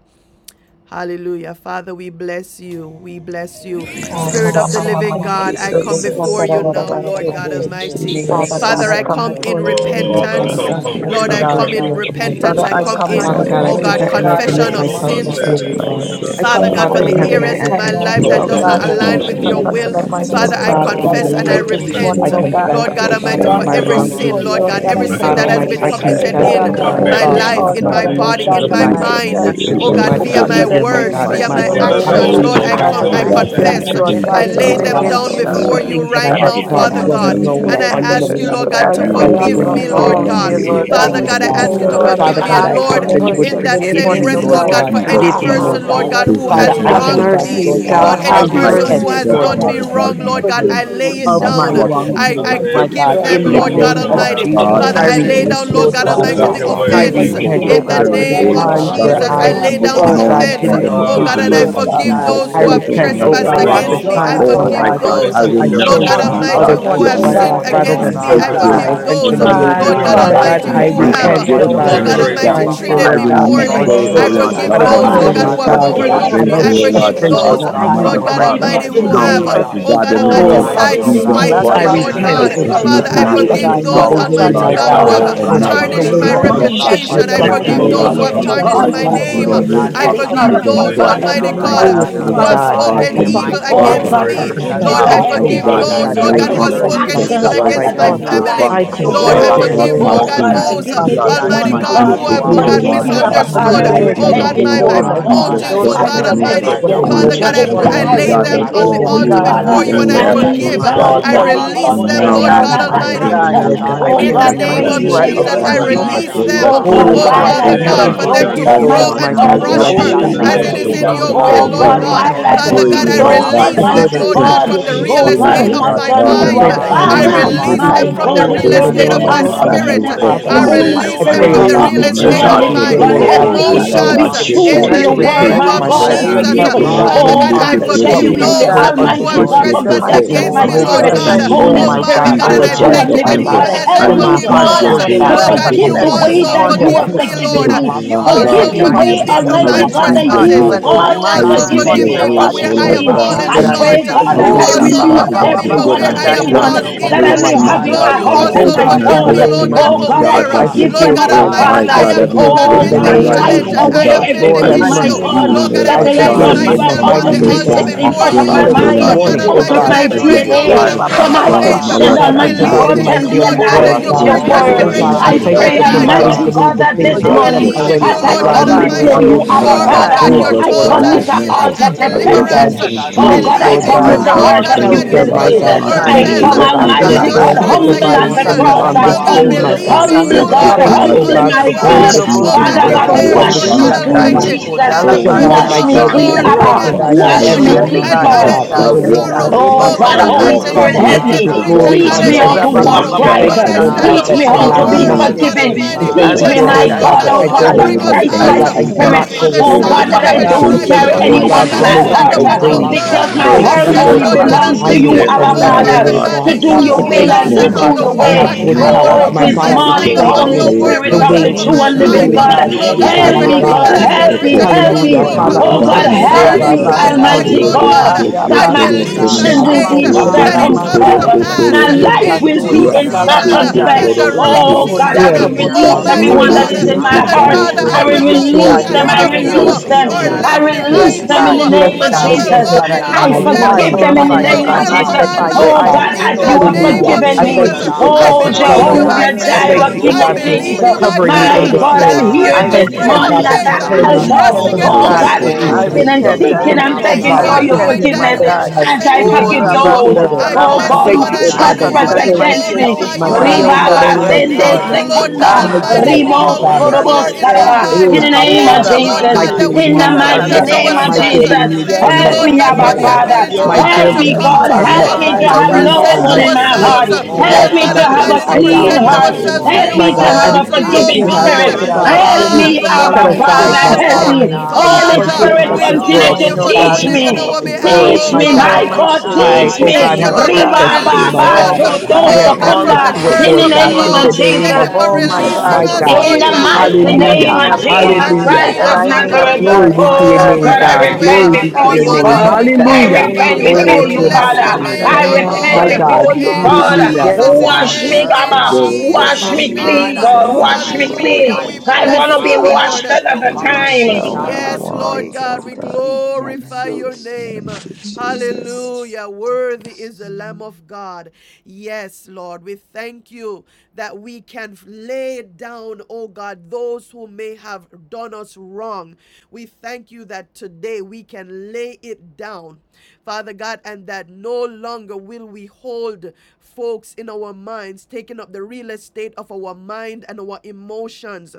Speaker 1: Hallelujah. Father, we bless you. We bless you.
Speaker 5: my
Speaker 2: Oh,
Speaker 1: Spirit of the living God, I come
Speaker 4: Jesus,
Speaker 1: before you
Speaker 3: In
Speaker 1: now, Lord God
Speaker 3: the
Speaker 1: Almighty.
Speaker 3: name of
Speaker 2: Father
Speaker 4: Jesus,
Speaker 2: God,
Speaker 1: Father,
Speaker 2: I
Speaker 1: I
Speaker 3: Jesus.
Speaker 2: come
Speaker 1: come in
Speaker 2: before you in the
Speaker 13: Oh,
Speaker 2: name
Speaker 3: Dear
Speaker 5: family,
Speaker 2: of
Speaker 13: Father, I
Speaker 3: God,
Speaker 1: repentance.
Speaker 4: God,
Speaker 3: I
Speaker 13: come
Speaker 3: ask
Speaker 2: Jesus,
Speaker 3: that
Speaker 4: we
Speaker 3: you
Speaker 13: humbly
Speaker 1: Lord,
Speaker 2: mighty
Speaker 13: in
Speaker 3: would
Speaker 13: your
Speaker 1: I
Speaker 4: come
Speaker 2: God.
Speaker 3: search
Speaker 1: come
Speaker 13: presence,
Speaker 3: me,
Speaker 1: in
Speaker 3: O
Speaker 4: before
Speaker 13: Lord.
Speaker 3: God.
Speaker 1: repentance.
Speaker 2: Father,
Speaker 4: you
Speaker 1: I
Speaker 2: I
Speaker 4: this
Speaker 1: come
Speaker 2: come
Speaker 1: in,
Speaker 2: in
Speaker 5: and
Speaker 14: Thank
Speaker 3: Father
Speaker 2: your
Speaker 3: God,
Speaker 4: morning
Speaker 3: I
Speaker 1: oh
Speaker 13: Oh,
Speaker 2: name,
Speaker 1: God,
Speaker 3: present
Speaker 2: oh
Speaker 13: Lord, I
Speaker 3: and I
Speaker 2: God,
Speaker 4: to
Speaker 2: by
Speaker 13: repent
Speaker 3: commit
Speaker 2: the
Speaker 1: confession
Speaker 13: of
Speaker 1: of
Speaker 2: name
Speaker 13: all
Speaker 2: of
Speaker 3: myself
Speaker 13: my
Speaker 4: repent
Speaker 3: before
Speaker 4: of
Speaker 2: Jesus.
Speaker 13: sins,
Speaker 3: you,
Speaker 4: my
Speaker 5: my
Speaker 1: sins.
Speaker 13: knowing
Speaker 3: God.
Speaker 13: and
Speaker 2: I
Speaker 4: sins,
Speaker 1: Father
Speaker 2: come
Speaker 13: unknowing,
Speaker 5: son,
Speaker 13: Lord.
Speaker 4: O
Speaker 1: God,
Speaker 3: Father
Speaker 2: before
Speaker 1: for
Speaker 5: or
Speaker 3: in
Speaker 1: the
Speaker 2: you
Speaker 4: God.
Speaker 5: my
Speaker 3: heaven,
Speaker 2: in
Speaker 3: I
Speaker 1: areas in
Speaker 3: ask
Speaker 1: my
Speaker 3: that
Speaker 13: I
Speaker 3: you
Speaker 1: life
Speaker 3: would,
Speaker 2: repentance,
Speaker 13: come
Speaker 3: oh
Speaker 1: that
Speaker 2: oh
Speaker 13: with
Speaker 5: person,
Speaker 4: Oh
Speaker 13: a
Speaker 1: does
Speaker 3: God,
Speaker 5: my
Speaker 1: not
Speaker 2: God,
Speaker 3: please
Speaker 13: humble
Speaker 2: and
Speaker 4: God,
Speaker 3: wash
Speaker 5: sins
Speaker 1: align
Speaker 13: heart,
Speaker 1: with
Speaker 4: I
Speaker 3: and
Speaker 5: a
Speaker 13: Lord.
Speaker 1: your
Speaker 3: cleanse
Speaker 5: long
Speaker 3: me.
Speaker 1: will.
Speaker 2: confession
Speaker 5: time,
Speaker 2: of
Speaker 5: and I
Speaker 2: my
Speaker 4: repent,
Speaker 13: I
Speaker 5: know
Speaker 4: oh
Speaker 1: Father,
Speaker 2: sins,
Speaker 13: come
Speaker 1: I
Speaker 13: with
Speaker 3: God,
Speaker 13: a
Speaker 2: mighty
Speaker 4: God,
Speaker 5: this
Speaker 3: in the
Speaker 2: God.
Speaker 5: is
Speaker 2: I
Speaker 1: confess
Speaker 13: humble
Speaker 5: my
Speaker 3: name
Speaker 1: and I
Speaker 13: heart
Speaker 2: pray
Speaker 3: of
Speaker 13: of
Speaker 2: this
Speaker 4: I
Speaker 5: recognize
Speaker 3: Jesus,
Speaker 1: repent.
Speaker 5: a
Speaker 13: repentance,
Speaker 2: morning,
Speaker 3: I
Speaker 2: oh
Speaker 5: long
Speaker 13: Lord.
Speaker 4: repent
Speaker 2: God,
Speaker 3: confess,
Speaker 1: Lord
Speaker 4: of
Speaker 1: God
Speaker 3: oh
Speaker 4: the
Speaker 5: in
Speaker 3: God,
Speaker 5: the
Speaker 1: Almighty,
Speaker 2: that
Speaker 3: of
Speaker 13: Not
Speaker 1: for
Speaker 2: as
Speaker 4: things
Speaker 3: my
Speaker 5: name of
Speaker 13: only
Speaker 2: I
Speaker 4: that
Speaker 1: every
Speaker 13: my
Speaker 2: come
Speaker 5: Jesus
Speaker 13: sins,
Speaker 1: sin,
Speaker 2: before
Speaker 3: wrongdoing.
Speaker 2: you,
Speaker 1: Lord
Speaker 5: Christ
Speaker 4: I
Speaker 2: Lord
Speaker 1: God,
Speaker 5: of
Speaker 2: God,
Speaker 4: have
Speaker 1: every
Speaker 2: I
Speaker 13: but I
Speaker 1: sin
Speaker 3: God
Speaker 5: Nazareth.
Speaker 1: that
Speaker 4: done
Speaker 2: confess
Speaker 1: has
Speaker 2: of
Speaker 3: Almighty,
Speaker 4: and
Speaker 1: been
Speaker 3: I
Speaker 2: every
Speaker 5: I
Speaker 13: intercede
Speaker 5: am
Speaker 4: said,
Speaker 2: sin
Speaker 1: committed
Speaker 3: confess
Speaker 2: that
Speaker 1: in
Speaker 4: oh
Speaker 13: for
Speaker 2: I've
Speaker 3: of
Speaker 5: falling
Speaker 13: my
Speaker 2: done,
Speaker 3: my
Speaker 4: God,
Speaker 2: that
Speaker 5: short
Speaker 9: Lord
Speaker 1: my
Speaker 2: I
Speaker 4: that
Speaker 2: may
Speaker 13: family's
Speaker 3: thoughts,
Speaker 2: have
Speaker 5: of
Speaker 9: God,
Speaker 4: is
Speaker 5: my
Speaker 1: life,
Speaker 13: sins
Speaker 3: of
Speaker 4: not
Speaker 2: caused,
Speaker 1: in
Speaker 13: in
Speaker 3: my
Speaker 4: a,
Speaker 13: the
Speaker 2: that
Speaker 5: God,
Speaker 1: my
Speaker 2: I may
Speaker 13: name of
Speaker 2: have
Speaker 1: body,
Speaker 3: emotions,
Speaker 4: that
Speaker 2: done,
Speaker 3: of
Speaker 1: in
Speaker 2: that I
Speaker 1: my
Speaker 13: Jesus.
Speaker 4: is
Speaker 3: my
Speaker 5: need
Speaker 2: may
Speaker 5: of
Speaker 9: I'm
Speaker 2: have
Speaker 1: mind.
Speaker 4: against
Speaker 2: said.
Speaker 5: mercy
Speaker 3: actions,
Speaker 4: you,
Speaker 1: Oh
Speaker 3: of
Speaker 5: and
Speaker 1: God,
Speaker 3: my
Speaker 13: Oh,
Speaker 4: Lord.
Speaker 2: Oh
Speaker 15: Thank
Speaker 1: via
Speaker 4: I
Speaker 2: God,
Speaker 1: my
Speaker 5: forgiveness.
Speaker 13: Lord,
Speaker 2: whether
Speaker 3: behavior,
Speaker 2: it be
Speaker 3: my
Speaker 1: words,
Speaker 4: repent
Speaker 3: God,
Speaker 9: nothing.
Speaker 3: of
Speaker 1: via
Speaker 4: this
Speaker 2: knowingly
Speaker 5: Mighty
Speaker 1: my
Speaker 3: my
Speaker 13: I
Speaker 2: or
Speaker 5: God,
Speaker 13: kneel at
Speaker 4: morning,
Speaker 5: I
Speaker 13: the
Speaker 2: unknowingly,
Speaker 1: actions.
Speaker 2: I
Speaker 9: Only
Speaker 2: ask
Speaker 13: altar,
Speaker 4: Lord.
Speaker 3: attitude,
Speaker 1: Lord,
Speaker 3: my
Speaker 13: Lord.
Speaker 2: you,
Speaker 1: I,
Speaker 5: repent,
Speaker 13: I
Speaker 9: I
Speaker 3: God,
Speaker 2: God,
Speaker 1: con-
Speaker 3: of
Speaker 9: have
Speaker 2: that
Speaker 5: my
Speaker 4: I
Speaker 1: I
Speaker 13: exalt
Speaker 3: my
Speaker 2: you
Speaker 9: I
Speaker 5: God,
Speaker 13: your
Speaker 5: for
Speaker 2: forgive
Speaker 13: name.
Speaker 1: confess.
Speaker 5: my
Speaker 9: sinned
Speaker 4: repent
Speaker 2: me,
Speaker 4: of
Speaker 3: interactions
Speaker 9: when
Speaker 3: with
Speaker 2: Lord
Speaker 9: it
Speaker 5: sins,
Speaker 4: my
Speaker 2: God,
Speaker 1: I
Speaker 5: O
Speaker 9: has
Speaker 2: in
Speaker 3: people,
Speaker 2: the
Speaker 3: my
Speaker 1: lay
Speaker 9: been
Speaker 5: Lord
Speaker 2: name
Speaker 1: them
Speaker 2: of
Speaker 3: God,
Speaker 5: God
Speaker 4: thoughts,
Speaker 13: Hallelujah,
Speaker 9: against
Speaker 1: down
Speaker 4: oh
Speaker 2: Jesus.
Speaker 9: you,
Speaker 3: the
Speaker 1: before
Speaker 4: God.
Speaker 5: Almighty.
Speaker 13: hallelujah.
Speaker 3: things
Speaker 1: you
Speaker 3: that
Speaker 1: right
Speaker 3: I
Speaker 2: That I
Speaker 3: have
Speaker 4: I
Speaker 5: Father
Speaker 1: now,
Speaker 5: God,
Speaker 2: present
Speaker 3: done,
Speaker 9: God,
Speaker 1: Father
Speaker 5: in
Speaker 4: repent
Speaker 3: whether
Speaker 5: the
Speaker 2: myself
Speaker 1: God.
Speaker 4: of
Speaker 5: name
Speaker 4: my
Speaker 5: of
Speaker 3: known
Speaker 2: before
Speaker 1: And
Speaker 3: or
Speaker 2: you
Speaker 1: I
Speaker 2: as a
Speaker 5: Jesus,
Speaker 2: living
Speaker 1: ask you,
Speaker 3: unknown,
Speaker 4: actions,
Speaker 3: my
Speaker 1: Lord
Speaker 5: I
Speaker 4: oh
Speaker 1: God,
Speaker 3: God,
Speaker 2: sacrifice,
Speaker 1: to
Speaker 3: that
Speaker 2: and
Speaker 4: God,
Speaker 9: and
Speaker 5: acknowledge,
Speaker 2: I
Speaker 4: that
Speaker 5: O
Speaker 3: doesn't
Speaker 1: forgive
Speaker 9: you
Speaker 2: ask
Speaker 3: bring
Speaker 2: this
Speaker 3: you
Speaker 5: Lord
Speaker 1: me,
Speaker 4: were
Speaker 1: Lord
Speaker 2: morning
Speaker 5: God
Speaker 3: glory,
Speaker 9: alone,
Speaker 4: against
Speaker 1: God.
Speaker 3: honor,
Speaker 9: dear
Speaker 5: Almighty,
Speaker 3: and
Speaker 9: Lord
Speaker 5: that
Speaker 4: you.
Speaker 2: that
Speaker 5: I
Speaker 9: God.
Speaker 2: you
Speaker 5: am
Speaker 9: I
Speaker 1: Father
Speaker 2: will
Speaker 3: praise,
Speaker 1: God, I
Speaker 2: search
Speaker 4: Oh
Speaker 3: God.
Speaker 1: ask
Speaker 9: pray,
Speaker 2: me,
Speaker 1: you
Speaker 2: O
Speaker 1: to
Speaker 4: God,
Speaker 5: short,
Speaker 2: God,
Speaker 9: Lord
Speaker 2: and
Speaker 1: forgive
Speaker 3: Father
Speaker 4: forgive
Speaker 1: me.
Speaker 4: me
Speaker 3: God,
Speaker 1: And
Speaker 2: forgive
Speaker 9: God,
Speaker 3: I
Speaker 2: me
Speaker 1: Lord,
Speaker 3: ask
Speaker 2: from
Speaker 16: My
Speaker 3: that
Speaker 2: every
Speaker 9: for
Speaker 3: you
Speaker 1: Lord,
Speaker 5: Almighty
Speaker 3: would
Speaker 1: in
Speaker 2: sin
Speaker 1: that
Speaker 5: God,
Speaker 2: this
Speaker 3: forgive
Speaker 5: in the
Speaker 1: same
Speaker 2: morning,
Speaker 3: me,
Speaker 9: forgiveness,
Speaker 1: breath,
Speaker 2: O
Speaker 5: name
Speaker 3: Lord
Speaker 1: Lord
Speaker 5: of
Speaker 2: God.
Speaker 1: God,
Speaker 9: Lord
Speaker 3: God.
Speaker 1: for
Speaker 5: Jesus
Speaker 1: any
Speaker 3: Forgive
Speaker 2: In
Speaker 9: God.
Speaker 5: Christ.
Speaker 3: me,
Speaker 2: the mighty
Speaker 16: praise
Speaker 3: Lord
Speaker 1: person,
Speaker 9: Hallelujah.
Speaker 1: Lord
Speaker 3: God.
Speaker 2: name
Speaker 13: Mercy
Speaker 16: is
Speaker 1: God,
Speaker 2: of
Speaker 13: on
Speaker 1: who
Speaker 13: my
Speaker 1: has
Speaker 3: Father,
Speaker 2: Jesus,
Speaker 5: present
Speaker 13: soul,
Speaker 3: I
Speaker 2: blot
Speaker 9: Have
Speaker 13: Lord.
Speaker 2: out
Speaker 5: myself
Speaker 1: wronged
Speaker 2: my
Speaker 3: confess,
Speaker 5: to you,
Speaker 1: me,
Speaker 2: sins
Speaker 9: mercy,
Speaker 3: Lord
Speaker 2: and
Speaker 3: God.
Speaker 5: Lord
Speaker 1: Lord,
Speaker 2: my
Speaker 9: God.
Speaker 3: I
Speaker 1: any
Speaker 9: Have
Speaker 13: Have
Speaker 5: God. I
Speaker 1: person
Speaker 2: transgressions
Speaker 1: who
Speaker 3: repent,
Speaker 9: mercy,
Speaker 2: this
Speaker 13: mercy,
Speaker 1: has
Speaker 5: confess,
Speaker 3: Lord
Speaker 13: have
Speaker 9: God.
Speaker 1: done
Speaker 2: morning.
Speaker 3: God.
Speaker 1: me
Speaker 5: Father
Speaker 3: I
Speaker 13: mercy on
Speaker 5: God,
Speaker 1: wrong,
Speaker 5: my
Speaker 1: Lord
Speaker 13: my
Speaker 1: God,
Speaker 3: repent
Speaker 13: soul,
Speaker 2: Forgive
Speaker 5: sins
Speaker 1: I
Speaker 13: Lord.
Speaker 2: me
Speaker 1: lay
Speaker 2: this
Speaker 5: and
Speaker 1: it
Speaker 3: of
Speaker 9: Mercy,
Speaker 5: my
Speaker 2: morning.
Speaker 3: my
Speaker 1: down.
Speaker 2: Give
Speaker 9: God.
Speaker 2: me this
Speaker 5: shortcomings
Speaker 1: I,
Speaker 13: I
Speaker 2: day
Speaker 5: to
Speaker 1: I
Speaker 3: wrongdoing,
Speaker 2: my
Speaker 13: lay
Speaker 3: my
Speaker 2: daily
Speaker 1: forgive
Speaker 3: God,
Speaker 13: everything
Speaker 2: bread,
Speaker 5: I
Speaker 13: at
Speaker 2: O
Speaker 1: them,
Speaker 3: in
Speaker 13: the
Speaker 9: Dear
Speaker 3: the
Speaker 2: God,
Speaker 1: Lord
Speaker 2: and
Speaker 13: altar,
Speaker 5: confess,
Speaker 1: God
Speaker 9: Lord
Speaker 5: O
Speaker 3: name of
Speaker 13: Lord.
Speaker 2: forgive
Speaker 9: God,
Speaker 7: like
Speaker 5: Lord
Speaker 2: me
Speaker 13: Have your
Speaker 2: from
Speaker 9: mm,
Speaker 1: Almighty.
Speaker 3: Jesus.
Speaker 5: God
Speaker 2: all
Speaker 13: way,
Speaker 17: In
Speaker 1: Father,
Speaker 3: I
Speaker 2: my
Speaker 9: mm.
Speaker 17: the
Speaker 1: I
Speaker 13: Holy
Speaker 5: Almighty, I
Speaker 17: name
Speaker 1: lay
Speaker 2: sins.
Speaker 13: Ghost.
Speaker 3: repent,
Speaker 17: of
Speaker 1: down,
Speaker 9: dear
Speaker 1: Lord
Speaker 5: repent,
Speaker 3: Lord
Speaker 1: God
Speaker 17: Jesus,
Speaker 5: Father
Speaker 9: Lord
Speaker 2: Forgive
Speaker 3: God.
Speaker 1: Almighty,
Speaker 5: God,
Speaker 2: those
Speaker 13: Have
Speaker 17: glory
Speaker 9: God,
Speaker 1: the
Speaker 2: who
Speaker 5: for
Speaker 13: your
Speaker 2: have
Speaker 17: to
Speaker 9: all
Speaker 13: way,
Speaker 3: I
Speaker 9: the
Speaker 17: God.
Speaker 13: Holy
Speaker 5: grieving
Speaker 1: offense
Speaker 2: trespassed
Speaker 5: the
Speaker 9: good
Speaker 13: Ghost.
Speaker 3: repent,
Speaker 5: Holy
Speaker 3: oh
Speaker 2: against
Speaker 1: in
Speaker 9: God.
Speaker 2: me,
Speaker 1: the
Speaker 3: God,
Speaker 17: Hallelujah.
Speaker 2: Lord
Speaker 3: for
Speaker 5: Spirit,
Speaker 10: your
Speaker 3: the
Speaker 5: O
Speaker 2: God,
Speaker 1: name
Speaker 2: and
Speaker 10: name
Speaker 1: of
Speaker 2: for the
Speaker 5: Lord
Speaker 10: of
Speaker 3: times
Speaker 13: Have
Speaker 2: ones
Speaker 13: your
Speaker 2: that
Speaker 5: God,
Speaker 3: where
Speaker 1: Jesus.
Speaker 2: I
Speaker 13: way,
Speaker 2: may
Speaker 17: Hallelujah.
Speaker 3: I,
Speaker 1: I
Speaker 13: Holy
Speaker 10: Jesus,
Speaker 2: have,
Speaker 1: lay
Speaker 5: in
Speaker 10: oh
Speaker 13: Ghost.
Speaker 2: O
Speaker 5: this
Speaker 1: down
Speaker 2: God,
Speaker 1: the
Speaker 3: oh
Speaker 10: God,
Speaker 17: Hallelujah.
Speaker 10: I
Speaker 3: God,
Speaker 5: morning
Speaker 17: God,
Speaker 1: offense,
Speaker 17: I
Speaker 5: in
Speaker 10: pray,
Speaker 3: didn't
Speaker 5: the
Speaker 2: caused
Speaker 10: oh
Speaker 3: put
Speaker 1: oh
Speaker 17: forgive
Speaker 3: you
Speaker 2: sin
Speaker 1: God,
Speaker 5: mighty
Speaker 13: Ah,
Speaker 17: them,
Speaker 2: to,
Speaker 1: and
Speaker 10: God,
Speaker 1: I
Speaker 5: name
Speaker 13: thank
Speaker 3: first,
Speaker 2: Lord
Speaker 17: Lord
Speaker 5: of
Speaker 13: you,
Speaker 2: God.
Speaker 3: my
Speaker 1: forgive
Speaker 13: Jesus.
Speaker 10: that
Speaker 17: Jesus.
Speaker 3: God.
Speaker 5: Jesus
Speaker 1: those
Speaker 3: I
Speaker 1: who
Speaker 13: Thank
Speaker 1: have
Speaker 5: Christ
Speaker 10: you
Speaker 13: you
Speaker 11: In
Speaker 5: of
Speaker 11: the
Speaker 13: for
Speaker 3: repent,
Speaker 13: your
Speaker 3: oh
Speaker 5: Nazareth,
Speaker 10: forgive
Speaker 11: name
Speaker 1: trespassed
Speaker 2: I
Speaker 3: God,
Speaker 11: of
Speaker 10: me,
Speaker 3: of
Speaker 13: salvation.
Speaker 2: ask,
Speaker 5: Father.
Speaker 3: the
Speaker 10: oh
Speaker 1: against
Speaker 17: Forgive
Speaker 1: me.
Speaker 2: Lord
Speaker 1: I
Speaker 3: times,
Speaker 11: Jesus,
Speaker 2: God,
Speaker 17: those
Speaker 10: God,
Speaker 17: who
Speaker 5: Oh
Speaker 2: for
Speaker 10: for
Speaker 3: my
Speaker 11: Lord,
Speaker 2: your
Speaker 17: have
Speaker 11: I
Speaker 1: forgive
Speaker 5: my
Speaker 10: all
Speaker 3: God,
Speaker 17: done
Speaker 11: come
Speaker 17: me
Speaker 5: God,
Speaker 10: my
Speaker 13: Thank
Speaker 2: forgiveness
Speaker 1: those,
Speaker 5: I
Speaker 17: wrong.
Speaker 13: you
Speaker 3: when
Speaker 2: this
Speaker 11: before
Speaker 13: for
Speaker 3: I
Speaker 11: you
Speaker 13: your
Speaker 10: sins,
Speaker 2: morning.
Speaker 11: this
Speaker 1: Lord
Speaker 5: renounce
Speaker 17: Forgive
Speaker 10: oh
Speaker 2: I
Speaker 3: chose
Speaker 1: God
Speaker 3: to
Speaker 5: my
Speaker 2: ask
Speaker 11: morning,
Speaker 13: redemptive
Speaker 3: do
Speaker 10: God,
Speaker 2: this
Speaker 1: Almighty,
Speaker 5: God
Speaker 3: other
Speaker 11: God,
Speaker 13: heart.
Speaker 10: Father,
Speaker 1: who
Speaker 3: things,
Speaker 2: morning,
Speaker 1: have
Speaker 2: oh
Speaker 3: my
Speaker 10: this
Speaker 11: in
Speaker 5: bitterness
Speaker 2: God,
Speaker 1: sinned
Speaker 2: in
Speaker 3: God,
Speaker 2: the
Speaker 17: who
Speaker 10: morning,
Speaker 13: Thank
Speaker 2: name
Speaker 3: rather
Speaker 10: oh
Speaker 2: of
Speaker 13: you
Speaker 17: rise
Speaker 1: against
Speaker 3: than
Speaker 5: and
Speaker 11: repentance,
Speaker 17: up
Speaker 13: for
Speaker 1: me.
Speaker 13: your
Speaker 10: God,
Speaker 11: Abba
Speaker 1: I
Speaker 3: focus
Speaker 10: as
Speaker 2: Jesus.
Speaker 10: I
Speaker 3: my
Speaker 17: against
Speaker 1: forgive
Speaker 5: hatred
Speaker 17: me
Speaker 11: Father.
Speaker 13: forgiveness.
Speaker 17: in the
Speaker 5: and
Speaker 3: attention
Speaker 7: like
Speaker 17: name
Speaker 10: repent,
Speaker 3: on
Speaker 1: those,
Speaker 17: of
Speaker 2: Forgive
Speaker 13: Thank
Speaker 3: you.
Speaker 10: oh
Speaker 13: you
Speaker 2: me,
Speaker 13: for
Speaker 1: Lord
Speaker 11: My
Speaker 1: God
Speaker 2: Lord
Speaker 13: your
Speaker 10: God,
Speaker 3: Father
Speaker 11: God,
Speaker 17: Jesus.
Speaker 5: resentment
Speaker 11: I
Speaker 2: God.
Speaker 13: mercy.
Speaker 3: God,
Speaker 1: Almighty,
Speaker 5: and
Speaker 3: I
Speaker 10: and
Speaker 2: Forgive
Speaker 11: repent
Speaker 1: who
Speaker 11: for
Speaker 2: those
Speaker 10: cry
Speaker 2: who
Speaker 1: have,
Speaker 10: out
Speaker 1: uh,
Speaker 2: have
Speaker 11: every
Speaker 3: repent,
Speaker 13: Thank
Speaker 10: for
Speaker 3: oh
Speaker 13: you
Speaker 2: sinned
Speaker 10: your
Speaker 5: unforgiveness,
Speaker 13: for
Speaker 11: known
Speaker 3: God,
Speaker 1: oh
Speaker 13: your
Speaker 9: all
Speaker 5: O
Speaker 11: and
Speaker 2: against
Speaker 3: for
Speaker 9: the
Speaker 1: God
Speaker 5: Lord
Speaker 3: the
Speaker 17: Glory
Speaker 2: me.
Speaker 10: mercy,
Speaker 17: to
Speaker 11: unknown
Speaker 13: grace.
Speaker 1: Almighty,
Speaker 5: God.
Speaker 2: Forgive
Speaker 10: Abba
Speaker 3: times,
Speaker 2: me,
Speaker 3: dear
Speaker 9: good
Speaker 11: sin.
Speaker 1: treated
Speaker 5: I
Speaker 2: Lord
Speaker 3: Lord
Speaker 1: me
Speaker 10: Father.
Speaker 2: God.
Speaker 3: God, when
Speaker 11: In
Speaker 5: release
Speaker 13: Ah,
Speaker 11: the
Speaker 1: poorly.
Speaker 3: I
Speaker 10: Lord
Speaker 5: those,
Speaker 11: name
Speaker 5: O
Speaker 3: spoke
Speaker 1: I
Speaker 2: Save
Speaker 11: of
Speaker 10: Jesus,
Speaker 2: me
Speaker 5: Lord
Speaker 10: I
Speaker 11: Jesus,
Speaker 1: forgive
Speaker 2: this
Speaker 3: out
Speaker 9: people,
Speaker 3: of
Speaker 5: God
Speaker 13: Lord,
Speaker 10: pray,
Speaker 1: those,
Speaker 13: I
Speaker 7: one,
Speaker 2: morning
Speaker 11: Father,
Speaker 13: come
Speaker 5: Almighty,
Speaker 10: dear
Speaker 1: Lord
Speaker 2: one
Speaker 3: turn,
Speaker 1: God,
Speaker 5: that
Speaker 2: more
Speaker 3: my
Speaker 1: who
Speaker 10: God,
Speaker 1: have
Speaker 13: and
Speaker 5: set
Speaker 2: time,
Speaker 10: that
Speaker 13: I
Speaker 3: God,
Speaker 10: you
Speaker 2: oh
Speaker 5: us
Speaker 13: call
Speaker 11: forgive
Speaker 9: all
Speaker 11: me
Speaker 13: it
Speaker 10: wash
Speaker 2: God.
Speaker 11: of
Speaker 1: overlooked
Speaker 3: out
Speaker 13: the
Speaker 1: me.
Speaker 17: God.
Speaker 10: me
Speaker 5: against
Speaker 11: my
Speaker 3: of
Speaker 1: I
Speaker 5: me,
Speaker 13: name
Speaker 5: O
Speaker 10: and
Speaker 2: Eh,
Speaker 17: Oh,
Speaker 1: forgive
Speaker 5: Lord
Speaker 13: our
Speaker 4: of
Speaker 10: cleanse
Speaker 13: Lord.
Speaker 10: me,
Speaker 5: God,
Speaker 17: God,
Speaker 3: frustration,
Speaker 1: those,
Speaker 11: trespasses,
Speaker 10: oh
Speaker 3: out
Speaker 9: the
Speaker 11: my
Speaker 3: of
Speaker 9: good
Speaker 10: God,
Speaker 9: people,
Speaker 2: Rodobosatai.
Speaker 3: anger,
Speaker 10: from
Speaker 11: God.
Speaker 1: Lord
Speaker 5: Almighty
Speaker 1: God
Speaker 10: all
Speaker 13: Sakababaka,
Speaker 3: my
Speaker 11: Forgive
Speaker 5: Father.
Speaker 3: God,
Speaker 11: me
Speaker 1: Almighty,
Speaker 13: in
Speaker 11: of
Speaker 13: the
Speaker 11: my
Speaker 3: in
Speaker 4: my
Speaker 1: who
Speaker 13: name
Speaker 3: the
Speaker 13: of-
Speaker 4: sins,
Speaker 1: have,
Speaker 3: name
Speaker 1: uh,
Speaker 10: unrighteousness.
Speaker 3: of
Speaker 11: debtors.
Speaker 10: Uh,
Speaker 5: Almighty
Speaker 1: oh
Speaker 4: oh
Speaker 5: God,
Speaker 1: God
Speaker 3: Jesus,
Speaker 5: in the
Speaker 4: God.
Speaker 1: Almighty,
Speaker 3: Lord.
Speaker 11: Oh,
Speaker 5: name
Speaker 10: Purify
Speaker 11: God,
Speaker 5: of
Speaker 10: me,
Speaker 11: in
Speaker 13: Ikababaka,
Speaker 10: oh
Speaker 13: la
Speaker 11: the
Speaker 5: Jesus
Speaker 10: God,
Speaker 13: mono,
Speaker 11: name
Speaker 1: sideswiped
Speaker 5: Christ.
Speaker 3: I
Speaker 11: of
Speaker 1: me,
Speaker 13: koza,
Speaker 1: Lord
Speaker 17: in the
Speaker 10: internally
Speaker 3: repent
Speaker 5: I
Speaker 13: bakala,
Speaker 17: name
Speaker 11: Jesus
Speaker 13: no,
Speaker 1: God.
Speaker 10: and
Speaker 3: oh
Speaker 17: of
Speaker 13: koza,
Speaker 11: Christ
Speaker 3: of
Speaker 1: Father,
Speaker 5: submit
Speaker 11: of
Speaker 5: to
Speaker 1: I
Speaker 3: not
Speaker 17: Jesus,
Speaker 10: externally.
Speaker 5: you
Speaker 13: kalabo.
Speaker 11: Nazareth
Speaker 17: mighty
Speaker 1: forgive
Speaker 5: in
Speaker 3: trusting
Speaker 11: this
Speaker 2: Radabaseketerererebosetai.
Speaker 3: you
Speaker 17: God,
Speaker 1: those,
Speaker 3: the
Speaker 4: I
Speaker 10: Father,
Speaker 5: sorrow,
Speaker 10: I
Speaker 11: morning.
Speaker 5: O
Speaker 3: way,
Speaker 10: pray,
Speaker 1: Almighty
Speaker 5: Lord
Speaker 3: my
Speaker 17: Daniel.
Speaker 10: dear
Speaker 1: God,
Speaker 4: repent
Speaker 3: God,
Speaker 1: who
Speaker 10: God,
Speaker 5: God
Speaker 1: have
Speaker 11: Oh,
Speaker 10: that
Speaker 13: Ekadeski,
Speaker 10: you will
Speaker 1: uh,
Speaker 4: this
Speaker 3: or
Speaker 11: God,
Speaker 2: Yabosatarabasanai.
Speaker 11: I
Speaker 10: set
Speaker 5: Almighty.
Speaker 10: me
Speaker 13: mahala,
Speaker 2: Thank
Speaker 3: the
Speaker 11: pray
Speaker 4: morning,
Speaker 1: tarnished
Speaker 2: you,
Speaker 3: way
Speaker 1: my
Speaker 17: Oh
Speaker 3: that
Speaker 4: oh
Speaker 11: this
Speaker 10: aside,
Speaker 3: I
Speaker 13: manaka.
Speaker 2: Lord.
Speaker 10: oh
Speaker 4: God.
Speaker 17: God,
Speaker 11: morning
Speaker 17: let
Speaker 5: Confessing,
Speaker 10: God,
Speaker 11: that
Speaker 3: should
Speaker 17: me
Speaker 11: if
Speaker 10: for
Speaker 1: reputation.
Speaker 3: be
Speaker 2: In
Speaker 17: have
Speaker 2: the
Speaker 1: I
Speaker 10: your
Speaker 17: no,
Speaker 11: there's
Speaker 4: I
Speaker 10: will
Speaker 13: Rika
Speaker 5: repenting,
Speaker 3: trusting
Speaker 2: mighty
Speaker 1: forgive
Speaker 10: and
Speaker 5: O
Speaker 3: and
Speaker 2: name
Speaker 10: your
Speaker 17: no
Speaker 1: those
Speaker 11: anything
Speaker 2: of
Speaker 4: place
Speaker 1: who
Speaker 5: Lord
Speaker 13: babaka
Speaker 3: believing
Speaker 11: in
Speaker 17: hard
Speaker 4: on
Speaker 1: have
Speaker 10: way.
Speaker 11: me,
Speaker 5: God
Speaker 3: you,
Speaker 4: the
Speaker 2: Jesus,
Speaker 13: laboko
Speaker 11: God,
Speaker 1: tarnished
Speaker 3: my
Speaker 17: feeling,
Speaker 2: oh
Speaker 17: no
Speaker 1: my
Speaker 4: altar
Speaker 5: Almighty,
Speaker 2: God,
Speaker 10: Use
Speaker 13: soka
Speaker 3: God,
Speaker 10: me,
Speaker 5: in
Speaker 1: name.
Speaker 3: in
Speaker 5: the
Speaker 10: oh
Speaker 4: those
Speaker 3: the
Speaker 2: forgive,
Speaker 17: goodness
Speaker 10: God,
Speaker 5: name
Speaker 13: makabere.
Speaker 3: name
Speaker 1: I
Speaker 4: things,
Speaker 3: of
Speaker 11: that
Speaker 5: of
Speaker 10: like
Speaker 2: forgive,
Speaker 17: against
Speaker 11: is
Speaker 4: O
Speaker 10: a
Speaker 17: no
Speaker 1: forgive
Speaker 11: not
Speaker 4: God,
Speaker 3: Jesus.
Speaker 2: forgive,
Speaker 11: of
Speaker 17: one,
Speaker 10: mighty
Speaker 5: Jesus
Speaker 4: that
Speaker 11: me,
Speaker 2: my
Speaker 17: dear
Speaker 1: those,
Speaker 13: Thank
Speaker 5: Christ.
Speaker 10: sword
Speaker 13: you.
Speaker 2: God,
Speaker 17: God.
Speaker 4: I've
Speaker 11: Father.
Speaker 10: in
Speaker 2: in the
Speaker 1: Almighty
Speaker 10: your
Speaker 11: That
Speaker 4: done,
Speaker 11: is
Speaker 5: I
Speaker 2: name
Speaker 4: that
Speaker 17: Put
Speaker 10: right
Speaker 1: God,
Speaker 11: not
Speaker 2: of
Speaker 11: of
Speaker 3: Oh,
Speaker 5: ask
Speaker 4: I've
Speaker 10: hand.
Speaker 11: you,
Speaker 5: you,
Speaker 10: uh.
Speaker 3: Father
Speaker 1: who
Speaker 2: Jesus.
Speaker 17: everything
Speaker 4: said,
Speaker 5: Lord
Speaker 11: Father.
Speaker 1: have
Speaker 3: God,
Speaker 17: inside.
Speaker 10: Father,
Speaker 5: God
Speaker 3: I
Speaker 11: Forgive
Speaker 1: spoken
Speaker 10: in
Speaker 2: I
Speaker 10: the
Speaker 11: me.
Speaker 2: come
Speaker 4: Father
Speaker 9: all
Speaker 3: confess,
Speaker 1: evil
Speaker 5: Almighty
Speaker 10: mighty
Speaker 2: before
Speaker 4: God,
Speaker 9: the
Speaker 3: my
Speaker 2: your
Speaker 17: Don't
Speaker 11: Oh
Speaker 5: Father.
Speaker 13: Uh,
Speaker 10: name
Speaker 4: that
Speaker 3: God,
Speaker 1: against
Speaker 2: name
Speaker 11: God,
Speaker 17: want
Speaker 10: of
Speaker 17: to
Speaker 3: I
Speaker 4: were
Speaker 2: this
Speaker 13: greater
Speaker 1: me.
Speaker 13: is
Speaker 4: not
Speaker 11: forgive
Speaker 2: morning
Speaker 10: Jesus
Speaker 4: of
Speaker 3: confess
Speaker 13: he
Speaker 11: me
Speaker 2: and
Speaker 5: Now,
Speaker 1: Lord,
Speaker 10: this
Speaker 13: that
Speaker 11: for
Speaker 1: I
Speaker 13: is
Speaker 2: I
Speaker 3: my
Speaker 2: ask
Speaker 10: day,
Speaker 13: in
Speaker 9: good
Speaker 10: oh
Speaker 5: Almighty
Speaker 11: every
Speaker 9: people.
Speaker 4: you,
Speaker 2: you
Speaker 3: sins,
Speaker 13: me
Speaker 1: forgive
Speaker 13: than
Speaker 2: that
Speaker 5: God,
Speaker 10: God,
Speaker 3: Lord
Speaker 13: he
Speaker 4: O
Speaker 5: in
Speaker 11: filthy
Speaker 10: I
Speaker 2: for
Speaker 5: the
Speaker 2: a
Speaker 1: those,
Speaker 3: God,
Speaker 13: that is
Speaker 10: pray
Speaker 1: Lord
Speaker 3: I
Speaker 11: thoughts,
Speaker 1: God.
Speaker 4: God.
Speaker 13: in
Speaker 5: name
Speaker 10: you
Speaker 1: God,
Speaker 13: the
Speaker 1: who
Speaker 2: special
Speaker 17: think
Speaker 1: has
Speaker 5: of
Speaker 11: every
Speaker 3: confess
Speaker 10: search
Speaker 13: world,
Speaker 2: cleansing
Speaker 10: me
Speaker 3: my
Speaker 17: negative
Speaker 1: spoken
Speaker 2: of
Speaker 5: Jesus
Speaker 13: Lord.
Speaker 17: or
Speaker 10: and
Speaker 1: evil
Speaker 11: actions,
Speaker 4: Please
Speaker 2: touch
Speaker 3: sins,
Speaker 17: say
Speaker 10: try
Speaker 5: Christ
Speaker 11: God,
Speaker 2: this
Speaker 3: my
Speaker 5: of
Speaker 1: against
Speaker 10: me,
Speaker 11: that
Speaker 4: forgive
Speaker 1: my
Speaker 3: God.
Speaker 11: does
Speaker 10: oh
Speaker 17: negative
Speaker 11: not
Speaker 4: me
Speaker 2: morning.
Speaker 5: Nazareth,
Speaker 17: things
Speaker 10: God.
Speaker 4: of
Speaker 1: family.
Speaker 11: align
Speaker 10: uh.
Speaker 3: I
Speaker 17: about
Speaker 4: my
Speaker 11: with
Speaker 5: Father,
Speaker 11: your
Speaker 10: See
Speaker 1: Lord,
Speaker 3: confess
Speaker 13: Oh,
Speaker 10: if
Speaker 4: sins
Speaker 1: I
Speaker 5: blot
Speaker 11: words.
Speaker 13: kill
Speaker 3: in
Speaker 2: Oh,
Speaker 3: the
Speaker 4: this
Speaker 10: there's
Speaker 13: this
Speaker 5: out
Speaker 1: forgive,
Speaker 3: name
Speaker 5: my
Speaker 17: God,
Speaker 1: Lord
Speaker 3: of
Speaker 11: Oh
Speaker 13: flesh,
Speaker 4: morning,
Speaker 2: Jesus,
Speaker 1: God,
Speaker 10: anything
Speaker 17: I'm
Speaker 11: God,
Speaker 4: O
Speaker 17: going to
Speaker 13: Lord.
Speaker 10: that
Speaker 5: sins,
Speaker 3: Jesus.
Speaker 2: forgive
Speaker 1: those,
Speaker 10: is
Speaker 4: God.
Speaker 11: forgive
Speaker 2: me,
Speaker 3: Father,
Speaker 11: me
Speaker 10: in
Speaker 17: sit
Speaker 1: uh,
Speaker 10: me
Speaker 5: blot
Speaker 3: I
Speaker 17: up
Speaker 11: this
Speaker 10: that
Speaker 5: out
Speaker 2: forgive
Speaker 17: for
Speaker 1: Almighty
Speaker 2: me,
Speaker 10: is
Speaker 17: you,
Speaker 5: my
Speaker 3: confess,
Speaker 11: morning,
Speaker 10: not
Speaker 17: God,
Speaker 1: God,
Speaker 10: of
Speaker 2: forgive
Speaker 11: God.
Speaker 1: who
Speaker 4: O
Speaker 10: you,
Speaker 13: Oh,
Speaker 2: me,
Speaker 1: have, oh
Speaker 3: oh
Speaker 5: iniquities,
Speaker 13: kill
Speaker 10: Abba,
Speaker 5: O
Speaker 3: my
Speaker 2: forgive
Speaker 1: God,
Speaker 4: God,
Speaker 13: this
Speaker 17: in
Speaker 11: Forgive
Speaker 17: the
Speaker 5: Lord
Speaker 2: me.
Speaker 11: me,
Speaker 3: God,
Speaker 13: flesh,
Speaker 10: Father.
Speaker 3: of
Speaker 4: please
Speaker 17: name
Speaker 5: God
Speaker 11: Abba
Speaker 17: of
Speaker 3: my
Speaker 13: Lord.
Speaker 10: I
Speaker 11: Father.
Speaker 2: Forgive
Speaker 4: forgive
Speaker 1: misunderstood,
Speaker 13: Kill
Speaker 11: I
Speaker 5: Almighty,
Speaker 17: Jesus.
Speaker 13: this
Speaker 4: me,
Speaker 2: those,
Speaker 10: root
Speaker 5: in
Speaker 2: I
Speaker 1: oh
Speaker 10: it
Speaker 4: O
Speaker 5: the
Speaker 13: flesh,
Speaker 11: repent
Speaker 3: wrongdoing,
Speaker 1: God,
Speaker 10: out,
Speaker 2: forgive
Speaker 4: God,
Speaker 1: my,
Speaker 13: Lord.
Speaker 5: name
Speaker 17: Mighty
Speaker 3: my
Speaker 10: oh
Speaker 4: and
Speaker 11: before
Speaker 1: my
Speaker 2: those,
Speaker 5: of
Speaker 4: I
Speaker 11: you,
Speaker 2: I
Speaker 10: God,
Speaker 17: God of
Speaker 11: God.
Speaker 2: forgive
Speaker 4: pray,
Speaker 5: Jesus
Speaker 10: Father,
Speaker 3: wrongdoing,
Speaker 4: O
Speaker 1: motives,
Speaker 2: those
Speaker 1: oh
Speaker 3: my
Speaker 5: Christ
Speaker 2: who
Speaker 4: God,
Speaker 11: I
Speaker 17: Israel,
Speaker 2: have
Speaker 5: of
Speaker 1: God
Speaker 17: Father
Speaker 3: God,
Speaker 4: that
Speaker 10: expose
Speaker 13: Oh,
Speaker 10: it
Speaker 17: God,
Speaker 4: as
Speaker 11: repent
Speaker 2: trespassed
Speaker 1: Almighty.
Speaker 5: Nazareth.
Speaker 10: right
Speaker 13: come
Speaker 17: draw
Speaker 3: whether
Speaker 13: with
Speaker 11: before
Speaker 5: I
Speaker 13: a
Speaker 2: against
Speaker 17: me
Speaker 10: now
Speaker 17: up
Speaker 11: you,
Speaker 2: me
Speaker 10: and
Speaker 1: Father
Speaker 4: you
Speaker 2: this
Speaker 1: God,
Speaker 3: knowingly
Speaker 13: repentant
Speaker 17: from
Speaker 5: recognize,
Speaker 3: or
Speaker 1: I,
Speaker 11: Jehovah.
Speaker 4: forgive
Speaker 10: consume
Speaker 1: I
Speaker 2: morning.
Speaker 11: I
Speaker 13: heart,
Speaker 10: it
Speaker 5: Father
Speaker 4: me,
Speaker 10: with
Speaker 17: everything
Speaker 1: lay
Speaker 13: Lord.
Speaker 5: God,
Speaker 10: your
Speaker 4: O
Speaker 17: that
Speaker 3: unknowingly,
Speaker 5: that's
Speaker 17: is
Speaker 1: them
Speaker 11: repent
Speaker 1: on
Speaker 3: in
Speaker 4: God,
Speaker 17: not
Speaker 1: the
Speaker 3: the
Speaker 5: just
Speaker 2: Oh,
Speaker 17: of
Speaker 11: before
Speaker 4: that
Speaker 10: consuming
Speaker 11: you,
Speaker 1: altar
Speaker 5: you
Speaker 2: God,
Speaker 5: and
Speaker 17: you.
Speaker 13: I
Speaker 3: name
Speaker 2: and
Speaker 3: of
Speaker 11: Father.
Speaker 1: before
Speaker 10: fire.
Speaker 5: you
Speaker 2: this
Speaker 1: you
Speaker 4: you
Speaker 1: and
Speaker 13: repent
Speaker 5: only
Speaker 1: I
Speaker 4: would
Speaker 13: of
Speaker 11: I
Speaker 5: are
Speaker 2: morning
Speaker 3: Jesus,
Speaker 2: I
Speaker 17: God,
Speaker 4: give
Speaker 10: Father,
Speaker 13: all
Speaker 10: in the
Speaker 17: for
Speaker 11: kneel
Speaker 13: my
Speaker 5: thank
Speaker 3: Father
Speaker 1: forgive.
Speaker 2: place
Speaker 4: me
Speaker 2: them
Speaker 13: sins,
Speaker 3: God
Speaker 17: everyone
Speaker 10: mighty
Speaker 5: Father
Speaker 11: down,
Speaker 17: that
Speaker 1: I
Speaker 2: before
Speaker 13: Lord,
Speaker 10: name
Speaker 5: God.
Speaker 17: has
Speaker 2: you
Speaker 11: my
Speaker 10: of
Speaker 2: this
Speaker 17: done me
Speaker 1: release
Speaker 11: God,
Speaker 5: And
Speaker 17: wrong,
Speaker 2: morning.
Speaker 1: them,
Speaker 5: now,
Speaker 2: I
Speaker 11: face
Speaker 10: Jesus,
Speaker 17: God,
Speaker 1: Lord
Speaker 10: uh,
Speaker 17: I
Speaker 4: the,
Speaker 11: down
Speaker 2: ask,
Speaker 1: God
Speaker 3: with
Speaker 5: mighty
Speaker 11: at the
Speaker 4: the
Speaker 3: me
Speaker 10: I
Speaker 17: forgive
Speaker 2: mighty
Speaker 5: God,
Speaker 3: this
Speaker 1: Almighty.
Speaker 5: in
Speaker 10: pray,
Speaker 13: knowingly
Speaker 5: the
Speaker 3: day,
Speaker 4: will
Speaker 17: them.
Speaker 2: God,
Speaker 13: and
Speaker 11: altar.
Speaker 4: to
Speaker 10: dear
Speaker 3: Lord
Speaker 5: name of
Speaker 17: My
Speaker 10: God,
Speaker 2: I
Speaker 3: God,
Speaker 13: unknowingly.
Speaker 11: Oh
Speaker 4: forgive
Speaker 10: for
Speaker 17: God,
Speaker 1: In
Speaker 3: in
Speaker 10: your
Speaker 1: the
Speaker 3: the
Speaker 2: release
Speaker 11: God,
Speaker 17: and
Speaker 5: Jesus
Speaker 17: I
Speaker 2: them
Speaker 13: In
Speaker 3: mighty
Speaker 1: name
Speaker 2: to
Speaker 13: the
Speaker 5: Christ,
Speaker 1: of
Speaker 17: forgive
Speaker 11: praying
Speaker 4: others
Speaker 2: you. I
Speaker 11: for
Speaker 3: name
Speaker 13: name
Speaker 4: their
Speaker 3: of
Speaker 11: your
Speaker 1: Jesus,
Speaker 13: of
Speaker 5: I
Speaker 10: purification,
Speaker 17: myself,
Speaker 2: release
Speaker 1: I
Speaker 5: ask
Speaker 10: oh
Speaker 2: them
Speaker 13: Christ
Speaker 5: you
Speaker 3: Jesus.
Speaker 4: sins,
Speaker 17: God.
Speaker 5: for
Speaker 2: over
Speaker 11: forgiveness.
Speaker 10: God.
Speaker 1: release
Speaker 17: Help
Speaker 2: to
Speaker 4: O
Speaker 10: Uh,
Speaker 17: me
Speaker 13: Jesus.
Speaker 5: full
Speaker 2: you.
Speaker 1: them,
Speaker 17: to
Speaker 11: Oh
Speaker 4: God.
Speaker 16: the
Speaker 10: Abba
Speaker 2: Forgive
Speaker 11: God,
Speaker 17: pray
Speaker 3: Oh,
Speaker 2: me,
Speaker 17: for
Speaker 1: oh
Speaker 10: Father,
Speaker 13: In
Speaker 2: Lord
Speaker 3: Father
Speaker 5: restoration,
Speaker 11: while
Speaker 13: the
Speaker 17: them,
Speaker 1: Father
Speaker 11: I
Speaker 2: God,
Speaker 3: God,
Speaker 5: O
Speaker 10: cleanse
Speaker 4: O
Speaker 2: in
Speaker 3: help
Speaker 17: Jesus,
Speaker 10: my
Speaker 2: the
Speaker 1: God,
Speaker 3: me
Speaker 13: name
Speaker 5: God.
Speaker 11: forgive
Speaker 3: to
Speaker 1: for
Speaker 13: of
Speaker 10: heart
Speaker 2: name
Speaker 1: them
Speaker 4: God,
Speaker 2: of
Speaker 11: those,
Speaker 3: forgive
Speaker 1: to
Speaker 10: this
Speaker 17: continually,
Speaker 5: Oh
Speaker 4: help
Speaker 13: Yahshua
Speaker 3: those,
Speaker 13: the
Speaker 2: Jesus.
Speaker 1: grow
Speaker 5: God
Speaker 11: Almighty
Speaker 10: morning
Speaker 3: my
Speaker 1: and
Speaker 4: me
Speaker 13: Christ.
Speaker 1: to
Speaker 10: uh,
Speaker 17: so
Speaker 11: God,
Speaker 3: God,
Speaker 5: Almighty,
Speaker 11: who
Speaker 17: that
Speaker 3: who
Speaker 5: I
Speaker 3: have
Speaker 10: and
Speaker 17: they
Speaker 1: prosper
Speaker 2: Oh,
Speaker 17: can
Speaker 13: In
Speaker 5: pray
Speaker 11: trespass
Speaker 3: sinned
Speaker 17: be
Speaker 13: the
Speaker 7: like
Speaker 5: thee,
Speaker 7: one,
Speaker 1: as it
Speaker 3: against
Speaker 11: against
Speaker 13: name
Speaker 10: saturate
Speaker 17: changed.
Speaker 5: Father
Speaker 1: is
Speaker 10: it,
Speaker 2: Lamande.
Speaker 11: me.
Speaker 13: of
Speaker 1: in
Speaker 5: God,
Speaker 3: me,
Speaker 10: oh
Speaker 3: my
Speaker 5: for
Speaker 1: your
Speaker 17: And
Speaker 13: Yahweh.
Speaker 4: be
Speaker 3: God,
Speaker 4: a
Speaker 10: God,
Speaker 17: let
Speaker 1: will,
Speaker 11: Oh
Speaker 5: good
Speaker 2: Thank
Speaker 17: me
Speaker 10: in
Speaker 3: in the
Speaker 2: you,
Speaker 1: Lord
Speaker 17: not
Speaker 11: God,
Speaker 10: your
Speaker 5: health.
Speaker 3: name
Speaker 17: get
Speaker 1: God.
Speaker 2: thank
Speaker 3: of
Speaker 4: forgiving
Speaker 11: while
Speaker 2: you,
Speaker 5: I
Speaker 11: I
Speaker 17: involved
Speaker 1: Father
Speaker 2: thank
Speaker 5: pray
Speaker 10: anointing.
Speaker 17: in
Speaker 3: Jesus,
Speaker 4: person,
Speaker 13: Oh,
Speaker 10: Uh,
Speaker 1: God,
Speaker 2: you,
Speaker 5: thee,
Speaker 11: forgive
Speaker 1: I I
Speaker 5: my
Speaker 3: Lord.
Speaker 4: oh
Speaker 13: you're
Speaker 8: Impression,
Speaker 2: thank
Speaker 11: those,
Speaker 17: anything
Speaker 2: you,
Speaker 5: God,
Speaker 4: God,
Speaker 10: Abba
Speaker 3: I
Speaker 5: for
Speaker 17: that
Speaker 1: release
Speaker 2: thank
Speaker 4: to
Speaker 13: mighty.
Speaker 3: pray
Speaker 17: is
Speaker 1: them,
Speaker 5: good
Speaker 2: you
Speaker 11: Almighty
Speaker 10: Father,
Speaker 3: that
Speaker 2: for
Speaker 17: not
Speaker 2: your
Speaker 1: Lord
Speaker 3: you
Speaker 5: strength.
Speaker 17: of
Speaker 3: would
Speaker 1: God,
Speaker 4: extend
Speaker 11: God,
Speaker 3: touch
Speaker 17: you.
Speaker 1: from the
Speaker 13: You
Speaker 3: my
Speaker 10: saturate
Speaker 17: In
Speaker 2: forgiveness,
Speaker 13: are
Speaker 10: it
Speaker 1: real
Speaker 11: oh
Speaker 17: the
Speaker 2: oh
Speaker 3: heart,
Speaker 5: Praise
Speaker 10: in
Speaker 11: God,
Speaker 13: mighty,
Speaker 3: my
Speaker 2: God.
Speaker 10: your
Speaker 1: estate
Speaker 5: you,
Speaker 11: who
Speaker 1: of
Speaker 13: you
Speaker 4: forgiveness
Speaker 5: Lord
Speaker 3: God.
Speaker 11: have
Speaker 13: are
Speaker 1: my
Speaker 4: to
Speaker 8: God.
Speaker 11: done
Speaker 10: presence,
Speaker 5: God
Speaker 3: I
Speaker 11: me
Speaker 2: Oh
Speaker 10: oh
Speaker 1: mind.
Speaker 3: pray
Speaker 5: Almighty,
Speaker 13: majestic,
Speaker 2: God,
Speaker 11: wrong.
Speaker 3: that
Speaker 5: for
Speaker 2: I
Speaker 13: you
Speaker 4: others,
Speaker 3: my
Speaker 13: are
Speaker 10: God.
Speaker 2: hold
Speaker 4: oh
Speaker 10: Uh,
Speaker 1: I
Speaker 3: heart
Speaker 5: daily
Speaker 2: no
Speaker 7: one, one, like one,
Speaker 3: would
Speaker 11: Father,
Speaker 13: matchless.
Speaker 3: be
Speaker 2: one,
Speaker 4: God.
Speaker 17: name
Speaker 2: my
Speaker 10: Father,
Speaker 1: release
Speaker 17: of
Speaker 3: free
Speaker 5: provision.
Speaker 10: I
Speaker 2: God,
Speaker 17: God,
Speaker 11: my
Speaker 1: them
Speaker 2: in
Speaker 3: and
Speaker 1: from
Speaker 2: my
Speaker 10: pray,
Speaker 5: I
Speaker 1: the
Speaker 11: God,
Speaker 3: clear
Speaker 13: Thank
Speaker 11: if
Speaker 10: dear
Speaker 2: heart
Speaker 1: real
Speaker 4: Thank
Speaker 5: pray
Speaker 3: in
Speaker 11: there
Speaker 13: you,
Speaker 2: this
Speaker 4: you
Speaker 3: the
Speaker 13: Jesus.
Speaker 11: is
Speaker 10: God,
Speaker 5: you,
Speaker 1: estate
Speaker 4: for
Speaker 10: for
Speaker 11: any
Speaker 1: of
Speaker 3: name
Speaker 2: morning,
Speaker 5: Lord
Speaker 3: of
Speaker 1: my
Speaker 10: more
Speaker 2: oh
Speaker 5: God
Speaker 10: of
Speaker 4: forgiving
Speaker 2: God.
Speaker 3: Jesus,
Speaker 1: spirit.
Speaker 10: you
Speaker 5: Almighty,
Speaker 4: me,
Speaker 11: unforgiveness
Speaker 10: and
Speaker 13: Thank
Speaker 5: for
Speaker 11: in
Speaker 4: oh
Speaker 13: you
Speaker 10: less
Speaker 11: me,
Speaker 3: Father.
Speaker 13: for
Speaker 1: I
Speaker 2: In
Speaker 10: of
Speaker 4: God.
Speaker 2: the
Speaker 5: healing.
Speaker 11: Holy
Speaker 10: me,
Speaker 13: saving
Speaker 3: I
Speaker 10: oh
Speaker 2: mighty
Speaker 1: release
Speaker 5: I
Speaker 13: my
Speaker 1: them
Speaker 3: pray,
Speaker 2: name
Speaker 11: Spirit
Speaker 7: like
Speaker 3: oh
Speaker 1: from
Speaker 4: Thank
Speaker 10: God.
Speaker 2: of
Speaker 1: the
Speaker 5: pray
Speaker 4: you
Speaker 10: Uh,
Speaker 3: God,
Speaker 11: of
Speaker 13: life,
Speaker 1: real
Speaker 5: you,
Speaker 3: that
Speaker 11: the
Speaker 4: for
Speaker 3: you
Speaker 5: my
Speaker 3: would
Speaker 2: Jesus.
Speaker 11: true
Speaker 1: estate
Speaker 13: saving
Speaker 10: Father,
Speaker 16: foundation
Speaker 11: and
Speaker 1: of
Speaker 5: God,
Speaker 3: help
Speaker 10: I
Speaker 13: our
Speaker 3: me,
Speaker 5: for
Speaker 1: my
Speaker 4: forgiving
Speaker 11: living
Speaker 3: dear
Speaker 10: pray,
Speaker 13: lives,
Speaker 4: my
Speaker 11: God,
Speaker 3: Lord
Speaker 10: dear
Speaker 13: Lord.
Speaker 3: God,
Speaker 11: help
Speaker 3: to
Speaker 10: God,
Speaker 2: Oh
Speaker 5: deliverance. Oh,
Speaker 10: that
Speaker 4: sins.
Speaker 17: lead
Speaker 2: God,
Speaker 11: me
Speaker 10: you
Speaker 17: and
Speaker 2: and
Speaker 11: to
Speaker 2: I
Speaker 3: forgive,
Speaker 5: Rabbi
Speaker 11: be
Speaker 1: emotions
Speaker 10: draw
Speaker 3: to
Speaker 7: one,
Speaker 10: me
Speaker 4: And
Speaker 2: release
Speaker 17: direct,
Speaker 13: In
Speaker 10: to
Speaker 4: oh
Speaker 11: true
Speaker 13: the
Speaker 2: them.
Speaker 3: forget,
Speaker 1: in
Speaker 11: to
Speaker 2: I
Speaker 5: Shokoro
Speaker 17: Almighty
Speaker 1: the
Speaker 3: to
Speaker 13: name
Speaker 11: your
Speaker 13: of
Speaker 4: God,
Speaker 17: God.
Speaker 2: release,
Speaker 10: yourself,
Speaker 11: word,
Speaker 3: release,
Speaker 2: I
Speaker 13: Christ
Speaker 5: Tete,
Speaker 1: name
Speaker 11: my
Speaker 1: of
Speaker 10: Abba
Speaker 4: I
Speaker 3: my
Speaker 2: release,
Speaker 13: Jesus
Speaker 11: God,
Speaker 3: God.
Speaker 7: like like one, like one,
Speaker 13: of
Speaker 2: I
Speaker 11: and
Speaker 4: pray,
Speaker 10: Father.
Speaker 1: Jesus.
Speaker 5: Reverend
Speaker 4: oh
Speaker 2: release,
Speaker 11: forgive.
Speaker 3: Help
Speaker 13: Nazareth.
Speaker 7: three, like one, like one,
Speaker 5: Meke
Speaker 3: me
Speaker 17: In
Speaker 2: oh
Speaker 4: God,
Speaker 17: the
Speaker 3: not
Speaker 10: Draw
Speaker 3: to
Speaker 2: God.
Speaker 4: that
Speaker 17: name
Speaker 10: me
Speaker 5: Roko
Speaker 1: Father
Speaker 3: hold
Speaker 17: of
Speaker 11: Oh
Speaker 10: to
Speaker 1: God, I
Speaker 5: Meke
Speaker 11: God,
Speaker 3: offense.
Speaker 17: Jesus, Father
Speaker 2: Forgive
Speaker 3: Help
Speaker 10: yourself
Speaker 3: me
Speaker 17: God,
Speaker 4: you
Speaker 1: forgive
Speaker 5: Tete,
Speaker 2: me,
Speaker 3: not
Speaker 2: oh
Speaker 10: even
Speaker 3: to
Speaker 11: genuinely,
Speaker 1: those
Speaker 17: thank
Speaker 10: now
Speaker 3: hold
Speaker 17: you
Speaker 4: forgive
Speaker 2: God, this
Speaker 17: for
Speaker 5: Rabbi
Speaker 4: me
Speaker 1: who
Speaker 17: the
Speaker 10: this
Speaker 4: of
Speaker 11: Almighty
Speaker 1: have
Speaker 11: God,
Speaker 4: my
Speaker 2: morning.
Speaker 3: unforgiveness.
Speaker 17: word.
Speaker 2: In
Speaker 11: from
Speaker 10: morning.
Speaker 2: the
Speaker 11: the
Speaker 10: uh,
Speaker 5: Shoko
Speaker 1: trespassed
Speaker 17: Thank
Speaker 2: mighty
Speaker 3: Help
Speaker 4: sins,
Speaker 3: me
Speaker 11: depths
Speaker 17: you,
Speaker 5: Toto.
Speaker 11: of
Speaker 17: Lord
Speaker 4: oh
Speaker 3: not
Speaker 2: name
Speaker 1: against
Speaker 3: to
Speaker 11: my
Speaker 2: of
Speaker 10: Oh
Speaker 1: me,
Speaker 5: My
Speaker 17: God.
Speaker 3: hold
Speaker 4: God,
Speaker 1: Lord
Speaker 10: God,
Speaker 11: spirit,
Speaker 2: Jesus,
Speaker 5: God, in
Speaker 1: God.
Speaker 2: I
Speaker 3: bitterness,
Speaker 17: Let
Speaker 5: the
Speaker 10: this
Speaker 17: your
Speaker 4: that
Speaker 3: oh
Speaker 11: Holy
Speaker 5: name
Speaker 10: morning,
Speaker 2: repent.
Speaker 17: word
Speaker 1: Oh,
Speaker 5: of
Speaker 3: my
Speaker 17: be a
Speaker 11: Spirit.
Speaker 10: Abba
Speaker 1: Father
Speaker 17: lamp
Speaker 3: God,
Speaker 11: Spirit
Speaker 4: your
Speaker 1: God,
Speaker 2: I
Speaker 3: or
Speaker 11: of
Speaker 17: to us
Speaker 1: and
Speaker 5: Jesus
Speaker 11: the
Speaker 12: Amen.
Speaker 1: I
Speaker 10: Father,
Speaker 11: true
Speaker 5: Christ
Speaker 17: and
Speaker 3: revenge,
Speaker 2: repent,
Speaker 11: and
Speaker 1: thank
Speaker 5: of
Speaker 17: a
Speaker 1: you
Speaker 17: light
Speaker 2: I
Speaker 3: my
Speaker 1: that
Speaker 11: living
Speaker 10: use
Speaker 17: to
Speaker 3: God,
Speaker 17: our
Speaker 11: God.
Speaker 5: Nazareth,
Speaker 1: even
Speaker 4: will
Speaker 10: every
Speaker 2: repent,
Speaker 1: as
Speaker 4: be
Speaker 5: I
Speaker 1: I
Speaker 2: I
Speaker 11: Help
Speaker 3: in
Speaker 17: pathway.
Speaker 10: part
Speaker 4: done
Speaker 3: my
Speaker 11: me,
Speaker 17: In
Speaker 10: of
Speaker 1: forgive
Speaker 2: repent
Speaker 4: on
Speaker 17: the
Speaker 10: my
Speaker 3: heart
Speaker 5: receive
Speaker 2: this
Speaker 11: God,
Speaker 5: your
Speaker 1: those,
Speaker 17: name
Speaker 4: earth
Speaker 3: towards
Speaker 2: morning,
Speaker 10: body
Speaker 17: of
Speaker 5: daily
Speaker 11: to
Speaker 3: that
Speaker 4: as
Speaker 10: as
Speaker 2: and I
Speaker 1: Lord
Speaker 3: one,
Speaker 17: Jesus,
Speaker 10: an
Speaker 4: it
Speaker 1: God,
Speaker 3: my
Speaker 4: is
Speaker 1: you
Speaker 11: forgive
Speaker 5: provision,
Speaker 12: Amen.
Speaker 4: in
Speaker 11: the
Speaker 2: confess
Speaker 3: God.
Speaker 17: Father
Speaker 2: this
Speaker 5: Father.
Speaker 11: way
Speaker 17: God,
Speaker 10: instrument
Speaker 1: also
Speaker 10: of
Speaker 4: heaven,
Speaker 11: that
Speaker 3: Who
Speaker 17: we
Speaker 11: you
Speaker 2: morning.
Speaker 3: has
Speaker 5: Help,
Speaker 17: look
Speaker 1: forgive
Speaker 4: oh
Speaker 11: have
Speaker 10: heaven.
Speaker 3: hurt
Speaker 17: out
Speaker 1: me,
Speaker 10: uh,
Speaker 17: that
Speaker 3: me,
Speaker 4: God.
Speaker 12: Amen.
Speaker 17: you
Speaker 11: forgiven
Speaker 1: Lord.
Speaker 3: Lord
Speaker 5: strength,
Speaker 11: me.
Speaker 3: God.
Speaker 10: Abba
Speaker 1: You
Speaker 5: Lord
Speaker 3: Father,
Speaker 2: In
Speaker 10: Father,
Speaker 3: I
Speaker 10: in
Speaker 2: the
Speaker 5: God
Speaker 10: the
Speaker 11: Forgive
Speaker 3: do
Speaker 1: also
Speaker 11: the
Speaker 3: have
Speaker 2: name
Speaker 4: Your
Speaker 2: of
Speaker 4: will
Speaker 1: forgive
Speaker 11: way,
Speaker 10: mighty
Speaker 5: Almighty.
Speaker 17: to
Speaker 4: be
Speaker 1: me
Speaker 17: be
Speaker 3: forgiven
Speaker 2: Jesus,
Speaker 1: for
Speaker 10: name
Speaker 12: Before
Speaker 3: me,
Speaker 5: I
Speaker 17: more
Speaker 10: of
Speaker 4: done.
Speaker 1: my
Speaker 11: Almighty
Speaker 2: cleanse
Speaker 3: Father.
Speaker 17: like
Speaker 11: God,
Speaker 1: my
Speaker 2: my
Speaker 3: I
Speaker 11: that
Speaker 5: receive
Speaker 17: you,
Speaker 5: your
Speaker 10: Jesus.
Speaker 2: heart,
Speaker 10: uh,
Speaker 3: forgive
Speaker 11: you,
Speaker 2: cleanse
Speaker 17: Jesus.
Speaker 1: trespasses.
Speaker 3: those.
Speaker 5: mercy.
Speaker 2: my
Speaker 11: God,
Speaker 1: You
Speaker 17: Father
Speaker 10: Oh
Speaker 3: I
Speaker 5: I
Speaker 12: I
Speaker 11: have
Speaker 17: God,
Speaker 2: mind
Speaker 4: Pray,
Speaker 17: let
Speaker 2: this
Speaker 1: also
Speaker 7: like
Speaker 12: don't
Speaker 17: me
Speaker 7: one,
Speaker 10: God,
Speaker 4: oh
Speaker 7: like one,
Speaker 5: receive
Speaker 17: not
Speaker 3: forgive
Speaker 11: forgiven
Speaker 1: forgive
Speaker 5: your
Speaker 4: God,
Speaker 17: be
Speaker 2: morning,
Speaker 11: me
Speaker 10: this
Speaker 3: those.
Speaker 12: heaven,
Speaker 2: oh
Speaker 11: and
Speaker 17: like
Speaker 1: me
Speaker 17: the
Speaker 1: for
Speaker 5: grace,
Speaker 2: God,
Speaker 11: washed
Speaker 5: O
Speaker 2: in
Speaker 1: where
Speaker 10: morning,
Speaker 2: the
Speaker 11: me
Speaker 1: I
Speaker 3: I
Speaker 4: that
Speaker 5: Lord
Speaker 17: hypocrites
Speaker 10: use
Speaker 2: name
Speaker 10: my
Speaker 1: have
Speaker 12: will
Speaker 17: of
Speaker 11: clean.
Speaker 2: of
Speaker 4: you
Speaker 5: God
Speaker 3: forgive
Speaker 1: fallen
Speaker 4: would
Speaker 17: the
Speaker 11: I
Speaker 3: those
Speaker 10: eyes,
Speaker 17: God.
Speaker 2: Jesus.
Speaker 5: Almighty.
Speaker 3: who have
Speaker 1: short.
Speaker 11: pray,
Speaker 10: ears, and
Speaker 11: God,
Speaker 5: I
Speaker 17: Let
Speaker 3: sinned
Speaker 11: that
Speaker 17: me
Speaker 1: You
Speaker 10: mouth,
Speaker 2: Oh,
Speaker 11: I
Speaker 4: Give
Speaker 3: against
Speaker 17: not
Speaker 12: will
Speaker 10: oh
Speaker 17: be
Speaker 3: me.
Speaker 5: receive,
Speaker 12: be
Speaker 1: also
Speaker 17: like
Speaker 4: me
Speaker 17: the
Speaker 3: Father,
Speaker 11: release
Speaker 5: Father
Speaker 10: God.
Speaker 3: I
Speaker 12: done.
Speaker 1: forgive
Speaker 10: uh,
Speaker 5: God,
Speaker 17: ones
Speaker 5: the
Speaker 1: me
Speaker 4: this
Speaker 17: that
Speaker 12: Come,
Speaker 3: pray
Speaker 1: for
Speaker 10: for
Speaker 11: everyone
Speaker 3: for
Speaker 1: where
Speaker 11: and
Speaker 5: goodness
Speaker 4: day
Speaker 17: God.
Speaker 10: your
Speaker 1: I
Speaker 3: you,
Speaker 2: rapapapapapashanda,
Speaker 5: of
Speaker 1: have
Speaker 3: God,
Speaker 10: will
Speaker 12: your
Speaker 4: my
Speaker 3: that.
Speaker 10: and
Speaker 11: anyone
Speaker 12: will
Speaker 17: Oh,
Speaker 5: God.
Speaker 3: the
Speaker 12: be
Speaker 10: your
Speaker 1: caused
Speaker 17: think
Speaker 5: I
Speaker 11: that
Speaker 17: they're
Speaker 10: way,
Speaker 4: daily
Speaker 3: altar,
Speaker 11: I
Speaker 17: too
Speaker 12: done
Speaker 3: my
Speaker 10: oh
Speaker 11: may
Speaker 1: injury.
Speaker 17: high
Speaker 12: on
Speaker 4: bread,
Speaker 5: receive,
Speaker 3: God.
Speaker 5: my
Speaker 11: have
Speaker 10: God.
Speaker 17: and
Speaker 2: yekendoroboseke,
Speaker 11: in
Speaker 12: earth
Speaker 1: Lord,
Speaker 10: uh,
Speaker 5: Lord
Speaker 4: O
Speaker 11: my
Speaker 12: as
Speaker 17: mighty,
Speaker 1: you
Speaker 12: it
Speaker 11: heart
Speaker 17: Father
Speaker 12: is
Speaker 5: God, the
Speaker 4: God.
Speaker 10: Oh
Speaker 17: God.
Speaker 12: in
Speaker 3: Oh
Speaker 11: and
Speaker 17: I
Speaker 1: also
Speaker 12: heaven.
Speaker 11: my
Speaker 16: of
Speaker 3: God,
Speaker 17: take
Speaker 10: God,
Speaker 5: covenant
Speaker 3: in
Speaker 1: forgive
Speaker 17: away
Speaker 3: the
Speaker 11: thought.
Speaker 10: show
Speaker 1: me,
Speaker 4: Give
Speaker 10: me
Speaker 17: pride
Speaker 1: Lord
Speaker 3: name
Speaker 5: blessings,
Speaker 3: of
Speaker 1: God,
Speaker 10: your
Speaker 4: unto
Speaker 11: Oh,
Speaker 5: my
Speaker 17: from me,
Speaker 12: Give
Speaker 1: for
Speaker 11: God,
Speaker 12: us
Speaker 3: Jesus,
Speaker 11: I
Speaker 4: me
Speaker 1: where,
Speaker 5: God,
Speaker 17: Almighty
Speaker 10: truth.
Speaker 12: this
Speaker 5: that
Speaker 3: I
Speaker 10: uh,
Speaker 4: this
Speaker 5: you
Speaker 12: day
Speaker 11: forgive
Speaker 5: have,
Speaker 17: God.
Speaker 1: Lord
Speaker 11: them,
Speaker 12: our
Speaker 3: forgive,
Speaker 4: day
Speaker 10: Oh
Speaker 1: God
Speaker 3: my
Speaker 11: Abba
Speaker 12: daily
Speaker 5: oh
Speaker 4: my
Speaker 17: In
Speaker 10: God,
Speaker 17: the
Speaker 1: Almighty,
Speaker 5: my
Speaker 3: God.
Speaker 12: bread.
Speaker 1: I
Speaker 11: Father.
Speaker 3: I
Speaker 10: lead
Speaker 4: daily
Speaker 17: name
Speaker 5: God,
Speaker 10: me
Speaker 17: of
Speaker 1: have,
Speaker 5: have
Speaker 10: in
Speaker 1: oh
Speaker 4: bread,
Speaker 10: your
Speaker 12: Lord,
Speaker 5: been in
Speaker 3: forgive
Speaker 1: God,
Speaker 17: Jesus,
Speaker 12: we
Speaker 5: store
Speaker 4: O
Speaker 11: Oh,
Speaker 3: in
Speaker 2: in
Speaker 16: your shepherd
Speaker 17: Father
Speaker 10: path
Speaker 3: the
Speaker 2: the
Speaker 1: been
Speaker 11: God,
Speaker 5: for my
Speaker 17: God,
Speaker 10: of
Speaker 1: the
Speaker 12: thank
Speaker 17: I
Speaker 4: God.
Speaker 12: you
Speaker 17: give
Speaker 2: mighty
Speaker 5: life,
Speaker 3: name
Speaker 12: that
Speaker 5: oh
Speaker 2: name
Speaker 3: of
Speaker 4: Lord,
Speaker 17: my
Speaker 1: challenge
Speaker 11: wipe
Speaker 12: you
Speaker 2: of
Speaker 4: it
Speaker 1: and
Speaker 5: Lord
Speaker 17: tongue
Speaker 1: I
Speaker 12: said
Speaker 10: righteousness
Speaker 4: is
Speaker 17: to
Speaker 11: away
Speaker 1: have
Speaker 12: in
Speaker 3: Jesus.
Speaker 17: you,
Speaker 10: for
Speaker 5: God.
Speaker 2: Jesus,
Speaker 12: your
Speaker 4: your
Speaker 1: been
Speaker 10: your
Speaker 17: I
Speaker 2: in
Speaker 17: give
Speaker 12: word,
Speaker 5: I
Speaker 3: Lord,
Speaker 2: the
Speaker 1: the
Speaker 3: have
Speaker 11: everything,
Speaker 4: will,
Speaker 10: name's
Speaker 2: mighty
Speaker 17: myself
Speaker 11: my
Speaker 5: receive
Speaker 17: to you, I
Speaker 3: mercy.
Speaker 10: sake.
Speaker 2: name
Speaker 1: issue.
Speaker 4: Father
Speaker 17: give
Speaker 2: of
Speaker 11: God,
Speaker 17: my
Speaker 10: uh,
Speaker 5: healing,
Speaker 4: God.
Speaker 1: Lord
Speaker 12: I
Speaker 5: oh
Speaker 1: God, I
Speaker 2: Jesus,
Speaker 11: that
Speaker 3: I
Speaker 17: body
Speaker 10: In
Speaker 11: they
Speaker 5: Lord
Speaker 12: shall
Speaker 10: the
Speaker 11: have
Speaker 17: to
Speaker 4: You
Speaker 2: in
Speaker 12: not
Speaker 1: place
Speaker 5: God,
Speaker 17: you.
Speaker 2: the
Speaker 3: forgive
Speaker 11: done
Speaker 4: said
Speaker 10: mighty
Speaker 11: me
Speaker 12: live
Speaker 3: in
Speaker 12: by
Speaker 5: and
Speaker 2: mighty
Speaker 3: the
Speaker 11: wrong
Speaker 1: myself
Speaker 4: that
Speaker 10: name
Speaker 5: from
Speaker 17: In
Speaker 11: out
Speaker 4: you
Speaker 2: name
Speaker 1: on
Speaker 3: mighty
Speaker 17: the
Speaker 10: of
Speaker 2: of
Speaker 11: of
Speaker 4: would
Speaker 1: the
Speaker 5: any
Speaker 11: my
Speaker 17: name
Speaker 12: bread
Speaker 3: name
Speaker 17: of
Speaker 3: of
Speaker 1: altar
Speaker 5: form
Speaker 2: Jesus.
Speaker 10: Jesus
Speaker 17: Jesus,
Speaker 12: alone,
Speaker 10: the
Speaker 11: system,
Speaker 5: of
Speaker 17: that
Speaker 4: provide
Speaker 1: before
Speaker 12: but
Speaker 3: Jesus.
Speaker 17: you
Speaker 11: out of
Speaker 4: for
Speaker 12: by
Speaker 17: can
Speaker 1: you.
Speaker 5: illness,
Speaker 10: Christ.
Speaker 11: my
Speaker 3: Father,
Speaker 12: every
Speaker 5: oh
Speaker 3: this
Speaker 10: uh,
Speaker 2: Forgive
Speaker 4: us,
Speaker 17: lead
Speaker 11: mind,
Speaker 2: me,
Speaker 5: Lord
Speaker 4: O
Speaker 1: Lord
Speaker 17: me,
Speaker 12: word
Speaker 1: God
Speaker 3: morning,
Speaker 5: God.
Speaker 12: that
Speaker 2: forgive
Speaker 4: God.
Speaker 3: oh
Speaker 11: out
Speaker 17: that
Speaker 1: Almighty,
Speaker 17: you
Speaker 11: of
Speaker 2: those.
Speaker 1: and
Speaker 3: God,
Speaker 17: can
Speaker 1: I
Speaker 11: my
Speaker 12: proceeds
Speaker 2: For,
Speaker 5: Because
Speaker 10: Rebasion
Speaker 5: your
Speaker 12: out
Speaker 11: DNA
Speaker 1: pray,
Speaker 4: God,
Speaker 12: of
Speaker 17: direct
Speaker 1: oh
Speaker 12: our
Speaker 11: delay.
Speaker 4: you
Speaker 17: my
Speaker 1: God,
Speaker 2: eh,
Speaker 5: desire,
Speaker 1: a
Speaker 12: mouth,
Speaker 4: said
Speaker 17: path,
Speaker 11: So
Speaker 1: prayer
Speaker 5: Father
Speaker 1: of
Speaker 11: my
Speaker 3: I
Speaker 4: that
Speaker 5: God,
Speaker 3: thank
Speaker 10: Torobosiaraba,
Speaker 4: just
Speaker 5: my
Speaker 3: you,
Speaker 17: Almighty
Speaker 3: oh
Speaker 11: action,
Speaker 5: Lord,
Speaker 4: like
Speaker 5: to
Speaker 12: out
Speaker 3: God,
Speaker 1: faith,
Speaker 17: God.
Speaker 3: for
Speaker 12: of
Speaker 4: you
Speaker 5: be
Speaker 12: the
Speaker 17: In
Speaker 11: Almighty
Speaker 17: the
Speaker 2: papapapapapashanda.
Speaker 12: mouth
Speaker 11: God,
Speaker 3: providing
Speaker 12: of
Speaker 5: living,
Speaker 17: name
Speaker 3: my
Speaker 1: believing
Speaker 11: can
Speaker 1: you,
Speaker 17: of
Speaker 10: Ricasian
Speaker 11: be
Speaker 12: God.
Speaker 1: Lord
Speaker 3: daily
Speaker 12: So,
Speaker 4: provide
Speaker 1: God,
Speaker 2: oh,
Speaker 1: that
Speaker 3: bread,
Speaker 11: aligned
Speaker 17: Jesus,
Speaker 12: Father,
Speaker 4: for
Speaker 1: you
Speaker 11: with
Speaker 4: the
Speaker 12: we
Speaker 3: God.
Speaker 11: your
Speaker 5: prospering,
Speaker 2: Jesus,
Speaker 1: bring
Speaker 2: I
Speaker 12: thank
Speaker 5: Father
Speaker 17: my
Speaker 10: Terebesioroco,
Speaker 12: you
Speaker 3: Oh
Speaker 11: word.
Speaker 5: God,
Speaker 2: release
Speaker 3: God,
Speaker 17: God,
Speaker 5: in
Speaker 2: them
Speaker 3: I
Speaker 17: I
Speaker 1: restoration
Speaker 11: I
Speaker 12: that
Speaker 5: good
Speaker 2: to
Speaker 4: flowers,
Speaker 1: to
Speaker 17: want to
Speaker 3: thank
Speaker 2: you
Speaker 1: my
Speaker 3: you
Speaker 12: not
Speaker 4: O
Speaker 5: health,
Speaker 11: pray,
Speaker 3: for
Speaker 10: Rebasian
Speaker 2: this
Speaker 17: be
Speaker 5: my
Speaker 4: God
Speaker 12: only
Speaker 3: providing
Speaker 5: God,
Speaker 2: morning.
Speaker 11: Almighty
Speaker 10: Taraba,
Speaker 3: for
Speaker 5: is
Speaker 1: life
Speaker 3: me
Speaker 5: my
Speaker 11: God,
Speaker 3: the
Speaker 11: that
Speaker 12: do
Speaker 4: and
Speaker 5: soul
Speaker 4: the
Speaker 17: Oh
Speaker 3: things
Speaker 11: this
Speaker 12: you
Speaker 3: that
Speaker 17: God, the
Speaker 2: Forgive
Speaker 3: you have
Speaker 2: me,
Speaker 5: prosperous.
Speaker 17: one
Speaker 11: morning,
Speaker 4: birds
Speaker 17: that
Speaker 1: believing
Speaker 10: Rebasian
Speaker 4: that
Speaker 17: you
Speaker 3: already
Speaker 1: you,
Speaker 2: forgive
Speaker 11: as
Speaker 12: provide
Speaker 2: me,
Speaker 4: you
Speaker 17: can
Speaker 11: I
Speaker 1: Lord
Speaker 12: us
Speaker 4: would
Speaker 2: Lord
Speaker 12: with
Speaker 17: use,
Speaker 1: God
Speaker 3: outlined
Speaker 11: come
Speaker 2: God,
Speaker 17: God,
Speaker 5: Almighty
Speaker 3: in your
Speaker 17: let
Speaker 10: Tarabasioro,
Speaker 11: before
Speaker 5: God,
Speaker 1: Almighty,
Speaker 17: there
Speaker 4: provide
Speaker 5: in
Speaker 11: you,
Speaker 3: word,
Speaker 2: forgive
Speaker 5: the
Speaker 2: me,
Speaker 3: my
Speaker 1: for,
Speaker 17: nothing
Speaker 11: Abba
Speaker 2: Lord
Speaker 5: name
Speaker 4: for
Speaker 3: God.
Speaker 5: of
Speaker 12: natural
Speaker 17: stop
Speaker 1: oh
Speaker 2: God.
Speaker 17: me,
Speaker 11: Father,
Speaker 1: God,
Speaker 4: us
Speaker 3: Joy,
Speaker 1: your
Speaker 10: Conosiorobo.
Speaker 5: Jesus
Speaker 4: our
Speaker 11: I
Speaker 17: Almighty
Speaker 3: Lord
Speaker 5: Christ
Speaker 11: come
Speaker 12: bread,
Speaker 1: total
Speaker 3: God
Speaker 10: Father,
Speaker 17: God.
Speaker 4: daily
Speaker 11: with
Speaker 5: of
Speaker 10: in
Speaker 11: an
Speaker 10: the
Speaker 12: Lord,
Speaker 4: bread.
Speaker 1: healing
Speaker 5: Nazareth,
Speaker 11: heart
Speaker 1: and
Speaker 4: So,
Speaker 11: of
Speaker 10: mighty
Speaker 17: Oh
Speaker 5: I
Speaker 17: God,
Speaker 10: name
Speaker 3: Lord
Speaker 4: Father
Speaker 5: lift
Speaker 10: of
Speaker 17: from
Speaker 5: my
Speaker 3: God,
Speaker 1: deliverance.
Speaker 4: God,
Speaker 11: repentance.
Speaker 17: doing your
Speaker 5: hand to
Speaker 17: work,
Speaker 10: Jesus,
Speaker 11: Oh
Speaker 10: uh,
Speaker 4: I
Speaker 17: let
Speaker 3: strength,
Speaker 17: there
Speaker 11: God,
Speaker 5: you.
Speaker 17: be
Speaker 2: I
Speaker 11: I
Speaker 4: ask
Speaker 3: Lord
Speaker 17: no
Speaker 5: I
Speaker 12: but
Speaker 10: oh
Speaker 4: you
Speaker 1: Believing
Speaker 11: come
Speaker 3: God,
Speaker 1: you,
Speaker 4: to
Speaker 11: with
Speaker 5: thank
Speaker 11: a
Speaker 10: God,
Speaker 5: you
Speaker 2: surrender
Speaker 17: envy,
Speaker 10: we
Speaker 5: in
Speaker 1: Lord
Speaker 2: all
Speaker 11: heart
Speaker 17: my
Speaker 12: by
Speaker 1: God
Speaker 11: of
Speaker 2: to
Speaker 4: provide
Speaker 2: you
Speaker 5: advance,
Speaker 17: God,
Speaker 12: every
Speaker 10: worship
Speaker 1: Almighty,
Speaker 17: let
Speaker 5: O
Speaker 2: this
Speaker 3: shelter,
Speaker 4: those
Speaker 17: there be
Speaker 12: word
Speaker 10: you
Speaker 5: Lord
Speaker 3: my
Speaker 17: no
Speaker 12: that
Speaker 1: because
Speaker 11: humility.
Speaker 2: morning,
Speaker 4: things
Speaker 1: your
Speaker 2: oh
Speaker 3: God.
Speaker 4: that
Speaker 10: this
Speaker 5: God
Speaker 3: I
Speaker 17: nothing
Speaker 1: word
Speaker 4: we
Speaker 2: God.
Speaker 12: proceeds
Speaker 16: is
Speaker 17: in
Speaker 4: have
Speaker 11: I
Speaker 3: thank
Speaker 10: morning.
Speaker 12: out
Speaker 1: says,
Speaker 3: you,
Speaker 5: Almighty,
Speaker 17: me.
Speaker 11: come,
Speaker 12: of
Speaker 10: uh,
Speaker 2: Yebo
Speaker 3: oh
Speaker 5: that
Speaker 12: your
Speaker 4: need
Speaker 3: God,
Speaker 5: you're
Speaker 4: of,
Speaker 3: in
Speaker 10: we
Speaker 12: mouth.
Speaker 1: by
Speaker 17: In the
Speaker 11: Almighty
Speaker 4: oh
Speaker 1: your
Speaker 5: doing
Speaker 10: honor
Speaker 11: God,
Speaker 3: advance
Speaker 2: satalabande
Speaker 17: name
Speaker 10: you
Speaker 3: for
Speaker 4: God.
Speaker 1: stripes
Speaker 17: of
Speaker 5: it.
Speaker 1: I
Speaker 11: humble
Speaker 10: this
Speaker 1: am
Speaker 2: dededebe
Speaker 11: at
Speaker 5: In
Speaker 3: providing
Speaker 5: this
Speaker 11: the
Speaker 3: for
Speaker 10: morning,
Speaker 12: Lord,
Speaker 1: healed.
Speaker 17: Jesus,
Speaker 3: me
Speaker 12: we
Speaker 4: Those
Speaker 5: life
Speaker 10: for
Speaker 11: cross.
Speaker 3: on
Speaker 17: God,
Speaker 11: I
Speaker 10: you
Speaker 5: now,
Speaker 3: this
Speaker 1: Oh
Speaker 12: thank
Speaker 4: things,
Speaker 2: satalamande
Speaker 10: are
Speaker 12: you,
Speaker 3: day,
Speaker 1: God,
Speaker 17: humble
Speaker 11: come,
Speaker 4: oh
Speaker 17: me,
Speaker 3: my
Speaker 12: Lord,
Speaker 10: worthy
Speaker 4: God,
Speaker 2: dododobo
Speaker 3: God.
Speaker 17: Father
Speaker 10: and
Speaker 4: that
Speaker 1: believing you,
Speaker 11: humble
Speaker 17: God,
Speaker 5: Bless
Speaker 4: we
Speaker 10: worthy
Speaker 3: I
Speaker 4: have
Speaker 5: me,
Speaker 17: in
Speaker 1: Lord
Speaker 11: God,
Speaker 10: to
Speaker 17: the
Speaker 5: O
Speaker 12: that
Speaker 3: thank
Speaker 1: God,
Speaker 15: you.
Speaker 10: be
Speaker 3: you,
Speaker 5: Lord
Speaker 17: name
Speaker 4: need
Speaker 3: oh
Speaker 17: of
Speaker 2: sanalalabaste.
Speaker 4: of
Speaker 11: humble
Speaker 1: because
Speaker 5: God.
Speaker 3: God,
Speaker 1: your
Speaker 11: my
Speaker 3: for
Speaker 10: praised.
Speaker 5: I
Speaker 10: Uh,
Speaker 17: Jesus.
Speaker 1: word,
Speaker 3: going
Speaker 12: as
Speaker 4: today,
Speaker 11: God.
Speaker 2: Yerobo
Speaker 3: before
Speaker 5: receive
Speaker 10: Abba,
Speaker 1: oh
Speaker 5: the
Speaker 3: me,
Speaker 17: Oh
Speaker 1: God,
Speaker 11: Father
Speaker 3: oh
Speaker 2: seke
Speaker 4: oh
Speaker 11: God,
Speaker 15: It
Speaker 17: God,
Speaker 12: you
Speaker 10: Father,
Speaker 3: God,
Speaker 5: blessings
Speaker 17: as
Speaker 10: you
Speaker 15: is
Speaker 12: used
Speaker 17: I
Speaker 1: declares,
Speaker 12: to
Speaker 3: on
Speaker 5: of
Speaker 10: are
Speaker 4: God.
Speaker 3: this
Speaker 15: from
Speaker 1: Lord
Speaker 11: wash
Speaker 2: tedededebe
Speaker 12: live
Speaker 10: the
Speaker 17: give
Speaker 3: day,
Speaker 11: me
Speaker 1: God
Speaker 5: God
Speaker 15: the
Speaker 12: by
Speaker 10: lion
Speaker 3: my
Speaker 2: sata
Speaker 12: every
Speaker 10: of
Speaker 11: clean,
Speaker 17: myself
Speaker 15: jazz
Speaker 10: the
Speaker 12: word
Speaker 3: God,
Speaker 1: Almighty,
Speaker 17: to
Speaker 5: Almighty.
Speaker 15: and
Speaker 12: that
Speaker 2: yeko
Speaker 17: you,
Speaker 10: tribe
Speaker 4: Give
Speaker 1: that
Speaker 14: you.
Speaker 5: O
Speaker 3: to
Speaker 10: of
Speaker 1: the
Speaker 11: Jesus.
Speaker 12: proceeds out of
Speaker 4: us
Speaker 17: Almighty
Speaker 3: provide
Speaker 5: Lord
Speaker 12: your
Speaker 1: presence
Speaker 2: nalapandai.
Speaker 3: my
Speaker 11: Wash
Speaker 1: of
Speaker 10: Judah.
Speaker 4: this
Speaker 11: me
Speaker 12: mouth,
Speaker 1: the
Speaker 17: God,
Speaker 5: God
Speaker 3: daily
Speaker 11: clean,
Speaker 12: Lord.
Speaker 5: and
Speaker 4: day
Speaker 10: Oh
Speaker 1: Lord
Speaker 15: her
Speaker 3: needs,
Speaker 17: glory
Speaker 3: to
Speaker 2: Oh
Speaker 11: Abba.
Speaker 17: to
Speaker 10: God,
Speaker 4: our
Speaker 5: Father,
Speaker 1: bringeth
Speaker 10: that
Speaker 3: provide
Speaker 17: God,
Speaker 3: my
Speaker 12: When
Speaker 2: Jesus,
Speaker 5: I
Speaker 12: we
Speaker 11: Wash
Speaker 4: daily
Speaker 1: joy
Speaker 10: sits
Speaker 2: oh
Speaker 3: every
Speaker 11: me
Speaker 2: yes
Speaker 10: on
Speaker 5: walk
Speaker 12: open
Speaker 4: bread,
Speaker 10: the
Speaker 17: mighty
Speaker 5: in
Speaker 11: clean,
Speaker 3: need,
Speaker 12: our
Speaker 1: and
Speaker 2: God,
Speaker 3: my
Speaker 4: oh
Speaker 17: God,
Speaker 12: mouth,
Speaker 2: yes
Speaker 11: God.
Speaker 17: I-
Speaker 5: strength.
Speaker 3: God,
Speaker 1: addeth
Speaker 10: throne.
Speaker 4: God.
Speaker 3: in
Speaker 2: God,
Speaker 5: I
Speaker 1: no
Speaker 12: Father
Speaker 17: the
Speaker 10: Uh,
Speaker 3: the
Speaker 4: You
Speaker 2: yes
Speaker 12: God,
Speaker 5: walk
Speaker 4: said
Speaker 3: name
Speaker 2: God.
Speaker 3: of
Speaker 1: sorrow.
Speaker 12: help
Speaker 5: in
Speaker 4: that
Speaker 2: Eh
Speaker 17: creating
Speaker 10: Worthy
Speaker 12: us
Speaker 17: me,
Speaker 12: to
Speaker 5: health.
Speaker 11: Oh
Speaker 4: you
Speaker 1: Oh
Speaker 2: papa
Speaker 10: is
Speaker 12: say
Speaker 3: Jesus.
Speaker 1: God
Speaker 11: God,
Speaker 5: I
Speaker 17: God,
Speaker 4: would
Speaker 10: the
Speaker 17: as
Speaker 12: what
Speaker 11: Holy
Speaker 4: give
Speaker 10: Lamb
Speaker 5: walk
Speaker 1: Almighty,
Speaker 10: of
Speaker 2: blakando
Speaker 4: us
Speaker 12: you
Speaker 17: David
Speaker 1: you
Speaker 11: Spirit,
Speaker 5: in
Speaker 3: Father,
Speaker 17: said,
Speaker 12: said,
Speaker 4: all
Speaker 17: a
Speaker 2: seke
Speaker 3: I
Speaker 11: help
Speaker 5: mercy.
Speaker 2: te
Speaker 4: that
Speaker 3: give
Speaker 10: God.
Speaker 1: maketh
Speaker 12: Father
Speaker 17: clean
Speaker 5: I
Speaker 3: you
Speaker 2: te
Speaker 4: we
Speaker 11: me.
Speaker 1: rich
Speaker 12: God.
Speaker 2: te.
Speaker 17: heart.
Speaker 5: walk
Speaker 1: and
Speaker 3: glory,
Speaker 4: need.
Speaker 11: Teach
Speaker 12: In
Speaker 5: in
Speaker 3: honor,
Speaker 11: me
Speaker 1: addeth
Speaker 15: and
Speaker 5: love,
Speaker 11: how
Speaker 3: and
Speaker 10: Worthy,
Speaker 11: to
Speaker 5: O
Speaker 15: it's
Speaker 12: the
Speaker 17: God,
Speaker 1: no
Speaker 2: Rapa
Speaker 15: not
Speaker 17: and
Speaker 15: a
Speaker 4: You
Speaker 3: praise.
Speaker 5: Lord
Speaker 1: sorrow.
Speaker 11: walk
Speaker 2: papa
Speaker 10: worthy
Speaker 3: I
Speaker 17: renew
Speaker 15: jazz
Speaker 4: said
Speaker 12: name
Speaker 17: my
Speaker 5: God
Speaker 11: right.
Speaker 2: papa
Speaker 3: thank
Speaker 10: is
Speaker 1: Lord,
Speaker 3: you,
Speaker 4: that,
Speaker 15: but
Speaker 10: the
Speaker 1: I
Speaker 12: of
Speaker 3: oh
Speaker 17: spirit
Speaker 4: God,
Speaker 10: Lamb
Speaker 2: standa
Speaker 1: stand
Speaker 15: some
Speaker 5: Almighty.
Speaker 3: God,
Speaker 11: Teach
Speaker 10: of
Speaker 4: that
Speaker 3: that
Speaker 11: me
Speaker 12: Jesus
Speaker 17: within
Speaker 1: upon
Speaker 3: I
Speaker 4: we
Speaker 2: yeko
Speaker 17: me,
Speaker 11: how
Speaker 5: In
Speaker 1: your
Speaker 11: to
Speaker 4: would
Speaker 3: lack
Speaker 5: the
Speaker 15: suspension
Speaker 11: be
Speaker 17: Almighty
Speaker 10: God.
Speaker 12: Christ.
Speaker 4: lack
Speaker 1: word,
Speaker 2: ndorobo
Speaker 17: God,
Speaker 5: name
Speaker 1: oh
Speaker 3: nothing.
Speaker 1: God
Speaker 5: of
Speaker 17: wash
Speaker 2: sete.
Speaker 15: of
Speaker 11: forgiving.
Speaker 17: me
Speaker 10: Oh
Speaker 4: nothing,
Speaker 3: I
Speaker 12: Thank
Speaker 1: Almighty,
Speaker 17: again
Speaker 5: Jesus
Speaker 4: oh
Speaker 17: in
Speaker 12: you,
Speaker 2: I
Speaker 10: God,
Speaker 3: thank
Speaker 17: your
Speaker 11: Teach
Speaker 3: you,
Speaker 4: God.
Speaker 10: you
Speaker 1: that
Speaker 11: me,
Speaker 5: Christ
Speaker 12: Lord,
Speaker 17: blood,
Speaker 3: dear
Speaker 12: that
Speaker 5: of
Speaker 2: repent,
Speaker 10: are
Speaker 1: says,
Speaker 3: Lord
Speaker 11: my
Speaker 12: the
Speaker 2: I
Speaker 10: the
Speaker 1: oh
Speaker 3: God,
Speaker 5: Nazareth,
Speaker 11: God,
Speaker 17: Almighty
Speaker 3: that
Speaker 12: Holy
Speaker 1: God,
Speaker 4: So,
Speaker 11: how
Speaker 3: I
Speaker 1: you
Speaker 11: to
Speaker 2: repent,
Speaker 17: God.
Speaker 10: Alpha
Speaker 3: go
Speaker 1: will
Speaker 2: I
Speaker 12: Spirit
Speaker 10: and
Speaker 11: have
Speaker 4: God,
Speaker 11: a
Speaker 12: of
Speaker 10: the
Speaker 1: bring
Speaker 5: Spirit
Speaker 4: I
Speaker 5: of
Speaker 3: without.
Speaker 1: us
Speaker 12: God
Speaker 2: repent,
Speaker 5: the
Speaker 4: pray
Speaker 17: Cleanse
Speaker 12: will
Speaker 11: Christ
Speaker 2: I
Speaker 17: me,
Speaker 3: My
Speaker 1: out
Speaker 11: like
Speaker 4: that
Speaker 3: God,
Speaker 17: Lord
Speaker 1: uh,
Speaker 12: bring
Speaker 10: Omega,
Speaker 3: I do
Speaker 4: you
Speaker 17: God,
Speaker 5: living
Speaker 12: things
Speaker 2: repent.
Speaker 4: would
Speaker 1: on
Speaker 17: from
Speaker 10: the
Speaker 5: God,
Speaker 3: not
Speaker 12: back
Speaker 1: the
Speaker 11: spirit.
Speaker 12: to
Speaker 3: go
Speaker 12: our
Speaker 1: other
Speaker 2: I
Speaker 11: Oh
Speaker 10: beginning
Speaker 3: without.
Speaker 4: provide
Speaker 17: everything,
Speaker 2: lay
Speaker 11: God,
Speaker 1: side
Speaker 10: and
Speaker 5: Almighty
Speaker 1: of
Speaker 11: that
Speaker 2: my
Speaker 11: I
Speaker 4: our
Speaker 12: remembrance
Speaker 5: God,
Speaker 10: the
Speaker 17: every
Speaker 1: every
Speaker 10: end,
Speaker 2: God,
Speaker 5: show
Speaker 2: I
Speaker 3: I
Speaker 10: the
Speaker 11: don't
Speaker 2: lay
Speaker 4: daily
Speaker 2: it
Speaker 3: thank
Speaker 1: trial.
Speaker 11: carry
Speaker 5: yourself
Speaker 12: so
Speaker 17: secret
Speaker 3: you,
Speaker 2: all
Speaker 10: truth
Speaker 15: position.
Speaker 3: oh
Speaker 12: that
Speaker 17: sin,
Speaker 4: bread
Speaker 10: and
Speaker 12: we
Speaker 10: the
Speaker 2: before
Speaker 5: mighty,
Speaker 11: anyone
Speaker 17: God,
Speaker 1: Oh
Speaker 2: the
Speaker 3: God,
Speaker 5: show
Speaker 11: in
Speaker 12: will
Speaker 1: God,
Speaker 4: this
Speaker 3: for
Speaker 1: I
Speaker 11: my
Speaker 10: life.
Speaker 17: everything
Speaker 12: have
Speaker 2: altar
Speaker 5: yourself
Speaker 3: making
Speaker 1: stand
Speaker 17: that
Speaker 10: Uh,
Speaker 2: this
Speaker 3: a
Speaker 11: heart
Speaker 4: morning.
Speaker 17: is
Speaker 5: strong,
Speaker 11: uh,
Speaker 1: upon your
Speaker 17: wrapping
Speaker 2: morning.
Speaker 10: Abba
Speaker 3: way.
Speaker 17: in
Speaker 5: Father.
Speaker 17: the
Speaker 1: word
Speaker 12: word
Speaker 11: because
Speaker 3: I
Speaker 12: in
Speaker 10: Father,
Speaker 11: my
Speaker 17: inside
Speaker 2: O
Speaker 3: thank
Speaker 4: Oh
Speaker 17: that
Speaker 10: there
Speaker 1: that
Speaker 3: you,
Speaker 11: heart
Speaker 10: is
Speaker 17: is
Speaker 3: dear
Speaker 5: Mercy,
Speaker 12: season,
Speaker 1: says,
Speaker 4: God,
Speaker 5: let
Speaker 10: no
Speaker 17: not
Speaker 3: Lord,
Speaker 12: that
Speaker 11: only
Speaker 3: for
Speaker 4: I
Speaker 12: we
Speaker 1: Lord
Speaker 10: one
Speaker 1: God
Speaker 17: right,
Speaker 12: will
Speaker 10: to
Speaker 5: mercy
Speaker 14: Yes,
Speaker 2: Satalabase,
Speaker 11: belongs
Speaker 12: have
Speaker 11: to
Speaker 4: stand
Speaker 17: Almighty
Speaker 10: you.
Speaker 11: you,
Speaker 4: on
Speaker 3: providing
Speaker 17: God.
Speaker 5: prevail,
Speaker 4: your
Speaker 3: for
Speaker 1: Almighty,
Speaker 2: Terebo
Speaker 5: O
Speaker 10: No
Speaker 11: Abba
Speaker 3: me,
Speaker 1: oh
Speaker 10: one
Speaker 5: Lord
Speaker 4: word
Speaker 3: dear
Speaker 17: Pluck
Speaker 2: Satai,
Speaker 1: Father
Speaker 11: Father,
Speaker 12: word
Speaker 17: it
Speaker 10: can
Speaker 3: Lord
Speaker 5: God
Speaker 4: this
Speaker 1: God,
Speaker 17: out,
Speaker 3: God.
Speaker 10: get
Speaker 11: to
Speaker 1: that
Speaker 10: to
Speaker 1: you
Speaker 10: you,
Speaker 11: do
Speaker 4: morning,
Speaker 17: Almighty
Speaker 1: have,
Speaker 11: your
Speaker 5: Almighty,
Speaker 3: I
Speaker 17: God.
Speaker 10: oh
Speaker 1: oh
Speaker 12: seasons
Speaker 5: this
Speaker 11: will
Speaker 3: thank
Speaker 1: God,
Speaker 12: with
Speaker 17: Show
Speaker 3: you,
Speaker 10: God,
Speaker 11: and
Speaker 2: Labanderebo
Speaker 17: me,
Speaker 11: to
Speaker 3: oh
Speaker 4: believing
Speaker 5: morning
Speaker 12: salt,
Speaker 17: God,
Speaker 3: God,
Speaker 1: settled
Speaker 11: do
Speaker 17: the
Speaker 10: unless
Speaker 1: the
Speaker 3: that
Speaker 11: your
Speaker 17: things
Speaker 3: I
Speaker 10: to
Speaker 5: in
Speaker 1: work
Speaker 17: that
Speaker 3: have
Speaker 17: I'm
Speaker 4: that
Speaker 11: way.
Speaker 10: your
Speaker 5: the
Speaker 1: at
Speaker 2: Sandalebo
Speaker 12: salt
Speaker 4: you
Speaker 3: good
Speaker 17: doing
Speaker 8: Lord,
Speaker 17: that
Speaker 12: to
Speaker 4: will
Speaker 5: name
Speaker 17: is
Speaker 10: Son.
Speaker 8: I
Speaker 3: health.
Speaker 5: of
Speaker 10: Uh,
Speaker 11: Oh,
Speaker 1: Calvary.
Speaker 4: give
Speaker 12: bring
Speaker 17: wrong,
Speaker 3: My
Speaker 11: this
Speaker 8: thank you.
Speaker 5: Jesus.
Speaker 1: I
Speaker 10: We
Speaker 17: Almighty
Speaker 4: us
Speaker 3: body
Speaker 2: Catalapandai,
Speaker 3: is
Speaker 10: bow
Speaker 1: stand
Speaker 4: our
Speaker 11: morning,
Speaker 12: grace
Speaker 5: Spirit
Speaker 12: to
Speaker 1: upon
Speaker 5: of
Speaker 17: so
Speaker 10: down
Speaker 11: Holy
Speaker 12: the
Speaker 17: I
Speaker 4: daily
Speaker 5: the
Speaker 10: to
Speaker 3: functioning
Speaker 1: your
Speaker 17: can
Speaker 4: bread
Speaker 10: you
Speaker 1: word,
Speaker 12: hearer,
Speaker 3: the
Speaker 11: Spirit
Speaker 5: living
Speaker 17: repent
Speaker 1: Lord
Speaker 2: Yekondorobose.
Speaker 11: of
Speaker 10: this
Speaker 4: this
Speaker 1: God,
Speaker 11: the
Speaker 3: way
Speaker 5: God.
Speaker 17: before
Speaker 1: for
Speaker 3: in
Speaker 11: true
Speaker 17: you,
Speaker 3: which
Speaker 12: that
Speaker 1: my
Speaker 11: and
Speaker 10: morning.
Speaker 3: you
Speaker 12: we
Speaker 4: morning.
Speaker 5: We
Speaker 11: living
Speaker 2: Yes,
Speaker 1: life.
Speaker 12: will
Speaker 17: Almighty
Speaker 5: worship
Speaker 3: created
Speaker 10: We
Speaker 12: have
Speaker 3: it
Speaker 17: God.
Speaker 11: God,
Speaker 2: God,
Speaker 3: to
Speaker 12: the
Speaker 4: You
Speaker 2: yes,
Speaker 1: Lord
Speaker 5: you
Speaker 4: we
Speaker 1: God,
Speaker 17: As
Speaker 12: tongue
Speaker 3: function,
Speaker 5: for
Speaker 2: God,
Speaker 11: help
Speaker 4: will
Speaker 17: God,
Speaker 8: Blessing,
Speaker 3: my
Speaker 5: all
Speaker 11: me,
Speaker 17: I
Speaker 10: glorify
Speaker 2: yes,
Speaker 5: the
Speaker 1: everything
Speaker 3: God.
Speaker 4: not
Speaker 17: will
Speaker 10: your
Speaker 1: that
Speaker 11: God,
Speaker 2: God,
Speaker 5: spirit
Speaker 1: has
Speaker 4: lack
Speaker 17: live
Speaker 1: been
Speaker 2: yes,
Speaker 17: and
Speaker 10: name
Speaker 5: of
Speaker 11: help
Speaker 17: I
Speaker 11: me,
Speaker 4: any
Speaker 1: written
Speaker 5: you.
Speaker 2: God,
Speaker 17: shall
Speaker 10: this
Speaker 1: in
Speaker 4: good
Speaker 11: help
Speaker 17: live
Speaker 2: yes,
Speaker 1: your
Speaker 17: a
Speaker 3: Hallelujah.
Speaker 12: of
Speaker 5: Ba,
Speaker 15: That
Speaker 11: me.
Speaker 10: morning.
Speaker 2: Lord,
Speaker 4: thing
Speaker 12: the
Speaker 1: book
Speaker 5: ba,
Speaker 17: clean
Speaker 10: Uh,
Speaker 15: you
Speaker 3: Father,
Speaker 15: are
Speaker 5: ba,
Speaker 17: life.
Speaker 3: I
Speaker 11: Oh
Speaker 5: ba,
Speaker 4: because
Speaker 12: learned.
Speaker 10: for
Speaker 11: God,
Speaker 5: ba,
Speaker 15: among
Speaker 3: thank
Speaker 17: I
Speaker 3: you,
Speaker 2: Yebobo
Speaker 10: you
Speaker 5: ba,
Speaker 4: that's
Speaker 15: the
Speaker 3: oh
Speaker 17: shall
Speaker 4: what
Speaker 10: are
Speaker 5: ba,
Speaker 11: help
Speaker 4: you
Speaker 8: glory
Speaker 3: God,
Speaker 1: concerning
Speaker 5: ba,
Speaker 15: time
Speaker 17: walk
Speaker 11: me,
Speaker 3: for
Speaker 15: of
Speaker 1: my
Speaker 5: ba.
Speaker 4: said
Speaker 10: worthy
Speaker 17: only
Speaker 4: in
Speaker 8: to
Speaker 2: Sadabasai,
Speaker 8: myself
Speaker 17: in
Speaker 4: your
Speaker 10: and
Speaker 1: life,
Speaker 11: Almighty
Speaker 3: providing,
Speaker 5: We
Speaker 17: the
Speaker 8: to
Speaker 3: my
Speaker 12: Our
Speaker 1: Lord
Speaker 17: name
Speaker 10: worthy
Speaker 8: you.
Speaker 4: word.
Speaker 11: God,
Speaker 3: God.
Speaker 5: worship
Speaker 1: God,
Speaker 12: tongue
Speaker 17: of
Speaker 10: to
Speaker 12: will
Speaker 17: Jesus.
Speaker 10: be
Speaker 12: be
Speaker 17: I
Speaker 3: There is
Speaker 1: I
Speaker 5: you
Speaker 11: that
Speaker 12: the
Speaker 17: shall
Speaker 11: my
Speaker 5: for
Speaker 4: You
Speaker 3: no
Speaker 2: Adabase,
Speaker 17: live
Speaker 12: pen
Speaker 5: all
Speaker 10: praised.
Speaker 4: will
Speaker 17: a
Speaker 12: of
Speaker 5: the
Speaker 3: lack
Speaker 1: believe
Speaker 10: Uh,
Speaker 12: a
Speaker 3: in
Speaker 1: by
Speaker 2: Tete,
Speaker 11: action
Speaker 17: holy
Speaker 15: the
Speaker 3: my
Speaker 12: ready
Speaker 5: living.
Speaker 11: will
Speaker 3: life.
Speaker 17: life,
Speaker 10: Abba
Speaker 1: faith
Speaker 11: be
Speaker 2: Tebo
Speaker 4: provide
Speaker 11: in
Speaker 3: There
Speaker 12: writer,
Speaker 3: is
Speaker 8: Ask you,
Speaker 1: that
Speaker 17: my
Speaker 8: Lord,
Speaker 10: Father,
Speaker 1: it
Speaker 3: no
Speaker 5: Rebendo
Speaker 8: to
Speaker 10: we
Speaker 3: lack
Speaker 8: have your
Speaker 17: God,
Speaker 1: comes
Speaker 17: to
Speaker 3: in
Speaker 5: koro
Speaker 8: way
Speaker 11: circumspect.
Speaker 1: to
Speaker 2: Catalamandai,
Speaker 4: whatever
Speaker 10: hallow
Speaker 4: it
Speaker 3: my
Speaker 17: reflect
Speaker 3: life.
Speaker 10: your
Speaker 4: is
Speaker 1: pass
Speaker 8: through
Speaker 11: My
Speaker 17: the
Speaker 5: kotoro
Speaker 3: In
Speaker 4: that
Speaker 8: me.
Speaker 3: the
Speaker 12: which
Speaker 10: name
Speaker 4: we
Speaker 17: God
Speaker 5: koto.
Speaker 11: life
Speaker 3: name
Speaker 12: bless
Speaker 1: in
Speaker 17: that
Speaker 10: this
Speaker 11: will
Speaker 12: and
Speaker 15: year
Speaker 17: is
Speaker 4: need.
Speaker 2: Yekando,
Speaker 12: not
Speaker 11: be
Speaker 1: due
Speaker 17: in
Speaker 3: of
Speaker 4: So,
Speaker 10: morning.
Speaker 11: in
Speaker 1: season
Speaker 17: me
Speaker 15: and
Speaker 5: Rama
Speaker 10: Uh,
Speaker 4: oh
Speaker 12: curse.
Speaker 17: in
Speaker 1: season,
Speaker 17: the
Speaker 10: we
Speaker 4: God,
Speaker 1: uh,
Speaker 3: Jesus,
Speaker 5: sheke
Speaker 15: the
Speaker 4: I
Speaker 3: I
Speaker 17: name
Speaker 2: Satalapandai,
Speaker 3: thank
Speaker 17: of
Speaker 1: in
Speaker 10: hallow
Speaker 3: you,
Speaker 1: the
Speaker 5: koro
Speaker 11: circumspect.
Speaker 4: thank
Speaker 10: your
Speaker 3: oh
Speaker 17: Jesus.
Speaker 1: right
Speaker 15: medicine
Speaker 3: God,
Speaker 4: you
Speaker 10: name
Speaker 15: is
Speaker 5: koto.
Speaker 3: for
Speaker 11: Oh
Speaker 17: To
Speaker 11: God,
Speaker 10: this
Speaker 1: season,
Speaker 11: I
Speaker 17: reflect
Speaker 4: for
Speaker 3: joy,
Speaker 11: will
Speaker 5: Mighty
Speaker 10: morning,
Speaker 12: Jesus
Speaker 3: my
Speaker 17: your
Speaker 1: uh,
Speaker 2: Yekondorobose,
Speaker 3: God.
Speaker 5: God,
Speaker 11: release
Speaker 10: Abba
Speaker 12: Christ,
Speaker 17: glory,
Speaker 12: we
Speaker 16: prayer.
Speaker 1: Almighty
Speaker 4: providing
Speaker 3: Joy
Speaker 11: everyone
Speaker 5: Robo
Speaker 3: in
Speaker 11: that
Speaker 10: Father.
Speaker 4: our
Speaker 1: God.
Speaker 3: the
Speaker 11: is
Speaker 1: uh,
Speaker 17: Almighty
Speaker 11: in
Speaker 3: midst
Speaker 2: Terebo
Speaker 5: sheke
Speaker 10: And
Speaker 1: And
Speaker 3: of
Speaker 11: my
Speaker 4: daily
Speaker 17: God.
Speaker 10: we
Speaker 12: thank
Speaker 1: that,
Speaker 12: the
Speaker 3: every
Speaker 4: bread
Speaker 5: koro
Speaker 11: heart.
Speaker 1: Father,
Speaker 12: Lord
Speaker 11: I
Speaker 17: So
Speaker 1: I
Speaker 3: storm.
Speaker 4: this
Speaker 11: will
Speaker 5: koto.
Speaker 1: will
Speaker 17: God,
Speaker 10: glorify
Speaker 17: I
Speaker 2: Yes,
Speaker 1: not
Speaker 12: Jesus.
Speaker 10: you,
Speaker 3: Joy
Speaker 4: morning.
Speaker 17: thank
Speaker 1: walk
Speaker 11: release
Speaker 17: you
Speaker 2: God.
Speaker 3: in
Speaker 10: O
Speaker 17: for
Speaker 3: the
Speaker 11: them.
Speaker 2: Yes
Speaker 1: ahead
Speaker 11: I
Speaker 5: Rebendo
Speaker 2: to
Speaker 1: of
Speaker 17: this
Speaker 3: midst
Speaker 2: your
Speaker 10: God.
Speaker 3: of
Speaker 4: Thank
Speaker 1: you
Speaker 17: morning.
Speaker 10: Uh,
Speaker 2: will
Speaker 17: I
Speaker 4: you
Speaker 5: koro
Speaker 1: uh,
Speaker 3: every
Speaker 2: and
Speaker 11: release
Speaker 4: for
Speaker 2: to
Speaker 17: thank you
Speaker 11: them.
Speaker 2: your
Speaker 1: or
Speaker 17: for
Speaker 10: we
Speaker 17: your
Speaker 2: way.
Speaker 5: koto.
Speaker 3: challenge.
Speaker 11: I
Speaker 1: lag
Speaker 10: honor
Speaker 17: prayer.
Speaker 3: my
Speaker 4: providing
Speaker 10: you,
Speaker 12: From
Speaker 3: God.
Speaker 4: a
Speaker 12: the
Speaker 2: Yes,
Speaker 10: O
Speaker 11: release
Speaker 5: koto.
Speaker 17: I
Speaker 1: behind
Speaker 4: roof
Speaker 11: them
Speaker 1: you,
Speaker 11: in
Speaker 2: God.
Speaker 12: inside
Speaker 10: God,
Speaker 15: hello
Speaker 11: the
Speaker 1: uh,
Speaker 17: thank you,
Speaker 15: to
Speaker 3: Here
Speaker 10: for
Speaker 2: Yes,
Speaker 12: shall
Speaker 4: over
Speaker 11: name
Speaker 17: Lord
Speaker 3: in
Speaker 4: our
Speaker 15: what
Speaker 1: but
Speaker 11: of
Speaker 10: you
Speaker 3: the
Speaker 15: I
Speaker 1: I
Speaker 2: God.
Speaker 10: are
Speaker 17: God,
Speaker 3: midst
Speaker 1: will
Speaker 2: Yes,
Speaker 3: of
Speaker 11: Jesus.
Speaker 12: prosper.
Speaker 15: think
Speaker 4: shoulders.
Speaker 2: God.
Speaker 1: walk
Speaker 10: worthy
Speaker 2: I
Speaker 1: in
Speaker 17: that we
Speaker 3: everything.
Speaker 10: and
Speaker 15: by
Speaker 11: I
Speaker 3: My
Speaker 2: honor
Speaker 17: can
Speaker 15: the
Speaker 2: you.
Speaker 17: come
Speaker 10: worthy
Speaker 1: lockstep
Speaker 2: I
Speaker 12: The
Speaker 3: God,
Speaker 14: Yes,
Speaker 1: uh,
Speaker 10: to
Speaker 11: forgive
Speaker 3: my
Speaker 17: before
Speaker 14: and
Speaker 11: them
Speaker 17: you,
Speaker 10: be
Speaker 14: da-
Speaker 11: in
Speaker 12: tongue
Speaker 1: with
Speaker 3: God,
Speaker 11: the
Speaker 2: glorify
Speaker 14: da-
Speaker 15: next
Speaker 3: my
Speaker 12: that
Speaker 14: da-
Speaker 2: you.
Speaker 11: name
Speaker 1: your
Speaker 2: I
Speaker 14: da-
Speaker 12: rise
Speaker 17: Almighty
Speaker 3: God,
Speaker 11: of
Speaker 12: up
Speaker 10: praised.
Speaker 1: will
Speaker 14: da-
Speaker 3: I
Speaker 10: Uh,
Speaker 14: da-
Speaker 1: for
Speaker 11: Jesus.
Speaker 15: person.
Speaker 17: God,
Speaker 14: da-
Speaker 3: thank
Speaker 1: my
Speaker 17: in
Speaker 14: bo-
Speaker 2: magnify
Speaker 3: you,
Speaker 17: the
Speaker 10: we
Speaker 14: bo-
Speaker 3: oh
Speaker 2: you.
Speaker 12: against
Speaker 1: life.
Speaker 4: Thank
Speaker 14: bo-
Speaker 11: Oh
Speaker 12: us
Speaker 17: name
Speaker 2: I
Speaker 4: you
Speaker 3: God.
Speaker 14: bo-
Speaker 17: of
Speaker 10: say,
Speaker 11: God,
Speaker 4: for
Speaker 1: In
Speaker 5: Mighty
Speaker 17: Jesus
Speaker 11: as
Speaker 14: tush,
Speaker 2: exalt
Speaker 11: you
Speaker 5: God,
Speaker 1: the
Speaker 14: and
Speaker 11: have
Speaker 14: da-
Speaker 10: Holy,
Speaker 2: you.
Speaker 14: da-
Speaker 1: name
Speaker 4: providing
Speaker 17: Father
Speaker 3: Hallelujah.
Speaker 14: da-
Speaker 1: of
Speaker 14: da-
Speaker 11: forgiven
Speaker 10: holy
Speaker 3: I
Speaker 2: I
Speaker 17: God,
Speaker 14: bo-
Speaker 17: if
Speaker 10: to
Speaker 11: me.
Speaker 4: wisdom,
Speaker 14: bo-
Speaker 1: Jesus,
Speaker 3: thank
Speaker 10: the
Speaker 4: oh
Speaker 14: bo-
Speaker 3: you,
Speaker 2: worship
Speaker 17: there's
Speaker 3: oh
Speaker 14: bo.
Speaker 1: uh,
Speaker 2: you
Speaker 10: Lamb
Speaker 4: God.
Speaker 2: this
Speaker 4: You
Speaker 1: I
Speaker 3: God,
Speaker 10: of
Speaker 12: shall
Speaker 17: anyone
Speaker 3: for
Speaker 11: Oh
Speaker 4: said
Speaker 12: be
Speaker 17: in
Speaker 4: if
Speaker 17: my
Speaker 2: morning,
Speaker 1: believe
Speaker 2: oh
Speaker 4: any
Speaker 10: God.
Speaker 1: you
Speaker 3: shelter.
Speaker 14: Yeah,
Speaker 17: mind,
Speaker 10: uh,
Speaker 2: God.
Speaker 14: la-
Speaker 1: by
Speaker 12: condemned.
Speaker 11: Jehovah
Speaker 4: man
Speaker 17: my
Speaker 14: la-
Speaker 3: I
Speaker 14: la-
Speaker 4: lack
Speaker 1: faith.
Speaker 17: God,
Speaker 2: Forgive
Speaker 12: In
Speaker 14: la-
Speaker 17: I
Speaker 12: the
Speaker 3: thank
Speaker 11: Jireh,
Speaker 2: me.
Speaker 14: bo-
Speaker 3: you,
Speaker 1: uh,
Speaker 12: name
Speaker 3: oh
Speaker 14: bo-
Speaker 11: King
Speaker 17: release
Speaker 12: of
Speaker 4: wisdom,
Speaker 1: I
Speaker 3: God,
Speaker 14: bo-
Speaker 11: of
Speaker 10: Holy,
Speaker 17: them
Speaker 2: Forgive
Speaker 4: let
Speaker 3: for
Speaker 14: bo-
Speaker 4: him
Speaker 2: me.
Speaker 17: and
Speaker 14: bo-
Speaker 11: Kings.
Speaker 17: let
Speaker 1: believe
Speaker 11: Uh,
Speaker 1: you
Speaker 14: bo-
Speaker 4: ask.
Speaker 10: holy
Speaker 17: them
Speaker 2: Forgive
Speaker 12: Jesus.
Speaker 14: bo-
Speaker 1: by
Speaker 4: So,
Speaker 10: to
Speaker 3: covering
Speaker 2: me.
Speaker 10: the
Speaker 17: go
Speaker 3: me
Speaker 14: bo-
Speaker 4: oh
Speaker 1: faith.
Speaker 3: in
Speaker 11: My
Speaker 10: Lamb
Speaker 14: bo-
Speaker 3: this
Speaker 2: Forgive
Speaker 10: of
Speaker 14: tush.
Speaker 4: God,
Speaker 1: uh,
Speaker 11: God,
Speaker 1: And
Speaker 2: me.
Speaker 17: today,
Speaker 11: I'm
Speaker 1: I
Speaker 3: home.
Speaker 12: Yes,
Speaker 17: God.
Speaker 10: God.
Speaker 4: I,
Speaker 17: I
Speaker 4: I
Speaker 11: here
Speaker 2: I
Speaker 3: I
Speaker 1: pray
Speaker 10: uh,
Speaker 12: Lord,
Speaker 1: this
Speaker 3: thank
Speaker 11: this
Speaker 12: we
Speaker 17: bring
Speaker 3: you,
Speaker 4: pray,
Speaker 17: them
Speaker 1: prayer
Speaker 3: oh
Speaker 2: repent
Speaker 4: oh
Speaker 10: That
Speaker 1: of
Speaker 3: God,
Speaker 11: morning
Speaker 17: over
Speaker 2: this
Speaker 4: God,
Speaker 3: that
Speaker 11: at
Speaker 12: forgive
Speaker 3: this
Speaker 17: no
Speaker 10: sits
Speaker 11: the
Speaker 1: faith,
Speaker 4: for
Speaker 2: morning.
Speaker 5: we
Speaker 17: more,
Speaker 10: on
Speaker 3: home
Speaker 2: I
Speaker 5: thank you,
Speaker 10: the
Speaker 1: uh,
Speaker 3: will
Speaker 17: God.
Speaker 11: altar.
Speaker 4: wisdom
Speaker 2: repent,
Speaker 3: never
Speaker 14: Yeah.
Speaker 1: trusting
Speaker 12: because
Speaker 5: God,
Speaker 2: oh
Speaker 10: throne.
Speaker 3: be
Speaker 17: I
Speaker 4: this
Speaker 1: and
Speaker 5: for
Speaker 12: you
Speaker 5: the
Speaker 17: will
Speaker 11: Oh
Speaker 14: bo-
Speaker 10: uh,
Speaker 12: have
Speaker 5: gift of you, my God,
Speaker 3: snatched
Speaker 2: God.
Speaker 14: bo-
Speaker 4: day.
Speaker 11: God,
Speaker 5: for
Speaker 17: carry
Speaker 14: bo-
Speaker 1: believing
Speaker 17: no
Speaker 3: away
Speaker 1: uh,
Speaker 14: bo- bo- bo-
Speaker 2: I
Speaker 5: refreshing,
Speaker 17: hard
Speaker 12: forgiven
Speaker 3: from
Speaker 10: Holy
Speaker 4: I
Speaker 11: asking
Speaker 3: me.
Speaker 5: oh
Speaker 14: bo- bo-
Speaker 15: I
Speaker 11: and
Speaker 12: us.
Speaker 10: to
Speaker 17: feelings
Speaker 4: pray
Speaker 15: thought
Speaker 2: repent.
Speaker 17: of
Speaker 10: the
Speaker 14: bo- bo- bo-
Speaker 3: I
Speaker 15: it was
Speaker 2: I
Speaker 4: for
Speaker 11: seeking
Speaker 3: thank
Speaker 10: Lamb
Speaker 11: and
Speaker 14: bo-
Speaker 15: something
Speaker 3: you,
Speaker 4: your
Speaker 10: of
Speaker 17: anyone,
Speaker 3: oh
Speaker 1: that
Speaker 2: repent.
Speaker 17: no
Speaker 14: bo-
Speaker 11: begging
Speaker 1: you
Speaker 2: I
Speaker 3: God,
Speaker 1: are
Speaker 11: for
Speaker 3: that
Speaker 12: We
Speaker 10: God.
Speaker 15: that
Speaker 3: this
Speaker 11: your
Speaker 4: wisdom,
Speaker 17: grudges,
Speaker 10: uh,
Speaker 12: love
Speaker 2: repent,
Speaker 1: doing
Speaker 15: was
Speaker 4: oh
Speaker 14: bo- bo-
Speaker 3: home,
Speaker 1: that
Speaker 2: my
Speaker 11: forgiveness
Speaker 1: you
Speaker 4: God.
Speaker 3: oh
Speaker 17: Almighty
Speaker 12: because
Speaker 1: which
Speaker 14: bo.
Speaker 12: you
Speaker 2: God.
Speaker 1: you
Speaker 17: God.
Speaker 3: God,
Speaker 11: as
Speaker 10: Holy
Speaker 5: God.
Speaker 1: said
Speaker 12: first
Speaker 11: I
Speaker 10: to
Speaker 3: will
Speaker 17: I
Speaker 14: We
Speaker 1: you
Speaker 3: be
Speaker 10: the
Speaker 12: loved
Speaker 2: Oh,
Speaker 1: would
Speaker 3: in
Speaker 11: forgive
Speaker 14: should
Speaker 12: us.
Speaker 10: Lamb
Speaker 1: do.
Speaker 14: do-
Speaker 17: release
Speaker 3: good
Speaker 10: of
Speaker 14: do-
Speaker 11: those,
Speaker 17: and
Speaker 14: do-
Speaker 2: Rabasta
Speaker 17: let
Speaker 14: do-
Speaker 3: order.
Speaker 1: I
Speaker 14: do-
Speaker 10: God.
Speaker 17: them
Speaker 14: do-
Speaker 15: a
Speaker 10: uh,
Speaker 11: oh
Speaker 4: God,
Speaker 1: bless
Speaker 3: I
Speaker 17: go
Speaker 1: praise
Speaker 4: I
Speaker 11: God,
Speaker 14: do- do-
Speaker 5: Yes,
Speaker 17: in
Speaker 3: thank
Speaker 1: you
Speaker 2: Talamandi.
Speaker 17: the
Speaker 11: who
Speaker 1: and
Speaker 3: you,
Speaker 5: yes,
Speaker 1: I
Speaker 3: oh
Speaker 14: do-
Speaker 12: In
Speaker 17: name
Speaker 10: Father,
Speaker 4: pray,
Speaker 12: the
Speaker 17: of
Speaker 2: And
Speaker 3: God,
Speaker 14: do- do.
Speaker 1: honor
Speaker 3: that
Speaker 10: you
Speaker 4: oh
Speaker 12: name
Speaker 1: you
Speaker 3: this
Speaker 11: trespass
Speaker 12: of
Speaker 1: and
Speaker 5: yes,
Speaker 10: are
Speaker 2: confess
Speaker 1: I
Speaker 17: Jesus, and
Speaker 4: God,
Speaker 3: home
Speaker 2: my
Speaker 17: I
Speaker 3: is
Speaker 11: against
Speaker 14: Oh,
Speaker 10: worthy,
Speaker 2: sins
Speaker 3: kept,
Speaker 11: me.
Speaker 14: my
Speaker 12: Jesus.
Speaker 2: this
Speaker 10: O
Speaker 1: glorify
Speaker 17: forgive
Speaker 3: my
Speaker 4: for
Speaker 1: you
Speaker 12: Yes,
Speaker 17: them,
Speaker 2: morning,
Speaker 3: God,
Speaker 12: Lord,
Speaker 14: Jesus.
Speaker 2: oh
Speaker 1: now,
Speaker 10: God.
Speaker 3: in
Speaker 12: we
Speaker 3: the
Speaker 4: sight,
Speaker 17: Almighty
Speaker 1: God.
Speaker 2: God.
Speaker 11: Ribaba
Speaker 12: thank
Speaker 3: name
Speaker 4: oh
Speaker 2: Yes,
Speaker 14: Oh,
Speaker 17: God.
Speaker 10: My
Speaker 3: of
Speaker 5: yes,
Speaker 12: you.
Speaker 14: my
Speaker 11: sende
Speaker 4: God.
Speaker 2: Lord.
Speaker 1: Thank you,
Speaker 3: Jesus.
Speaker 10: God,
Speaker 17: I,
Speaker 10: my
Speaker 1: Lord
Speaker 4: Be
Speaker 1: God
Speaker 11: secunda,
Speaker 5: yes,
Speaker 17: Nicole,
Speaker 4: able
Speaker 3: My
Speaker 14: Lord,
Speaker 4: to
Speaker 10: Father,
Speaker 15: very good
Speaker 2: Amande
Speaker 10: you
Speaker 3: God,
Speaker 12: It's
Speaker 17: forgive
Speaker 2: de de
Speaker 12: in
Speaker 4: see
Speaker 17: the
Speaker 14: Jesus.
Speaker 12: the
Speaker 1: Almighty,
Speaker 3: my
Speaker 2: do
Speaker 10: are
Speaker 1: for
Speaker 11: rimos
Speaker 17: Lord
Speaker 2: bo
Speaker 1: who
Speaker 3: God.
Speaker 1: you
Speaker 4: others
Speaker 5: yes,
Speaker 17: Jesus
Speaker 4: the
Speaker 10: worthy.
Speaker 1: are
Speaker 2: standai.
Speaker 11: korobos
Speaker 4: way
Speaker 17: of
Speaker 1: in
Speaker 14: Oh,
Speaker 1: my
Speaker 4: you
Speaker 2: Thank
Speaker 12: presence
Speaker 11: karaba.
Speaker 10: My
Speaker 12: of
Speaker 17: sins,
Speaker 2: you.
Speaker 3: It
Speaker 5: yes,
Speaker 1: life.
Speaker 5: yes,
Speaker 11: In
Speaker 3: is
Speaker 4: see
Speaker 12: your
Speaker 15: thing.
Speaker 11: the
Speaker 5: yes,
Speaker 17: my
Speaker 14: my
Speaker 3: Father
Speaker 11: name
Speaker 10: God,
Speaker 4: them.
Speaker 2: Oh,
Speaker 1: Thank
Speaker 11: of
Speaker 3: God,
Speaker 10: my
Speaker 17: God,
Speaker 1: you,
Speaker 17: that
Speaker 1: Lord
Speaker 15: When
Speaker 11: Jesus,
Speaker 17: people
Speaker 3: my
Speaker 2: Ramande
Speaker 1: God,
Speaker 15: you
Speaker 10: Father,
Speaker 2: de
Speaker 1: that
Speaker 4: I
Speaker 2: de
Speaker 3: daily
Speaker 1: we
Speaker 10: you
Speaker 2: de
Speaker 14: God.
Speaker 11: in the
Speaker 1: can
Speaker 10: are
Speaker 3: needs
Speaker 4: pray,
Speaker 12: God.
Speaker 17: committed
Speaker 3: are
Speaker 5: Yes.
Speaker 4: oh
Speaker 17: and
Speaker 11: mighty
Speaker 3: met.
Speaker 1: confess
Speaker 17: what
Speaker 12: I
Speaker 2: Satalana
Speaker 17: they
Speaker 10: worthy.
Speaker 1: our
Speaker 4: God,
Speaker 11: name
Speaker 17: have
Speaker 5: Yes.
Speaker 11: of
Speaker 3: My
Speaker 17: put
Speaker 12: thank
Speaker 1: sins.
Speaker 2: Mandai.
Speaker 10: And
Speaker 5: that,
Speaker 3: daily
Speaker 12: you.
Speaker 11: Jesus,
Speaker 4: that
Speaker 17: against
Speaker 3: needs
Speaker 17: me
Speaker 4: you
Speaker 17: in
Speaker 1: Thank
Speaker 3: are
Speaker 10: worthy
Speaker 17: the
Speaker 2: Yes,
Speaker 1: you,
Speaker 3: met,
Speaker 10: to
Speaker 11: Help
Speaker 4: would
Speaker 17: name
Speaker 1: Lord
Speaker 2: Lord.
Speaker 11: me,
Speaker 17: of
Speaker 10: be
Speaker 1: God,
Speaker 4: lead
Speaker 3: my
Speaker 1: for
Speaker 11: Abba
Speaker 2: Yes,
Speaker 1: the
Speaker 4: us
Speaker 5: yes.
Speaker 10: praised,
Speaker 3: God.
Speaker 4: and
Speaker 2: God.
Speaker 17: Jesus.
Speaker 10: oh
Speaker 11: Father.
Speaker 1: ability,
Speaker 5: I
Speaker 2: Yes,
Speaker 3: My
Speaker 4: guide
Speaker 1: Lord
Speaker 17: Glory
Speaker 10: God.
Speaker 1: God,
Speaker 2: God.
Speaker 11: Help
Speaker 17: to
Speaker 3: daily
Speaker 10: Uh,
Speaker 5: receive
Speaker 4: us.
Speaker 1: to
Speaker 11: me,
Speaker 5: your
Speaker 2: Yes,
Speaker 17: God.
Speaker 12: There's
Speaker 14: Oh,
Speaker 1: come
Speaker 3: needs
Speaker 15: get
Speaker 12: a
Speaker 11: God.
Speaker 1: to
Speaker 3: are
Speaker 2: God.
Speaker 10: Abba,
Speaker 1: you,
Speaker 7: yeah.
Speaker 12: table
Speaker 3: met.
Speaker 5: message,
Speaker 11: Help me to
Speaker 2: Whatever
Speaker 17: My
Speaker 2: I've
Speaker 4: Provide
Speaker 3: My
Speaker 12: before
Speaker 1: to
Speaker 10: Father,
Speaker 5: because
Speaker 11: have
Speaker 12: us in
Speaker 2: done,
Speaker 10: you
Speaker 3: needs
Speaker 12: the
Speaker 4: for
Speaker 2: oh
Speaker 17: God,
Speaker 11: no
Speaker 1: present
Speaker 3: are
Speaker 4: us,
Speaker 10: are
Speaker 17: in
Speaker 11: one
Speaker 2: God,
Speaker 17: the
Speaker 3: met,
Speaker 11: in
Speaker 4: oh
Speaker 5: Yes.
Speaker 12: presence of
Speaker 11: my
Speaker 17: name
Speaker 3: my
Speaker 14: my
Speaker 12: our
Speaker 17: of
Speaker 4: God.
Speaker 10: worthy.
Speaker 1: ourselves.
Speaker 11: heart.
Speaker 3: God.
Speaker 2: forgive
Speaker 14: God.
Speaker 3: I
Speaker 2: me,
Speaker 5: Yes.
Speaker 10: Oh
Speaker 12: enemies.
Speaker 17: Jesus,
Speaker 1: Oh
Speaker 2: Lord
Speaker 3: lack
Speaker 17: I
Speaker 11: Help
Speaker 4: Provide
Speaker 17: give
Speaker 11: me
Speaker 1: God
Speaker 2: God.
Speaker 11: to
Speaker 10: God,
Speaker 17: my
Speaker 10: I
Speaker 11: have
Speaker 4: for
Speaker 3: nothing.
Speaker 11: a
Speaker 17: heart
Speaker 2: Forgive
Speaker 1: Almighty,
Speaker 4: us.
Speaker 3: I
Speaker 1: to
Speaker 17: to
Speaker 2: me
Speaker 10: bow
Speaker 17: you, I
Speaker 5: Yes.
Speaker 2: from
Speaker 3: lack
Speaker 17: give
Speaker 11: clean
Speaker 2: all
Speaker 1: present
Speaker 10: down
Speaker 17: my
Speaker 12: You
Speaker 2: my
Speaker 10: to
Speaker 11: heart.
Speaker 10: you,
Speaker 17: mind
Speaker 3: nothing.
Speaker 4: Lord,
Speaker 2: sins
Speaker 1: ourselves
Speaker 4: your
Speaker 17: to
Speaker 1: to
Speaker 2: this
Speaker 12: anoint
Speaker 17: you,
Speaker 10: oh
Speaker 11: Help
Speaker 12: our
Speaker 1: you
Speaker 4: word
Speaker 3: My
Speaker 11: me to
Speaker 12: heads
Speaker 3: God,
Speaker 10: God.
Speaker 17: I
Speaker 4: said
Speaker 2: morning.
Speaker 12: with
Speaker 11: have
Speaker 17: give
Speaker 4: that
Speaker 10: Uh,
Speaker 11: a
Speaker 17: my
Speaker 4: if
Speaker 12: oil,
Speaker 5: Yes.
Speaker 1: boldly,
Speaker 3: everything
Speaker 4: we
Speaker 3: that
Speaker 10: I
Speaker 12: our
Speaker 5: Yes.
Speaker 17: body
Speaker 1: oh
Speaker 11: forgiving
Speaker 3: you
Speaker 2: Forgive
Speaker 12: cup
Speaker 17: to
Speaker 3: have,
Speaker 2: me,
Speaker 17: you,
Speaker 4: seek
Speaker 10: cast
Speaker 1: God.
Speaker 2: Lord
Speaker 12: runs
Speaker 3: oh
Speaker 4: you
Speaker 10: my
Speaker 11: spirit.
Speaker 5: Yes. Yes. Yes.
Speaker 2: God.
Speaker 5: Yes.
Speaker 17: Almighty
Speaker 3: God,
Speaker 5: it
Speaker 4: first
Speaker 17: God,
Speaker 10: crown
Speaker 11: Help
Speaker 2: Forgive
Speaker 5: in
Speaker 4: and
Speaker 5: the
Speaker 12: over.
Speaker 2: me
Speaker 17: in
Speaker 11: me,
Speaker 4: your
Speaker 10: at
Speaker 5: dark.
Speaker 17: the
Speaker 2: from all
Speaker 10: your
Speaker 1: Father,
Speaker 3: set
Speaker 11: Abba
Speaker 17: name
Speaker 2: my
Speaker 5: Yes,
Speaker 10: feet,
Speaker 17: of
Speaker 4: kingdom,
Speaker 3: aside,
Speaker 11: Father.
Speaker 4: O
Speaker 2: sins
Speaker 3: my
Speaker 10: Abba,
Speaker 2: this
Speaker 5: yes,
Speaker 11: Help
Speaker 3: God,
Speaker 4: God,
Speaker 17: Jesus.
Speaker 12: Thank
Speaker 3: for
Speaker 12: you,
Speaker 11: me.
Speaker 2: morning.
Speaker 3: me
Speaker 1: Father,
Speaker 10: Father.
Speaker 12: Lord
Speaker 17: Help
Speaker 3: from
Speaker 17: me
Speaker 3: the
Speaker 11: Holy
Speaker 17: to
Speaker 10: And I
Speaker 4: and
Speaker 12: Jesus.
Speaker 2: Forgive
Speaker 17: walk
Speaker 3: beginning
Speaker 11: Spirit,
Speaker 1: Father,
Speaker 2: me
Speaker 3: of
Speaker 4: your
Speaker 1: we
Speaker 10: cry
Speaker 3: this
Speaker 2: this
Speaker 15: to
Speaker 17: holy,
Speaker 11: continue
Speaker 15: the
Speaker 3: world,
Speaker 12: Help
Speaker 1: thank
Speaker 17: God.
Speaker 3: from
Speaker 11: to
Speaker 10: out,
Speaker 1: you
Speaker 2: morning,
Speaker 3: the
Speaker 12: us
Speaker 2: oh
Speaker 17: Help
Speaker 1: for
Speaker 12: to
Speaker 17: me,
Speaker 4: righteousness,
Speaker 2: God.
Speaker 11: teach
Speaker 1: doing
Speaker 4: and
Speaker 10: Holy,
Speaker 17: Lord,
Speaker 1: it
Speaker 17: God,
Speaker 1: in
Speaker 11: me.
Speaker 3: foundation of
Speaker 4: all
Speaker 12: remember
Speaker 1: our
Speaker 17: to
Speaker 3: this
Speaker 10: holy,
Speaker 4: these
Speaker 17: live
Speaker 1: behalf,
Speaker 3: world,
Speaker 2: Forgive
Speaker 4: things
Speaker 11: Teach
Speaker 17: life,
Speaker 1: oh
Speaker 2: me
Speaker 4: will
Speaker 3: my
Speaker 10: holy,
Speaker 11: me,
Speaker 2: from
Speaker 4: be
Speaker 3: God.
Speaker 17: God,
Speaker 2: all
Speaker 11: my
Speaker 1: God.
Speaker 2: my
Speaker 12: their
Speaker 10: Lord
Speaker 4: added
Speaker 11: God,
Speaker 2: sins.
Speaker 5: my
Speaker 12: sins
Speaker 17: and
Speaker 3: I,
Speaker 5: God,
Speaker 12: and
Speaker 11: teach
Speaker 17: not
Speaker 4: unto
Speaker 10: God
Speaker 17: to
Speaker 3: oh
Speaker 2: Forgive
Speaker 12: deeds
Speaker 17: get
Speaker 4: us.
Speaker 3: God,
Speaker 12: no
Speaker 1: Thank
Speaker 11: me.
Speaker 2: me,
Speaker 4: So,
Speaker 1: you,
Speaker 3: have
Speaker 2: Lord
Speaker 1: Lord
Speaker 12: more.
Speaker 11: Riba
Speaker 1: God,
Speaker 4: O
Speaker 17: involved
Speaker 2: God.
Speaker 1: for
Speaker 3: access
Speaker 10: Almighty,
Speaker 17: in
Speaker 4: God,
Speaker 3: to,
Speaker 5: my-
Speaker 12: Sins,
Speaker 3: my
Speaker 17: sins,
Speaker 1: releasing
Speaker 10: to
Speaker 11: Baba
Speaker 2: Oh
Speaker 3: God.
Speaker 1: us,
Speaker 4: I
Speaker 2: my
Speaker 10: his
Speaker 5: my
Speaker 12: their
Speaker 1: uh,
Speaker 17: Almighty
Speaker 11: Sundo
Speaker 10: and
Speaker 3: I
Speaker 2: God,
Speaker 4: thank
Speaker 3: have
Speaker 10: who
Speaker 1: oh
Speaker 4: you
Speaker 2: from
Speaker 12: lawless
Speaker 5: children,
Speaker 10: is
Speaker 1: God,
Speaker 17: God.
Speaker 2: all
Speaker 4: for
Speaker 5: my
Speaker 3: access
Speaker 10: to
Speaker 1: from
Speaker 12: deeds
Speaker 2: my
Speaker 1: the
Speaker 12: no
Speaker 11: Sokunda.
Speaker 4: your
Speaker 3: to it,
Speaker 17: My
Speaker 2: sins
Speaker 12: more,
Speaker 1: curse
Speaker 5: family,
Speaker 11: In the
Speaker 3: Lord
Speaker 10: come.
Speaker 2: this
Speaker 1: of
Speaker 12: because
Speaker 3: God,
Speaker 1: the
Speaker 17: God, I
Speaker 11: name
Speaker 4: provision
Speaker 3: in
Speaker 12: that's
Speaker 5: my
Speaker 1: law.
Speaker 3: the
Speaker 11: of
Speaker 10: Abba,
Speaker 12: what
Speaker 17: want to
Speaker 2: morning.
Speaker 4: this
Speaker 12: you
Speaker 17: be
Speaker 3: name
Speaker 1: Thank you
Speaker 3: of
Speaker 11: Jesus.
Speaker 12: have
Speaker 10: Father,
Speaker 4: morning.
Speaker 17: holy,
Speaker 1: for
Speaker 12: done
Speaker 2: Oh
Speaker 10: you
Speaker 17: God.
Speaker 12: for
Speaker 2: my
Speaker 17: I
Speaker 5: children,
Speaker 3: Jesus,
Speaker 12: us,
Speaker 17: want
Speaker 10: are
Speaker 15: Father,
Speaker 1: releasing
Speaker 2: God,
Speaker 17: to
Speaker 4: I
Speaker 3: my
Speaker 15: I
Speaker 5: my
Speaker 12: Lord
Speaker 17: live
Speaker 2: from
Speaker 5: children,
Speaker 1: us,
Speaker 10: the
Speaker 15: just
Speaker 2: all
Speaker 12: God.
Speaker 3: God.
Speaker 4: thank
Speaker 11: In
Speaker 1: Lord
Speaker 4: you
Speaker 10: King
Speaker 15: feel
Speaker 11: the
Speaker 5: my
Speaker 17: holy.
Speaker 16: Hallelujah.
Speaker 4: for
Speaker 2: sins,
Speaker 10: of
Speaker 1: God,
Speaker 2: my
Speaker 5: children,
Speaker 4: our
Speaker 15: the
Speaker 11: mighty
Speaker 2: God,
Speaker 12: And
Speaker 17: In
Speaker 2: that
Speaker 17: the
Speaker 10: glory.
Speaker 3: Hallelujah.
Speaker 4: daily
Speaker 11: name
Speaker 12: thank
Speaker 2: may
Speaker 12: you,
Speaker 11: of
Speaker 2: have
Speaker 17: name
Speaker 4: bread
Speaker 12: Lord
Speaker 17: of
Speaker 10: You
Speaker 5: the
Speaker 2: done,
Speaker 11: Jesus
Speaker 1: and
Speaker 10: are
Speaker 12: Jesus.
Speaker 17: Jesus,
Speaker 4: today.
Speaker 12: It
Speaker 3: Hallelujah.
Speaker 10: the
Speaker 17: so
Speaker 11: Christ
Speaker 1: bringing
Speaker 12: is
Speaker 17: I
Speaker 2: that
Speaker 1: us,
Speaker 11: of
Speaker 12: your
Speaker 10: I
Speaker 2: I
Speaker 1: oh
Speaker 2: may
Speaker 10: and
Speaker 17: depend
Speaker 12: will
Speaker 1: God
Speaker 2: have
Speaker 4: Oh
Speaker 11: Nazareth.
Speaker 17: upon
Speaker 5: Almighty
Speaker 10: mighty
Speaker 1: Almighty,
Speaker 3: Glory
Speaker 17: you,
Speaker 5: God, the
Speaker 3: be
Speaker 2: done,
Speaker 4: God,
Speaker 3: to
Speaker 12: for
Speaker 17: Holy
Speaker 2: my
Speaker 12: us
Speaker 1: into
Speaker 10: one.
Speaker 14: Thank
Speaker 3: your
Speaker 12: to
Speaker 1: your
Speaker 15: uh,
Speaker 11: Oh
Speaker 2: God,
Speaker 3: name,
Speaker 12: walk
Speaker 17: Spirit.
Speaker 2: that
Speaker 11: God, I
Speaker 2: I
Speaker 12: in
Speaker 3: God.
Speaker 10: Abba,
Speaker 1: perfect
Speaker 2: may,
Speaker 5: God,
Speaker 17: Help
Speaker 1: will.
Speaker 11: repent
Speaker 4: thank
Speaker 12: unity.
Speaker 3: Glory
Speaker 17: me
Speaker 3: be
Speaker 4: you
Speaker 17: through
Speaker 3: to
Speaker 10: Father,
Speaker 11: before
Speaker 1: We
Speaker 15: life
Speaker 3: your
Speaker 17: my
Speaker 10: you
Speaker 11: you,
Speaker 4: this
Speaker 15: so
Speaker 1: honor
Speaker 3: name.
Speaker 10: are
Speaker 17: day.
Speaker 15: far.
Speaker 12: In
Speaker 11: God.
Speaker 1: you, we
Speaker 4: morning
Speaker 10: the
Speaker 12: love,
Speaker 2: that
Speaker 15: We
Speaker 4: that
Speaker 11: I
Speaker 2: I
Speaker 17: I
Speaker 3: Hallelujah.
Speaker 4: we
Speaker 15: thank
Speaker 10: ancient
Speaker 1: glorify
Speaker 4: can
Speaker 15: you
Speaker 11: repent
Speaker 10: of
Speaker 1: you,
Speaker 2: may,
Speaker 17: depend
Speaker 3: Oh,
Speaker 15: and
Speaker 2: that
Speaker 1: and
Speaker 17: upon
Speaker 12: Unite,
Speaker 2: I
Speaker 15: thank
Speaker 1: we
Speaker 11: before
Speaker 17: you,
Speaker 4: count
Speaker 11: you,
Speaker 15: you,
Speaker 10: days.
Speaker 4: on
Speaker 2: may
Speaker 3: glory
Speaker 17: Holy
Speaker 1: bless
Speaker 2: have,
Speaker 15: God.
Speaker 12: Father
Speaker 3: to
Speaker 12: God,
Speaker 1: your
Speaker 17: Spirit,
Speaker 11: Father.
Speaker 5: the
Speaker 17: to
Speaker 4: you.
Speaker 3: God.
Speaker 10: And
Speaker 2: that
Speaker 12: in
Speaker 5: God
Speaker 1: name
Speaker 2: I
Speaker 11: I
Speaker 17: carry
Speaker 10: I
Speaker 17: me
Speaker 1: now,
Speaker 2: may have
Speaker 12: unity,
Speaker 4: Oh
Speaker 17: through,
Speaker 11: repent
Speaker 10: crown
Speaker 3: My
Speaker 1: Lord.
Speaker 4: God
Speaker 10: you,
Speaker 2: done.
Speaker 12: Father
Speaker 3: God.
Speaker 10: O
Speaker 15: It's
Speaker 11: before
Speaker 12: God.
Speaker 17: Almighty
Speaker 15: good.
Speaker 11: you,
Speaker 1: In
Speaker 10: God,
Speaker 17: God. I
Speaker 10: as
Speaker 11: God.
Speaker 4: that
Speaker 12: We
Speaker 15: Let's
Speaker 12: will
Speaker 3: Hallelujah.
Speaker 10: King
Speaker 4: we
Speaker 2: Yes,
Speaker 17: depend
Speaker 15: thank
Speaker 10: of
Speaker 12: find
Speaker 4: will
Speaker 15: you.
Speaker 1: Jesus'
Speaker 17: upon
Speaker 10: all
Speaker 4: lack
Speaker 11: Wash
Speaker 10: the
Speaker 11: me,
Speaker 12: rest.
Speaker 1: name,
Speaker 17: you.
Speaker 1: in
Speaker 10: earth.
Speaker 11: Abba.
Speaker 4: nothing
Speaker 15: Thank
Speaker 12: So,
Speaker 15: you
Speaker 5: of
Speaker 12: Lord,
Speaker 15: for
Speaker 4: because
Speaker 15: the
Speaker 5: the
Speaker 11: Wash
Speaker 10: Abba,
Speaker 4: your
Speaker 12: we
Speaker 17: Oh
Speaker 11: me
Speaker 1: Jesus'
Speaker 15: good.
Speaker 5: Lord
Speaker 12: thank
Speaker 17: God,
Speaker 4: word
Speaker 11: clean,
Speaker 12: you
Speaker 1: name.
Speaker 10: Father,
Speaker 17: in
Speaker 12: for
Speaker 10: I,
Speaker 17: the
Speaker 4: said
Speaker 11: God.
Speaker 12: your
Speaker 10: call,
Speaker 4: that
Speaker 17: name
Speaker 11: Wash
Speaker 17: of
Speaker 4: you
Speaker 10: I
Speaker 11: me
Speaker 15: Thank
Speaker 12: ways,
Speaker 15: you
Speaker 17: Jesus,
Speaker 4: are
Speaker 12: your
Speaker 11: clean.
Speaker 1: Hallelujah.
Speaker 4: our
Speaker 1: We
Speaker 17: concern
Speaker 10: invite
Speaker 12: ways,
Speaker 10: you,
Speaker 11: I
Speaker 17: God,
Speaker 12: your
Speaker 17: we
Speaker 10: O
Speaker 11: want to
Speaker 1: bless
Speaker 17: do
Speaker 11: be
Speaker 1: you,
Speaker 4: shepherd
Speaker 17: things
Speaker 12: thoughts.
Speaker 10: God.
Speaker 11: washed
Speaker 1: Lord.
Speaker 10: So
Speaker 11: another
Speaker 4: and
Speaker 15: for the good.
Speaker 10: come
Speaker 17: repetitively.
Speaker 4: we
Speaker 10: and
Speaker 15: Hallelujah.
Speaker 12: Lord
Speaker 11: time.
Speaker 4: shall
Speaker 10: sit
Speaker 17: Oh
Speaker 10: on
Speaker 15: Hallelujah.
Speaker 4: not
Speaker 17: God,
Speaker 10: the
Speaker 1: Yes,
Speaker 10: throne.
Speaker 1: Lord
Speaker 17: today,
Speaker 4: want,
Speaker 17: God,
Speaker 1: God,
Speaker 4: oh
Speaker 1: we
Speaker 17: it has
Speaker 4: God.
Speaker 17: been
Speaker 1: glorify your
Speaker 17: cancelled.
Speaker 1: name.
Speaker 4: Thank you,
Speaker 17: In the name of
Speaker 4: Jesus.
Speaker 17: Jesus,
Speaker 1: Hallelujah. Worthy is the Lamb of God. Yes, Lord, we thank you that we can lay down, oh God, those who may have done us wrong. We thank you that today we can lay it down. Father God, and that no longer will we hold folks in our minds, taking up the real estate of our mind and our emotions,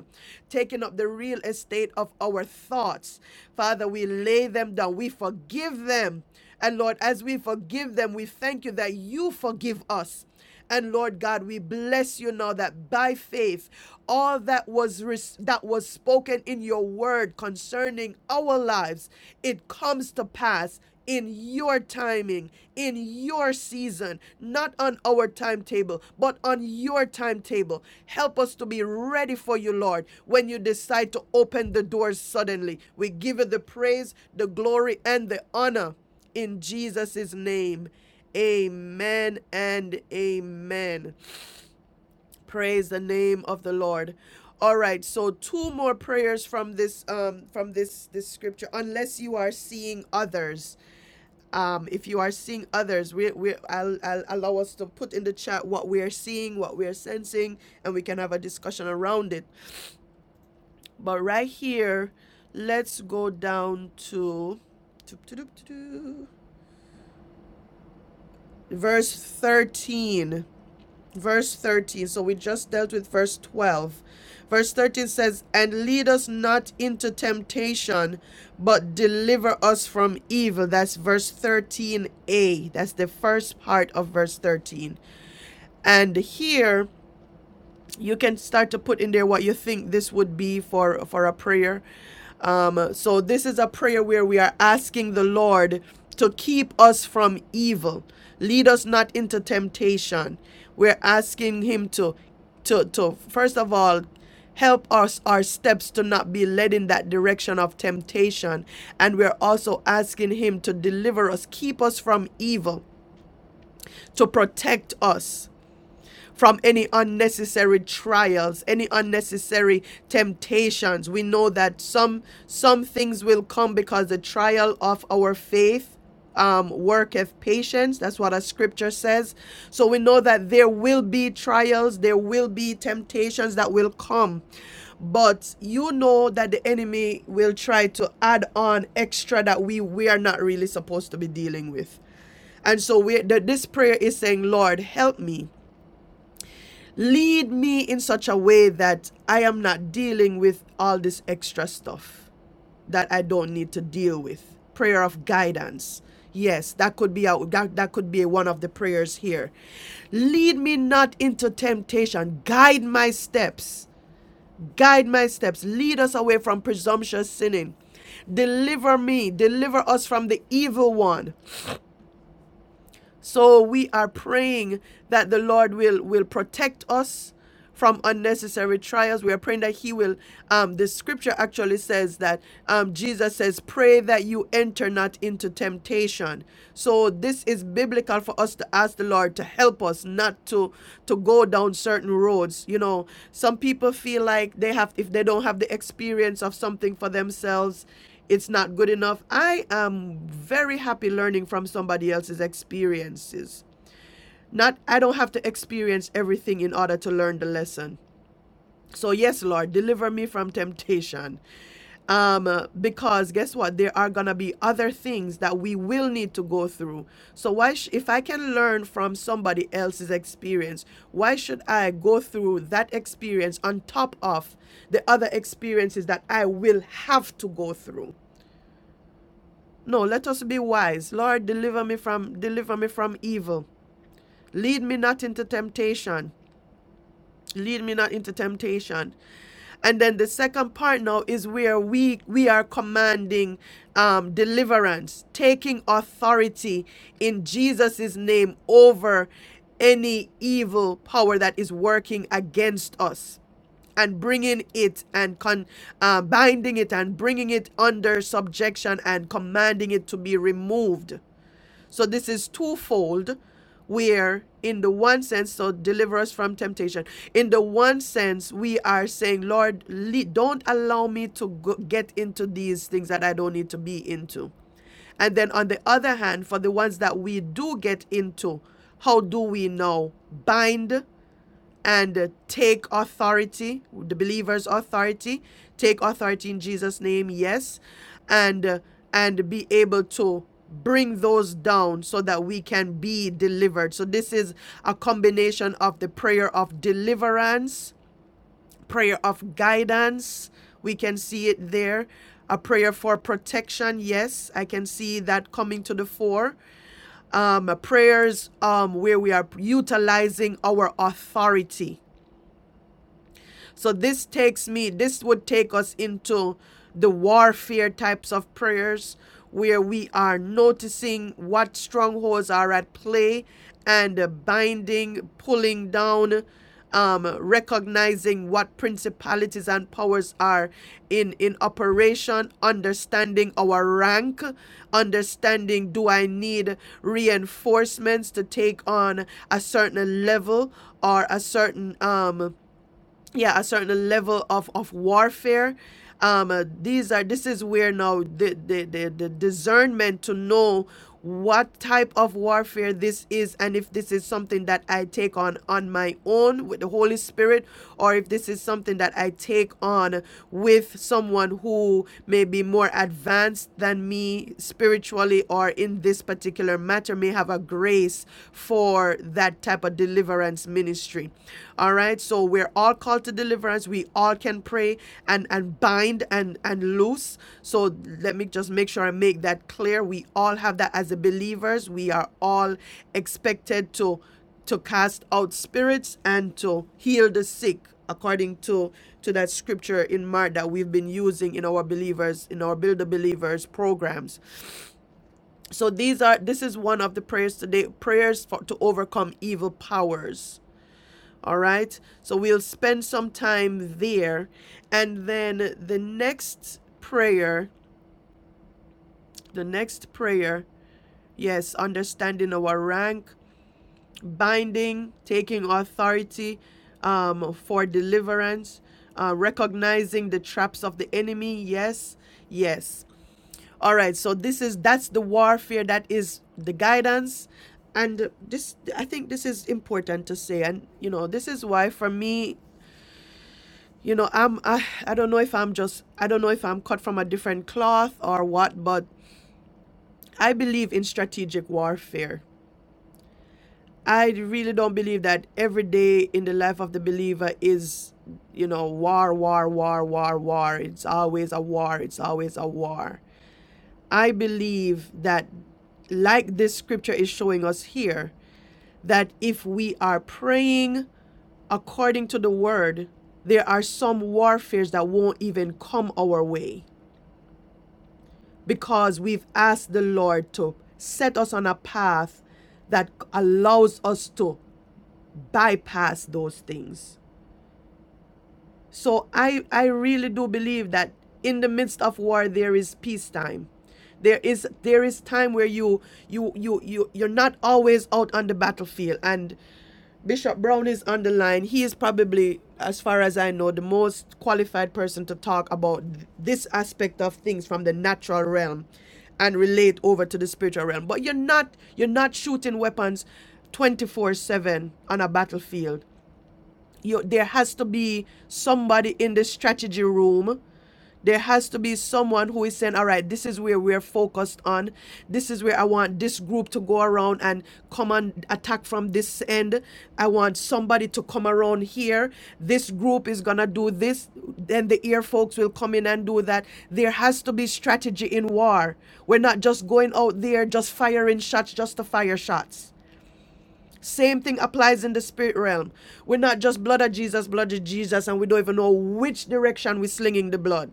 Speaker 1: taking up the real estate of our thoughts. Father, we lay them down, we forgive them. And Lord, as we forgive them, we thank you that you forgive us. And Lord God, we bless you now that by faith, all that was res- that was spoken in your word concerning our lives, it comes to pass in your timing, in your season, not on our timetable, but on your timetable. Help us to be ready for you, Lord, when you decide to open the doors suddenly. We give you the praise, the glory, and the honor in Jesus' name. Amen and amen. Praise the name of the Lord. All right, so two more prayers from this um from this this scripture unless you are seeing others. Um if you are seeing others, we we I'll, I'll allow us to put in the chat what we are seeing, what we are sensing and we can have a discussion around it. But right here, let's go down to verse 13 verse 13. So we just dealt with verse 12. Verse 13 says, And lead us not into temptation, but deliver us from evil. That's verse 13a. That's the first part of verse 13. And here, you can start to put in there what you think this would be for for a prayer um, so this is a prayer where we are asking the lord to keep us from evil lead us not into temptation we're asking him to to to first of all help us our steps to not be led in that direction of temptation and we're also asking him to deliver us keep us from evil to protect us from any unnecessary trials, any unnecessary temptations. We know that some some things will come because the trial of our faith um, worketh patience. That's what a scripture says. So we know that there will be trials, there will be temptations that will come. But you know that the enemy will try to add on extra that we, we are not really supposed to be dealing with. And so we, the, this prayer is saying, Lord, help me lead me in such a way that I am not dealing with all this extra stuff that I don't need to deal with. Prayer of guidance. Yes, that could be a, that, that could be one of the prayers here. Lead me not into temptation. Guide my steps. Guide my steps. Lead us away from presumptuous sinning. Deliver me, deliver us from the evil one. So we are praying that the Lord will will protect us from unnecessary trials. We are praying that He will. Um, the scripture actually says that um, Jesus says, Pray that you enter not into temptation. So this is biblical for us to ask the Lord to help us not to, to go down certain roads. You know, some people feel like they have, if they don't have the experience of something for themselves, it's not good enough. I am very happy learning from somebody else's experiences. Not I don't have to experience everything in order to learn the lesson. So yes, Lord, deliver me from temptation. Um uh, because guess what? There are going to be other things that we will need to go through. So why sh- if I can learn from somebody else's experience, why should I go through that experience on top of the other experiences that I will have to go through? No, let us be wise. Lord, deliver me from deliver me from evil. Lead me not into temptation. Lead me not into temptation. And then the second part now is where we we are commanding um, deliverance, taking authority in Jesus' name over any evil power that is working against us and bringing it and con, uh, binding it and bringing it under subjection and commanding it to be removed so this is twofold, where in the one sense, so deliver us from temptation. In the one sense, we are saying, Lord, don't allow me to go- get into these things that I don't need to be into. And then on the other hand, for the ones that we do get into, how do we now bind and uh, take authority, the believer's authority, take authority in Jesus' name, yes, and uh, and be able to bring those down so that we can be delivered. So this is a combination of the prayer of deliverance, prayer of guidance. We can see it there. A prayer for protection, yes, I can see that coming to the fore. Um, prayers um, where we are utilizing our authority so this takes me, this would take us into the warfare types of prayers where we are noticing what strongholds are at play and uh, binding, pulling down, um, recognizing what principalities and powers are in, in operation, understanding our rank, understanding do I need reinforcements to take on a certain level or a certain um, yeah a certain level of of warfare um uh, these are this is where now the, the the the discernment to know what type of warfare this is and if this is something that i take on on my own with the holy spirit or if this is something that i take on with someone who may be more advanced than me spiritually or in this particular matter may have a grace for for that type of deliverance ministry. All right. So we're all called to deliverance. We all can pray and, and bind and, and loose. So let me just make sure I make that clear. We all have that as a believers. We are all expected to to cast out spirits and to heal the sick according to to that scripture in mark that we've been using in our believers in our build the believers programs so these are this is one of the prayers today, prayers for to overcome evil powers. All right? So we'll spend some time there and then the next prayer, the next prayer, yes, understanding our rank, binding, taking authority um, for deliverance, uh, recognizing the traps of the enemy, yes, yes. All right, so this is that's the warfare that is the guidance and this I think this is important to say and you know, this is why for me, you know, I'm I, I don't know if I'm just I don't know if I'm cut from a different cloth or what, but I believe in strategic warfare. I really don't believe that every day in the life of the believer is you know war war war war war it's always a war it's always a war I believe that, like this scripture is showing us here, that if we are praying according to the word, there are some warfares that won't even come our way because we've asked the Lord to set us on a path that allows us to bypass those things. So I I really do believe that in the midst of war there is peacetime. There is there is time where you you you you you're not always out on the battlefield. And Bishop Brown is on the line. He is probably, as far as I know, the most qualified person to talk about th- this aspect of things from the natural realm and relate over to the spiritual realm. But you're not you're not shooting weapons 24/7 on a battlefield you, there has to be somebody in the strategy room. There has to be someone who is saying, all right, this is where we're focused on. This is where I want this group to go around and come and attack from this end. I want somebody to come around here. This group is going to do this. Then the ear folks will come in and do that. There has to be strategy in war. We're not just going out there, just firing shots, just to fire shots same thing applies in the spirit realm. We're not just blood of Jesus, blood of Jesus, and we don't even know which direction we're slinging the blood.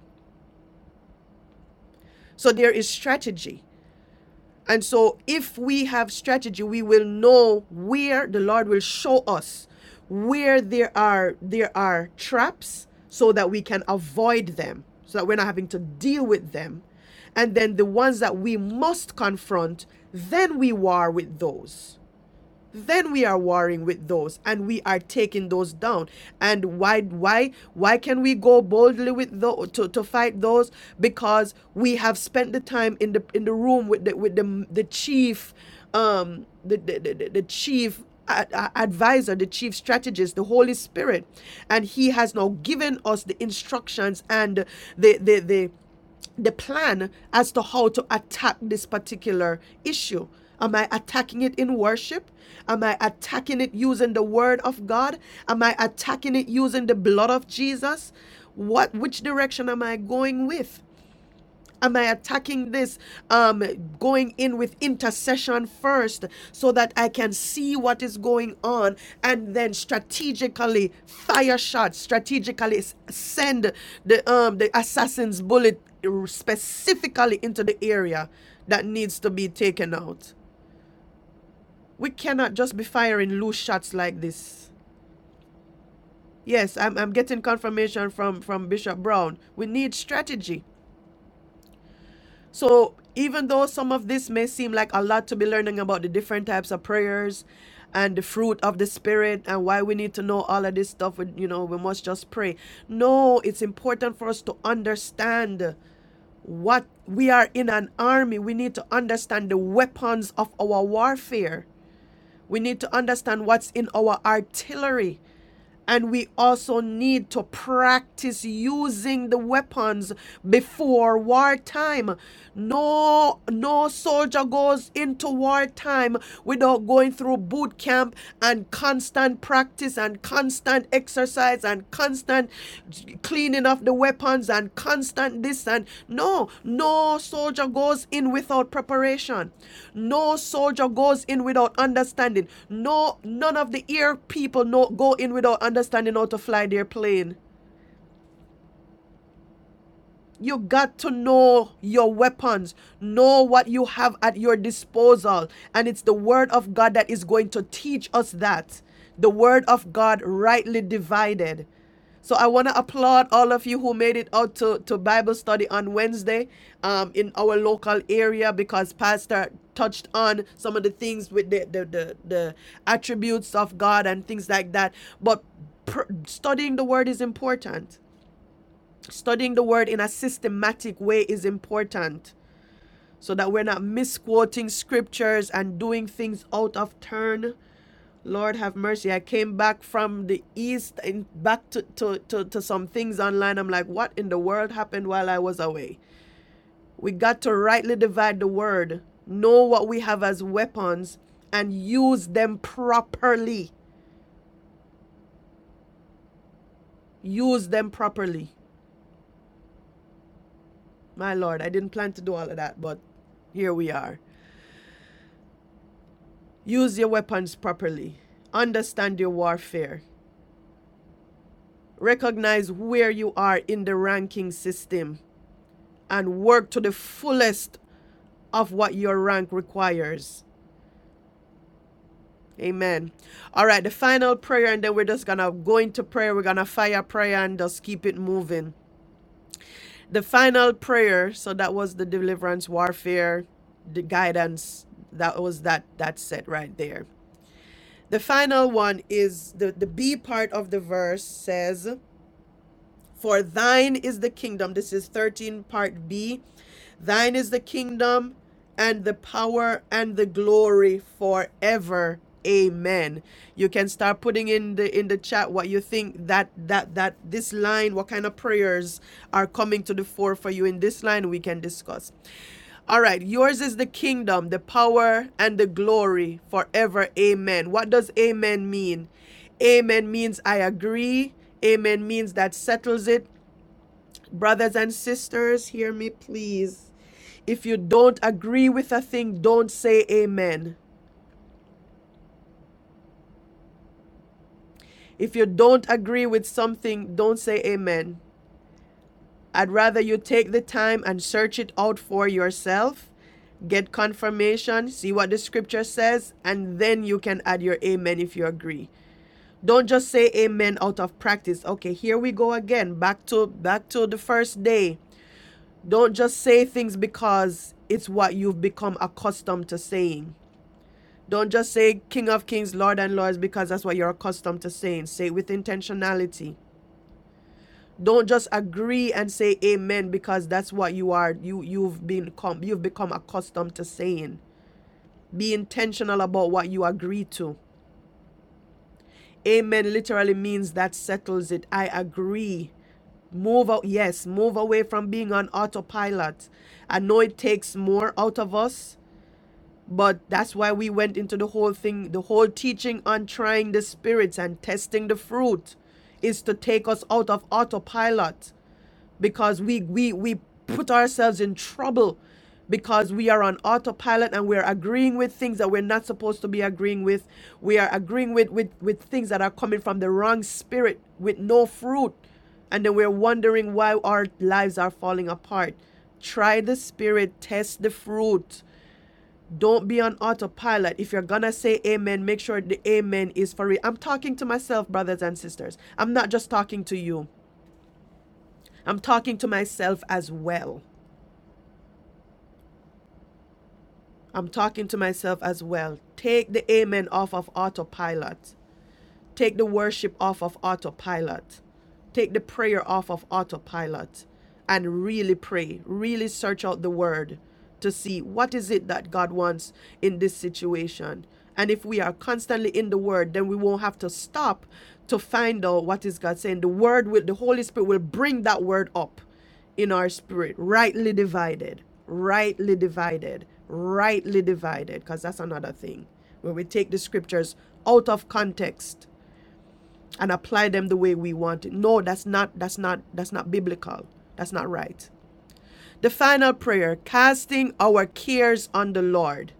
Speaker 1: So there is strategy. And so if we have strategy, we will know where the Lord will show us where there are there are traps so that we can avoid them, so that we're not having to deal with them. And then the ones that we must confront, then we war with those. then we are warring with those and we are taking those down and why why why can we go boldly with those to, to fight those because we have spent the time in the in the room with the with the the chief um the the, the, the- chief advisor the chief strategist the holy spirit and he has now given us the instructions and the the the the plan as to how to attack this particular issue. Am I attacking it in worship? Am I attacking it using the word of God? Am I attacking it using the blood of Jesus? What which direction am I going with? Am I attacking this? Um, going in with intercession first so that I can see what is going on and then strategically fire shots, strategically s- send the um the assassin's bullet specifically into the area that needs to be taken out. We cannot just be firing loose shots like this. Yes, I'm, I'm getting confirmation from, from Bishop Brown. We need strategy. So even though some of this may seem like a lot to be learning about the different types of prayers and the fruit of the spirit and why we need to know all of this stuff, we- you know, we must just pray. No, it's important for us to understand what we are in an army. We need to understand the weapons of our warfare. We need to understand what's in our artillery and we also need to practice using the weapons before wartime. No, no soldier goes into wartime without going through boot camp and constant practice and constant exercise and constant cleaning of the weapons and constant this and no no soldier goes in without preparation no soldier goes in without understanding no none of the air people no go in without understanding how to fly their plane you got to know your weapons, know what you have at your disposal. And it's the Word of God that is going to teach us that. The Word of God rightly divided. So I want to applaud all of you who made it out to, to Bible study on Wednesday um, in our local area because Pastor touched on some of the things with the, the, the, the attributes of God and things like that. But pr- studying the word is important. Studying the word in a systematic way is important so that we're not misquoting scriptures and doing things out of turn Lord have mercy. I came back from the east and back to, to, to, to some things online. I'm like, what in the world happened while I was away? We got to rightly divide the word, know what we have as weapons, and use them properly. Use them properly. My Lord, I didn't plan to do all of that, but here we are. Use your weapons properly. Understand your warfare. Recognize where you are in the ranking system and work to the fullest of what your rank requires. Amen. All right, the final prayer, and then we're just gonna go into prayer. We're gonna fire prayer and just keep it moving. The final prayer. So that was the deliverance warfare, the guidance. That was that that set right there. The final one is the the B part of the verse says, "For thine is the kingdom." This is thirteen part B. Thine is the kingdom and the power and the glory forever. Amen. You can start putting in the in the chat what you think that that that this line what kind of prayers are coming to the fore for you in this line we can discuss. All right, yours is the kingdom, the power and the glory forever. Amen. What does amen mean? Amen means I agree. Amen means that settles it. Brothers and sisters, hear me please. If you don't agree with a thing, don't say amen. If you don't agree with something, don't say amen. I'd rather you take the time and search it out for yourself, get confirmation, see what the scripture says, and then you can add your amen if you agree. Don't just say amen out of practice. Okay, here we go again. Back to back to the first day. Don't just say things because it's what you've become accustomed to saying. Don't just say King of Kings, Lord and Lords because that's what you're accustomed to saying. Say it with intentionality. Don't just agree and say amen because that's what you are you you've been you've become accustomed to saying. Be intentional about what you agree to. Amen literally means that settles it. I agree. Move out yes, move away from being on autopilot. I know it takes more out of us But that's why we went into the whole thing, the whole teaching on trying the spirits and testing the fruit is to take us out of autopilot because we we we put ourselves in trouble because we are on autopilot and we're agreeing with things that we're not supposed to be agreeing with. We are agreeing with with, with things that are coming from the wrong spirit with no fruit. And then we're wondering why our lives are falling apart. Try the spirit, test the fruit. Don't be on autopilot. If you're gonna say amen, make sure the amen is for real. I'm talking to myself, brothers and sisters. I'm not just talking to you, I'm talking to myself as well. I'm talking to myself as well. Take the amen off of autopilot. Take the worship off of autopilot. Take the prayer off of autopilot and really pray. Really search out the word to see what is it that God wants in this situation. And if we are constantly in the word, then we won't have to stop to find out what is God saying. The word will the Holy Spirit will bring that word up in our spirit, rightly divided, rightly divided, rightly divided, because that's another thing where we take the scriptures out of context and apply them the way we want it. No, that's not that's not that's not biblical. That's not right. The final prayer, casting our cares on the Lord.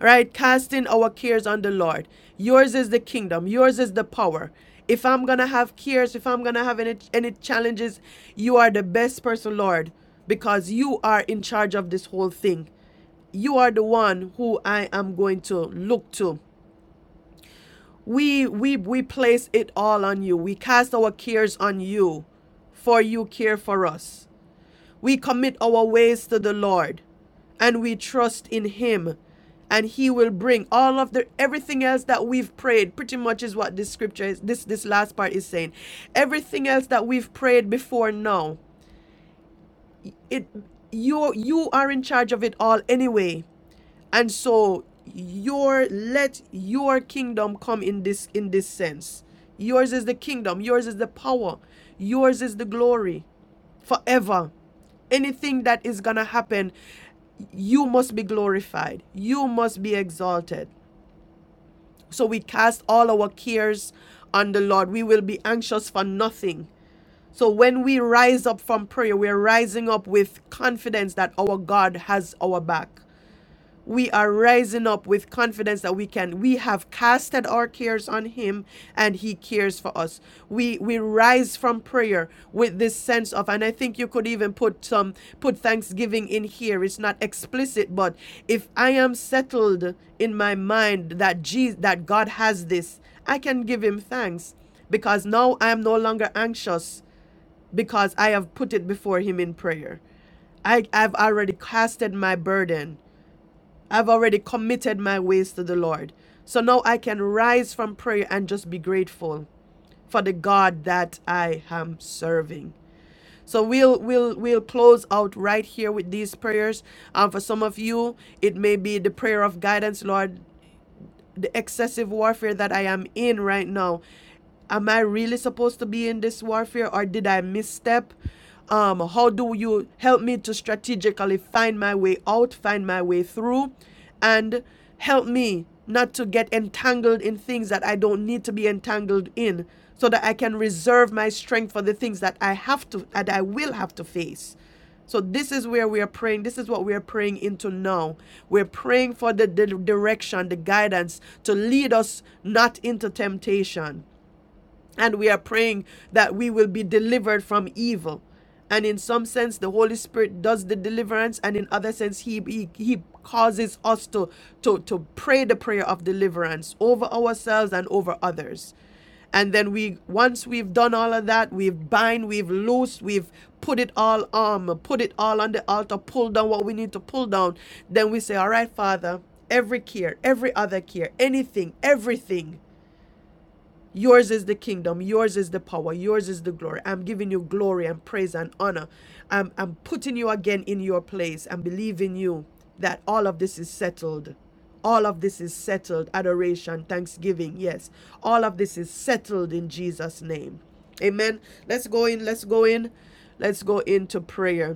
Speaker 1: All right, casting our cares on the Lord. Yours is the kingdom, yours is the power. If I'm going to have cares, if I'm going to have any any challenges, you are the best person, Lord, because you are in charge of this whole thing. You are the one who I am going to look to We we we place it all on you. We cast our cares on you, for you care for us. We commit our ways to the Lord, and we trust in him, and he will bring all of the everything else that we've prayed. Pretty much is what this scripture is this this last part is saying. Everything else that we've prayed before now, it you you are in charge of it all anyway. And so your let your kingdom come in this in this sense. Yours is the kingdom, yours is the power, yours is the glory forever. Anything that is going to happen, you must be glorified. You must be exalted. So we cast all our cares on the Lord. We will be anxious for nothing. So when we rise up from prayer, we're rising up with confidence that our God has our back. we are rising up with confidence that we can we have casted our cares on him and he cares for us we we rise from prayer with this sense of and i think you could even put some put thanksgiving in here it's not explicit but if i am settled in my mind that jesus that god has this i can give him thanks because now i am no longer anxious because i have put it before him in prayer I, i've already casted my burden I've already committed my ways to the Lord. So now I can rise from prayer and just be grateful for the God that I am serving. So we'll we'll we'll close out right here with these prayers. Um, for some of you, it may be the prayer of guidance, Lord the excessive warfare that I am in right now. Am I really supposed to be in this warfare or did I misstep? Um, how do you help me to strategically find my way out, find my way through, and help me not to get entangled in things that I don't need to be entangled in so that I can reserve my strength for the things that I have to, that I will have to face so this is where we are praying. This is what we are praying into now. We're praying for the, the direction, the guidance to lead us not into temptation. And we are praying that we will be delivered from evil. And in some sense, the Holy Spirit does the deliverance, and in other sense, He He, he causes us to, to to pray the prayer of deliverance over ourselves and over others. And then we once we've done all of that, we've bind, we've loosed, we've put it all on, put it all on the altar, pull down what we need to pull down. Then we say, All right, Father, every care, every other care, anything, everything Yours is the kingdom. Yours is the power. Yours is the glory. I'm giving you glory and praise and honor. I'm, I'm putting you again in your place and believing you that all of this is settled. All of this is settled. Adoration, thanksgiving, yes. All of this is settled in Jesus' name. Amen. Let's go in. Let's go in. Let's go into prayer.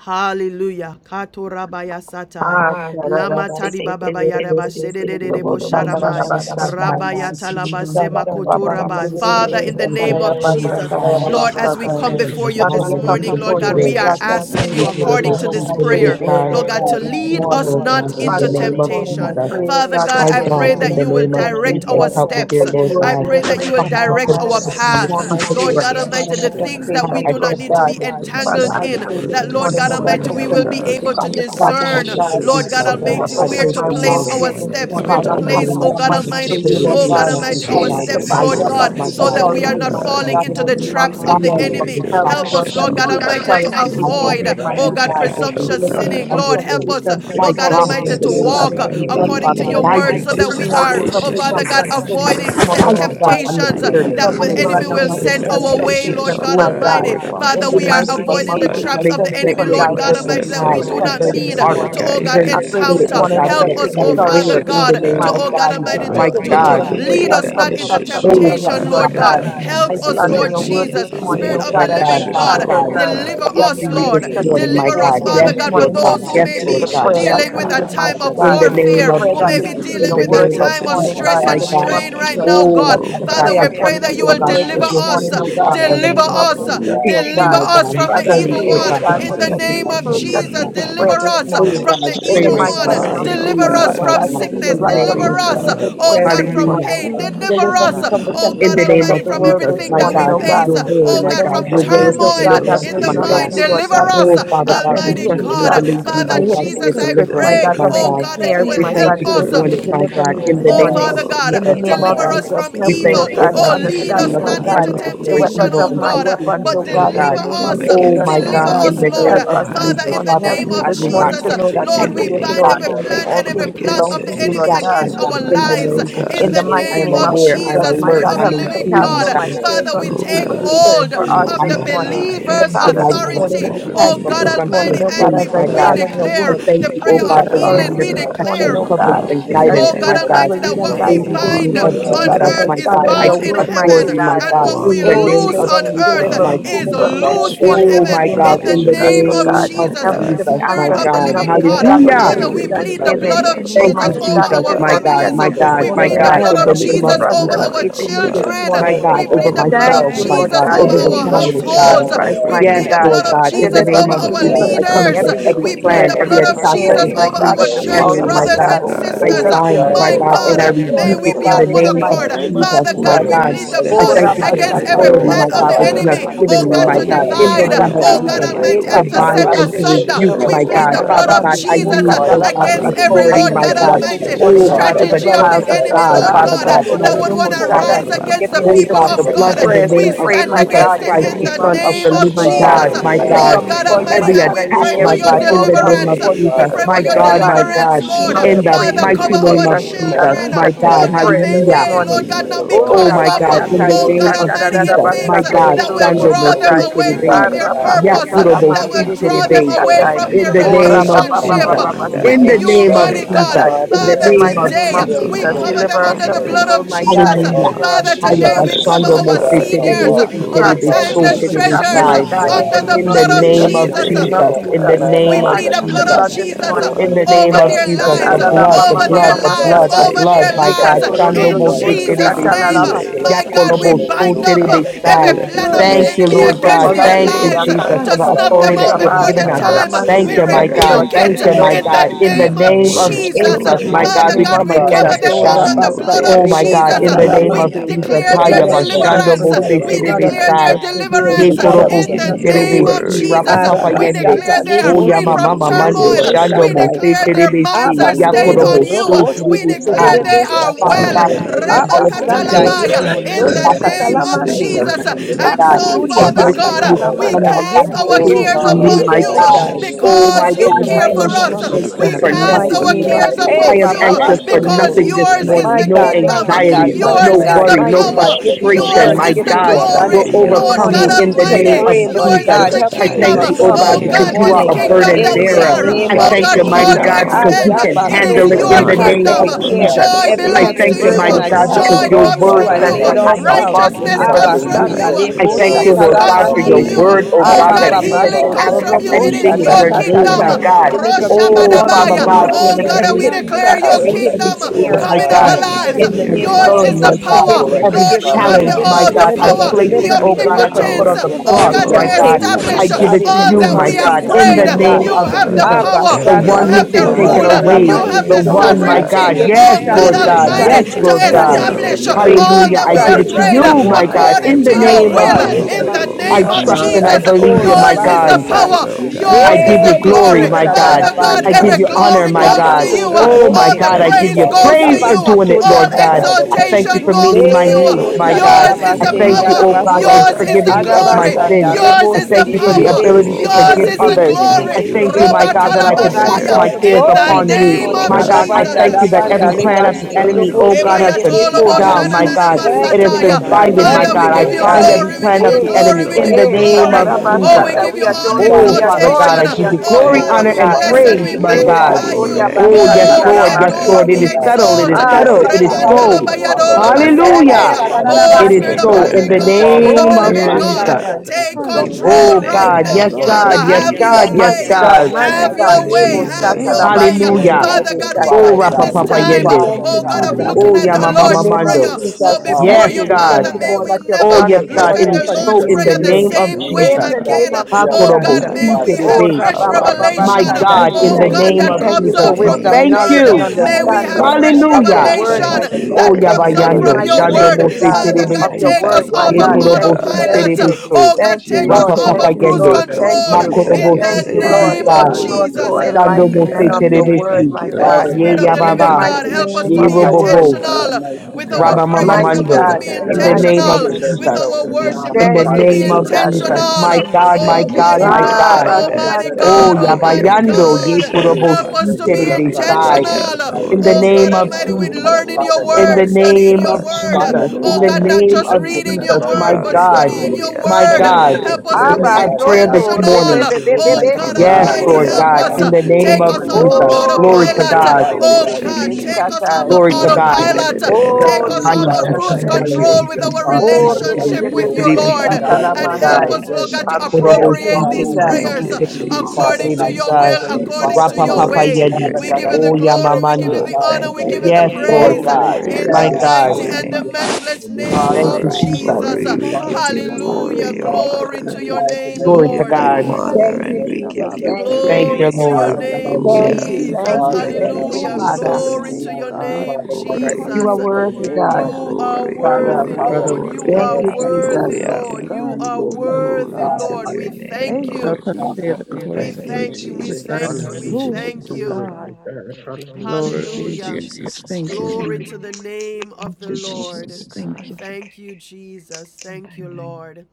Speaker 1: Hallelujah. Katorabaya satai.
Speaker 2: ah,
Speaker 1: Ah,
Speaker 2: God, I
Speaker 1: Lama
Speaker 2: thank
Speaker 1: tari
Speaker 2: you,
Speaker 1: baba
Speaker 2: Lord,
Speaker 1: baya
Speaker 2: I
Speaker 1: raba
Speaker 2: thank you,
Speaker 1: shede de de de bo
Speaker 2: Lord,
Speaker 15: Hallelujah. Thank
Speaker 1: sharamai.
Speaker 2: I
Speaker 12: Jesus, we
Speaker 2: thank you.
Speaker 12: reign as
Speaker 1: Rabaya
Speaker 12: a
Speaker 1: talaba
Speaker 12: kingdom.
Speaker 1: sema
Speaker 12: Reign is
Speaker 1: kotorabai.
Speaker 12: the
Speaker 1: Father,
Speaker 3: Thank you,
Speaker 1: in the
Speaker 12: kingdom.
Speaker 3: Jesus.
Speaker 1: name of
Speaker 3: Glory
Speaker 8: Hallelujah,
Speaker 3: to
Speaker 1: Jesus,
Speaker 12: Thank you,
Speaker 3: God.
Speaker 8: mighty
Speaker 1: Lord, as
Speaker 12: Jesus.
Speaker 1: we
Speaker 8: God,
Speaker 12: Reign
Speaker 1: come
Speaker 12: as
Speaker 3: Hallelujah.
Speaker 12: a
Speaker 1: before you this
Speaker 2: Father, we
Speaker 3: Shanda
Speaker 12: kingdom.
Speaker 3: mo
Speaker 2: come
Speaker 1: morning,
Speaker 3: se
Speaker 12: Kingdom
Speaker 1: Lord
Speaker 2: before
Speaker 12: of
Speaker 2: you,
Speaker 1: God,
Speaker 2: Lord
Speaker 1: we
Speaker 3: terebe.
Speaker 1: are
Speaker 2: God,
Speaker 12: righteousness.
Speaker 2: thanking
Speaker 1: asking
Speaker 2: you
Speaker 3: Ye
Speaker 8: Heavenly
Speaker 2: one
Speaker 1: you
Speaker 2: more
Speaker 1: according
Speaker 8: Father,
Speaker 3: terebe
Speaker 2: time,
Speaker 12: Peace
Speaker 1: to
Speaker 2: oh
Speaker 1: this
Speaker 3: si
Speaker 2: God,
Speaker 12: and
Speaker 2: for
Speaker 3: terebe
Speaker 1: prayer,
Speaker 2: your
Speaker 12: joy.
Speaker 2: word,
Speaker 3: sai.
Speaker 2: oh
Speaker 1: Lord God, oh
Speaker 15: you.
Speaker 2: God,
Speaker 1: to
Speaker 12: in The
Speaker 2: this
Speaker 1: lead
Speaker 3: Yes,
Speaker 1: us
Speaker 12: Holy
Speaker 2: morning.
Speaker 3: Lord
Speaker 8: Lord
Speaker 1: not
Speaker 3: God,
Speaker 1: into
Speaker 15: Thank
Speaker 3: in
Speaker 8: God,
Speaker 17: Father,
Speaker 3: the
Speaker 2: Father,
Speaker 15: you,
Speaker 12: Ghost.
Speaker 15: God.
Speaker 2: this
Speaker 3: name of
Speaker 15: Thank
Speaker 2: morning
Speaker 17: that
Speaker 2: I
Speaker 1: temptation.
Speaker 3: Jesus.
Speaker 17: you
Speaker 2: pray,
Speaker 17: lead
Speaker 2: oh
Speaker 17: us,
Speaker 1: Father oh
Speaker 2: God, that
Speaker 1: God,
Speaker 3: My
Speaker 2: you
Speaker 1: I
Speaker 2: will
Speaker 15: you.
Speaker 8: we
Speaker 12: The
Speaker 1: pray
Speaker 2: leave
Speaker 3: God,
Speaker 2: me
Speaker 8: ask
Speaker 17: God,
Speaker 3: in
Speaker 1: that
Speaker 3: the
Speaker 8: you,
Speaker 1: you
Speaker 2: nothing
Speaker 1: will
Speaker 8: Lord,
Speaker 2: to
Speaker 3: name of
Speaker 1: direct
Speaker 3: Jesus,
Speaker 1: our
Speaker 2: temptation,
Speaker 3: help me,
Speaker 1: steps.
Speaker 3: dear
Speaker 2: but
Speaker 1: I
Speaker 2: you
Speaker 17: my
Speaker 3: Lord
Speaker 12: kingdoms
Speaker 8: for
Speaker 15: Thank
Speaker 2: will
Speaker 8: your
Speaker 17: God.
Speaker 3: God.
Speaker 12: of
Speaker 15: you.
Speaker 1: pray
Speaker 12: the
Speaker 2: deliver
Speaker 1: that
Speaker 17: The
Speaker 2: me
Speaker 1: you
Speaker 8: direction.
Speaker 1: will
Speaker 12: power.
Speaker 2: from
Speaker 3: Father, I
Speaker 2: all
Speaker 8: We
Speaker 1: direct
Speaker 3: pray
Speaker 17: temptations
Speaker 2: my
Speaker 8: ask
Speaker 1: our
Speaker 17: that
Speaker 8: you,
Speaker 3: for
Speaker 17: have
Speaker 3: you.
Speaker 8: Father
Speaker 1: path.
Speaker 2: more my
Speaker 3: I
Speaker 17: before
Speaker 8: God,
Speaker 1: Lord
Speaker 3: pray
Speaker 2: fears
Speaker 3: for
Speaker 1: God
Speaker 2: this
Speaker 1: we
Speaker 12: In the
Speaker 14: you.
Speaker 1: Almighty,
Speaker 2: morning
Speaker 8: to
Speaker 17: Holy
Speaker 2: and
Speaker 1: the
Speaker 12: Potent
Speaker 17: Spirit,
Speaker 1: things
Speaker 17: we
Speaker 8: order
Speaker 12: God.
Speaker 1: that
Speaker 17: ask
Speaker 1: we
Speaker 2: temptations,
Speaker 1: do
Speaker 17: you to
Speaker 8: our
Speaker 1: do not
Speaker 2: Lord
Speaker 17: guide
Speaker 1: need to
Speaker 2: God.
Speaker 12: Power.
Speaker 1: be
Speaker 3: you.
Speaker 8: steps.
Speaker 3: I
Speaker 4: Steps
Speaker 3: pray
Speaker 2: Father,
Speaker 4: in
Speaker 1: entangled
Speaker 2: I
Speaker 1: in.
Speaker 4: your
Speaker 17: us,
Speaker 3: for
Speaker 2: pray
Speaker 17: to
Speaker 3: you.
Speaker 2: this
Speaker 8: Mighty
Speaker 4: word
Speaker 17: support
Speaker 1: That,
Speaker 3: In
Speaker 1: Lord
Speaker 8: God,
Speaker 4: this
Speaker 2: morning,
Speaker 1: God
Speaker 2: oh
Speaker 17: us,
Speaker 3: the
Speaker 8: lead
Speaker 2: God,
Speaker 3: name
Speaker 1: Almighty,
Speaker 3: of
Speaker 17: God,
Speaker 4: morning,
Speaker 2: for
Speaker 8: us
Speaker 1: we
Speaker 8: and
Speaker 4: oh
Speaker 17: to
Speaker 1: will
Speaker 3: Jesus.
Speaker 1: be
Speaker 8: guide
Speaker 4: God.
Speaker 2: strategic
Speaker 1: able
Speaker 8: us.
Speaker 1: to
Speaker 17: support us, God,
Speaker 3: Father,
Speaker 2: understanding,
Speaker 17: to
Speaker 3: I
Speaker 1: discern,
Speaker 2: oh
Speaker 3: pray
Speaker 8: Oh
Speaker 3: for
Speaker 2: God,
Speaker 17: temptation,
Speaker 8: Lord,
Speaker 4: Jesus,
Speaker 1: Lord
Speaker 14: Help me, Lord, help me, Lord, help me, help
Speaker 1: God
Speaker 2: for
Speaker 17: my
Speaker 3: wisdom,
Speaker 4: order
Speaker 2: the
Speaker 4: my
Speaker 3: God.
Speaker 1: Almighty,
Speaker 3: I
Speaker 2: weapons
Speaker 17: God.
Speaker 8: in
Speaker 1: where
Speaker 2: of
Speaker 3: pray
Speaker 8: the
Speaker 4: steps
Speaker 1: to
Speaker 3: for
Speaker 2: my
Speaker 8: name of
Speaker 1: place
Speaker 4: this
Speaker 3: knowledge.
Speaker 14: me,
Speaker 1: our
Speaker 2: warfare
Speaker 8: Jesus.
Speaker 2: this
Speaker 12: The
Speaker 4: morning,
Speaker 1: steps,
Speaker 4: oh
Speaker 17: In
Speaker 2: morning.
Speaker 1: where
Speaker 17: the
Speaker 2: I'm
Speaker 3: Father,
Speaker 1: to
Speaker 2: not
Speaker 3: in
Speaker 12: kingdom
Speaker 3: the
Speaker 12: of
Speaker 17: name
Speaker 4: God.
Speaker 1: place,
Speaker 2: talking
Speaker 17: of
Speaker 15: Thank
Speaker 3: name of
Speaker 1: oh
Speaker 2: about a
Speaker 1: God
Speaker 3: Jesus,
Speaker 2: mighty
Speaker 15: you.
Speaker 3: I
Speaker 12: righteousness.
Speaker 17: Jesus,
Speaker 1: Almighty,
Speaker 2: through
Speaker 3: pray
Speaker 2: you,
Speaker 12: Peace
Speaker 3: that
Speaker 2: Lord
Speaker 3: you
Speaker 12: and
Speaker 1: oh
Speaker 3: would
Speaker 12: joy.
Speaker 1: God
Speaker 2: God.
Speaker 12: in
Speaker 4: Jesus,
Speaker 3: grant
Speaker 12: The
Speaker 3: me,
Speaker 1: Almighty,
Speaker 3: oh
Speaker 17: God.
Speaker 1: our
Speaker 2: Help
Speaker 12: Holy
Speaker 15: guide
Speaker 2: me
Speaker 15: us
Speaker 3: God,
Speaker 2: to
Speaker 1: steps,
Speaker 15: into
Speaker 4: Jesus,
Speaker 12: Ghost.
Speaker 1: Lord
Speaker 2: bind
Speaker 15: the
Speaker 2: up
Speaker 3: guidance,
Speaker 2: and
Speaker 15: truth,
Speaker 17: My
Speaker 3: my
Speaker 1: God,
Speaker 2: take
Speaker 4: direct
Speaker 12: Which
Speaker 1: so
Speaker 12: is
Speaker 3: God,
Speaker 17: God,
Speaker 15: correct
Speaker 1: that
Speaker 4: me,
Speaker 1: we
Speaker 12: in
Speaker 1: are
Speaker 4: oh
Speaker 17: my
Speaker 2: authority,
Speaker 15: her,
Speaker 1: not
Speaker 5: Jesus
Speaker 3: guidance,
Speaker 14: Lord,
Speaker 15: help
Speaker 12: us.
Speaker 2: mighty
Speaker 17: God,
Speaker 4: God.
Speaker 14: help
Speaker 3: my
Speaker 1: falling
Speaker 15: us
Speaker 14: me,
Speaker 2: God,
Speaker 3: God.
Speaker 2: in
Speaker 15: in
Speaker 1: into
Speaker 2: the
Speaker 17: deliver
Speaker 15: the
Speaker 1: the
Speaker 17: us
Speaker 14: Lord.
Speaker 4: I
Speaker 2: name
Speaker 17: from
Speaker 2: of
Speaker 15: way,
Speaker 1: traps
Speaker 17: all
Speaker 4: pray
Speaker 12: Lord,
Speaker 1: of
Speaker 12: we
Speaker 1: the
Speaker 3: Guide
Speaker 4: for
Speaker 2: Jesus.
Speaker 3: me
Speaker 5: Christ,
Speaker 17: evil,
Speaker 15: guide us
Speaker 3: from
Speaker 4: your
Speaker 12: thank
Speaker 1: enemy.
Speaker 3: the
Speaker 12: you.
Speaker 15: not
Speaker 2: Help
Speaker 15: like
Speaker 3: traps
Speaker 17: mighty
Speaker 2: me,
Speaker 1: Help
Speaker 3: of
Speaker 15: two
Speaker 2: Lord
Speaker 3: the
Speaker 1: us,
Speaker 4: direction,
Speaker 2: God,
Speaker 17: God.
Speaker 1: Lord
Speaker 2: to
Speaker 12: Thank
Speaker 4: oh
Speaker 1: God
Speaker 3: enemy.
Speaker 2: take
Speaker 15: to
Speaker 12: you,
Speaker 4: God.
Speaker 1: Almighty,
Speaker 3: Guide
Speaker 17: Father
Speaker 1: to
Speaker 2: authority
Speaker 17: God,
Speaker 12: Jesus.
Speaker 3: me,
Speaker 5: Jesus
Speaker 3: My
Speaker 2: in
Speaker 17: whatever
Speaker 15: guide
Speaker 2: your
Speaker 5: Christ,
Speaker 3: God,
Speaker 15: us
Speaker 1: avoid,
Speaker 17: trap
Speaker 3: from
Speaker 2: name,
Speaker 4: Direct
Speaker 17: the
Speaker 4: my
Speaker 1: oh
Speaker 17: enemy
Speaker 15: right.
Speaker 3: things
Speaker 2: mighty
Speaker 17: is
Speaker 3: that
Speaker 1: God,
Speaker 3: I
Speaker 2: God.
Speaker 4: path,
Speaker 17: setting
Speaker 3: don't
Speaker 17: up,
Speaker 3: need
Speaker 4: oh
Speaker 3: to
Speaker 1: presumptuous
Speaker 3: be
Speaker 17: God,
Speaker 12: Thank
Speaker 2: Deliver
Speaker 17: we
Speaker 15: Hallelujah.
Speaker 12: you,
Speaker 4: God.
Speaker 2: me
Speaker 1: sinning.
Speaker 2: from
Speaker 1: Lord,
Speaker 3: entangled
Speaker 17: cancel it,
Speaker 1: help
Speaker 17: we
Speaker 3: in.
Speaker 1: us,
Speaker 2: temptations
Speaker 17: demolish
Speaker 2: this
Speaker 4: Order
Speaker 3: My
Speaker 1: Lord God
Speaker 12: Jesus.
Speaker 4: my
Speaker 17: it,
Speaker 2: morning,
Speaker 3: God,
Speaker 12: Lord,
Speaker 2: I
Speaker 1: Almighty,
Speaker 3: in the
Speaker 15: Guide
Speaker 12: help
Speaker 2: pray,
Speaker 1: to
Speaker 4: steps,
Speaker 17: we
Speaker 2: oh
Speaker 15: us
Speaker 12: us
Speaker 3: name
Speaker 4: O
Speaker 12: to
Speaker 15: to
Speaker 2: God,
Speaker 3: of
Speaker 1: walk
Speaker 2: in
Speaker 17: break
Speaker 2: the
Speaker 4: God.
Speaker 12: believe
Speaker 17: it
Speaker 2: name
Speaker 15: come
Speaker 3: Jesus,
Speaker 2: of
Speaker 17: down, we
Speaker 4: Lead
Speaker 12: that.
Speaker 1: according
Speaker 3: Father,
Speaker 17: put
Speaker 1: to
Speaker 4: me
Speaker 17: the
Speaker 1: your
Speaker 2: Jesus.
Speaker 4: not
Speaker 3: guide
Speaker 17: blood
Speaker 1: word
Speaker 3: me
Speaker 17: of
Speaker 1: so
Speaker 3: from
Speaker 4: into
Speaker 1: that
Speaker 2: Lead
Speaker 1: we
Speaker 12: Lord,
Speaker 2: me
Speaker 17: Jesus
Speaker 12: that
Speaker 1: are,
Speaker 2: away
Speaker 12: we do
Speaker 17: upon it,
Speaker 12: love
Speaker 2: from
Speaker 12: you,
Speaker 1: oh
Speaker 3: unnecessary
Speaker 17: we put
Speaker 4: temptation
Speaker 17: the
Speaker 1: Father
Speaker 3: things,
Speaker 4: this
Speaker 17: blood
Speaker 1: God,
Speaker 2: presumption
Speaker 17: of
Speaker 3: my
Speaker 2: sins
Speaker 5: the
Speaker 17: Jesus
Speaker 4: morning,
Speaker 3: God.
Speaker 12: Jesus.
Speaker 2: this
Speaker 1: avoiding
Speaker 4: O
Speaker 5: great
Speaker 2: morning,
Speaker 17: against
Speaker 3: Guide
Speaker 2: oh
Speaker 4: God.
Speaker 17: it.
Speaker 3: me
Speaker 15: and
Speaker 3: from
Speaker 2: God.
Speaker 15: you,
Speaker 1: temptations
Speaker 17: My
Speaker 2: Keep me
Speaker 3: unnecessary
Speaker 17: God,
Speaker 15: Father,
Speaker 12: the
Speaker 4: Lead
Speaker 15: leaders
Speaker 2: from
Speaker 15: and
Speaker 1: that
Speaker 12: Lord
Speaker 17: help
Speaker 4: me
Speaker 17: us
Speaker 1: the
Speaker 15: lead
Speaker 2: evil
Speaker 15: us
Speaker 3: challenges
Speaker 1: enemy
Speaker 2: and
Speaker 4: not
Speaker 1: you
Speaker 15: in
Speaker 1: will
Speaker 12: Jesus,
Speaker 17: avoid
Speaker 3: in
Speaker 4: into
Speaker 15: life
Speaker 3: the
Speaker 12: in our
Speaker 1: send
Speaker 15: to
Speaker 3: name
Speaker 2: unnecessary
Speaker 1: our
Speaker 15: guide
Speaker 3: of
Speaker 17: temptation,
Speaker 15: us
Speaker 17: help
Speaker 1: way,
Speaker 4: temptation,
Speaker 3: Jesus.
Speaker 15: into
Speaker 17: us
Speaker 1: Lord
Speaker 2: temptations,
Speaker 4: O
Speaker 15: that
Speaker 1: God
Speaker 3: Lord
Speaker 2: my
Speaker 17: avoid
Speaker 4: God.
Speaker 3: God,
Speaker 1: Almighty.
Speaker 2: God.
Speaker 3: in
Speaker 15: to
Speaker 4: Order
Speaker 15: be
Speaker 4: my
Speaker 12: joyful
Speaker 1: Father,
Speaker 2: In
Speaker 17: walking
Speaker 2: the
Speaker 12: and
Speaker 1: we
Speaker 17: in
Speaker 15: us
Speaker 1: are
Speaker 3: the
Speaker 15: from
Speaker 4: steps,
Speaker 2: mighty
Speaker 3: name
Speaker 4: O
Speaker 3: of
Speaker 2: name
Speaker 15: the
Speaker 1: avoiding
Speaker 2: of
Speaker 1: the
Speaker 17: temptation, let
Speaker 3: Jesus,
Speaker 4: God.
Speaker 2: Jesus,
Speaker 1: traps
Speaker 3: may
Speaker 1: of
Speaker 17: us
Speaker 1: the
Speaker 15: evil.
Speaker 3: you
Speaker 2: thank you
Speaker 3: grant
Speaker 17: avoid
Speaker 1: enemy,
Speaker 2: for
Speaker 3: me a
Speaker 4: Order
Speaker 17: going
Speaker 1: Lord
Speaker 4: my
Speaker 1: God
Speaker 15: and
Speaker 2: guidance.
Speaker 17: into
Speaker 3: discerning
Speaker 2: Thank
Speaker 1: Almighty,
Speaker 15: the
Speaker 8: In
Speaker 2: you
Speaker 8: the
Speaker 4: steps,
Speaker 2: for
Speaker 1: that
Speaker 8: name
Speaker 3: eye,
Speaker 1: we
Speaker 4: Lord.
Speaker 17: temptation,
Speaker 4: I
Speaker 1: do
Speaker 15: start
Speaker 8: of
Speaker 1: not
Speaker 4: ask
Speaker 8: Jesus.
Speaker 4: you
Speaker 17: let
Speaker 2: protection
Speaker 17: us
Speaker 3: discerning
Speaker 1: need
Speaker 2: this
Speaker 4: for
Speaker 1: to,
Speaker 3: heart,
Speaker 15: of
Speaker 4: your
Speaker 17: avoid
Speaker 2: morning.
Speaker 1: oh God,
Speaker 2: I
Speaker 17: touching
Speaker 3: discerning
Speaker 4: guidance.
Speaker 2: pray
Speaker 4: I
Speaker 2: this
Speaker 3: spirit,
Speaker 4: ask
Speaker 1: encounter.
Speaker 3: my
Speaker 5: God,
Speaker 4: you
Speaker 2: morning
Speaker 17: temptation
Speaker 3: God,
Speaker 17: in
Speaker 2: as
Speaker 3: so
Speaker 4: for
Speaker 2: I
Speaker 1: Help
Speaker 3: that
Speaker 4: your
Speaker 2: take
Speaker 1: us,
Speaker 3: I'm
Speaker 8: Lord,
Speaker 17: the
Speaker 1: oh
Speaker 17: name of
Speaker 8: order our
Speaker 3: aware
Speaker 1: Father
Speaker 2: authority in
Speaker 4: direction,
Speaker 3: in
Speaker 2: your
Speaker 17: Jesus.
Speaker 4: O
Speaker 3: the
Speaker 1: God,
Speaker 8: steps.
Speaker 2: name,
Speaker 1: to,
Speaker 3: name
Speaker 2: my
Speaker 4: God.
Speaker 3: of
Speaker 17: Glory
Speaker 1: oh God
Speaker 17: to
Speaker 2: God.
Speaker 3: Jesus.
Speaker 1: Almighty,
Speaker 17: God.
Speaker 2: Let
Speaker 3: My
Speaker 1: to,
Speaker 4: Direct
Speaker 2: you
Speaker 1: to,
Speaker 4: me
Speaker 1: to
Speaker 3: God.
Speaker 2: deliver
Speaker 4: in
Speaker 17: Thy
Speaker 4: the
Speaker 2: me, O
Speaker 1: lead
Speaker 17: God
Speaker 4: way
Speaker 2: God,
Speaker 17: be
Speaker 1: us
Speaker 4: that
Speaker 2: from
Speaker 1: not
Speaker 17: your
Speaker 8: Father,
Speaker 4: I
Speaker 2: the
Speaker 1: into
Speaker 8: lead
Speaker 2: traps
Speaker 8: us
Speaker 17: strong
Speaker 4: should
Speaker 2: of
Speaker 3: Oh,
Speaker 8: and
Speaker 2: the
Speaker 5: and
Speaker 4: go,
Speaker 8: guide
Speaker 17: tower,
Speaker 8: us.
Speaker 17: God.
Speaker 2: enemy,
Speaker 3: Father
Speaker 1: temptation,
Speaker 4: Father
Speaker 2: Lord
Speaker 3: God,
Speaker 1: Lord
Speaker 17: Lead us
Speaker 1: God.
Speaker 2: God.
Speaker 4: God.
Speaker 3: thank
Speaker 17: and
Speaker 3: you,
Speaker 1: Help
Speaker 2: I
Speaker 3: Jesus.
Speaker 17: direct
Speaker 8: Cause
Speaker 1: us,
Speaker 3: in
Speaker 2: stand
Speaker 17: us,
Speaker 8: us
Speaker 3: the
Speaker 2: on
Speaker 1: Lord
Speaker 8: not
Speaker 4: Direct
Speaker 15: the
Speaker 2: your
Speaker 8: to
Speaker 15: night,
Speaker 3: name
Speaker 2: word
Speaker 4: me
Speaker 8: be
Speaker 3: of
Speaker 17: Almighty
Speaker 2: this
Speaker 4: in
Speaker 1: Jesus.
Speaker 4: the
Speaker 8: easily
Speaker 15: and
Speaker 17: God.
Speaker 2: morning,
Speaker 4: way
Speaker 15: then
Speaker 3: Jesus,
Speaker 1: Spirit
Speaker 2: O
Speaker 8: offended,
Speaker 1: of
Speaker 15: the
Speaker 4: that
Speaker 3: my
Speaker 1: the
Speaker 8: my
Speaker 2: God,
Speaker 4: I
Speaker 15: first
Speaker 2: as
Speaker 8: God.
Speaker 3: God,
Speaker 1: living
Speaker 2: I
Speaker 17: Oh
Speaker 15: time
Speaker 4: should
Speaker 17: God,
Speaker 15: we
Speaker 4: go,
Speaker 1: God,
Speaker 3: Father
Speaker 17: as
Speaker 2: stand,
Speaker 17: we
Speaker 2: O
Speaker 3: God,
Speaker 15: started
Speaker 17: give
Speaker 4: O
Speaker 15: to
Speaker 2: God.
Speaker 17: ourselves
Speaker 1: deliver
Speaker 15: say,
Speaker 4: God.
Speaker 3: I
Speaker 2: We
Speaker 3: look
Speaker 2: are
Speaker 17: to
Speaker 1: us,
Speaker 17: you,
Speaker 3: to
Speaker 15: now
Speaker 3: you
Speaker 17: God,
Speaker 15: it's
Speaker 2: praying
Speaker 3: this
Speaker 1: Lord.
Speaker 17: we
Speaker 4: And
Speaker 17: are
Speaker 15: all
Speaker 17: not
Speaker 15: the
Speaker 4: lead
Speaker 3: morning,
Speaker 15: night,
Speaker 2: strategic
Speaker 3: my
Speaker 17: our
Speaker 1: Deliver
Speaker 4: me
Speaker 15: we
Speaker 1: us,
Speaker 3: God.
Speaker 8: Help
Speaker 14: Yes,
Speaker 17: own.
Speaker 2: warfare
Speaker 15: started
Speaker 8: us,
Speaker 2: this
Speaker 1: Father
Speaker 3: Yes,
Speaker 14: Lord,
Speaker 4: not
Speaker 15: by
Speaker 8: Lord,
Speaker 1: God,
Speaker 17: We
Speaker 1: for
Speaker 15: the
Speaker 3: Lord
Speaker 8: we
Speaker 2: morning.
Speaker 15: end
Speaker 14: you
Speaker 8: need
Speaker 15: of
Speaker 2: Help
Speaker 4: into
Speaker 17: belong
Speaker 1: those
Speaker 14: love
Speaker 15: the
Speaker 2: me
Speaker 3: God.
Speaker 8: you.
Speaker 17: to
Speaker 1: who
Speaker 2: to
Speaker 3: Yes,
Speaker 15: night.
Speaker 14: me,
Speaker 1: may
Speaker 2: pray
Speaker 17: you,
Speaker 3: Lord
Speaker 1: be
Speaker 2: the
Speaker 14: Lord.
Speaker 3: God.
Speaker 4: temptation,
Speaker 2: prayer
Speaker 3: Yes,
Speaker 4: O
Speaker 2: that's
Speaker 17: Almighty
Speaker 1: dealing with
Speaker 3: God.
Speaker 4: God
Speaker 1: a
Speaker 2: needed,
Speaker 14: Yes,
Speaker 17: God.
Speaker 15: And I
Speaker 1: time
Speaker 2: mighty
Speaker 14: Lord,
Speaker 1: of
Speaker 15: don't
Speaker 3: In
Speaker 2: God.
Speaker 15: find
Speaker 3: the
Speaker 14: thank
Speaker 17: But
Speaker 15: that
Speaker 4: Oh
Speaker 15: it
Speaker 2: The
Speaker 3: name
Speaker 1: warfare,
Speaker 15: was,
Speaker 14: you,
Speaker 17: God,
Speaker 3: of
Speaker 17: we
Speaker 4: God,
Speaker 2: prayer
Speaker 1: who
Speaker 15: uh,
Speaker 2: that
Speaker 1: may
Speaker 14: Lord.
Speaker 17: ask
Speaker 15: the
Speaker 2: is
Speaker 1: be
Speaker 17: you
Speaker 3: Jesus.
Speaker 4: lead
Speaker 17: to
Speaker 14: Thank
Speaker 2: through
Speaker 3: In
Speaker 1: dealing
Speaker 2: your
Speaker 15: enemy
Speaker 4: me
Speaker 3: the
Speaker 1: with
Speaker 14: you,
Speaker 1: a
Speaker 17: deliver
Speaker 2: word
Speaker 17: us
Speaker 4: not
Speaker 3: name
Speaker 2: this
Speaker 14: Lord,
Speaker 3: of
Speaker 15: is
Speaker 17: and
Speaker 1: time
Speaker 4: into
Speaker 1: of
Speaker 17: set
Speaker 14: Holy
Speaker 15: such
Speaker 17: us
Speaker 2: morning,
Speaker 3: Jesus,
Speaker 2: God,
Speaker 1: stress
Speaker 17: free
Speaker 2: in
Speaker 14: Spirit,
Speaker 3: my
Speaker 1: and
Speaker 2: the
Speaker 15: garden,
Speaker 17: this
Speaker 2: name
Speaker 15: so
Speaker 3: God.
Speaker 2: of
Speaker 4: temptation.
Speaker 1: strain right right
Speaker 17: morning,
Speaker 2: Jesus
Speaker 14: Lord.
Speaker 1: now,
Speaker 17: God
Speaker 15: when
Speaker 3: Oh,
Speaker 2: that
Speaker 15: we
Speaker 1: God.
Speaker 2: we
Speaker 4: Oh
Speaker 3: Father
Speaker 2: could
Speaker 15: go
Speaker 3: God,
Speaker 2: pray
Speaker 1: Father,
Speaker 14: Utilize
Speaker 15: out
Speaker 3: I
Speaker 1: we
Speaker 4: Father
Speaker 15: and
Speaker 14: me
Speaker 4: God,
Speaker 15: we
Speaker 1: pray
Speaker 3: thank
Speaker 17: that
Speaker 2: according
Speaker 14: from
Speaker 3: you,
Speaker 1: that
Speaker 2: to
Speaker 15: just
Speaker 17: you
Speaker 14: the
Speaker 1: you
Speaker 4: let
Speaker 3: oh
Speaker 2: your
Speaker 17: give
Speaker 1: will
Speaker 15: be
Speaker 4: me
Speaker 14: Lord,
Speaker 3: God,
Speaker 2: word
Speaker 3: because
Speaker 2: this
Speaker 1: deliver
Speaker 14: Holy
Speaker 17: ourselves
Speaker 15: still,
Speaker 3: you're
Speaker 4: trust
Speaker 17: to
Speaker 14: Spirit,
Speaker 3: a
Speaker 17: you,
Speaker 1: us,
Speaker 15: still,
Speaker 2: morning,
Speaker 14: let
Speaker 15: you
Speaker 2: oh
Speaker 12: You're a mighty God, but you
Speaker 3: strategic
Speaker 12: are
Speaker 14: me
Speaker 15: know,
Speaker 4: you.
Speaker 2: God,
Speaker 14: feel
Speaker 15: we
Speaker 2: in
Speaker 3: Father,
Speaker 17: Jesus,
Speaker 15: know
Speaker 2: the
Speaker 3: my
Speaker 14: you,
Speaker 15: it's
Speaker 1: deliver
Speaker 12: Almighty
Speaker 2: name
Speaker 4: Let
Speaker 12: God,
Speaker 14: Lord,
Speaker 15: not
Speaker 3: God.
Speaker 2: of
Speaker 17: mighty
Speaker 15: about
Speaker 5: the
Speaker 17: God
Speaker 1: us,
Speaker 4: me
Speaker 14: Holy
Speaker 2: Jesus,
Speaker 5: Lord,
Speaker 17: of
Speaker 15: God,
Speaker 3: Teach
Speaker 2: oh
Speaker 15: and
Speaker 14: Spirit,
Speaker 15: we
Speaker 3: me,
Speaker 1: deliver
Speaker 2: God.
Speaker 3: my
Speaker 14: let
Speaker 15: know
Speaker 17: Daniel.
Speaker 14: me,
Speaker 1: us
Speaker 15: it's
Speaker 3: God, and
Speaker 4: pray,
Speaker 1: from the
Speaker 5: and
Speaker 2: Father, I
Speaker 15: about
Speaker 3: show
Speaker 15: us,
Speaker 3: me,
Speaker 1: evil
Speaker 2: pray,
Speaker 15: we
Speaker 17: Deliver
Speaker 3: oh
Speaker 4: pray,
Speaker 17: us,
Speaker 2: oh
Speaker 15: know
Speaker 1: one.
Speaker 4: oh
Speaker 3: God, the
Speaker 2: God,
Speaker 4: God,
Speaker 1: In
Speaker 2: for
Speaker 15: nothing
Speaker 17: Jesus,
Speaker 1: the
Speaker 2: that
Speaker 4: that
Speaker 14: Holy
Speaker 15: is
Speaker 3: strategic
Speaker 4: you
Speaker 1: name
Speaker 17: deliver
Speaker 15: about
Speaker 4: would
Speaker 17: us,
Speaker 1: of
Speaker 3: things,
Speaker 2: true
Speaker 14: Spirit,
Speaker 15: us,
Speaker 17: we
Speaker 4: lead
Speaker 3: my
Speaker 15: it's
Speaker 1: Jesus,
Speaker 4: me
Speaker 15: not
Speaker 17: pray,
Speaker 3: God.
Speaker 2: strategic
Speaker 15: about
Speaker 4: not
Speaker 2: prayer
Speaker 1: deliver
Speaker 4: into
Speaker 2: this
Speaker 15: us,
Speaker 1: us
Speaker 17: Almighty
Speaker 5: the
Speaker 14: let
Speaker 3: Oh
Speaker 14: me,
Speaker 5: Lord,
Speaker 2: morning.
Speaker 17: God.
Speaker 1: from
Speaker 3: God,
Speaker 1: the
Speaker 2: In
Speaker 4: temptation
Speaker 15: what
Speaker 2: the
Speaker 1: evil
Speaker 15: is
Speaker 17: My
Speaker 3: prayers,
Speaker 4: this
Speaker 2: mighty
Speaker 1: one.
Speaker 3: my
Speaker 14: yes,
Speaker 15: Father
Speaker 2: name
Speaker 3: God,
Speaker 17: God,
Speaker 2: of
Speaker 15: in
Speaker 4: morning,
Speaker 15: the
Speaker 14: Lord,
Speaker 4: oh
Speaker 17: deliver
Speaker 15: cup
Speaker 2: Jesus,
Speaker 1: Deliver
Speaker 3: dreams,
Speaker 15: of
Speaker 17: me,
Speaker 1: us
Speaker 2: Father
Speaker 4: God.
Speaker 14: Holy Spirit,
Speaker 15: the
Speaker 3: my
Speaker 1: from
Speaker 2: God,
Speaker 14: let me
Speaker 2: so
Speaker 3: God,
Speaker 15: enemy,
Speaker 2: we
Speaker 17: Jesus,
Speaker 14: use
Speaker 15: is
Speaker 2: will
Speaker 1: sickness.
Speaker 3: in the
Speaker 14: on
Speaker 2: rise
Speaker 14: it,
Speaker 2: up
Speaker 17: deliver
Speaker 3: name
Speaker 14: let
Speaker 4: Oh
Speaker 15: Father,
Speaker 2: with
Speaker 1: Deliver
Speaker 3: of
Speaker 14: me
Speaker 17: me
Speaker 1: us,
Speaker 15: God
Speaker 17: from
Speaker 4: God,
Speaker 15: of
Speaker 3: Jesus.
Speaker 2: strategic
Speaker 17: every
Speaker 14: use
Speaker 15: the
Speaker 1: oh
Speaker 2: prayers
Speaker 15: life
Speaker 14: on
Speaker 1: God,
Speaker 17: evil.
Speaker 2: this
Speaker 1: from
Speaker 14: Lord.
Speaker 15: of
Speaker 3: Hallelujah
Speaker 2: morning.
Speaker 15: God?
Speaker 1: pain.
Speaker 17: Deliver us
Speaker 1: Deliver
Speaker 14: Yes,
Speaker 2: Deliver
Speaker 17: from
Speaker 4: oh
Speaker 1: us,
Speaker 2: me
Speaker 15: I
Speaker 17: lying,
Speaker 14: Lord,
Speaker 2: from the
Speaker 4: God,
Speaker 15: want
Speaker 17: deliver
Speaker 15: to
Speaker 1: oh
Speaker 17: us
Speaker 15: thank
Speaker 4: get
Speaker 3: in
Speaker 14: yes,
Speaker 1: God
Speaker 2: temptations
Speaker 3: the
Speaker 15: you,
Speaker 17: from
Speaker 15: I
Speaker 3: name
Speaker 14: Lord,
Speaker 2: of
Speaker 3: of
Speaker 1: Almighty,
Speaker 14: the
Speaker 2: the
Speaker 1: from
Speaker 15: believe
Speaker 14: God
Speaker 17: gossiping.
Speaker 2: world
Speaker 14: of
Speaker 3: Jesus,
Speaker 15: you are
Speaker 2: this
Speaker 1: everything
Speaker 15: the
Speaker 3: my
Speaker 14: me,
Speaker 1: that
Speaker 15: Lord
Speaker 2: morning,
Speaker 1: we
Speaker 15: of
Speaker 3: God,
Speaker 17: Deliver
Speaker 2: oh
Speaker 14: Lord.
Speaker 3: it's
Speaker 17: me,
Speaker 15: the
Speaker 4: to
Speaker 1: face.
Speaker 2: God.
Speaker 3: your
Speaker 17: Lord
Speaker 3: will,
Speaker 17: God,
Speaker 1: Oh
Speaker 15: present.
Speaker 3: my
Speaker 17: from
Speaker 2: Deliver
Speaker 1: God,
Speaker 14: Thank
Speaker 2: me
Speaker 3: God.
Speaker 14: you,
Speaker 1: from
Speaker 3: Your
Speaker 4: get
Speaker 2: from
Speaker 3: will
Speaker 14: Lord,
Speaker 3: is
Speaker 2: things,
Speaker 4: into
Speaker 17: backbiting.
Speaker 2: oh
Speaker 14: Lord,
Speaker 3: to
Speaker 1: turmoil
Speaker 17: Deliver
Speaker 2: God,
Speaker 14: thank
Speaker 3: deliver
Speaker 17: me
Speaker 2: that
Speaker 3: us,
Speaker 4: those
Speaker 14: you,
Speaker 17: from
Speaker 1: in
Speaker 14: for
Speaker 2: is
Speaker 14: the
Speaker 1: the
Speaker 3: my
Speaker 2: not
Speaker 14: way
Speaker 2: of
Speaker 3: God.
Speaker 1: mind.
Speaker 14: to
Speaker 2: you,
Speaker 4: areas, oh
Speaker 2: Lord
Speaker 14: go,
Speaker 17: negativity.
Speaker 2: God,
Speaker 1: Deliver
Speaker 4: God,
Speaker 14: Lord,
Speaker 2: from
Speaker 1: us,
Speaker 3: Oh,
Speaker 4: that
Speaker 2: any
Speaker 14: to
Speaker 4: I
Speaker 3: Father
Speaker 14: the,
Speaker 2: trap,
Speaker 17: Deliver
Speaker 3: God,
Speaker 15: For
Speaker 17: me,
Speaker 3: we
Speaker 4: cannot
Speaker 2: any
Speaker 1: Almighty
Speaker 15: you
Speaker 3: trust
Speaker 2: hidden
Speaker 15: are
Speaker 14: oh,
Speaker 3: you,
Speaker 1: God.
Speaker 17: Jesus,
Speaker 4: handle,
Speaker 2: trap,
Speaker 14: Father,
Speaker 15: the
Speaker 17: from
Speaker 4: oh
Speaker 3: believe
Speaker 14: try
Speaker 3: you,
Speaker 14: to
Speaker 4: God,
Speaker 1: Father
Speaker 3: my
Speaker 2: any
Speaker 14: live
Speaker 15: Spirit
Speaker 4: that
Speaker 3: God,
Speaker 17: every
Speaker 14: on
Speaker 2: hidden
Speaker 3: for
Speaker 4: oh
Speaker 3: your
Speaker 14: me,
Speaker 1: Jesus,
Speaker 15: of
Speaker 1: I
Speaker 4: God,
Speaker 17: negative
Speaker 15: the
Speaker 2: secrets,
Speaker 14: Father.
Speaker 2: my
Speaker 3: deliverance,
Speaker 17: things,
Speaker 15: King,
Speaker 2: God,
Speaker 1: pray,
Speaker 4: deliver
Speaker 3: my
Speaker 2: from
Speaker 5: and the
Speaker 1: oh
Speaker 17: God.
Speaker 2: any
Speaker 15: the
Speaker 3: God.
Speaker 4: me.
Speaker 1: God, that you
Speaker 2: snares,
Speaker 15: Father,
Speaker 1: will
Speaker 3: We
Speaker 17: Deliver
Speaker 2: my
Speaker 14: Thank
Speaker 17: me,
Speaker 3: thank
Speaker 1: help
Speaker 2: God.
Speaker 3: you
Speaker 15: and
Speaker 3: for
Speaker 4: Deliver
Speaker 17: Jesus,
Speaker 2: Deliver
Speaker 3: doing
Speaker 17: from
Speaker 2: me,
Speaker 3: it,
Speaker 1: us.
Speaker 3: my
Speaker 4: me
Speaker 17: things
Speaker 2: deliver
Speaker 3: God,
Speaker 2: me
Speaker 4: from
Speaker 15: so
Speaker 2: this
Speaker 3: in
Speaker 17: that
Speaker 3: the
Speaker 17: is
Speaker 1: Oh,
Speaker 3: name
Speaker 17: not
Speaker 15: God,
Speaker 2: morning
Speaker 3: of
Speaker 1: Father
Speaker 4: evil,
Speaker 14: you,
Speaker 4: oh
Speaker 1: God,
Speaker 14: God,
Speaker 2: in
Speaker 4: God
Speaker 2: the
Speaker 3: Jesus,
Speaker 14: in
Speaker 15: so
Speaker 14: the
Speaker 2: name
Speaker 3: Father
Speaker 17: serving
Speaker 2: of
Speaker 1: deliver
Speaker 17: you,
Speaker 15: God,
Speaker 3: God.
Speaker 14: name
Speaker 1: us
Speaker 17: God.
Speaker 2: Jesus.
Speaker 14: of
Speaker 1: from
Speaker 15: the
Speaker 3: We
Speaker 2: Help
Speaker 14: the
Speaker 2: me,
Speaker 3: thank
Speaker 15: King
Speaker 17: Deliver
Speaker 1: evil.
Speaker 2: oh
Speaker 3: you,
Speaker 15: of
Speaker 17: me,
Speaker 3: oh
Speaker 4: Deliver
Speaker 2: God,
Speaker 15: the
Speaker 2: to
Speaker 3: God,
Speaker 1: Oh,
Speaker 3: for
Speaker 4: me
Speaker 1: lead
Speaker 17: Jesus,
Speaker 15: people,
Speaker 2: understand,
Speaker 3: keeping
Speaker 4: from
Speaker 1: us
Speaker 17: my
Speaker 3: us
Speaker 15: my
Speaker 2: my
Speaker 1: not
Speaker 3: from
Speaker 17: God,
Speaker 2: God,
Speaker 1: into
Speaker 17: from
Speaker 15: God,
Speaker 4: evil,
Speaker 14: Lord.
Speaker 2: the
Speaker 15: the
Speaker 3: unnecessary
Speaker 4: O
Speaker 1: temptation,
Speaker 15: Son
Speaker 2: weapons
Speaker 3: evil
Speaker 17: deliver
Speaker 4: God.
Speaker 2: of
Speaker 15: of
Speaker 1: oh
Speaker 3: and
Speaker 17: me
Speaker 15: the
Speaker 2: my
Speaker 1: God,
Speaker 17: from
Speaker 15: Lord,
Speaker 2: weapons,
Speaker 3: temptations,
Speaker 1: but
Speaker 17: people,
Speaker 2: oh
Speaker 3: my
Speaker 15: the
Speaker 4: God,
Speaker 2: God,
Speaker 14: Thank
Speaker 17: God.
Speaker 4: I
Speaker 2: in the
Speaker 3: God.
Speaker 1: deliver
Speaker 14: you.
Speaker 2: name
Speaker 15: Living
Speaker 2: of
Speaker 1: us.
Speaker 4: come
Speaker 17: Deliver
Speaker 3: Oh,
Speaker 17: me
Speaker 2: Jesus,
Speaker 4: against
Speaker 3: my
Speaker 15: Lord,
Speaker 2: my
Speaker 15: my
Speaker 17: from
Speaker 1: Deliver
Speaker 4: any
Speaker 3: God,
Speaker 17: me,
Speaker 2: God.
Speaker 1: us,
Speaker 3: in the
Speaker 4: evil
Speaker 1: Lord.
Speaker 3: name
Speaker 15: God,
Speaker 2: Help
Speaker 3: of
Speaker 17: Almighty
Speaker 2: us this
Speaker 17: God.
Speaker 1: Father,
Speaker 4: plan
Speaker 3: Jesus,
Speaker 1: in the
Speaker 2: morning.
Speaker 3: Father
Speaker 2: Help
Speaker 15: and
Speaker 3: God,
Speaker 1: name
Speaker 17: In
Speaker 4: and
Speaker 2: me
Speaker 17: the
Speaker 1: of
Speaker 4: the
Speaker 3: I
Speaker 2: this
Speaker 15: the
Speaker 3: will not
Speaker 2: morning
Speaker 17: name
Speaker 1: Jesus,
Speaker 4: plot
Speaker 17: of
Speaker 2: to
Speaker 3: get
Speaker 4: of
Speaker 15: and
Speaker 2: know
Speaker 4: the
Speaker 2: that you
Speaker 1: Lord,
Speaker 15: deliver
Speaker 17: Jesus,
Speaker 3: entangled,
Speaker 1: we
Speaker 15: us,
Speaker 3: my
Speaker 2: created
Speaker 14: Lord
Speaker 4: enemy.
Speaker 1: bind
Speaker 15: O
Speaker 2: all
Speaker 17: glory
Speaker 1: every
Speaker 14: God,
Speaker 17: to
Speaker 15: God,
Speaker 2: things
Speaker 15: of the
Speaker 2: and
Speaker 17: God.
Speaker 4: I
Speaker 1: plan
Speaker 15: God!
Speaker 1: and
Speaker 2: all
Speaker 17: As
Speaker 3: God
Speaker 4: come
Speaker 1: every
Speaker 15: and
Speaker 17: I
Speaker 2: things
Speaker 15: the
Speaker 17: go on
Speaker 1: plot
Speaker 4: against
Speaker 2: belong
Speaker 15: present
Speaker 1: of
Speaker 2: to
Speaker 1: the
Speaker 4: any
Speaker 2: you,
Speaker 17: today.
Speaker 1: enemy
Speaker 2: Lord
Speaker 15: station
Speaker 12: Jesus.
Speaker 3: distract,
Speaker 2: God.
Speaker 3: my
Speaker 1: against
Speaker 15: of
Speaker 3: God,
Speaker 1: our
Speaker 3: in
Speaker 15: God.
Speaker 3: the
Speaker 17: God,
Speaker 4: entanglement,
Speaker 17: I
Speaker 1: lives.
Speaker 4: O
Speaker 3: name of
Speaker 17: call with
Speaker 1: In
Speaker 2: In
Speaker 17: the
Speaker 4: God,
Speaker 2: the
Speaker 15: So
Speaker 17: Holy
Speaker 1: the
Speaker 3: Jesus.
Speaker 2: mighty
Speaker 3: I am
Speaker 1: name
Speaker 17: Spirit.
Speaker 2: name
Speaker 15: Father,
Speaker 1: of
Speaker 17: I
Speaker 4: O
Speaker 2: of
Speaker 3: aware,
Speaker 17: call
Speaker 3: I'm
Speaker 4: God,
Speaker 17: with
Speaker 2: Jesus,
Speaker 1: Jesus,
Speaker 4: that
Speaker 2: my
Speaker 17: you.
Speaker 4: I
Speaker 15: Father,
Speaker 1: Spirit
Speaker 3: alert,
Speaker 2: God,
Speaker 1: of
Speaker 3: I'm
Speaker 1: the
Speaker 2: help
Speaker 4: may
Speaker 2: me
Speaker 3: in
Speaker 17: In
Speaker 2: to
Speaker 17: the
Speaker 4: come
Speaker 1: living
Speaker 3: tune,
Speaker 2: cast
Speaker 3: my
Speaker 17: name
Speaker 2: all
Speaker 1: God,
Speaker 17: of
Speaker 2: my
Speaker 4: into,
Speaker 3: God.
Speaker 2: cares
Speaker 1: Father, we
Speaker 3: We
Speaker 2: unto
Speaker 17: Jesus,
Speaker 4: O
Speaker 2: you,
Speaker 3: thank
Speaker 1: take
Speaker 17: God,
Speaker 2: for
Speaker 3: you
Speaker 17: I
Speaker 2: you
Speaker 3: we
Speaker 4: God,
Speaker 17: rest
Speaker 2: cared
Speaker 1: hold
Speaker 3: thank you for
Speaker 2: for
Speaker 5: Lord,
Speaker 12: To
Speaker 3: your
Speaker 17: upon
Speaker 2: us
Speaker 4: O
Speaker 12: his
Speaker 17: you,
Speaker 1: of
Speaker 2: this
Speaker 1: the
Speaker 17: Lord
Speaker 3: guidance.
Speaker 4: God, and
Speaker 12: latest
Speaker 2: morning.
Speaker 17: God.
Speaker 12: in
Speaker 3: We
Speaker 4: I
Speaker 12: us.
Speaker 1: believer's
Speaker 3: thank
Speaker 4: ask
Speaker 3: you,
Speaker 4: you
Speaker 2: Father,
Speaker 3: my
Speaker 2: this
Speaker 17: Yes,
Speaker 4: to
Speaker 3: God, for
Speaker 17: God,
Speaker 2: morning
Speaker 12: Thank
Speaker 1: authority,
Speaker 17: you
Speaker 2: I
Speaker 12: you.
Speaker 17: are
Speaker 4: deliver
Speaker 3: keeping
Speaker 17: my
Speaker 3: me
Speaker 2: thank
Speaker 1: oh
Speaker 2: you
Speaker 3: from
Speaker 12: It's
Speaker 4: me,
Speaker 1: God
Speaker 17: strong
Speaker 12: in
Speaker 2: this
Speaker 4: O
Speaker 12: the
Speaker 17: tower.
Speaker 2: morning,
Speaker 3: presumptuous
Speaker 4: God.
Speaker 1: Almighty,
Speaker 17: You
Speaker 2: oh
Speaker 17: are
Speaker 12: one.
Speaker 17: my
Speaker 1: and
Speaker 2: God,
Speaker 3: things,
Speaker 1: we,
Speaker 2: as I
Speaker 3: my
Speaker 16: Whatever
Speaker 17: rock.
Speaker 1: we
Speaker 3: God.
Speaker 2: stand
Speaker 17: In
Speaker 2: on your
Speaker 4: Deliver
Speaker 17: the
Speaker 3: I
Speaker 1: declare
Speaker 17: name
Speaker 2: word.
Speaker 4: me
Speaker 17: of
Speaker 3: thank
Speaker 4: from
Speaker 1: the
Speaker 3: you,
Speaker 2: I
Speaker 3: oh
Speaker 1: prayer
Speaker 2: take
Speaker 1: of
Speaker 3: God,
Speaker 17: Jesus,
Speaker 3: for
Speaker 16: that
Speaker 3: the
Speaker 16: we
Speaker 17: God,
Speaker 1: healing.
Speaker 4: evil,
Speaker 3: hand
Speaker 2: authority
Speaker 4: O
Speaker 3: of
Speaker 1: We
Speaker 2: this
Speaker 16: were
Speaker 4: God
Speaker 16: at
Speaker 17: I
Speaker 2: morning,
Speaker 17: give
Speaker 3: protection,
Speaker 16: one
Speaker 2: oh
Speaker 1: declare
Speaker 3: coverage,
Speaker 2: God,
Speaker 17: myself
Speaker 16: God,
Speaker 3: and
Speaker 17: to you,
Speaker 16: we
Speaker 2: that
Speaker 4: anything
Speaker 17: Lord
Speaker 3: guidance,
Speaker 1: Oh
Speaker 2: you,
Speaker 4: that
Speaker 1: God
Speaker 3: my
Speaker 2: oh
Speaker 17: God.
Speaker 2: God,
Speaker 3: God.
Speaker 2: will
Speaker 1: Almighty, that
Speaker 2: lead
Speaker 4: I
Speaker 2: and
Speaker 1: what
Speaker 17: My
Speaker 1: we
Speaker 2: guide
Speaker 4: may
Speaker 3: In the
Speaker 2: me
Speaker 17: God,
Speaker 2: this
Speaker 17: for
Speaker 1: bind
Speaker 3: name
Speaker 4: walk
Speaker 16: you
Speaker 3: of
Speaker 2: morning,
Speaker 16: were
Speaker 4: into
Speaker 2: oh
Speaker 1: on
Speaker 4: by
Speaker 17: guidance, I
Speaker 2: God,
Speaker 3: Jesus,
Speaker 16: when
Speaker 2: as
Speaker 17: give
Speaker 2: I
Speaker 1: earth
Speaker 3: my
Speaker 16: one
Speaker 17: myself
Speaker 1: is
Speaker 2: stand
Speaker 3: God,
Speaker 17: to
Speaker 2: on
Speaker 3: I
Speaker 17: you
Speaker 2: your
Speaker 4: accident
Speaker 1: bound
Speaker 17: for
Speaker 3: take
Speaker 1: in
Speaker 4: or
Speaker 2: word,
Speaker 4: I
Speaker 16: God,
Speaker 1: heaven,
Speaker 2: mighty
Speaker 4: may
Speaker 17: support.
Speaker 3: authority, my
Speaker 2: God.
Speaker 1: and
Speaker 17: I
Speaker 3: God,
Speaker 1: what
Speaker 17: give
Speaker 1: we
Speaker 3: in
Speaker 4: walk
Speaker 3: the
Speaker 2: Oh,
Speaker 17: myself
Speaker 3: name
Speaker 17: to
Speaker 1: loose
Speaker 3: of
Speaker 17: you
Speaker 4: into
Speaker 2: deliver
Speaker 1: on
Speaker 17: for
Speaker 2: me,
Speaker 3: Jesus,
Speaker 1: earth
Speaker 4: out
Speaker 2: deliver
Speaker 3: my
Speaker 2: me,
Speaker 4: of
Speaker 17: encouragement.
Speaker 1: is
Speaker 17: I
Speaker 3: God.
Speaker 17: give
Speaker 2: deliver me this
Speaker 17: myself
Speaker 1: loose
Speaker 4: knowledge,
Speaker 17: to
Speaker 1: in
Speaker 16: you
Speaker 4: lack
Speaker 17: you,
Speaker 2: morning
Speaker 16: were
Speaker 17: God,
Speaker 4: of
Speaker 3: Oh,
Speaker 2: in the
Speaker 1: heaven.
Speaker 3: my
Speaker 2: name
Speaker 3: God,
Speaker 17: that
Speaker 1: In
Speaker 2: of
Speaker 1: the
Speaker 3: in
Speaker 4: knowledge
Speaker 3: the
Speaker 17: can
Speaker 4: or
Speaker 2: Jesus,
Speaker 17: lead
Speaker 15: we
Speaker 1: name
Speaker 2: oh
Speaker 17: and
Speaker 1: of
Speaker 15: thank
Speaker 4: wisdom,
Speaker 2: God.
Speaker 3: name
Speaker 17: guide me
Speaker 3: of
Speaker 4: oh
Speaker 17: and
Speaker 16: at
Speaker 1: Jesus,
Speaker 2: Help
Speaker 16: one
Speaker 2: me
Speaker 4: God.
Speaker 2: to
Speaker 17: direct
Speaker 2: be
Speaker 3: Jesus,
Speaker 17: my
Speaker 3: my
Speaker 1: Spirit
Speaker 2: anxious
Speaker 17: path,
Speaker 4: I
Speaker 1: of the
Speaker 2: for
Speaker 3: God.
Speaker 1: living
Speaker 17: Almighty
Speaker 4: pray
Speaker 2: nothing, oh
Speaker 4: that
Speaker 1: God,
Speaker 2: God,
Speaker 17: God.
Speaker 2: but
Speaker 4: you
Speaker 14: and
Speaker 3: Hallelujah.
Speaker 2: to
Speaker 15: you
Speaker 4: would
Speaker 2: give
Speaker 1: Father,
Speaker 16: we
Speaker 2: you
Speaker 1: we
Speaker 16: lift up
Speaker 1: plead
Speaker 14: I
Speaker 4: deliver
Speaker 15: that
Speaker 1: the
Speaker 16: your
Speaker 1: blood
Speaker 2: thanksgiving.
Speaker 4: me
Speaker 17: In
Speaker 16: heart,
Speaker 14: pray.
Speaker 17: the
Speaker 1: of
Speaker 4: out of
Speaker 17: name
Speaker 3: Thank
Speaker 1: Jesus
Speaker 17: of
Speaker 4: that,
Speaker 3: you,
Speaker 2: Almighty
Speaker 14: Hallelujah.
Speaker 1: over
Speaker 17: Jesus,
Speaker 4: oh
Speaker 2: God, it
Speaker 3: Jesus,
Speaker 1: our
Speaker 2: is
Speaker 4: God.
Speaker 3: my
Speaker 2: all
Speaker 17: everyone, we
Speaker 14: Give
Speaker 3: God,
Speaker 1: families.
Speaker 3: my
Speaker 17: thank
Speaker 14: you
Speaker 17: you
Speaker 2: settled
Speaker 17: for
Speaker 2: this
Speaker 14: all
Speaker 17: the
Speaker 3: God,
Speaker 1: We
Speaker 14: of
Speaker 4: Deliver
Speaker 3: my
Speaker 2: morning,
Speaker 14: you
Speaker 1: plead
Speaker 2: and
Speaker 17: word.
Speaker 1: the
Speaker 2: I
Speaker 4: me
Speaker 3: God,
Speaker 14: and
Speaker 1: blood
Speaker 2: have
Speaker 3: in the
Speaker 4: from
Speaker 1: of
Speaker 14: you
Speaker 17: We
Speaker 4: the
Speaker 3: name
Speaker 2: complete
Speaker 3: of
Speaker 17: thank
Speaker 14: and
Speaker 1: Jesus
Speaker 17: you,
Speaker 2: trust
Speaker 17: God,
Speaker 1: over
Speaker 4: evil
Speaker 14: give
Speaker 2: and
Speaker 17: that
Speaker 3: Jesus
Speaker 17: you
Speaker 1: our
Speaker 14: you
Speaker 4: one,
Speaker 2: faith
Speaker 17: have
Speaker 4: oh
Speaker 2: in
Speaker 17: come to
Speaker 2: you this
Speaker 4: God.
Speaker 17: deliver
Speaker 3: my
Speaker 17: us,
Speaker 2: morning.
Speaker 1: children.
Speaker 14: understanding,
Speaker 3: God,
Speaker 1: We
Speaker 17: God. We
Speaker 14: Lord.
Speaker 3: over
Speaker 1: plead
Speaker 4: Oh
Speaker 16: and
Speaker 1: the
Speaker 17: thank
Speaker 16: we
Speaker 17: you,
Speaker 1: blood
Speaker 16: say,
Speaker 2: Thank
Speaker 17: Lord
Speaker 14: Give
Speaker 4: God,
Speaker 1: of
Speaker 3: myself,
Speaker 2: you,
Speaker 17: God,
Speaker 3: my
Speaker 4: let
Speaker 14: you
Speaker 2: Lord
Speaker 1: Jesus
Speaker 4: not
Speaker 3: God,
Speaker 17: that
Speaker 2: God,
Speaker 17: you
Speaker 4: the
Speaker 1: over
Speaker 3: over
Speaker 2: in
Speaker 17: have
Speaker 2: the
Speaker 14: wisdom,
Speaker 3: the
Speaker 17: come
Speaker 1: our
Speaker 2: name
Speaker 4: enemy
Speaker 14: give
Speaker 17: to
Speaker 2: of
Speaker 15: Almighty
Speaker 14: you
Speaker 3: family,
Speaker 17: set us
Speaker 2: Jesus
Speaker 3: God.
Speaker 4: triumph
Speaker 17: free. I
Speaker 1: households.
Speaker 2: Christ,
Speaker 5: Jesus
Speaker 4: over
Speaker 1: We
Speaker 15: God,
Speaker 17: thank you,
Speaker 14: clarity,
Speaker 5: Christ,
Speaker 14: O
Speaker 3: Yes,
Speaker 2: mighty
Speaker 4: me,
Speaker 1: plead
Speaker 17: Lord
Speaker 1: the
Speaker 4: oh
Speaker 2: God.
Speaker 15: Father
Speaker 17: God,
Speaker 3: Lord
Speaker 1: blood
Speaker 14: God.
Speaker 1: of
Speaker 3: God,
Speaker 4: God,
Speaker 15: you
Speaker 17: that
Speaker 3: in
Speaker 15: know,
Speaker 17: you
Speaker 3: the
Speaker 1: Jesus
Speaker 17: have
Speaker 15: that
Speaker 2: Deliver
Speaker 3: name
Speaker 14: Oh,
Speaker 17: come
Speaker 1: over
Speaker 2: me,
Speaker 3: of
Speaker 17: to
Speaker 15: we
Speaker 4: but
Speaker 1: our
Speaker 16: Lord,
Speaker 14: Father
Speaker 3: Jesus,
Speaker 2: deliver
Speaker 17: mold
Speaker 15: are,
Speaker 3: I
Speaker 2: me
Speaker 17: us
Speaker 4: deliver
Speaker 15: are
Speaker 3: come
Speaker 2: from
Speaker 17: and
Speaker 14: God,
Speaker 1: leaders.
Speaker 4: me
Speaker 3: against
Speaker 17: make
Speaker 2: every
Speaker 17: us,
Speaker 14: draw
Speaker 15: willing,
Speaker 4: from
Speaker 3: every
Speaker 2: wicked
Speaker 17: my
Speaker 1: We
Speaker 14: me
Speaker 17: God,
Speaker 1: plead
Speaker 2: spirit,
Speaker 3: plan,
Speaker 17: thank
Speaker 1: the
Speaker 15: Father
Speaker 17: you,
Speaker 2: from
Speaker 14: closer
Speaker 3: every
Speaker 4: evil
Speaker 17: Lord
Speaker 1: blood
Speaker 14: to
Speaker 15: God,
Speaker 2: every
Speaker 4: in
Speaker 1: of
Speaker 17: God.
Speaker 3: attack,
Speaker 14: you
Speaker 4: the
Speaker 14: so
Speaker 1: Jesus
Speaker 2: snares,
Speaker 3: every
Speaker 17: That
Speaker 14: that
Speaker 17: you
Speaker 15: according
Speaker 4: name
Speaker 2: my
Speaker 17: have
Speaker 1: over
Speaker 14: I
Speaker 4: of
Speaker 15: to
Speaker 17: come
Speaker 3: scheme
Speaker 2: God,
Speaker 17: to
Speaker 3: of
Speaker 1: our
Speaker 2: of
Speaker 16: and
Speaker 15: your
Speaker 3: the
Speaker 2: the
Speaker 17: show us
Speaker 14: hear
Speaker 1: church
Speaker 15: word.
Speaker 2: fowler,
Speaker 3: enemy,
Speaker 14: your
Speaker 17: where
Speaker 3: my
Speaker 4: Jesus,
Speaker 2: my
Speaker 17: we are
Speaker 1: brothers
Speaker 3: God.
Speaker 4: oh
Speaker 8: Go
Speaker 2: God.
Speaker 1: and
Speaker 17: going,
Speaker 8: against
Speaker 4: God.
Speaker 14: word,
Speaker 3: I
Speaker 8: every
Speaker 1: sisters.
Speaker 2: Jesus,
Speaker 15: Oh,
Speaker 17: Almighty
Speaker 2: give
Speaker 3: bind,
Speaker 17: God.
Speaker 2: me
Speaker 17: I
Speaker 8: plan
Speaker 3: my
Speaker 16: we
Speaker 2: your
Speaker 1: My
Speaker 15: Father
Speaker 16: lift
Speaker 17: thank
Speaker 4: Oh,
Speaker 3: God,
Speaker 17: you,
Speaker 2: power
Speaker 1: God,
Speaker 3: and
Speaker 17: Lord
Speaker 16: this
Speaker 15: God,
Speaker 3: I
Speaker 14: Lord.
Speaker 17: God,
Speaker 2: this
Speaker 4: Father
Speaker 1: may
Speaker 14: Lord
Speaker 15: yes,
Speaker 3: rebuke
Speaker 17: that
Speaker 2: morning,
Speaker 16: test.
Speaker 4: God,
Speaker 1: we
Speaker 3: it
Speaker 17: you
Speaker 2: oh
Speaker 1: be
Speaker 17: have
Speaker 3: in
Speaker 15: Lord
Speaker 2: God,
Speaker 3: the
Speaker 17: come
Speaker 1: on
Speaker 17: to
Speaker 14: Jesus,
Speaker 2: in
Speaker 1: one
Speaker 4: Father
Speaker 2: the
Speaker 3: name
Speaker 4: God,
Speaker 3: of
Speaker 1: accord.
Speaker 2: mighty
Speaker 14: give
Speaker 2: name
Speaker 17: separate
Speaker 14: you
Speaker 2: of
Speaker 15: God,
Speaker 14: all
Speaker 3: Jesus,
Speaker 17: us
Speaker 1: Father
Speaker 14: of
Speaker 17: in
Speaker 3: my
Speaker 17: the
Speaker 1: God,
Speaker 4: order
Speaker 2: Jesus.
Speaker 14: you
Speaker 1: we
Speaker 14: and
Speaker 4: my
Speaker 3: God.
Speaker 8: of
Speaker 17: name
Speaker 1: plead
Speaker 8: the
Speaker 17: of
Speaker 1: the
Speaker 15: as
Speaker 3: I
Speaker 15: we
Speaker 14: you
Speaker 15: are
Speaker 2: O
Speaker 1: blood
Speaker 8: attack.
Speaker 4: steps
Speaker 3: thank
Speaker 15: a
Speaker 4: in
Speaker 3: you
Speaker 16: I
Speaker 17: Jesus.
Speaker 3: for
Speaker 15: good
Speaker 3: the
Speaker 4: your
Speaker 1: against
Speaker 16: pray
Speaker 2: Rabasata
Speaker 16: in
Speaker 8: Come
Speaker 1: every
Speaker 16: the
Speaker 15: mother
Speaker 3: authority,
Speaker 4: word,
Speaker 17: Glory
Speaker 16: name
Speaker 3: my
Speaker 15: of
Speaker 1: plan
Speaker 16: of
Speaker 17: to
Speaker 1: of
Speaker 8: against
Speaker 4: oh
Speaker 3: God,
Speaker 1: the
Speaker 2: Rebasata
Speaker 3: that
Speaker 15: power
Speaker 17: God.
Speaker 3: you have
Speaker 4: God.
Speaker 15: to
Speaker 14: and give
Speaker 1: enemy.
Speaker 15: you,
Speaker 1: Oh
Speaker 3: given
Speaker 16: Christ,
Speaker 2: Rodoboste
Speaker 3: me,
Speaker 1: God,
Speaker 3: my
Speaker 17: Hallelujah.
Speaker 15: Father
Speaker 1: to
Speaker 3: God,
Speaker 4: Lead
Speaker 8: every
Speaker 15: God,
Speaker 14: you
Speaker 15: that
Speaker 4: me
Speaker 3: in the
Speaker 15: you
Speaker 1: divide.
Speaker 4: and
Speaker 15: have
Speaker 14: understanding,
Speaker 8: plan
Speaker 17: My
Speaker 8: of
Speaker 3: name of
Speaker 8: the
Speaker 15: given
Speaker 2: Keterebosata
Speaker 1: Oh
Speaker 4: guide
Speaker 1: God
Speaker 17: God,
Speaker 3: Jesus,
Speaker 4: me
Speaker 8: enemy.
Speaker 14: give
Speaker 15: unto
Speaker 17: my
Speaker 4: in
Speaker 15: us
Speaker 2: E
Speaker 4: the
Speaker 1: Almighty,
Speaker 3: to
Speaker 15: the
Speaker 1: and
Speaker 4: way
Speaker 17: God,
Speaker 1: to
Speaker 4: in
Speaker 14: you
Speaker 8: Against
Speaker 1: set
Speaker 3: bind
Speaker 17: renew
Speaker 15: spirit,
Speaker 3: and
Speaker 4: which
Speaker 17: our
Speaker 8: all.
Speaker 2: Katarabaste
Speaker 3: to
Speaker 4: I
Speaker 1: asunder.
Speaker 4: should
Speaker 15: really,
Speaker 14: revelation,
Speaker 3: rebuke,
Speaker 4: go,
Speaker 16: God,
Speaker 1: We
Speaker 3: my
Speaker 17: virtues
Speaker 8: Against
Speaker 17: in
Speaker 4: oh
Speaker 1: plead
Speaker 8: our
Speaker 3: God.
Speaker 17: us,
Speaker 15: hallelujah.
Speaker 1: the
Speaker 2: Keterebosanda
Speaker 1: blood
Speaker 3: Father
Speaker 4: God.
Speaker 1: of
Speaker 3: God,
Speaker 8: family.
Speaker 2: Rabande
Speaker 3: I
Speaker 17: Almighty
Speaker 15: His
Speaker 14: In
Speaker 16: that
Speaker 2: Yebu
Speaker 14: the
Speaker 1: Jesus
Speaker 3: use,
Speaker 17: God.
Speaker 15: fight,
Speaker 3: oh
Speaker 14: name
Speaker 4: Oh
Speaker 14: of
Speaker 3: God, the
Speaker 1: against
Speaker 17: In
Speaker 2: Katarabande
Speaker 4: God,
Speaker 17: the
Speaker 8: Plead
Speaker 14: Jesus.
Speaker 8: the
Speaker 1: every
Speaker 15: hallelujah,
Speaker 2: I
Speaker 3: authority,
Speaker 17: name
Speaker 4: help
Speaker 8: blood.
Speaker 15: that
Speaker 1: Lord
Speaker 17: of
Speaker 2: plead
Speaker 3: my
Speaker 2: the
Speaker 1: God
Speaker 15: no
Speaker 4: me.
Speaker 14: In
Speaker 3: God.
Speaker 2: blood
Speaker 14: the
Speaker 4: Let
Speaker 2: this
Speaker 1: Almighty
Speaker 15: weapon
Speaker 4: your
Speaker 14: name
Speaker 15: that
Speaker 14: of
Speaker 17: Jesus,
Speaker 2: morning.
Speaker 3: Oh
Speaker 2: I
Speaker 4: word
Speaker 3: God,
Speaker 15: come
Speaker 17: glory
Speaker 2: plead
Speaker 3: as
Speaker 2: the
Speaker 17: to
Speaker 3: a
Speaker 1: strategy
Speaker 2: blood
Speaker 15: against
Speaker 14: Jesus,
Speaker 1: of
Speaker 2: of
Speaker 15: us
Speaker 1: the
Speaker 4: become
Speaker 3: child
Speaker 17: God.
Speaker 14: I
Speaker 3: of
Speaker 15: shall
Speaker 1: enemy,
Speaker 14: pray
Speaker 2: Jesus.
Speaker 4: a
Speaker 3: God,
Speaker 14: that
Speaker 17: My
Speaker 1: Lord
Speaker 2: Ah,
Speaker 15: prosper,
Speaker 14: I
Speaker 3: Father
Speaker 4: light
Speaker 1: God,
Speaker 17: God,
Speaker 14: can
Speaker 3: God,
Speaker 17: I
Speaker 15: Father,
Speaker 14: all
Speaker 4: unto
Speaker 3: and I
Speaker 1: that
Speaker 14: of
Speaker 15: that
Speaker 4: my
Speaker 17: thank
Speaker 14: you
Speaker 16: we
Speaker 1: would
Speaker 15: is
Speaker 3: use,
Speaker 1: want
Speaker 14: and all
Speaker 17: you.
Speaker 1: to
Speaker 4: feet
Speaker 15: pulled
Speaker 3: my
Speaker 17: I
Speaker 15: down
Speaker 4: and
Speaker 2: Katorobostata.
Speaker 4: a
Speaker 1: rise
Speaker 5: the
Speaker 15: any
Speaker 4: lamp
Speaker 2: Give
Speaker 1: against
Speaker 17: glorify
Speaker 1: the
Speaker 2: me
Speaker 3: Oh
Speaker 2: the
Speaker 17: you.
Speaker 4: unto
Speaker 5: Lord,
Speaker 1: people
Speaker 3: God,
Speaker 15: stronghold
Speaker 4: my
Speaker 3: the
Speaker 17: I
Speaker 1: of
Speaker 2: strategic
Speaker 8: Plead
Speaker 15: right
Speaker 3: blood
Speaker 14: of
Speaker 1: God.
Speaker 8: the
Speaker 3: in
Speaker 4: path,
Speaker 8: blood
Speaker 15: now
Speaker 3: the
Speaker 8: of
Speaker 15: in
Speaker 14: you
Speaker 2: prayers
Speaker 15: the
Speaker 17: magnify
Speaker 4: oh
Speaker 2: to
Speaker 1: We
Speaker 3: name
Speaker 17: your
Speaker 15: mighty
Speaker 14: speak
Speaker 3: of
Speaker 8: Jesus,
Speaker 2: pray,
Speaker 14: to
Speaker 4: God.
Speaker 1: stand
Speaker 17: name,
Speaker 8: Lord
Speaker 2: my
Speaker 14: me.
Speaker 15: name
Speaker 3: Jesus
Speaker 17: God
Speaker 15: of
Speaker 1: against
Speaker 2: God,
Speaker 1: it
Speaker 2: in
Speaker 3: Christ,
Speaker 2: the
Speaker 1: in
Speaker 3: the
Speaker 4: Oh
Speaker 2: name
Speaker 1: the
Speaker 2: of
Speaker 15: Jesus.
Speaker 3: Son
Speaker 4: God,
Speaker 3: of the
Speaker 1: name
Speaker 2: Jesus,
Speaker 1: of
Speaker 4: show
Speaker 2: my
Speaker 3: living
Speaker 4: me
Speaker 2: God.
Speaker 1: Jesus,
Speaker 3: God,
Speaker 15: Father
Speaker 4: your
Speaker 8: God.
Speaker 17: against
Speaker 8: Give
Speaker 5: your
Speaker 3: my
Speaker 17: the
Speaker 8: us
Speaker 2: As I
Speaker 5: lips
Speaker 15: God,
Speaker 4: way,
Speaker 1: Lord
Speaker 3: God.
Speaker 17: evil
Speaker 2: come
Speaker 4: oh
Speaker 1: God
Speaker 8: direction
Speaker 5: will
Speaker 17: and
Speaker 14: Now,
Speaker 2: before
Speaker 8: and
Speaker 2: you,
Speaker 17: lying
Speaker 1: Almighty,
Speaker 4: God.
Speaker 2: my
Speaker 3: Every
Speaker 5: accept
Speaker 1: and
Speaker 15: hallelujah,
Speaker 8: instruction,
Speaker 2: God,
Speaker 14: I
Speaker 1: we
Speaker 17: wonder
Speaker 2: I
Speaker 8: Lord
Speaker 3: attack,
Speaker 17: in
Speaker 1: pray
Speaker 2: lay
Speaker 17: the
Speaker 3: my
Speaker 1: for
Speaker 15: oh
Speaker 4: Show
Speaker 8: God.
Speaker 14: send
Speaker 1: your
Speaker 14: you
Speaker 3: God,
Speaker 2: everything
Speaker 15: God
Speaker 17: name
Speaker 4: me
Speaker 15: of
Speaker 14: to
Speaker 3: in
Speaker 17: of
Speaker 2: all
Speaker 3: the
Speaker 14: the
Speaker 4: your
Speaker 14: day
Speaker 2: down
Speaker 3: name of
Speaker 1: deliverance.
Speaker 17: Jesus,
Speaker 15: heaven,
Speaker 14: and
Speaker 2: before
Speaker 14: the
Speaker 4: way,
Speaker 2: you
Speaker 1: We
Speaker 14: day.
Speaker 2: this
Speaker 3: Jesus,
Speaker 15: Father
Speaker 1: pray
Speaker 17: because
Speaker 3: my
Speaker 1: for
Speaker 4: Father
Speaker 1: your
Speaker 2: morning, oh
Speaker 14: If
Speaker 17: greater
Speaker 15: God,
Speaker 17: is
Speaker 3: God,
Speaker 4: God.
Speaker 2: God.
Speaker 3: my
Speaker 14: you
Speaker 17: he
Speaker 5: and
Speaker 17: that
Speaker 14: did
Speaker 17: he
Speaker 1: deliverance,
Speaker 3: God,
Speaker 2: Teach
Speaker 14: not
Speaker 8: In
Speaker 17: is
Speaker 5: understand.
Speaker 2: me
Speaker 8: the
Speaker 1: Lord.
Speaker 17: in
Speaker 4: Show
Speaker 2: how
Speaker 8: name
Speaker 14: come,
Speaker 15: hallelujah.
Speaker 17: us
Speaker 2: to
Speaker 8: of
Speaker 3: in
Speaker 4: me
Speaker 14: let
Speaker 3: the
Speaker 17: than
Speaker 2: pray.
Speaker 17: he
Speaker 14: I
Speaker 8: Jesus.
Speaker 1: Father,
Speaker 17: that
Speaker 2: Teach
Speaker 3: mighty
Speaker 4: your
Speaker 14: will
Speaker 17: is
Speaker 1: cover
Speaker 2: me
Speaker 14: be
Speaker 2: for
Speaker 17: in
Speaker 3: name
Speaker 1: our
Speaker 17: the
Speaker 3: of
Speaker 17: world.
Speaker 2: trust,
Speaker 4: way,
Speaker 14: found.
Speaker 4: Oh
Speaker 2: God.
Speaker 15: God,
Speaker 3: Jesus,
Speaker 4: God.
Speaker 17: No
Speaker 1: children.
Speaker 15: you
Speaker 3: my
Speaker 15: can
Speaker 14: In
Speaker 17: weapon
Speaker 14: the
Speaker 3: God,
Speaker 2: strategic
Speaker 15: hold
Speaker 1: Lord
Speaker 17: formed
Speaker 1: God,
Speaker 15: the
Speaker 14: name of
Speaker 2: prayers
Speaker 1: may
Speaker 15: blood
Speaker 2: this
Speaker 14: Jesus,
Speaker 17: against
Speaker 15: of
Speaker 3: hallelujah.
Speaker 17: us
Speaker 1: they,
Speaker 4: Deliver
Speaker 5: Your
Speaker 2: morning.
Speaker 1: Lord
Speaker 17: shall
Speaker 15: Jesus
Speaker 1: God,
Speaker 4: me,
Speaker 5: blood
Speaker 1: not
Speaker 17: ever
Speaker 15: over
Speaker 1: be
Speaker 4: O
Speaker 2: Oh,
Speaker 15: our
Speaker 3: Oh
Speaker 1: caught
Speaker 4: God,
Speaker 17: prosper,
Speaker 3: my
Speaker 1: up,
Speaker 3: God,
Speaker 15: outside
Speaker 4: from
Speaker 17: and
Speaker 3: in
Speaker 2: Rabasata,
Speaker 17: every
Speaker 3: the
Speaker 1: oh
Speaker 15: over our
Speaker 17: tongue
Speaker 4: evil.
Speaker 3: name
Speaker 1: God
Speaker 17: that
Speaker 3: of
Speaker 15: city,
Speaker 2: Yekanda,
Speaker 17: rises
Speaker 1: Almighty,
Speaker 15: see,
Speaker 17: up
Speaker 1: in
Speaker 3: Jesus,
Speaker 17: against
Speaker 15: Father,
Speaker 17: us
Speaker 14: In
Speaker 3: my
Speaker 1: things
Speaker 17: in
Speaker 14: the
Speaker 4: Deliver
Speaker 2: Rabasata,
Speaker 15: our
Speaker 3: God,
Speaker 1: that
Speaker 17: judgment
Speaker 4: me
Speaker 17: be
Speaker 1: will
Speaker 15: God,
Speaker 3: Shando
Speaker 4: from
Speaker 3: Mose
Speaker 17: condemned.
Speaker 1: draw
Speaker 4: the
Speaker 1: them
Speaker 15: over
Speaker 14: name
Speaker 2: Didodobosatai,
Speaker 17: In
Speaker 1: away
Speaker 17: the
Speaker 4: evil
Speaker 1: from
Speaker 3: Terebe,
Speaker 4: one,
Speaker 15: Father
Speaker 1: their
Speaker 17: name
Speaker 15: God,
Speaker 17: of
Speaker 15: all
Speaker 4: Father
Speaker 1: purpose,
Speaker 2: Arabakata,
Speaker 3: Yakuro
Speaker 2: la
Speaker 17: Jesus,
Speaker 15: things,
Speaker 4: God.
Speaker 1: that
Speaker 15: and
Speaker 14: of Jesus, I just
Speaker 2: mande
Speaker 1: will
Speaker 15: this
Speaker 3: Mose
Speaker 2: de
Speaker 17: Yela
Speaker 1: draw
Speaker 17: Baba,
Speaker 1: them
Speaker 15: the
Speaker 4: Oh
Speaker 3: Terebe,
Speaker 15: blood
Speaker 1: away
Speaker 15: of
Speaker 4: God,
Speaker 2: Didodobosatai,
Speaker 5: will
Speaker 1: from
Speaker 4: I
Speaker 5: make
Speaker 17: Yenama,
Speaker 3: in
Speaker 1: their
Speaker 15: Jesus
Speaker 3: the
Speaker 14: like to
Speaker 2: Oh,
Speaker 14: thank
Speaker 15: over
Speaker 4: bind
Speaker 3: name
Speaker 4: up
Speaker 15: our
Speaker 3: of
Speaker 17: Yekela
Speaker 1: relationship
Speaker 3: Jesus,
Speaker 17: Baba,
Speaker 15: minds,
Speaker 4: anyone
Speaker 2: Rabababababa,
Speaker 12: Thank
Speaker 14: you
Speaker 17: Kuna
Speaker 4: that
Speaker 1: with
Speaker 3: in
Speaker 12: you,
Speaker 3: the
Speaker 4: would
Speaker 2: Sekete,
Speaker 15: Almighty
Speaker 1: you,
Speaker 17: Mase,
Speaker 3: name
Speaker 12: Jesus.
Speaker 15: God.
Speaker 3: of
Speaker 4: try
Speaker 1: mighty
Speaker 17: Yela
Speaker 14: Lord,
Speaker 1: God.
Speaker 3: Jesus,
Speaker 2: Didodobosatai.
Speaker 15: Father
Speaker 3: in
Speaker 17: Bakuna,
Speaker 14: for
Speaker 3: the
Speaker 4: to,
Speaker 2: In
Speaker 14: you.
Speaker 2: the
Speaker 1: Father,
Speaker 15: God,
Speaker 4: to
Speaker 3: name
Speaker 15: we
Speaker 12: Thank
Speaker 2: mighty
Speaker 3: of
Speaker 12: you,
Speaker 2: name
Speaker 1: today
Speaker 14: You
Speaker 2: of
Speaker 15: yes,
Speaker 17: Yekela
Speaker 3: Jesus.
Speaker 14: have
Speaker 4: entangle
Speaker 12: Jesus.
Speaker 1: we
Speaker 14: been
Speaker 2: Jesus,
Speaker 17: Baba,
Speaker 15: Lord,
Speaker 14: my
Speaker 4: me.
Speaker 1: cover
Speaker 4: I
Speaker 1: them
Speaker 15: through
Speaker 2: deliver
Speaker 15: the
Speaker 2: us
Speaker 1: under the
Speaker 2: from
Speaker 14: teacher.
Speaker 17: Shikena
Speaker 4: bind
Speaker 15: blood
Speaker 4: it
Speaker 15: of
Speaker 5: them
Speaker 1: blood
Speaker 2: evil,
Speaker 17: Mama,
Speaker 1: of
Speaker 4: up
Speaker 2: my
Speaker 15: Jesus
Speaker 4: in the
Speaker 17: Kula
Speaker 2: God.
Speaker 1: Jesus.
Speaker 15: over
Speaker 4: name
Speaker 15: our
Speaker 3: Hallelujah.
Speaker 4: of
Speaker 2: Deliver us,
Speaker 12: Thank
Speaker 1: Father,
Speaker 17: Pase,
Speaker 12: you,
Speaker 3: Haya
Speaker 15: relations
Speaker 1: today
Speaker 5: whole.
Speaker 2: deliver
Speaker 12: Lord
Speaker 2: us
Speaker 1: we
Speaker 2: this
Speaker 15: with
Speaker 4: Jesus,
Speaker 1: cover
Speaker 3: bashando
Speaker 12: Jesus.
Speaker 4: oh
Speaker 17: Rukula
Speaker 15: you,
Speaker 14: Lord,
Speaker 1: our
Speaker 2: morning.
Speaker 14: do
Speaker 3: mose
Speaker 17: Baba,
Speaker 15: Father,
Speaker 4: God.
Speaker 15: our
Speaker 14: this
Speaker 17: Kela
Speaker 3: terebe
Speaker 1: seniors,
Speaker 2: Any
Speaker 15: walk
Speaker 2: hidden
Speaker 3: si
Speaker 15: with
Speaker 17: Pase,
Speaker 15: you,
Speaker 1: our
Speaker 4: Oh
Speaker 2: traps,
Speaker 3: terebe
Speaker 2: any
Speaker 15: Father
Speaker 3: so
Speaker 15: God.
Speaker 14: with
Speaker 1: timeless
Speaker 2: secret
Speaker 4: Jesus,
Speaker 3: terebe
Speaker 12: Pardon
Speaker 2: traps,
Speaker 17: Ye
Speaker 1: treasures
Speaker 4: keep
Speaker 2: my
Speaker 17: la
Speaker 3: sai.
Speaker 12: us,
Speaker 15: through
Speaker 4: me
Speaker 2: God,
Speaker 4: out
Speaker 12: dear
Speaker 17: baba
Speaker 4: of
Speaker 2: in
Speaker 1: under
Speaker 15: God,
Speaker 2: the
Speaker 1: the
Speaker 2: name
Speaker 3: In
Speaker 5: And
Speaker 12: Lord
Speaker 2: of
Speaker 4: harm's
Speaker 3: the
Speaker 17: shiki
Speaker 1: blood of
Speaker 15: through
Speaker 17: na
Speaker 4: way
Speaker 15: your
Speaker 2: Jesus,
Speaker 3: name of
Speaker 2: in
Speaker 17: mama
Speaker 2: the
Speaker 1: Jesus.
Speaker 2: name
Speaker 4: today,
Speaker 2: of
Speaker 3: Jesus,
Speaker 4: oh
Speaker 15: hallelujah,
Speaker 17: city
Speaker 3: in
Speaker 4: God.
Speaker 3: the
Speaker 15: open
Speaker 17: la
Speaker 2: Jesus.
Speaker 15: our
Speaker 3: name
Speaker 17: baba
Speaker 1: We
Speaker 15: eyes
Speaker 3: of
Speaker 2: I
Speaker 17: ki
Speaker 1: plead
Speaker 15: that
Speaker 1: the
Speaker 17: na
Speaker 2: plead
Speaker 15: we
Speaker 2: the
Speaker 1: blood
Speaker 15: may
Speaker 12: Jesus.
Speaker 4: Keep
Speaker 17: mama
Speaker 1: of
Speaker 3: Jesus,
Speaker 2: blood
Speaker 17: ki
Speaker 2: this
Speaker 4: me
Speaker 1: Jesus
Speaker 17: na
Speaker 4: out
Speaker 15: see,
Speaker 16: that
Speaker 17: mama
Speaker 4: of
Speaker 1: uh,
Speaker 14: me.
Speaker 2: morning
Speaker 3: in
Speaker 5: your
Speaker 2: in
Speaker 3: the
Speaker 2: the
Speaker 4: harm's
Speaker 17: city
Speaker 5: children
Speaker 15: Almighty
Speaker 17: la
Speaker 2: name
Speaker 3: name
Speaker 1: over
Speaker 2: of
Speaker 15: God
Speaker 3: of
Speaker 17: ba.
Speaker 4: way
Speaker 1: their
Speaker 14: Thank
Speaker 2: Jesus.
Speaker 3: Jesus,
Speaker 15: the
Speaker 1: lives,
Speaker 3: the
Speaker 4: today.
Speaker 17: God, I
Speaker 2: Adala
Speaker 15: words
Speaker 3: blood,
Speaker 15: of
Speaker 1: uh,
Speaker 4: Lead
Speaker 3: the
Speaker 15: the
Speaker 17: thank
Speaker 2: mama
Speaker 1: over
Speaker 4: me
Speaker 1: their
Speaker 17: you.
Speaker 4: out
Speaker 17: I
Speaker 3: blood,
Speaker 15: enemy,
Speaker 3: the
Speaker 4: of
Speaker 2: mama
Speaker 5: will
Speaker 1: their lives,
Speaker 15: Father
Speaker 3: blood, the
Speaker 15: God,
Speaker 1: over
Speaker 15: who
Speaker 17: glorify.
Speaker 15: want
Speaker 3: blood,
Speaker 1: their
Speaker 15: to
Speaker 4: temptation.
Speaker 3: my God.
Speaker 1: lives.
Speaker 5: feel that
Speaker 17: You
Speaker 15: separate
Speaker 17: put
Speaker 15: us,
Speaker 3: Shando
Speaker 4: Keep
Speaker 1: In
Speaker 5: you
Speaker 4: me
Speaker 3: mose
Speaker 15: Father, who
Speaker 4: out
Speaker 2: Yekatorodododoboste
Speaker 17: everything,
Speaker 4: of
Speaker 15: want
Speaker 1: Jesus'
Speaker 15: to
Speaker 3: terebe
Speaker 17: God, in
Speaker 15: see
Speaker 4: harm's
Speaker 1: name,
Speaker 3: si.
Speaker 15: us
Speaker 2: katalalaba.
Speaker 17: me.
Speaker 15: still
Speaker 4: way.
Speaker 15: and
Speaker 17: It's
Speaker 1: my
Speaker 17: like a
Speaker 1: God, we
Speaker 15: destroy
Speaker 3: Yakolobo
Speaker 17: food.
Speaker 4: Keep
Speaker 15: us,
Speaker 3: so
Speaker 1: bind
Speaker 4: me
Speaker 15: oh
Speaker 1: up
Speaker 3: terebe
Speaker 4: out
Speaker 15: Father
Speaker 4: of
Speaker 15: God.
Speaker 1: every
Speaker 3: sai.
Speaker 17: Oh,
Speaker 5: that
Speaker 4: the
Speaker 5: your
Speaker 1: plan
Speaker 15: But
Speaker 1: of the
Speaker 17: God,
Speaker 3: Thank
Speaker 15: Lord
Speaker 4: enemy's
Speaker 3: you,
Speaker 15: God,
Speaker 1: enemy
Speaker 15: you
Speaker 3: Lord
Speaker 4: camp
Speaker 15: said
Speaker 17: everything
Speaker 3: God.
Speaker 1: against
Speaker 15: the
Speaker 1: their
Speaker 15: same
Speaker 3: Thank
Speaker 4: today,
Speaker 17: that
Speaker 3: you,
Speaker 15: that
Speaker 4: O
Speaker 5: hands
Speaker 1: lives
Speaker 2: Epopolatoria
Speaker 15: we
Speaker 17: is
Speaker 15: may
Speaker 3: Jesus,
Speaker 4: God.
Speaker 17: God,
Speaker 3: for
Speaker 1: to
Speaker 15: have
Speaker 3: the
Speaker 15: life
Speaker 1: snuff
Speaker 15: and
Speaker 1: them
Speaker 3: authority
Speaker 2: kanikasto
Speaker 17: Almighty
Speaker 3: that
Speaker 4: Let
Speaker 1: out
Speaker 15: have
Speaker 3: you
Speaker 15: a
Speaker 17: God,
Speaker 4: not
Speaker 3: have
Speaker 12: Thank
Speaker 1: before
Speaker 4: my
Speaker 15: life
Speaker 12: you,
Speaker 3: given
Speaker 2: rabasta
Speaker 1: the
Speaker 3: us.
Speaker 12: Lord,
Speaker 17: separate.
Speaker 1: time.
Speaker 4: thoughts
Speaker 3: Thank
Speaker 15: abundantly,
Speaker 4: go
Speaker 1: We
Speaker 2: talamande.
Speaker 5: feel
Speaker 3: you,
Speaker 17: That
Speaker 3: my
Speaker 17: I
Speaker 2: Thank
Speaker 15: Father
Speaker 17: would
Speaker 4: there.
Speaker 2: you,
Speaker 17: in
Speaker 3: God.
Speaker 15: God,
Speaker 17: the
Speaker 2: Lord.
Speaker 5: you
Speaker 1: rebuke
Speaker 15: that
Speaker 2: Thank
Speaker 3: Thank
Speaker 4: Let
Speaker 2: you,
Speaker 3: you,
Speaker 17: desert,
Speaker 1: it
Speaker 3: my
Speaker 2: Lord.
Speaker 4: not
Speaker 15: Father
Speaker 1: in
Speaker 4: my
Speaker 3: God.
Speaker 15: God,
Speaker 17: Almighty
Speaker 1: the
Speaker 3: In
Speaker 15: in
Speaker 5: you
Speaker 3: the
Speaker 12: all
Speaker 15: the
Speaker 1: name
Speaker 17: God.
Speaker 1: of
Speaker 3: name
Speaker 15: mighty
Speaker 3: of
Speaker 12: powerful.
Speaker 15: name
Speaker 4: words
Speaker 15: of
Speaker 1: Jesus.
Speaker 2: In
Speaker 4: go
Speaker 2: the
Speaker 3: Jesus,
Speaker 17: Let
Speaker 3: my
Speaker 17: every
Speaker 4: there.
Speaker 15: Jesus.
Speaker 2: mighty
Speaker 3: God,
Speaker 4: Let
Speaker 1: Father
Speaker 17: sin
Speaker 3: we
Speaker 2: name
Speaker 4: not
Speaker 17: that
Speaker 2: of
Speaker 1: God,
Speaker 12: Thank
Speaker 3: come
Speaker 1: we
Speaker 12: you,
Speaker 17: will
Speaker 4: my
Speaker 15: Father
Speaker 17: ever
Speaker 3: against
Speaker 1: cover
Speaker 2: Jesus.
Speaker 17: be
Speaker 3: it,
Speaker 1: them
Speaker 2: Oh,
Speaker 12: Jesus.
Speaker 15: God,
Speaker 17: said,
Speaker 3: God.
Speaker 4: actions
Speaker 1: under
Speaker 17: may
Speaker 5: breathe
Speaker 15: give
Speaker 1: the
Speaker 15: us
Speaker 4: go
Speaker 2: rabasta
Speaker 1: blood
Speaker 15: that
Speaker 5: into
Speaker 17: God,
Speaker 5: your
Speaker 1: of
Speaker 3: Oh
Speaker 4: there.
Speaker 3: my
Speaker 15: grace
Speaker 17: my
Speaker 3: God,
Speaker 2: tarebosta
Speaker 1: Jesus.
Speaker 15: so
Speaker 3: in the
Speaker 15: that we
Speaker 4: Lead
Speaker 17: God,
Speaker 3: name
Speaker 15: are
Speaker 1: We
Speaker 17: be
Speaker 3: of
Speaker 4: me out
Speaker 2: talamande.
Speaker 4: of
Speaker 15: merciful,
Speaker 3: Jesus,
Speaker 17: taken
Speaker 2: The
Speaker 1: declare their
Speaker 2: blood
Speaker 3: Haya
Speaker 17: away
Speaker 15: Father
Speaker 2: of
Speaker 4: enemy's
Speaker 17: in the
Speaker 15: God,
Speaker 2: Jesus
Speaker 15: that
Speaker 4: camp
Speaker 17: name
Speaker 3: Bashando
Speaker 17: of
Speaker 15: we
Speaker 1: deliverance.
Speaker 15: walk
Speaker 17: Jesus.
Speaker 3: Mose
Speaker 2: prevails.
Speaker 4: today,
Speaker 15: by
Speaker 17: the
Speaker 2: The
Speaker 1: We
Speaker 4: O
Speaker 15: the
Speaker 2: blood of
Speaker 17: repent
Speaker 15: Spirit,
Speaker 4: God.
Speaker 1: declare
Speaker 17: of
Speaker 1: their
Speaker 3: Terebesai,
Speaker 2: Jesus
Speaker 17: God.
Speaker 15: to
Speaker 16: we
Speaker 4: And
Speaker 2: prevails.
Speaker 15: see
Speaker 16: will
Speaker 3: Ye
Speaker 2: The
Speaker 1: deliverance
Speaker 15: the
Speaker 4: keep
Speaker 2: blood
Speaker 17: In
Speaker 2: of
Speaker 17: the
Speaker 4: me
Speaker 15: traps
Speaker 3: Korobo
Speaker 1: in
Speaker 15: and
Speaker 4: in
Speaker 15: the
Speaker 3: Si
Speaker 17: name
Speaker 2: Jesus
Speaker 1: the
Speaker 17: of
Speaker 4: your
Speaker 1: name
Speaker 15: kindness
Speaker 2: prevails.
Speaker 1: of
Speaker 17: Jesus,
Speaker 15: of
Speaker 3: Terebesi,
Speaker 15: the
Speaker 4: word, O
Speaker 3: Rapa
Speaker 1: Jesus.
Speaker 15: enemy
Speaker 17: glory
Speaker 3: Papa
Speaker 15: in
Speaker 4: God
Speaker 17: to
Speaker 1: We
Speaker 15: the
Speaker 17: God.
Speaker 15: name
Speaker 3: Yende,
Speaker 1: declare
Speaker 2: Arabasata
Speaker 1: they
Speaker 15: of
Speaker 1: are
Speaker 3: O
Speaker 4: Keep
Speaker 1: free
Speaker 3: Yama
Speaker 2: leboste
Speaker 4: me
Speaker 1: from
Speaker 3: Mama
Speaker 4: in your
Speaker 17: Hallelujah.
Speaker 15: Jesus.
Speaker 3: Mando,
Speaker 1: turmoil.
Speaker 17: Hallelujah.
Speaker 15: Father God.
Speaker 4: word,
Speaker 3: Shando
Speaker 1: We
Speaker 4: oh
Speaker 2: keterebesandai.
Speaker 3: Mose
Speaker 17: This
Speaker 1: declare
Speaker 4: God,
Speaker 1: their minds
Speaker 17: morning.
Speaker 3: Terebesi,
Speaker 1: are
Speaker 15: Hallelujah,
Speaker 1: stayed
Speaker 4: oh
Speaker 15: let
Speaker 17: Thank
Speaker 2: Abasondo
Speaker 16: live.
Speaker 4: God,
Speaker 1: on
Speaker 3: Yakorobo
Speaker 15: us
Speaker 17: you,
Speaker 1: you.
Speaker 17: God,
Speaker 15: walk
Speaker 3: So
Speaker 17: for
Speaker 15: by
Speaker 2: roboste
Speaker 1: We
Speaker 17: hearing our
Speaker 12: Thank
Speaker 1: declare
Speaker 3: Terebesai,
Speaker 12: you,
Speaker 1: they
Speaker 15: hallelujah,
Speaker 17: prayer.
Speaker 1: are
Speaker 3: Father
Speaker 12: Jesus.
Speaker 2: keterebesatai.
Speaker 1: well.
Speaker 4: Lord
Speaker 3: God,
Speaker 16: Yeah,
Speaker 17: Thank
Speaker 15: hallelujah,
Speaker 3: we
Speaker 17: you,
Speaker 15: by
Speaker 4: God.
Speaker 15: the
Speaker 17: God,
Speaker 3: have
Speaker 16: yeah.
Speaker 3: all
Speaker 17: for
Speaker 1: Reba
Speaker 15: sight
Speaker 3: of
Speaker 15: that
Speaker 3: my
Speaker 15: the
Speaker 4: I I
Speaker 17: delivering
Speaker 2: Abasanda
Speaker 3: fears,
Speaker 16: Continue
Speaker 15: Lord
Speaker 17: us.
Speaker 3: and
Speaker 16: to
Speaker 15: God
Speaker 1: katalabaya,
Speaker 3: all
Speaker 16: bless
Speaker 4: cast,
Speaker 15: has
Speaker 3: of
Speaker 1: In
Speaker 2: yekondo
Speaker 17: Thank
Speaker 4: I
Speaker 17: you,
Speaker 15: given
Speaker 3: my
Speaker 1: the
Speaker 16: them,
Speaker 15: us,
Speaker 4: put
Speaker 15: has
Speaker 1: name
Speaker 17: God, for
Speaker 3: body,
Speaker 4: these
Speaker 3: my
Speaker 1: of
Speaker 15: given us,
Speaker 17: setting
Speaker 4: things
Speaker 2: sakatalamande.
Speaker 17: us
Speaker 4: in
Speaker 16: Lord,
Speaker 1: Jesus.
Speaker 16: and
Speaker 3: mind,
Speaker 15: hallelujah,
Speaker 4: front
Speaker 17: free.
Speaker 3: my
Speaker 15: to
Speaker 4: of
Speaker 1: And
Speaker 15: the
Speaker 3: God.
Speaker 4: you
Speaker 1: so,
Speaker 17: In
Speaker 3: I
Speaker 17: the
Speaker 2: Akaturia
Speaker 15: spiritual
Speaker 16: Lord,
Speaker 4: this
Speaker 1: Father
Speaker 3: give it
Speaker 15: of
Speaker 3: to
Speaker 17: name
Speaker 4: morning,
Speaker 15: the
Speaker 17: of
Speaker 1: God,
Speaker 3: you,
Speaker 4: oh
Speaker 3: the
Speaker 15: Father
Speaker 1: we
Speaker 4: God.
Speaker 3: one,
Speaker 2: bakatalamanda
Speaker 15: God.
Speaker 17: Jesus,
Speaker 3: my
Speaker 1: cast
Speaker 3: God,
Speaker 17: my
Speaker 3: who
Speaker 1: our
Speaker 4: I
Speaker 15: Oh,
Speaker 2: yembondo
Speaker 3: cares
Speaker 17: God,
Speaker 16: just
Speaker 4: put
Speaker 1: cares
Speaker 3: for
Speaker 17: you
Speaker 16: pray,
Speaker 15: Father
Speaker 3: me,
Speaker 4: these
Speaker 17: are
Speaker 1: upon
Speaker 16: Lord,
Speaker 3: my
Speaker 1: you
Speaker 15: God,
Speaker 17: awesome.
Speaker 16: Lord,
Speaker 3: God.
Speaker 2: shkererebosai.
Speaker 4: petitions,
Speaker 15: oh,
Speaker 17: My
Speaker 4: these
Speaker 3: Oh, my
Speaker 1: because
Speaker 17: God,
Speaker 15: Father
Speaker 2: In
Speaker 1: you
Speaker 3: God,
Speaker 2: the
Speaker 3: you
Speaker 1: care
Speaker 15: God,
Speaker 17: we
Speaker 3: tell
Speaker 2: mighty
Speaker 3: us
Speaker 1: for
Speaker 3: to
Speaker 2: name
Speaker 17: pray,
Speaker 3: be
Speaker 2: of
Speaker 4: intercession,
Speaker 16: for all
Speaker 17: we
Speaker 1: us.
Speaker 16: that
Speaker 4: these
Speaker 3: anxious
Speaker 2: Jesus,
Speaker 1: We
Speaker 3: for
Speaker 2: in
Speaker 16: happened,
Speaker 4: prayers
Speaker 2: the
Speaker 17: magnify
Speaker 15: Son
Speaker 4: in
Speaker 17: you.
Speaker 1: cast
Speaker 2: mighty
Speaker 15: of
Speaker 3: nothing,
Speaker 1: our
Speaker 3: my
Speaker 4: front
Speaker 2: name
Speaker 17: We
Speaker 4: of
Speaker 2: of
Speaker 3: God.
Speaker 1: cares
Speaker 15: God,
Speaker 4: you,
Speaker 15: we
Speaker 17: bless
Speaker 2: hey
Speaker 17: your
Speaker 3: I
Speaker 1: upon
Speaker 4: oh
Speaker 15: give
Speaker 3: am
Speaker 15: you
Speaker 2: Baba
Speaker 1: you
Speaker 17: name,
Speaker 4: God.
Speaker 3: anxious
Speaker 15: thanks
Speaker 3: for
Speaker 17: God.
Speaker 15: and
Speaker 16: that
Speaker 2: Bastondo,
Speaker 1: because
Speaker 3: nothing
Speaker 4: And
Speaker 17: Glory
Speaker 15: praise,
Speaker 4: I
Speaker 3: this
Speaker 17: to
Speaker 1: yours is
Speaker 17: God.
Speaker 2: my
Speaker 4: thank
Speaker 15: Almighty
Speaker 3: morning.
Speaker 1: the
Speaker 3: No
Speaker 15: God,
Speaker 17: Thank
Speaker 4: you
Speaker 2: God,
Speaker 15: that
Speaker 17: you,
Speaker 4: that
Speaker 1: kingdom,
Speaker 4: you
Speaker 2: mighty
Speaker 16: something
Speaker 17: Jesus,
Speaker 15: you
Speaker 2: God,
Speaker 3: anxiety,
Speaker 4: hear
Speaker 16: in
Speaker 15: are
Speaker 17: because
Speaker 16: the
Speaker 4: my
Speaker 2: mighty
Speaker 3: no
Speaker 1: yours
Speaker 16: midst
Speaker 17: your
Speaker 1: is
Speaker 2: God,
Speaker 16: of
Speaker 17: word
Speaker 1: the
Speaker 3: worry,
Speaker 15: always
Speaker 4: prayer.
Speaker 3: no
Speaker 15: here,
Speaker 2: mighty
Speaker 16: them,
Speaker 17: says
Speaker 2: God,
Speaker 1: power,
Speaker 16: for
Speaker 2: give
Speaker 15: Father,
Speaker 4: I
Speaker 2: me the
Speaker 15: so
Speaker 17: you
Speaker 4: give
Speaker 17: are
Speaker 3: frustration,
Speaker 1: yours
Speaker 16: for
Speaker 15: God,
Speaker 17: high
Speaker 2: words,
Speaker 3: my
Speaker 1: is
Speaker 4: you
Speaker 2: give
Speaker 4: the
Speaker 17: and
Speaker 1: the
Speaker 2: me the
Speaker 3: God,
Speaker 17: lifted
Speaker 16: you,
Speaker 15: watching
Speaker 17: up,
Speaker 4: glory,
Speaker 1: glory.
Speaker 3: will
Speaker 2: strategy
Speaker 4: the
Speaker 2: this
Speaker 17: Almighty
Speaker 15: over
Speaker 4: honor,
Speaker 1: Lord
Speaker 15: us,
Speaker 14: Yes,
Speaker 3: overcome
Speaker 1: God
Speaker 2: morning
Speaker 3: me
Speaker 4: and
Speaker 17: God.
Speaker 4: the
Speaker 14: Lord,
Speaker 3: in
Speaker 17: We
Speaker 15: keeping us,
Speaker 3: the
Speaker 14: I
Speaker 17: bless
Speaker 2: to
Speaker 3: name
Speaker 17: your
Speaker 14: bless
Speaker 3: of
Speaker 15: guiding
Speaker 1: Almighty,
Speaker 2: pray,
Speaker 17: name,
Speaker 12: Thank
Speaker 4: praise.
Speaker 15: us,
Speaker 12: you,
Speaker 2: Lord
Speaker 15: and
Speaker 1: yours
Speaker 12: Lord
Speaker 14: myself
Speaker 3: Jesus.
Speaker 17: Jesus.
Speaker 1: is
Speaker 2: God.
Speaker 4: For
Speaker 16: Just
Speaker 1: the
Speaker 2: Help
Speaker 12: Jesus,
Speaker 3: I
Speaker 12: for
Speaker 2: me
Speaker 15: protecting
Speaker 2: to
Speaker 15: us,
Speaker 12: your
Speaker 17: We
Speaker 1: kingdom.
Speaker 3: thank
Speaker 14: that
Speaker 4: thine
Speaker 16: clear
Speaker 3: you,
Speaker 12: needs
Speaker 14: for
Speaker 4: is
Speaker 3: oh
Speaker 12: in
Speaker 4: the
Speaker 16: your
Speaker 2: overcome
Speaker 17: glorify
Speaker 15: Almighty
Speaker 3: God,
Speaker 14: you.
Speaker 2: this
Speaker 1: Oh
Speaker 17: and
Speaker 15: God,
Speaker 3: because
Speaker 1: God,
Speaker 5: blood.
Speaker 12: Christ.
Speaker 3: you
Speaker 4: kingdom,
Speaker 3: are
Speaker 1: this
Speaker 15: into
Speaker 3: a
Speaker 2: morning.
Speaker 4: O
Speaker 16: understanding
Speaker 17: magnify
Speaker 16: of
Speaker 15: all
Speaker 17: your
Speaker 16: like
Speaker 1: kingdom
Speaker 16: what
Speaker 3: burden
Speaker 4: God.
Speaker 15: truth,
Speaker 1: that
Speaker 16: the
Speaker 17: great
Speaker 2: In
Speaker 12: Thank
Speaker 1: we
Speaker 17: name,
Speaker 2: the
Speaker 12: you,
Speaker 3: bearer.
Speaker 16: rest
Speaker 1: are,
Speaker 12: Lord
Speaker 4: You
Speaker 15: Almighty
Speaker 2: name
Speaker 3: I
Speaker 17: God.
Speaker 15: God,
Speaker 5: Let
Speaker 1: oh
Speaker 2: of
Speaker 15: that
Speaker 3: thank
Speaker 16: is.
Speaker 14: Everything
Speaker 1: God,
Speaker 3: you,
Speaker 14: of
Speaker 12: Jesus.
Speaker 4: control
Speaker 3: mighty
Speaker 4: it
Speaker 5: God
Speaker 1: called
Speaker 15: belongs
Speaker 14: you,
Speaker 17: Oh
Speaker 2: Jesus,
Speaker 1: to
Speaker 3: God,
Speaker 15: to
Speaker 17: God,
Speaker 4: all.
Speaker 15: you,
Speaker 14: and
Speaker 3: because
Speaker 17: the
Speaker 2: I,
Speaker 15: that
Speaker 1: extend,
Speaker 3: you
Speaker 14: I love
Speaker 17: greater
Speaker 3: can
Speaker 17: is
Speaker 14: you,
Speaker 1: it
Speaker 17: He
Speaker 4: Father
Speaker 3: handle
Speaker 17: that
Speaker 1: is
Speaker 15: concerns
Speaker 3: it
Speaker 2: yabasoto.
Speaker 4: God,
Speaker 1: your
Speaker 2: I
Speaker 3: in
Speaker 17: is
Speaker 14: mighty
Speaker 3: the
Speaker 12: Amen.
Speaker 4: you
Speaker 16: God, I
Speaker 17: in
Speaker 15: so
Speaker 14: God.
Speaker 1: kingdom
Speaker 4: are
Speaker 2: cast
Speaker 17: us
Speaker 16: thank
Speaker 3: name
Speaker 17: than
Speaker 3: of
Speaker 17: He
Speaker 2: every
Speaker 1: kingdom.
Speaker 15: Father
Speaker 4: ruler
Speaker 17: that
Speaker 16: you
Speaker 14: Give
Speaker 2: care,
Speaker 16: just
Speaker 17: is
Speaker 4: of
Speaker 3: Jesus.
Speaker 14: me
Speaker 15: God,
Speaker 17: in
Speaker 16: thank
Speaker 17: the
Speaker 1: Joy
Speaker 16: you
Speaker 4: this
Speaker 5: the
Speaker 16: for
Speaker 2: every
Speaker 14: wisdom,
Speaker 16: your
Speaker 3: I
Speaker 4: earth,
Speaker 17: world.
Speaker 5: God
Speaker 1: belongs
Speaker 15: hallelujah,
Speaker 14: give
Speaker 2: heavy
Speaker 1: to
Speaker 5: you
Speaker 3: thank you,
Speaker 14: me
Speaker 15: you
Speaker 4: ruler
Speaker 16: praise.
Speaker 1: you.
Speaker 16: I
Speaker 2: burden,
Speaker 15: love
Speaker 3: mighty
Speaker 17: My
Speaker 4: of
Speaker 2: I
Speaker 15: us,
Speaker 3: God,
Speaker 16: thank
Speaker 4: us
Speaker 16: you
Speaker 14: guidance,
Speaker 16: for
Speaker 2: cast
Speaker 17: God,
Speaker 3: because
Speaker 14: give
Speaker 17: we
Speaker 2: it
Speaker 1: Joy
Speaker 16: your
Speaker 17: will
Speaker 4: all.
Speaker 3: your
Speaker 14: me
Speaker 15: Almighty
Speaker 2: all
Speaker 17: not
Speaker 2: to
Speaker 1: comes
Speaker 15: God,
Speaker 17: go
Speaker 3: word
Speaker 2: you.
Speaker 16: peace. I
Speaker 1: from
Speaker 2: I
Speaker 15: and
Speaker 17: back.
Speaker 3: says
Speaker 1: you.
Speaker 17: We
Speaker 2: lay it
Speaker 3: that
Speaker 17: will
Speaker 4: Thine
Speaker 15: Father
Speaker 2: all
Speaker 14: understanding,
Speaker 4: is
Speaker 3: I'm
Speaker 17: not
Speaker 4: the
Speaker 15: God,
Speaker 17: give
Speaker 2: down.
Speaker 14: Lord,
Speaker 17: up.
Speaker 3: above
Speaker 14: give
Speaker 17: We
Speaker 3: and
Speaker 17: will
Speaker 16: thank you
Speaker 4: kingdom,
Speaker 1: Righteousness
Speaker 5: feel
Speaker 14: me
Speaker 16: for
Speaker 5: that
Speaker 3: never
Speaker 17: not
Speaker 4: O
Speaker 1: comes
Speaker 17: give
Speaker 2: Abba,
Speaker 16: your
Speaker 1: from
Speaker 17: in,
Speaker 4: God.
Speaker 5: can
Speaker 3: beneath.
Speaker 16: power
Speaker 1: you.
Speaker 4: I
Speaker 2: Sanda,
Speaker 5: have
Speaker 14: peace,
Speaker 15: Hallelujah. You
Speaker 14: oh
Speaker 17: Almighty
Speaker 3: I
Speaker 2: Lebo,
Speaker 15: said
Speaker 4: trust,
Speaker 15: no
Speaker 3: thank
Speaker 14: God.
Speaker 17: God,
Speaker 4: O
Speaker 3: you,
Speaker 1: Peace
Speaker 3: Lord
Speaker 15: weapon
Speaker 4: God,
Speaker 3: God,
Speaker 1: comes
Speaker 3: for
Speaker 17: because
Speaker 15: formed
Speaker 17: You
Speaker 1: from
Speaker 5: your
Speaker 17: have
Speaker 2: Satalamande.
Speaker 3: your
Speaker 14: Oh,
Speaker 1: you.
Speaker 4: that
Speaker 17: set us
Speaker 5: mind
Speaker 4: you
Speaker 15: against
Speaker 3: word,
Speaker 15: us
Speaker 3: oh
Speaker 17: free.
Speaker 15: shall
Speaker 1: Oh
Speaker 4: hear
Speaker 3: God,
Speaker 17: You
Speaker 2: Abba,
Speaker 14: hallelujah,
Speaker 17: have
Speaker 1: God,
Speaker 3: that
Speaker 4: me
Speaker 17: set
Speaker 14: Lord,
Speaker 5: and
Speaker 3: you
Speaker 17: us
Speaker 15: prosper,
Speaker 4: and
Speaker 2: Baba,
Speaker 3: said
Speaker 14: you
Speaker 5: can
Speaker 4: that
Speaker 3: to
Speaker 1: healing
Speaker 15: Father
Speaker 17: apart.
Speaker 3: ask
Speaker 2: Soto,
Speaker 1: comes
Speaker 15: God.
Speaker 14: deserve
Speaker 1: from
Speaker 15: So
Speaker 3: of
Speaker 14: the
Speaker 17: You
Speaker 15: we
Speaker 1: you.
Speaker 2: Robo,
Speaker 17: have
Speaker 4: whatever
Speaker 1: It is
Speaker 15: pull
Speaker 16: and
Speaker 3: anything
Speaker 17: delivered
Speaker 3: in
Speaker 16: your
Speaker 1: your
Speaker 17: us
Speaker 15: down
Speaker 3: your
Speaker 4: we
Speaker 16: strength.
Speaker 14: devotion.
Speaker 17: this
Speaker 15: every
Speaker 3: name,
Speaker 2: Shata,
Speaker 1: kingdom.
Speaker 3: my
Speaker 4: pray,
Speaker 15: weapon,
Speaker 17: morning.
Speaker 4: O
Speaker 15: every
Speaker 3: God.
Speaker 14: You
Speaker 4: God,
Speaker 5: be
Speaker 14: know,
Speaker 2: Deliver
Speaker 5: of
Speaker 4: in
Speaker 2: me
Speaker 15: every
Speaker 5: you.
Speaker 4: your
Speaker 2: from
Speaker 14: you know,
Speaker 3: Oh,
Speaker 17: In
Speaker 2: all
Speaker 17: the
Speaker 4: will,
Speaker 3: Father
Speaker 2: evil
Speaker 15: strategy,
Speaker 5: To
Speaker 17: name
Speaker 1: Roshabadabaya.
Speaker 3: God,
Speaker 4: you
Speaker 2: this
Speaker 5: be
Speaker 17: of
Speaker 4: will
Speaker 15: Father
Speaker 3: in
Speaker 1: Oh
Speaker 2: morning,
Speaker 14: God,
Speaker 15: God,
Speaker 4: bring
Speaker 3: the
Speaker 17: Jesus,
Speaker 2: every
Speaker 14: let
Speaker 1: God,
Speaker 4: it
Speaker 1: we
Speaker 3: name
Speaker 4: to
Speaker 17: God,
Speaker 14: thy
Speaker 15: every
Speaker 2: hidden
Speaker 17: we have
Speaker 1: declare
Speaker 2: trap,
Speaker 14: will be
Speaker 1: your
Speaker 15: arrow
Speaker 4: pass.
Speaker 5: a
Speaker 2: every
Speaker 3: Jesus,
Speaker 5: part
Speaker 17: repented
Speaker 15: that they
Speaker 3: every
Speaker 2: hidden
Speaker 17: this
Speaker 1: kingdom
Speaker 15: may,
Speaker 4: So,
Speaker 3: fear,
Speaker 17: morning.
Speaker 15: oh
Speaker 2: snare,
Speaker 5: of
Speaker 12: Thank
Speaker 4: God,
Speaker 3: my
Speaker 1: come
Speaker 2: my
Speaker 12: you,
Speaker 1: in
Speaker 15: God,
Speaker 14: thy
Speaker 3: God,
Speaker 17: We
Speaker 2: God.
Speaker 1: our
Speaker 4: thank
Speaker 17: have
Speaker 4: you
Speaker 5: everything
Speaker 15: that
Speaker 12: Jesus.
Speaker 4: for
Speaker 1: lives.
Speaker 15: the
Speaker 14: kingdom
Speaker 3: every
Speaker 2: In the
Speaker 17: repented
Speaker 5: from
Speaker 17: of
Speaker 14: come.
Speaker 15: enemy
Speaker 2: name
Speaker 17: our
Speaker 4: hearing
Speaker 2: of
Speaker 1: Yours
Speaker 15: wants
Speaker 1: is
Speaker 3: concern,
Speaker 4: me.
Speaker 17: sins,
Speaker 5: your
Speaker 3: my
Speaker 1: the
Speaker 15: to
Speaker 2: Jesus,
Speaker 14: I
Speaker 3: God,
Speaker 14: don't
Speaker 17: Almighty
Speaker 1: power.
Speaker 2: forgive
Speaker 14: know,
Speaker 15: throw
Speaker 2: me,
Speaker 15: at
Speaker 4: Lord
Speaker 5: self
Speaker 14: just,
Speaker 17: God.
Speaker 3: every
Speaker 15: us,
Speaker 4: God,
Speaker 1: Lord,
Speaker 2: forgive
Speaker 1: you
Speaker 17: We
Speaker 2: me,
Speaker 15: Father
Speaker 17: have
Speaker 5: and
Speaker 1: have
Speaker 5: the
Speaker 1: the
Speaker 3: challenge,
Speaker 4: thine
Speaker 15: God,
Speaker 2: forgive
Speaker 5: place
Speaker 4: is
Speaker 2: me,
Speaker 3: my
Speaker 15: by
Speaker 1: all
Speaker 4: the
Speaker 17: repented
Speaker 15: the
Speaker 1: the
Speaker 3: God,
Speaker 17: of
Speaker 5: you
Speaker 3: I
Speaker 2: deliver
Speaker 15: blood
Speaker 17: going
Speaker 2: me,
Speaker 15: of
Speaker 1: power,
Speaker 4: kingdom.
Speaker 5: can
Speaker 3: place
Speaker 17: places
Speaker 4: You
Speaker 1: the
Speaker 3: it,
Speaker 2: deliver
Speaker 17: that we
Speaker 4: have
Speaker 3: oh
Speaker 2: me,
Speaker 4: the
Speaker 15: Jesus.
Speaker 3: God, at
Speaker 17: shouldn't
Speaker 15: We
Speaker 2: deliver
Speaker 3: the
Speaker 17: go.
Speaker 5: see
Speaker 3: foot
Speaker 2: me
Speaker 5: and
Speaker 1: omnipotence.
Speaker 3: of
Speaker 4: power.
Speaker 15: we-
Speaker 3: the
Speaker 17: We have
Speaker 15: we
Speaker 2: from
Speaker 1: Oh
Speaker 3: cross,
Speaker 2: every
Speaker 15: pull
Speaker 1: God,
Speaker 17: repented
Speaker 1: to
Speaker 17: of
Speaker 3: my
Speaker 15: them
Speaker 4: Oh,
Speaker 17: doing
Speaker 4: and
Speaker 3: God.
Speaker 15: down,
Speaker 4: you
Speaker 17: things
Speaker 2: temptation,
Speaker 17: that
Speaker 3: I
Speaker 2: my
Speaker 1: establish
Speaker 15: Father.
Speaker 17: we
Speaker 3: give
Speaker 2: God,
Speaker 4: deserve
Speaker 3: it
Speaker 17: shouldn't
Speaker 2: in
Speaker 4: the
Speaker 3: to
Speaker 2: the
Speaker 15: We
Speaker 17: do.
Speaker 1: all
Speaker 3: you,
Speaker 2: name
Speaker 1: that
Speaker 15: come
Speaker 3: my
Speaker 2: of
Speaker 1: we
Speaker 15: out
Speaker 17: We
Speaker 14: Lord
Speaker 4: glory.
Speaker 17: have
Speaker 1: have
Speaker 15: in
Speaker 3: God,
Speaker 14: God, I
Speaker 2: Jesus,
Speaker 3: in
Speaker 5: can
Speaker 14: can
Speaker 1: prayed.
Speaker 3: the
Speaker 2: my
Speaker 17: repented,
Speaker 15: agreement,
Speaker 3: name
Speaker 2: God.
Speaker 14: see
Speaker 4: Oh
Speaker 15: Father,
Speaker 1: You
Speaker 3: of
Speaker 17: Almighty
Speaker 15: from
Speaker 1: have
Speaker 16: Thank
Speaker 15: that
Speaker 4: God,
Speaker 14: that I
Speaker 1: the
Speaker 16: you.
Speaker 3: Jesus,
Speaker 5: be
Speaker 17: God. So,
Speaker 2: Abba,
Speaker 1: power.
Speaker 17: God,
Speaker 3: the
Speaker 5: and the
Speaker 17: we
Speaker 15: yesterday,
Speaker 5: God
Speaker 4: forever
Speaker 1: You
Speaker 3: one
Speaker 2: Sata,
Speaker 16: Hallelujah. Thank
Speaker 17: thank
Speaker 3: who
Speaker 4: and
Speaker 1: have
Speaker 16: you,
Speaker 15: amen,
Speaker 17: you,
Speaker 5: you
Speaker 16: Lord, for your God. Thank you for your
Speaker 15: to
Speaker 3: can
Speaker 1: the
Speaker 2: Lebo,
Speaker 3: take
Speaker 17: God,
Speaker 3: it
Speaker 4: ever
Speaker 15: Father
Speaker 2: Sata,
Speaker 1: ruler.
Speaker 15: God.
Speaker 4: you
Speaker 17: for
Speaker 16: love.
Speaker 3: away,
Speaker 1: You
Speaker 17: your
Speaker 14: we
Speaker 2: Lamande,
Speaker 1: have
Speaker 3: the
Speaker 2: de
Speaker 1: the
Speaker 4: reign, oh
Speaker 14: bound
Speaker 3: one,
Speaker 14: and
Speaker 3: my
Speaker 15: Hallelujah,
Speaker 2: Debosa.
Speaker 4: God.
Speaker 1: sovereignty
Speaker 17: awesomeness
Speaker 15: for
Speaker 17: and
Speaker 14: God,
Speaker 15: we
Speaker 3: God.
Speaker 15: are
Speaker 17: your
Speaker 1: authority,
Speaker 14: I
Speaker 2: Give me
Speaker 5: see.
Speaker 15: not
Speaker 3: Yes,
Speaker 1: oh
Speaker 17: goodness.
Speaker 16: Thank
Speaker 1: God
Speaker 16: you
Speaker 4: You
Speaker 3: Lord
Speaker 14: surrender
Speaker 15: rightly
Speaker 5: Without
Speaker 17: My
Speaker 14: to
Speaker 2: strategies,
Speaker 16: for
Speaker 14: you,
Speaker 3: God.
Speaker 16: your
Speaker 17: God,
Speaker 15: divided,
Speaker 17: we
Speaker 4: reign
Speaker 5: you,
Speaker 3: Yes,
Speaker 1: Almighty,
Speaker 14: God.
Speaker 16: spirit.
Speaker 15: God.
Speaker 1: to
Speaker 17: thank
Speaker 2: strategies,
Speaker 3: Lord
Speaker 15: We are
Speaker 14: I
Speaker 17: you.
Speaker 15: not
Speaker 3: God.
Speaker 5: you
Speaker 4: forever,
Speaker 2: strategies
Speaker 4: O
Speaker 2: to
Speaker 1: establish
Speaker 5: can't
Speaker 15: rightly
Speaker 17: We
Speaker 14: surrender my
Speaker 2: pray,
Speaker 4: God.
Speaker 17: thank
Speaker 1: all
Speaker 3: Hallelujah.
Speaker 17: you
Speaker 15: influenced.
Speaker 14: life
Speaker 1: that
Speaker 3: I
Speaker 17: for
Speaker 1: we
Speaker 14: to
Speaker 3: give
Speaker 15: Father
Speaker 1: have
Speaker 3: it
Speaker 4: You
Speaker 3: to
Speaker 2: strategies
Speaker 15: God,
Speaker 17: delivering
Speaker 1: prayed
Speaker 14: you,
Speaker 2: for
Speaker 17: us,
Speaker 15: in
Speaker 3: you,
Speaker 15: the
Speaker 3: my
Speaker 4: reign
Speaker 14: oh
Speaker 2: warfare.
Speaker 3: God,
Speaker 17: God.
Speaker 15: mighty
Speaker 1: according
Speaker 3: in
Speaker 14: God.
Speaker 3: the
Speaker 1: to
Speaker 15: name
Speaker 4: forever,
Speaker 2: My
Speaker 15: of
Speaker 1: your
Speaker 17: My
Speaker 3: name
Speaker 4: Lord.
Speaker 3: of
Speaker 1: will.
Speaker 14: Oh,
Speaker 2: God,
Speaker 17: God,
Speaker 15: Jesus,
Speaker 2: in
Speaker 17: oh,
Speaker 2: the
Speaker 15: I
Speaker 4: Thank
Speaker 3: Jesus.
Speaker 1: In
Speaker 4: you,
Speaker 17: great
Speaker 1: the
Speaker 15: pray.
Speaker 2: mighty
Speaker 17: is
Speaker 4: O
Speaker 14: Lord
Speaker 3: I
Speaker 5: you
Speaker 2: name
Speaker 1: name
Speaker 17: our
Speaker 14: God,
Speaker 2: of
Speaker 4: God.
Speaker 1: of
Speaker 14: in
Speaker 17: God.
Speaker 3: trust
Speaker 14: the
Speaker 3: and
Speaker 15: Father
Speaker 3: I
Speaker 1: Jesus,
Speaker 14: name
Speaker 2: Jesus.
Speaker 14: of
Speaker 3: believe
Speaker 17: Greatly
Speaker 2: Oh,
Speaker 15: God,
Speaker 3: you,
Speaker 4: That
Speaker 3: my
Speaker 1: yours
Speaker 15: in
Speaker 14: Jesus,
Speaker 15: the
Speaker 17: to
Speaker 1: is
Speaker 3: God.
Speaker 17: be
Speaker 1: the
Speaker 4: settles
Speaker 14: God,
Speaker 2: Rabasata.
Speaker 15: name
Speaker 4: it,
Speaker 15: of
Speaker 1: power,
Speaker 17: praised,
Speaker 4: O
Speaker 14: kindness
Speaker 15: Jesus,
Speaker 4: God.
Speaker 14: to
Speaker 3: I
Speaker 1: yours
Speaker 5: can't
Speaker 17: Jesus,
Speaker 15: Father,
Speaker 1: is
Speaker 3: give
Speaker 14: me.
Speaker 15: we
Speaker 3: you
Speaker 4: Thank
Speaker 2: Ye
Speaker 1: the
Speaker 17: our
Speaker 4: you,
Speaker 15: give
Speaker 2: do
Speaker 15: you
Speaker 4: O
Speaker 3: glory,
Speaker 2: do
Speaker 3: my
Speaker 1: glory.
Speaker 4: God,
Speaker 14: Lord,
Speaker 15: thanks
Speaker 17: Father.
Speaker 14: I
Speaker 4: that
Speaker 15: and
Speaker 3: God.
Speaker 4: I
Speaker 2: sadada
Speaker 1: Father
Speaker 14: pray,
Speaker 4: can
Speaker 17: We
Speaker 1: God,
Speaker 5: you
Speaker 14: oh
Speaker 15: praise,
Speaker 3: I
Speaker 5: can
Speaker 3: give
Speaker 1: every
Speaker 14: God,
Speaker 2: bandai.
Speaker 4: trust
Speaker 3: you
Speaker 17: bless
Speaker 14: for
Speaker 4: and
Speaker 17: you,
Speaker 15: Almighty
Speaker 3: honor,
Speaker 1: glory
Speaker 3: my
Speaker 15: God,
Speaker 14: wisdom.
Speaker 1: goes
Speaker 4: believe,
Speaker 15: that
Speaker 17: Jesus.
Speaker 1: to
Speaker 3: God.
Speaker 5: Thank
Speaker 4: O
Speaker 2: Labando
Speaker 17: We
Speaker 1: you,
Speaker 2: do
Speaker 4: God,
Speaker 14: I
Speaker 15: everything
Speaker 17: honor
Speaker 3: Oh,
Speaker 2: bo
Speaker 17: you.
Speaker 14: give
Speaker 3: my
Speaker 1: all
Speaker 15: comes
Speaker 1: the
Speaker 14: you
Speaker 15: from
Speaker 3: God, I
Speaker 2: sete.
Speaker 4: that
Speaker 17: We
Speaker 15: you,
Speaker 3: give
Speaker 4: you
Speaker 1: praise
Speaker 3: you
Speaker 15: Father
Speaker 4: will
Speaker 1: goes
Speaker 15: God.
Speaker 3: praise
Speaker 1: to
Speaker 14: understanding.
Speaker 2: Lapa
Speaker 3: for
Speaker 17: glorify
Speaker 1: you,
Speaker 17: your
Speaker 4: deliver
Speaker 3: doing it,
Speaker 4: me
Speaker 17: name,
Speaker 2: katoria
Speaker 1: all
Speaker 3: Lord
Speaker 4: from
Speaker 14: Oh,
Speaker 3: God.
Speaker 17: God.
Speaker 2: pandai.
Speaker 15: Father
Speaker 3: I
Speaker 14: Lord,
Speaker 15: God, we
Speaker 3: thank
Speaker 14: help
Speaker 3: you
Speaker 4: temptation.
Speaker 1: exaltation
Speaker 3: for
Speaker 15: lift
Speaker 14: me,
Speaker 1: goes
Speaker 14: oh
Speaker 17: Glory
Speaker 15: you
Speaker 3: meeting
Speaker 15: up
Speaker 1: to
Speaker 3: my
Speaker 17: to
Speaker 14: God,
Speaker 1: you.
Speaker 4: You
Speaker 14: to
Speaker 15: and
Speaker 2: Le
Speaker 3: needs,
Speaker 17: God.
Speaker 4: will
Speaker 2: bo
Speaker 14: walk
Speaker 3: my
Speaker 14: in
Speaker 15: glorify
Speaker 2: sata
Speaker 3: God.
Speaker 4: deliver
Speaker 1: Yours
Speaker 14: your
Speaker 4: me
Speaker 1: is
Speaker 3: I
Speaker 15: you,
Speaker 1: the
Speaker 17: Hallelujah.
Speaker 14: will
Speaker 15: the
Speaker 4: from
Speaker 14: and
Speaker 2: labaste
Speaker 3: thank
Speaker 17: Thank
Speaker 3: you,
Speaker 14: in
Speaker 1: power,
Speaker 17: you,
Speaker 3: oh
Speaker 15: enemy,
Speaker 4: evil,
Speaker 3: God, for
Speaker 14: purpose.
Speaker 4: O
Speaker 2: yarabasto.
Speaker 14: of
Speaker 15: Father
Speaker 1: yours
Speaker 17: Jesus.
Speaker 4: God.
Speaker 1: is
Speaker 15: God,
Speaker 14: my
Speaker 3: forgiving
Speaker 1: the
Speaker 3: me of
Speaker 4: Thank
Speaker 15: so
Speaker 3: my
Speaker 4: you,
Speaker 17: Cover
Speaker 14: life.
Speaker 1: glory,
Speaker 17: our
Speaker 4: O
Speaker 15: God,
Speaker 2: Arabastanda
Speaker 3: sins.
Speaker 15: and
Speaker 4: God.
Speaker 17: families
Speaker 14: Give
Speaker 1: yours
Speaker 2: lebo
Speaker 3: I
Speaker 17: this
Speaker 1: is
Speaker 14: me
Speaker 15: yes,
Speaker 3: thank
Speaker 1: the
Speaker 3: you for
Speaker 17: morning,
Speaker 14: clear
Speaker 3: the
Speaker 17: God,
Speaker 15: for
Speaker 4: Thank
Speaker 1: power,
Speaker 17: as
Speaker 2: sededebe
Speaker 4: you,
Speaker 17: they
Speaker 3: ability to
Speaker 4: O
Speaker 17: go
Speaker 14: understanding,
Speaker 1: yours
Speaker 15: everything,
Speaker 3: forgive
Speaker 17: out,
Speaker 4: God.
Speaker 14: oh
Speaker 1: is the
Speaker 17: my
Speaker 2: sededebe
Speaker 3: others.
Speaker 14: God,
Speaker 15: Almighty
Speaker 14: of
Speaker 17: God.
Speaker 14: it.
Speaker 3: I
Speaker 1: glory.
Speaker 15: God,
Speaker 4: Thank
Speaker 14: Let
Speaker 15: in
Speaker 4: you
Speaker 3: thank
Speaker 14: me
Speaker 4: for
Speaker 15: our
Speaker 3: you,
Speaker 17: My
Speaker 2: sededebe.
Speaker 3: my
Speaker 14: hear
Speaker 1: Roba
Speaker 15: life,
Speaker 3: God,
Speaker 17: God,
Speaker 15: the
Speaker 4: hearing
Speaker 17: they
Speaker 14: your
Speaker 3: that I
Speaker 4: my
Speaker 17: go
Speaker 2: To
Speaker 3: can
Speaker 17: out
Speaker 15: Father
Speaker 14: voice,
Speaker 2: God
Speaker 3: cast
Speaker 17: to
Speaker 2: be
Speaker 4: prayer.
Speaker 14: Father
Speaker 2: all
Speaker 3: my
Speaker 17: work,
Speaker 15: God,
Speaker 2: the
Speaker 1: talabashaya,
Speaker 14: God.
Speaker 17: they
Speaker 3: cares
Speaker 15: in
Speaker 1: in
Speaker 17: go
Speaker 15: the
Speaker 17: out
Speaker 2: glory
Speaker 1: the
Speaker 15: mighty
Speaker 3: upon
Speaker 2: this
Speaker 4: Thank you,
Speaker 3: you.
Speaker 14: Use
Speaker 1: name
Speaker 17: to
Speaker 15: name
Speaker 14: up
Speaker 4: O
Speaker 2: morning.
Speaker 1: of
Speaker 15: of
Speaker 3: My
Speaker 14: a
Speaker 3: God,
Speaker 4: God,
Speaker 17: school,
Speaker 3: I
Speaker 4: that
Speaker 14: single
Speaker 4: it
Speaker 2: Arabanda
Speaker 15: Jesus,
Speaker 3: thank
Speaker 1: Jesus.
Speaker 17: wherever
Speaker 15: we
Speaker 3: you
Speaker 4: is
Speaker 3: that
Speaker 17: they
Speaker 15: give
Speaker 3: every
Speaker 2: rabanda
Speaker 17: go,
Speaker 4: well,
Speaker 14: word.
Speaker 15: thanks
Speaker 17: God,
Speaker 4: it
Speaker 3: plan of
Speaker 15: and
Speaker 4: is
Speaker 3: the
Speaker 17: cover
Speaker 2: lebando do
Speaker 17: your
Speaker 15: praise
Speaker 2: do
Speaker 4: done,
Speaker 3: enemy,
Speaker 14: Oh
Speaker 2: bo
Speaker 15: and
Speaker 4: O
Speaker 3: oh
Speaker 17: family,
Speaker 3: God,
Speaker 17: cover
Speaker 15: glory.
Speaker 14: God,
Speaker 3: has
Speaker 4: God,
Speaker 3: been
Speaker 2: sededebe
Speaker 14: you
Speaker 15: We
Speaker 17: they
Speaker 3: pulled
Speaker 1: Ebayatolobo
Speaker 17: goes
Speaker 14: God,
Speaker 2: satai.
Speaker 15: honor
Speaker 3: down,
Speaker 4: because
Speaker 3: my
Speaker 4: you
Speaker 15: you
Speaker 1: shananana
Speaker 14: mighty
Speaker 3: God.
Speaker 4: said
Speaker 17: working,
Speaker 15: today,
Speaker 4: you
Speaker 2: Thank
Speaker 3: It has
Speaker 4: will
Speaker 14: God.
Speaker 2: you,
Speaker 17: My
Speaker 1: masataya.
Speaker 2: Lord
Speaker 3: been
Speaker 4: never
Speaker 17: God,
Speaker 2: God.
Speaker 15: hallelujah,
Speaker 17: give
Speaker 3: binded,
Speaker 17: him
Speaker 14: Let
Speaker 15: for
Speaker 4: leave
Speaker 3: my
Speaker 2: Thank
Speaker 17: new
Speaker 1: Father,
Speaker 14: there
Speaker 4: me
Speaker 15: you,
Speaker 1: we
Speaker 2: you,
Speaker 3: God. I
Speaker 4: or
Speaker 1: give
Speaker 14: be
Speaker 2: Lord
Speaker 15: O
Speaker 1: you
Speaker 17: insight,
Speaker 2: God.
Speaker 14: all
Speaker 3: bind
Speaker 14: of
Speaker 15: God, to
Speaker 3: every
Speaker 4: forsake
Speaker 1: glory, we
Speaker 17: Almighty
Speaker 15: be
Speaker 3: plan
Speaker 1: give
Speaker 14: you.
Speaker 4: me.
Speaker 3: of
Speaker 1: you
Speaker 3: the
Speaker 2: Eh,
Speaker 15: highly
Speaker 17: God.
Speaker 1: glory,
Speaker 3: enemy
Speaker 1: we
Speaker 4: So
Speaker 3: in
Speaker 4: I
Speaker 1: give
Speaker 3: the
Speaker 1: you
Speaker 2: eh,
Speaker 15: exalted,
Speaker 3: name
Speaker 4: thank
Speaker 17: In
Speaker 1: glory.
Speaker 4: you,
Speaker 15: Father
Speaker 3: of
Speaker 17: the
Speaker 15: God,
Speaker 4: O
Speaker 15: in our
Speaker 1: Oh,
Speaker 17: name
Speaker 3: Jesus.
Speaker 1: we
Speaker 17: of
Speaker 4: God,
Speaker 2: satarabastata.
Speaker 15: life.
Speaker 1: give you
Speaker 2: We
Speaker 1: all
Speaker 2: adore
Speaker 17: Jesus,
Speaker 4: for
Speaker 2: you.
Speaker 3: Oh,
Speaker 2: We
Speaker 15: Father
Speaker 4: your
Speaker 15: God,
Speaker 3: Father
Speaker 17: glory
Speaker 15: I
Speaker 2: adore
Speaker 3: God,
Speaker 17: to
Speaker 1: exaltation.
Speaker 2: you.
Speaker 3: I
Speaker 15: thank
Speaker 2: We
Speaker 3: give
Speaker 15: you
Speaker 17: God.
Speaker 3: you
Speaker 15: this
Speaker 4: protection.
Speaker 1: Oh,
Speaker 2: adore you,
Speaker 3: glory,
Speaker 4: Thank
Speaker 1: Father,
Speaker 2: Lord
Speaker 4: you,
Speaker 3: honor,
Speaker 15: morning,
Speaker 1: we
Speaker 2: God.
Speaker 4: O
Speaker 3: and
Speaker 15: Father
Speaker 1: bless
Speaker 4: God.
Speaker 14: Oh,
Speaker 4: I
Speaker 15: God,
Speaker 1: and
Speaker 3: praise,
Speaker 1: we
Speaker 15: for
Speaker 4: give
Speaker 3: my
Speaker 15: your
Speaker 17: Hallelujah,
Speaker 2: Eh,
Speaker 4: you the
Speaker 3: God.
Speaker 15: power,
Speaker 1: magnify
Speaker 15: your
Speaker 1: you.
Speaker 17: Jesus.
Speaker 2: Katoria
Speaker 4: glory, I
Speaker 14: hallelujah.
Speaker 15: glory,
Speaker 4: give
Speaker 3: Oh,
Speaker 2: Basta
Speaker 3: yes,
Speaker 15: and
Speaker 4: you
Speaker 1: Oh,
Speaker 15: your
Speaker 1: we
Speaker 17: Hallelujah.
Speaker 2: Tarara
Speaker 4: the
Speaker 3: Lord.
Speaker 14: King
Speaker 3: Yes,
Speaker 15: honor,
Speaker 14: of
Speaker 4: honor.
Speaker 1: adore,
Speaker 3: Lord.
Speaker 15: Father
Speaker 3: It
Speaker 1: we
Speaker 2: Bastete.
Speaker 3: is
Speaker 17: Hallelujah.
Speaker 15: God
Speaker 4: For
Speaker 3: settled.
Speaker 14: glory.
Speaker 3: It
Speaker 1: exalt.
Speaker 3: is
Speaker 15: that
Speaker 4: thine
Speaker 15: you
Speaker 2: Ah,
Speaker 17: Thank
Speaker 4: is
Speaker 15: are
Speaker 17: you,
Speaker 3: settled.
Speaker 4: the
Speaker 3: It is
Speaker 17: Jesus.
Speaker 3: so.
Speaker 4: kingdom,
Speaker 1: Remandala
Speaker 15: exalted,
Speaker 4: the
Speaker 17: Thank
Speaker 14: Yes.
Speaker 2: Jatabasondo.
Speaker 17: you,
Speaker 15: Father
Speaker 1: bayadola
Speaker 2: Thank
Speaker 4: power,
Speaker 15: God,
Speaker 2: you.
Speaker 17: Lord.
Speaker 15: in
Speaker 14: Yes,
Speaker 4: and the
Speaker 15: our
Speaker 17: Thank
Speaker 2: Thank
Speaker 17: you,
Speaker 15: life,
Speaker 3: Hallelujah.
Speaker 1: baserebeya.
Speaker 17: Lord.
Speaker 4: glory,
Speaker 15: Father
Speaker 2: Kasharara
Speaker 17: Thank
Speaker 1: Oh,
Speaker 15: God.
Speaker 3: It
Speaker 17: you,
Speaker 3: is
Speaker 1: Spirit of the
Speaker 4: forever
Speaker 3: so
Speaker 2: Bastete.
Speaker 15: Father,
Speaker 17: Jesus.
Speaker 3: in
Speaker 4: and
Speaker 15: as
Speaker 1: living
Speaker 3: the
Speaker 15: you
Speaker 1: God,
Speaker 15: walk
Speaker 1: Spirit
Speaker 4: ever.
Speaker 15: with
Speaker 1: of
Speaker 3: name
Speaker 1: the
Speaker 15: us,
Speaker 2: Oh,
Speaker 3: of
Speaker 17: Glory
Speaker 1: living
Speaker 17: to
Speaker 15: Father
Speaker 1: God,
Speaker 16: Thank
Speaker 3: Jesus.
Speaker 15: God,
Speaker 17: God.
Speaker 4: Hallelujah.
Speaker 15: as
Speaker 2: Rabastatai.
Speaker 15: you
Speaker 1: take
Speaker 15: surround us, as
Speaker 4: Amen,
Speaker 1: control
Speaker 3: Oh,
Speaker 17: Hallelujah.
Speaker 15: you
Speaker 1: right
Speaker 17: Bless
Speaker 3: God.
Speaker 12: Thank you,
Speaker 14: yes,
Speaker 17: the
Speaker 4: amen.
Speaker 15: protect
Speaker 1: now,
Speaker 3: Yes,
Speaker 4: I
Speaker 14: in
Speaker 15: us,
Speaker 17: Lord. We
Speaker 1: Father.
Speaker 12: Jesus.
Speaker 3: God.
Speaker 4: thank
Speaker 14: the
Speaker 4: you,
Speaker 3: Yes,
Speaker 14: name
Speaker 1: Have
Speaker 15: Almighty
Speaker 14: of
Speaker 3: God.
Speaker 17: glorify
Speaker 15: God.
Speaker 1: your
Speaker 17: your
Speaker 14: Jesus,
Speaker 3: Yes,
Speaker 4: Jesus.
Speaker 1: way.
Speaker 2: Mighty
Speaker 14: I have
Speaker 17: name.
Speaker 2: God,
Speaker 14: to
Speaker 3: God.
Speaker 15: Father
Speaker 14: believe
Speaker 2: mighty
Speaker 15: God,
Speaker 1: Have
Speaker 14: in
Speaker 4: Thank
Speaker 15: as
Speaker 12: Oh,
Speaker 2: God.
Speaker 4: you,
Speaker 14: you,
Speaker 1: your
Speaker 15: your
Speaker 1: way.
Speaker 12: Lord,
Speaker 2: Lebo
Speaker 15: will
Speaker 12: oh,
Speaker 15: is
Speaker 14: God.
Speaker 1: Have
Speaker 12: God
Speaker 4: Jesus.
Speaker 17: Thank
Speaker 2: Satala
Speaker 1: your
Speaker 15: done
Speaker 17: you,
Speaker 12: bless
Speaker 1: way.
Speaker 15: in
Speaker 12: to
Speaker 14: Give
Speaker 15: our
Speaker 2: Bastete.
Speaker 12: you.
Speaker 3: Hallelujah.
Speaker 14: me
Speaker 15: life,
Speaker 14: the
Speaker 1: Father
Speaker 2: Rebe
Speaker 15: oh
Speaker 17: Jesus.
Speaker 1: God, we
Speaker 3: Oh,
Speaker 15: Father
Speaker 2: Satai.
Speaker 1: commit
Speaker 14: peace,
Speaker 3: Rapa
Speaker 15: God.
Speaker 1: this
Speaker 14: give me
Speaker 3: Papa
Speaker 2: Thank
Speaker 1: time,
Speaker 2: you.
Speaker 4: Hallelujah.
Speaker 3: Yende.
Speaker 12: I
Speaker 2: Thank
Speaker 15: Father
Speaker 12: will
Speaker 2: you,
Speaker 1: oh God,
Speaker 15: God,
Speaker 1: of
Speaker 14: contentment,
Speaker 12: renew
Speaker 2: Jesus.
Speaker 4: Hallelujah.
Speaker 14: give
Speaker 15: help
Speaker 1: looking
Speaker 3: Oh,
Speaker 1: at
Speaker 15: us
Speaker 14: me
Speaker 3: Yama
Speaker 1: the
Speaker 4: Thank
Speaker 15: to
Speaker 17: Hallelujah.
Speaker 14: the
Speaker 12: everyone.
Speaker 4: you,
Speaker 2: In
Speaker 15: be
Speaker 2: the
Speaker 3: Mama
Speaker 1: Lord's
Speaker 2: name
Speaker 14: blessing.
Speaker 2: of
Speaker 1: Prayer,
Speaker 3: Mando.
Speaker 15: prepared, to
Speaker 4: Jesus.
Speaker 15: be
Speaker 2: Jesus,
Speaker 1: oh,
Speaker 2: we
Speaker 14: I
Speaker 17: Thank
Speaker 1: before
Speaker 2: thank
Speaker 3: Yes,
Speaker 15: always
Speaker 14: pray,
Speaker 2: you.
Speaker 1: you,
Speaker 14: oh
Speaker 2: We
Speaker 17: you,
Speaker 14: God,
Speaker 3: God.
Speaker 2: thank
Speaker 15: prepared,
Speaker 1: Father,
Speaker 17: Lord.
Speaker 2: you
Speaker 14: for
Speaker 1: may
Speaker 2: for all
Speaker 15: Father.
Speaker 4: Hallelujah.
Speaker 1: we
Speaker 2: that you have
Speaker 1: never
Speaker 3: Oh,
Speaker 15: Help
Speaker 2: done
Speaker 3: yes,
Speaker 14: wisdom.
Speaker 2: and
Speaker 15: us,
Speaker 2: for
Speaker 14: I
Speaker 3: God.
Speaker 15: oh
Speaker 1: look
Speaker 2: all
Speaker 3: It
Speaker 1: at
Speaker 2: you
Speaker 15: God,
Speaker 3: is
Speaker 14: pray,
Speaker 1: the
Speaker 14: oh
Speaker 15: to
Speaker 17: Thank
Speaker 3: so
Speaker 1: Lord's
Speaker 14: God,
Speaker 2: continue
Speaker 4: Yes,
Speaker 17: you,
Speaker 15: study
Speaker 3: in
Speaker 14: for
Speaker 2: to
Speaker 3: the
Speaker 1: Prayer
Speaker 15: our
Speaker 1: the
Speaker 2: do.
Speaker 3: name
Speaker 15: words,
Speaker 17: Jesus.
Speaker 3: of
Speaker 17: We
Speaker 4: Kingdom,
Speaker 1: same
Speaker 14: guidance.
Speaker 1: way
Speaker 4: oh
Speaker 15: Almighty
Speaker 2: in
Speaker 17: worship
Speaker 3: Jesus.
Speaker 2: the
Speaker 4: God.
Speaker 15: God,
Speaker 17: you.
Speaker 1: again.
Speaker 2: name
Speaker 15: that
Speaker 2: of
Speaker 15: we are
Speaker 1: Oh
Speaker 14: Oh,
Speaker 16: you for your
Speaker 17: We
Speaker 15: equipped,
Speaker 3: Hakorobo,
Speaker 1: God,
Speaker 2: Jesus.
Speaker 14: dear
Speaker 1: may
Speaker 3: si
Speaker 16: goodness.
Speaker 4: Thine
Speaker 14: God,
Speaker 1: we
Speaker 15: Father
Speaker 17: worship
Speaker 4: is
Speaker 14: I
Speaker 4: the
Speaker 15: God.
Speaker 2: Oh,
Speaker 1: have
Speaker 17: you.
Speaker 3: terebe.
Speaker 14: pray I
Speaker 1: fresh
Speaker 2: Rabba Baba,
Speaker 14: love
Speaker 4: power,
Speaker 15: Father
Speaker 16: Thank
Speaker 15: God,
Speaker 2: Baba,
Speaker 14: you
Speaker 3: My
Speaker 1: revelation,
Speaker 15: help
Speaker 14: and
Speaker 4: and
Speaker 2: Sanda,
Speaker 17: We
Speaker 14: none
Speaker 15: us
Speaker 4: I
Speaker 3: God,
Speaker 2: we
Speaker 15: not
Speaker 14: of
Speaker 3: in
Speaker 1: oh
Speaker 15: to
Speaker 14: you
Speaker 3: the
Speaker 2: thank
Speaker 15: be
Speaker 17: worship
Speaker 1: God,
Speaker 2: you.
Speaker 3: name
Speaker 2: We
Speaker 14: in
Speaker 17: you.
Speaker 1: that
Speaker 3: of
Speaker 4: glorify
Speaker 14: the
Speaker 17: We
Speaker 2: thank
Speaker 16: you
Speaker 14: name
Speaker 2: you
Speaker 1: comes
Speaker 15: willingly
Speaker 4: your
Speaker 14: of
Speaker 3: Jesus,
Speaker 16: for
Speaker 2: for
Speaker 1: out
Speaker 16: the
Speaker 17: worship
Speaker 3: we
Speaker 15: about
Speaker 1: from
Speaker 15: the
Speaker 4: name
Speaker 17: you.
Speaker 1: your
Speaker 2: wisdom,
Speaker 14: Jesus.
Speaker 16: rest
Speaker 3: thank
Speaker 16: of
Speaker 4: this
Speaker 1: word.
Speaker 2: knowledge,
Speaker 15: kingdom
Speaker 2: and
Speaker 15: of
Speaker 3: you.
Speaker 17: We
Speaker 16: you.
Speaker 4: morning,
Speaker 1: May
Speaker 15: God
Speaker 14: In
Speaker 1: we
Speaker 4: oh
Speaker 14: the
Speaker 15: and
Speaker 17: bless
Speaker 16: Thank
Speaker 17: you,
Speaker 1: have
Speaker 2: understanding
Speaker 16: you for
Speaker 15: Father
Speaker 4: God.
Speaker 14: name
Speaker 1: fresh
Speaker 15: God
Speaker 14: of
Speaker 2: of
Speaker 17: Jesus.
Speaker 2: your
Speaker 3: Hallelujah.
Speaker 15: about
Speaker 4: I
Speaker 15: it and
Speaker 2: word,
Speaker 1: revelation
Speaker 4: thank
Speaker 14: Jesus,
Speaker 2: mighty
Speaker 15: Father
Speaker 17: We
Speaker 4: you
Speaker 2: God.
Speaker 1: that
Speaker 15: God.
Speaker 3: Oh,
Speaker 4: for
Speaker 17: bless
Speaker 14: Lord.
Speaker 2: Thank
Speaker 1: comes
Speaker 2: you
Speaker 17: you.
Speaker 2: for
Speaker 1: out
Speaker 4: hearing
Speaker 1: from
Speaker 4: my
Speaker 3: Yabayando,
Speaker 1: your
Speaker 15: Hallelujah.
Speaker 3: Shando
Speaker 17: Hallelujah.
Speaker 2: enlightenment,
Speaker 1: word.
Speaker 15: Oh
Speaker 2: oh
Speaker 3: Mose
Speaker 14: La
Speaker 4: prayers.
Speaker 2: God,
Speaker 14: la
Speaker 1: Father
Speaker 15: Father,
Speaker 14: la,
Speaker 1: God,
Speaker 2: of
Speaker 4: I
Speaker 3: Terebesi,
Speaker 2: your
Speaker 1: take
Speaker 15: I
Speaker 2: word,
Speaker 1: us
Speaker 4: thank
Speaker 2: my
Speaker 1: off
Speaker 15: walk
Speaker 4: you,
Speaker 1: of
Speaker 15: with
Speaker 14: Boshinde.
Speaker 2: God.
Speaker 17: Thank
Speaker 4: oh
Speaker 17: you,
Speaker 2: Thank
Speaker 3: Yekorobo
Speaker 15: you,
Speaker 2: you,
Speaker 3: Si
Speaker 14: I
Speaker 4: God,
Speaker 15: Father
Speaker 2: thank
Speaker 1: autopilot.
Speaker 17: Jesus.
Speaker 15: God.
Speaker 14: speak
Speaker 2: you,
Speaker 3: Terebeso,
Speaker 1: Oh
Speaker 15: It's
Speaker 1: God,
Speaker 2: thank
Speaker 4: that
Speaker 14: blessings
Speaker 15: to
Speaker 2: you,
Speaker 14: of
Speaker 15: be
Speaker 1: take
Speaker 4: you
Speaker 1: us
Speaker 3: Rapa
Speaker 2: Lord.
Speaker 14: all
Speaker 1: off
Speaker 17: Thank
Speaker 15: sober
Speaker 4: will
Speaker 3: Papa
Speaker 2: Thank
Speaker 1: of
Speaker 17: you,
Speaker 14: things
Speaker 2: you,
Speaker 14: that
Speaker 1: cruise
Speaker 15: minded
Speaker 3: Yende,
Speaker 17: Lord.
Speaker 2: Lord.
Speaker 4: do
Speaker 15: and
Speaker 14: you have
Speaker 15: be
Speaker 4: those
Speaker 2: Thank
Speaker 17: Thank
Speaker 1: control
Speaker 17: you,
Speaker 2: you.
Speaker 4: things
Speaker 14: me, and
Speaker 17: Lord.
Speaker 4: that
Speaker 1: in
Speaker 3: Makorobo
Speaker 12: Jesus.
Speaker 15: vigilant,
Speaker 4: you
Speaker 14: of-
Speaker 2: Thank
Speaker 15: oh
Speaker 3: Si
Speaker 17: Thank
Speaker 1: the
Speaker 2: you,
Speaker 17: you,
Speaker 4: say
Speaker 15: God,
Speaker 2: Lord.
Speaker 15: oh
Speaker 4: that
Speaker 1: name
Speaker 4: you
Speaker 1: of
Speaker 2: Thank
Speaker 3: Terebesa,
Speaker 15: God,
Speaker 17: Jesus.
Speaker 2: you,
Speaker 4: would
Speaker 2: Lord,
Speaker 15: in the
Speaker 2: for
Speaker 4: do,
Speaker 14: in
Speaker 15: mighty
Speaker 1: Jesus
Speaker 3: Shando
Speaker 17: In
Speaker 14: the
Speaker 4: Father
Speaker 17: the
Speaker 15: name of
Speaker 14: name
Speaker 2: enlightenment
Speaker 3: Mose
Speaker 14: of
Speaker 4: God.
Speaker 2: of
Speaker 17: name
Speaker 2: your
Speaker 17: of
Speaker 1: and
Speaker 15: Jesus.
Speaker 14: Jesus.
Speaker 2: word,
Speaker 3: Terebesi,
Speaker 4: Thank
Speaker 2: my
Speaker 4: you
Speaker 17: Jesus.
Speaker 1: Oh,
Speaker 4: that
Speaker 2: God.
Speaker 15: Father
Speaker 4: you're
Speaker 14: La
Speaker 15: God,
Speaker 3: Ye
Speaker 1: Spirit
Speaker 14: la
Speaker 4: not
Speaker 1: of
Speaker 4: a
Speaker 1: the
Speaker 14: la la
Speaker 2: In
Speaker 15: in
Speaker 2: the
Speaker 14: la
Speaker 1: Living
Speaker 15: the
Speaker 4: man
Speaker 3: Yababa,
Speaker 14: la
Speaker 1: God,
Speaker 4: that
Speaker 14: la,
Speaker 2: mighty
Speaker 15: name of
Speaker 4: you
Speaker 14: let
Speaker 1: help us
Speaker 2: name
Speaker 4: should
Speaker 1: to
Speaker 14: me
Speaker 3: Ye
Speaker 1: be
Speaker 2: of
Speaker 15: Jesus,
Speaker 14: have
Speaker 2: your
Speaker 15: I
Speaker 17: Glory
Speaker 4: lie,
Speaker 17: to
Speaker 2: word,
Speaker 14: peace
Speaker 4: oh
Speaker 15: thank
Speaker 3: Robobo,
Speaker 14: that
Speaker 17: God.
Speaker 15: you,
Speaker 4: God.
Speaker 14: pass
Speaker 15: Almighty
Speaker 1: intentional
Speaker 14: all
Speaker 1: with
Speaker 16: the
Speaker 4: I
Speaker 1: our
Speaker 15: God,
Speaker 16: goodness.
Speaker 3: Rabba Mama
Speaker 4: thank
Speaker 1: prayers.
Speaker 14: understanding.
Speaker 2: mighty
Speaker 4: you
Speaker 1: Help
Speaker 15: hallelujah.
Speaker 1: us
Speaker 4: for
Speaker 1: to
Speaker 3: Mando,
Speaker 2: God,
Speaker 1: be
Speaker 17: Hallelujah.
Speaker 3: in
Speaker 4: hearing
Speaker 14: Oh,
Speaker 15: Father,
Speaker 3: the
Speaker 4: my
Speaker 15: that
Speaker 1: intentional
Speaker 15: you
Speaker 3: name
Speaker 14: blessed
Speaker 3: of
Speaker 17: Thank
Speaker 15: pulled
Speaker 17: you,
Speaker 2: enlighten.
Speaker 4: prayers.
Speaker 1: with
Speaker 14: Lord,
Speaker 3: Jesus,
Speaker 15: yourself
Speaker 1: our
Speaker 15: in
Speaker 17: Jesus.
Speaker 15: the
Speaker 4: Thank
Speaker 1: worship.
Speaker 14: come
Speaker 4: you
Speaker 15: arm
Speaker 3: in
Speaker 15: of
Speaker 1: Help
Speaker 3: the
Speaker 2: Thank
Speaker 4: for
Speaker 1: us
Speaker 14: with
Speaker 1: to
Speaker 2: you,
Speaker 15: Father
Speaker 4: your
Speaker 1: be
Speaker 3: name
Speaker 15: that you
Speaker 3: of
Speaker 15: have
Speaker 2: Jesus.
Speaker 15: given
Speaker 1: intentional.
Speaker 3: Jesus,
Speaker 17: Thank you,
Speaker 4: deliverance.
Speaker 3: my
Speaker 15: unto us, oh
Speaker 17: Lord.
Speaker 3: God, my
Speaker 17: Thank
Speaker 4: Thank
Speaker 5: you.
Speaker 15: Father
Speaker 17: you,
Speaker 4: you
Speaker 3: God,
Speaker 4: for
Speaker 1: Almighty
Speaker 15: God.
Speaker 1: God,
Speaker 3: my
Speaker 17: Lord.
Speaker 4: your
Speaker 5: We
Speaker 3: God.
Speaker 5: bless
Speaker 15: Father
Speaker 4: guidance.
Speaker 1: Almighty
Speaker 15: God,
Speaker 2: Rabashato
Speaker 15: let
Speaker 5: you,
Speaker 4: Thank
Speaker 15: us
Speaker 1: God,
Speaker 17: Thank
Speaker 3: Oh,
Speaker 4: you
Speaker 1: Oh,
Speaker 17: you,
Speaker 15: take
Speaker 2: lamai.
Speaker 4: for
Speaker 15: up the
Speaker 4: your
Speaker 14: Oh,
Speaker 1: Almighty
Speaker 14: my
Speaker 5: Lord.
Speaker 15: sword
Speaker 14: God,
Speaker 3: Yabayando,
Speaker 15: of
Speaker 17: Jesus.
Speaker 15: the
Speaker 14: my God,
Speaker 1: God,
Speaker 14: my God,
Speaker 4: protection.
Speaker 15: Spirit,
Speaker 3: Yekorobo
Speaker 14: my
Speaker 1: help
Speaker 15: which is the
Speaker 1: us
Speaker 3: Si
Speaker 1: to Si be
Speaker 14: God,
Speaker 17: Yelabasete
Speaker 15: word of God,
Speaker 17: ama.
Speaker 3: Terebesi,
Speaker 5: We
Speaker 15: rightly
Speaker 5: bless you, Lord.
Speaker 4: Hallelujah.
Speaker 1: intentional.
Speaker 3: in
Speaker 15: dividing
Speaker 3: the
Speaker 4: Glory
Speaker 15: the
Speaker 1: Oh
Speaker 4: to
Speaker 17: Glory
Speaker 14: my
Speaker 1: God
Speaker 3: name
Speaker 15: word.
Speaker 3: of
Speaker 17: to
Speaker 4: God.
Speaker 1: Almighty,
Speaker 5: We
Speaker 14: God,
Speaker 1: with
Speaker 17: God.
Speaker 14: my
Speaker 17: We
Speaker 3: Jesus,
Speaker 15: Hallelujah.
Speaker 14: God.
Speaker 1: learning
Speaker 14: Amen.
Speaker 1: your
Speaker 15: Father
Speaker 17: worship
Speaker 15: God,
Speaker 17: you,
Speaker 3: in
Speaker 1: word,
Speaker 5: bless
Speaker 15: I
Speaker 3: the
Speaker 4: Glory to
Speaker 15: thank
Speaker 17: Jesus.
Speaker 1: studying
Speaker 15: you.
Speaker 3: name
Speaker 14: Yenda
Speaker 1: your
Speaker 3: of
Speaker 4: God.
Speaker 1: word.
Speaker 5: you,
Speaker 17: We
Speaker 5: Lord.
Speaker 15: Father
Speaker 3: Jesus,
Speaker 1: Oh
Speaker 3: in the
Speaker 15: God,
Speaker 17: worship
Speaker 1: God,
Speaker 15: that
Speaker 17: you.
Speaker 4: Hallelujah.
Speaker 1: not
Speaker 17: We
Speaker 15: you
Speaker 3: name
Speaker 1: just
Speaker 15: have
Speaker 3: of
Speaker 15: given
Speaker 17: worship
Speaker 1: reading
Speaker 15: us
Speaker 1: your
Speaker 17: you.
Speaker 3: Jesus,
Speaker 17: We
Speaker 15: all
Speaker 1: word,
Speaker 3: my
Speaker 1: but
Speaker 15: weapons
Speaker 17: worship
Speaker 15: and
Speaker 3: God,
Speaker 5: We
Speaker 17: you.
Speaker 1: studying
Speaker 15: various
Speaker 1: your
Speaker 15: to
Speaker 4: Hallelujah.
Speaker 3: my
Speaker 1: word.
Speaker 15: thank
Speaker 5: bless
Speaker 15: you
Speaker 3: God.
Speaker 17: Glory
Speaker 5: you,
Speaker 15: for this
Speaker 4: Glory,
Speaker 17: to
Speaker 1: Help us
Speaker 3: This
Speaker 17: God.
Speaker 1: to
Speaker 3: is
Speaker 1: be
Speaker 15: prayer,
Speaker 17: We
Speaker 3: our
Speaker 4: glory,
Speaker 15: Father
Speaker 3: prayer
Speaker 15: God.
Speaker 17: exalt
Speaker 3: this
Speaker 2: Abasoto
Speaker 4: glory.
Speaker 17: you,
Speaker 15: Thank
Speaker 3: morning.
Speaker 1: intentional.
Speaker 17: Jesus.
Speaker 15: you,
Speaker 5: Lord. We bless
Speaker 1: Oh
Speaker 5: you,
Speaker 2: rebebebebebe
Speaker 15: Almighty
Speaker 1: God
Speaker 17: We
Speaker 1: Yes,
Speaker 3: Yes,
Speaker 17: bless
Speaker 15: God.
Speaker 1: Almighty,
Speaker 2: sororobo
Speaker 17: your
Speaker 3: Lord
Speaker 1: Almighty.
Speaker 4: Hallelujah.
Speaker 1: Help
Speaker 17: name,
Speaker 15: Hallelujah.
Speaker 3: God,
Speaker 1: us.
Speaker 2: satai.
Speaker 15: I
Speaker 3: in
Speaker 17: God.
Speaker 1: uh,
Speaker 3: the
Speaker 17: We
Speaker 15: do
Speaker 3: name
Speaker 15: and
Speaker 1: Take us
Speaker 3: of
Speaker 4: Oh,
Speaker 15: honor
Speaker 1: off
Speaker 17: glorify
Speaker 4: yogo
Speaker 1: of
Speaker 17: you,
Speaker 3: Jesus.
Speaker 15: belongs
Speaker 17: we
Speaker 2: Oh,
Speaker 3: Glory
Speaker 4: shekeke
Speaker 3: to
Speaker 15: unto
Speaker 17: magnify
Speaker 1: autopilot.
Speaker 15: you,
Speaker 3: God.
Speaker 17: you.
Speaker 4: nambro
Speaker 15: Father
Speaker 4: go
Speaker 1: Oh
Speaker 15: God
Speaker 17: We
Speaker 1: God,
Speaker 2: rebebebebebebe
Speaker 4: shekeke.
Speaker 17: thank
Speaker 1: take
Speaker 17: you,
Speaker 1: us off of
Speaker 15: that
Speaker 2: satai.
Speaker 3: Glory
Speaker 15: you
Speaker 3: to
Speaker 15: have
Speaker 17: Jesus.
Speaker 4: Ulange
Speaker 3: God.
Speaker 17: Bless
Speaker 15: given
Speaker 4: de
Speaker 15: us
Speaker 17: the
Speaker 4: de
Speaker 15: the
Speaker 4: de
Speaker 17: Lord,
Speaker 4: de
Speaker 1: autopilot.
Speaker 17: O
Speaker 4: de
Speaker 15: steps
Speaker 17: my
Speaker 2: Oh,
Speaker 1: Take
Speaker 15: to
Speaker 1: us
Speaker 15: do,
Speaker 1: Oh, off
Speaker 17: soul,
Speaker 3: Haya
Speaker 1: of
Speaker 4: nambro
Speaker 15: Father
Speaker 4: go
Speaker 2: Jesus,
Speaker 1: cruise
Speaker 15: God.
Speaker 17: and
Speaker 3: bashanda
Speaker 17: all
Speaker 2: thank
Speaker 17: that
Speaker 2: you.
Speaker 4: shekeke.
Speaker 3: mesi
Speaker 17: is
Speaker 1: control with
Speaker 15: Hallelujah.
Speaker 1: our Oh,
Speaker 3: terebe
Speaker 17: within
Speaker 15: Father,
Speaker 3: si
Speaker 2: Oh,
Speaker 17: me.
Speaker 15: I
Speaker 4: Thank
Speaker 3: terebe
Speaker 15: thank
Speaker 1: relationship
Speaker 15: you,
Speaker 3: si
Speaker 17: Bless
Speaker 1: with
Speaker 17: his
Speaker 1: you,
Speaker 2: rebebebebebe
Speaker 3: terebe
Speaker 15: Almighty
Speaker 17: holy
Speaker 1: Lord.
Speaker 3: si
Speaker 15: God.
Speaker 3: terebe
Speaker 17: name.
Speaker 1: And help
Speaker 3: sai.
Speaker 15: Hallelujah.
Speaker 17: Glory
Speaker 1: us,
Speaker 2: satalamandai.
Speaker 15: Yes,
Speaker 17: to
Speaker 1: Lord God, to
Speaker 17: God.
Speaker 15: that you are
Speaker 2: Thank
Speaker 3: Hakorobo
Speaker 2: you,
Speaker 3: si
Speaker 1: appropriate
Speaker 15: drawing
Speaker 1: these
Speaker 15: us
Speaker 3: terebe
Speaker 2: Jesus.
Speaker 15: closer
Speaker 3: si
Speaker 1: prayers
Speaker 17: Hallelujah,
Speaker 1: uh,
Speaker 4: you,
Speaker 15: to
Speaker 3: terebe
Speaker 15: you,
Speaker 3: si
Speaker 17: hallelujah.
Speaker 15: Father
Speaker 4: Jesus.
Speaker 1: according
Speaker 3: terebe
Speaker 1: to
Speaker 15: God,
Speaker 1: your
Speaker 4: Thank
Speaker 15: through
Speaker 4: you,
Speaker 3: sai.
Speaker 1: will,
Speaker 15: prayer,
Speaker 17: Thank
Speaker 5: Lord.
Speaker 17: you,
Speaker 1: according
Speaker 4: Jesus.
Speaker 1: to
Speaker 15: Father
Speaker 3: Rapa
Speaker 1: your
Speaker 15: God.
Speaker 17: Jesus.
Speaker 3: papa
Speaker 4: Glory
Speaker 1: way.
Speaker 17: Let
Speaker 4: to
Speaker 17: your will
Speaker 4: your
Speaker 3: yende.
Speaker 15: Father
Speaker 17: be
Speaker 1: We
Speaker 15: God,
Speaker 1: give
Speaker 15: I
Speaker 1: you the
Speaker 4: name.
Speaker 1: Oh,
Speaker 17: done,
Speaker 3: O
Speaker 15: thank
Speaker 17: Lord
Speaker 15: you
Speaker 17: our
Speaker 15: that,
Speaker 1: glory, we give
Speaker 15: oh,
Speaker 1: you
Speaker 4: We
Speaker 3: yamamando.
Speaker 1: the
Speaker 17: God.
Speaker 5: We
Speaker 15: Father
Speaker 1: honor,
Speaker 4: thank
Speaker 1: we
Speaker 5: bless
Speaker 15: God,
Speaker 4: you
Speaker 17: Let
Speaker 1: give you
Speaker 15: that
Speaker 17: your
Speaker 4: for
Speaker 1: the
Speaker 3: Yes,
Speaker 1: Yes,
Speaker 17: perfect
Speaker 3: Lord
Speaker 2: Thank
Speaker 1: praise
Speaker 4: hearing our
Speaker 17: will
Speaker 2: you,
Speaker 17: be
Speaker 3: God.
Speaker 15: Almighty
Speaker 17: done
Speaker 1: in
Speaker 2: Jesus.
Speaker 4: prayers
Speaker 1: the
Speaker 3: My
Speaker 17: here.
Speaker 15: God,
Speaker 4: this
Speaker 1: mighty
Speaker 3: God.
Speaker 17: Kela
Speaker 1: and the
Speaker 4: morning.
Speaker 15: hallelujah.
Speaker 17: baba
Speaker 1: matchless
Speaker 5: you, Lord.
Speaker 1: name
Speaker 17: shekela
Speaker 15: Father
Speaker 3: Thank
Speaker 1: of
Speaker 17: ma.
Speaker 3: you,
Speaker 4: Glory,
Speaker 15: God,
Speaker 1: Jesus.
Speaker 15: that
Speaker 3: Jesus.
Speaker 17: Yena
Speaker 4: glory.
Speaker 15: you,
Speaker 4: We
Speaker 17: mama
Speaker 15: Father,
Speaker 4: give you
Speaker 15: is
Speaker 17: kela ba
Speaker 15: highly
Speaker 1: Hallelujah.
Speaker 4: glory, O
Speaker 17: ma
Speaker 15: exalted
Speaker 1: Glory
Speaker 15: in
Speaker 4: God.
Speaker 1: to
Speaker 15: our
Speaker 1: your
Speaker 17: sheke.
Speaker 15: life and
Speaker 1: name,
Speaker 4: We
Speaker 3: Glory to
Speaker 4: give
Speaker 15: everything
Speaker 1: Lord.
Speaker 15: that
Speaker 17: Yekela
Speaker 3: God.
Speaker 15: we
Speaker 4: you
Speaker 17: baba
Speaker 15: said and
Speaker 4: honor
Speaker 2: Thank
Speaker 15: in
Speaker 2: you,
Speaker 4: and we
Speaker 17: shekela ma.
Speaker 4: give
Speaker 15: everything
Speaker 2: Jesus.
Speaker 15: that
Speaker 17: We
Speaker 4: you
Speaker 2: Thank
Speaker 15: we
Speaker 17: thank
Speaker 2: you.
Speaker 15: do.
Speaker 17: you,
Speaker 3: Thank
Speaker 17: Lord.
Speaker 1: Glory
Speaker 3: you,
Speaker 1: to
Speaker 4: praise.
Speaker 1: your
Speaker 15: Father
Speaker 3: Lord.
Speaker 15: God, I
Speaker 1: name,
Speaker 17: We
Speaker 1: Yes,
Speaker 16: Thank you
Speaker 2: Thank
Speaker 17: thank
Speaker 15: bless
Speaker 12: Mm.
Speaker 4: Hallelujah.
Speaker 16: that
Speaker 2: you,
Speaker 17: you,
Speaker 15: you,
Speaker 16: you
Speaker 1: Jesus.
Speaker 16: have
Speaker 2: thank
Speaker 16: your
Speaker 2: you,
Speaker 15: Father
Speaker 17: Jesus.
Speaker 16: way
Speaker 4: Thank
Speaker 15: God,
Speaker 17: We
Speaker 2: thank
Speaker 4: you,
Speaker 16: with
Speaker 15: I
Speaker 16: us.
Speaker 2: you,
Speaker 1: Hallelujah.
Speaker 15: honor
Speaker 16: today.
Speaker 2: Father.
Speaker 17: glorify
Speaker 15: you this
Speaker 17: your
Speaker 4: Jesus.
Speaker 1: Glory to
Speaker 17: name,
Speaker 1: your
Speaker 15: morning,
Speaker 16: Lead, and
Speaker 17: God.
Speaker 1: name,
Speaker 15: Father God,
Speaker 17: We
Speaker 15: I
Speaker 16: direct
Speaker 4: Glory,
Speaker 17: honor
Speaker 15: lift
Speaker 2: You
Speaker 16: us,
Speaker 2: are
Speaker 17: your
Speaker 1: Jesus.
Speaker 15: you
Speaker 1: You are
Speaker 15: up and
Speaker 17: great
Speaker 15: I
Speaker 2: worthy,
Speaker 1: worthy,
Speaker 17: name,
Speaker 2: God.
Speaker 16: Lord.
Speaker 15: exalt
Speaker 14: Mm.
Speaker 15: you.
Speaker 17: Jesus.
Speaker 4: glory,
Speaker 15: Father,
Speaker 16: and
Speaker 4: glory,
Speaker 15: Father,
Speaker 17: Hallelujah.
Speaker 1: Lord.
Speaker 15: with
Speaker 16: brother
Speaker 15: the
Speaker 1: You are
Speaker 2: Thank
Speaker 4: glory.
Speaker 15: prayer
Speaker 16: mercifully
Speaker 2: you,
Speaker 16: retrieve
Speaker 15: and
Speaker 1: worthy,
Speaker 15: with
Speaker 2: Jesus.
Speaker 17: Glory
Speaker 15: the
Speaker 4: Hallelujah.
Speaker 17: to
Speaker 1: Lord.
Speaker 15: thanks to
Speaker 1: You
Speaker 17: God.
Speaker 1: are
Speaker 15: you,
Speaker 16: us
Speaker 17: Glory
Speaker 15: Amen
Speaker 16: and
Speaker 17: to
Speaker 15: to
Speaker 1: worthy,
Speaker 4: Glory
Speaker 17: God.
Speaker 15: God,
Speaker 4: to
Speaker 1: Lord.
Speaker 4: your
Speaker 1: We
Speaker 15: hallelujah.
Speaker 4: name,
Speaker 1: thank
Speaker 17: Thank
Speaker 4: Lord.
Speaker 17: you,
Speaker 1: you.
Speaker 16: help us stay
Speaker 15: Father
Speaker 17: Jesus.
Speaker 16: the
Speaker 17: We
Speaker 15: God, this
Speaker 1: We
Speaker 16: course
Speaker 17: bless
Speaker 15: is
Speaker 1: Thank
Speaker 16: on
Speaker 4: Thank
Speaker 17: your
Speaker 4: you,
Speaker 16: which
Speaker 1: you.
Speaker 16: you
Speaker 15: the
Speaker 1: We
Speaker 17: name.
Speaker 16: have
Speaker 15: prayer,
Speaker 16: designed
Speaker 1: thank
Speaker 16: us
Speaker 1: you.
Speaker 4: Jesus.
Speaker 12: Thank you,
Speaker 1: We
Speaker 16: to
Speaker 15: hallelujah.
Speaker 1: Thank
Speaker 16: be,
Speaker 17: Glory to
Speaker 1: you,
Speaker 12: Jesus.
Speaker 16: Lord.
Speaker 15: Glory
Speaker 17: God.
Speaker 15: to God,
Speaker 17: Thank
Speaker 15: hallelujah.
Speaker 17: you,
Speaker 12: Thank
Speaker 16: Glory be
Speaker 12: you,
Speaker 16: to
Speaker 1: Hallelujah.
Speaker 17: Jesus.
Speaker 16: you.
Speaker 12: Jesus. Thank you,
Speaker 1: Glory
Speaker 12: Lord.
Speaker 1: to the name
Speaker 12: Thank
Speaker 1: of the
Speaker 12: you,
Speaker 17: Glory
Speaker 1: Lord.
Speaker 17: to
Speaker 12: Jesus.
Speaker 17: God.
Speaker 12: Thank you.
Speaker 1: Thank you, Jesus.
Speaker 12: Thank
Speaker 1: Thank
Speaker 12: you,
Speaker 1: you,
Speaker 12: Lord.
Speaker 1: Lord.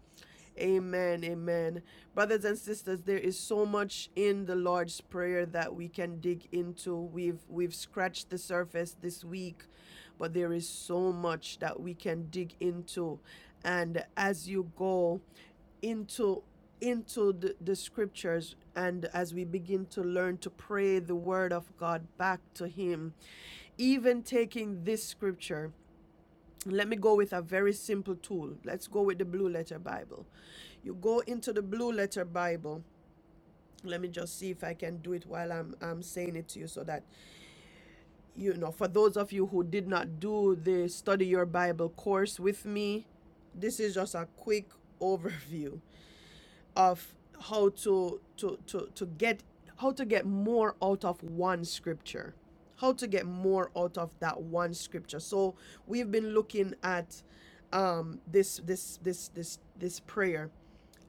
Speaker 1: Amen. Amen. Brothers and sisters, there is so much in the Lord's prayer that we can dig into. We've we've scratched the surface this week, but there is so much that we can dig into. And as you go into into the, the scriptures and as we begin to learn to pray the word of God back to him even taking this scripture let me go with a very simple tool. Let's go with the Blue Letter Bible. You go into the Blue Letter Bible. Let me just see if I can do it while I'm, I'm saying it to you so that, you know, for those of you who did not do the Study Your Bible course with me, this is just a quick overview of how to to to to get how to get more out of one scripture how to get more out of that one scripture so we've been looking at um this this this this this prayer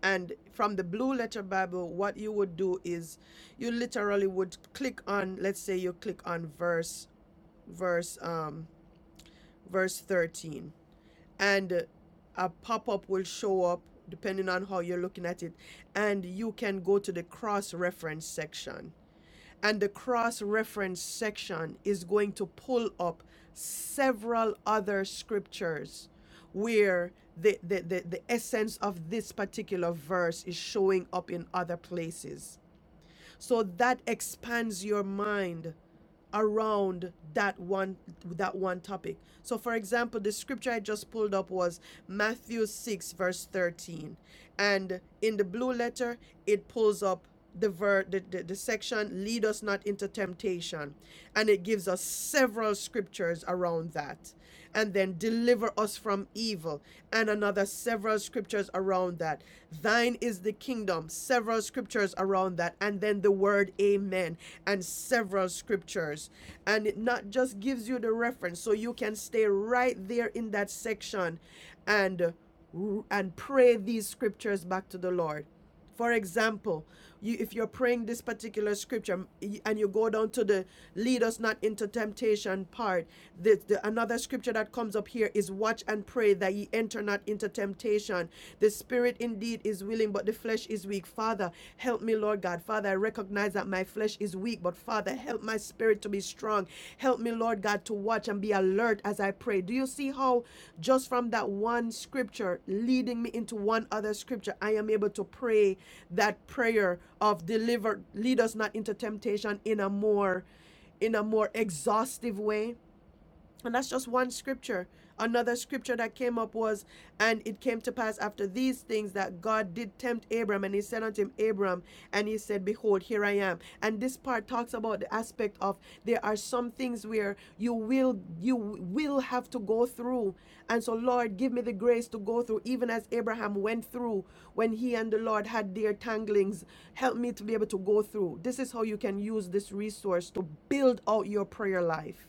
Speaker 1: and from the blue letter bible what you would do is you literally would click on let's say you click on verse verse um verse 13 and a pop-up will show up depending on how you're looking at it and you can go to the cross reference section and the cross reference section is going to pull up several other scriptures where the, the, the, the essence of this particular verse is showing up in other places so that expands your mind around that one that one topic. So for example, the scripture I just pulled up was Matthew 6 verse 13. And in the blue letter, it pulls up the, ver- the, the the section lead us not into temptation and it gives us several scriptures around that and then deliver us from evil and another several scriptures around that Thine is the kingdom, several scriptures around that, and then the word amen, and several scriptures. And it not just gives you the reference, so you can stay right there in that section and and pray these scriptures back to the Lord. For example, you, if you're praying this particular scripture and you go down to the lead us not into temptation part, the, the, another scripture that comes up here is watch and pray that ye enter not into temptation. The spirit indeed is willing, but the flesh is weak. Father, help me, Lord God. Father, I recognize that my flesh is is weak, but Father, help my spirit to be strong. Help me, Lord God, to watch and be alert as I pray. Do you see how just from that one scripture leading me into one other scripture, I am able to pray that prayer of deliver, lead us not into temptation in a more in a more exhaustive way and that's just one scripture. Another scripture that came up was, And it came to pass after these things that God did tempt Abram, and he said unto him, Abram, and he said, Behold, here I am. And this part talks about the aspect of there are some things where you will you will have to go through. And so, Lord, give me the grace to go through, even as Abraham went through when he and the Lord had their tanglings. Help me to be able to go through. This is how you can use this resource to build out your prayer life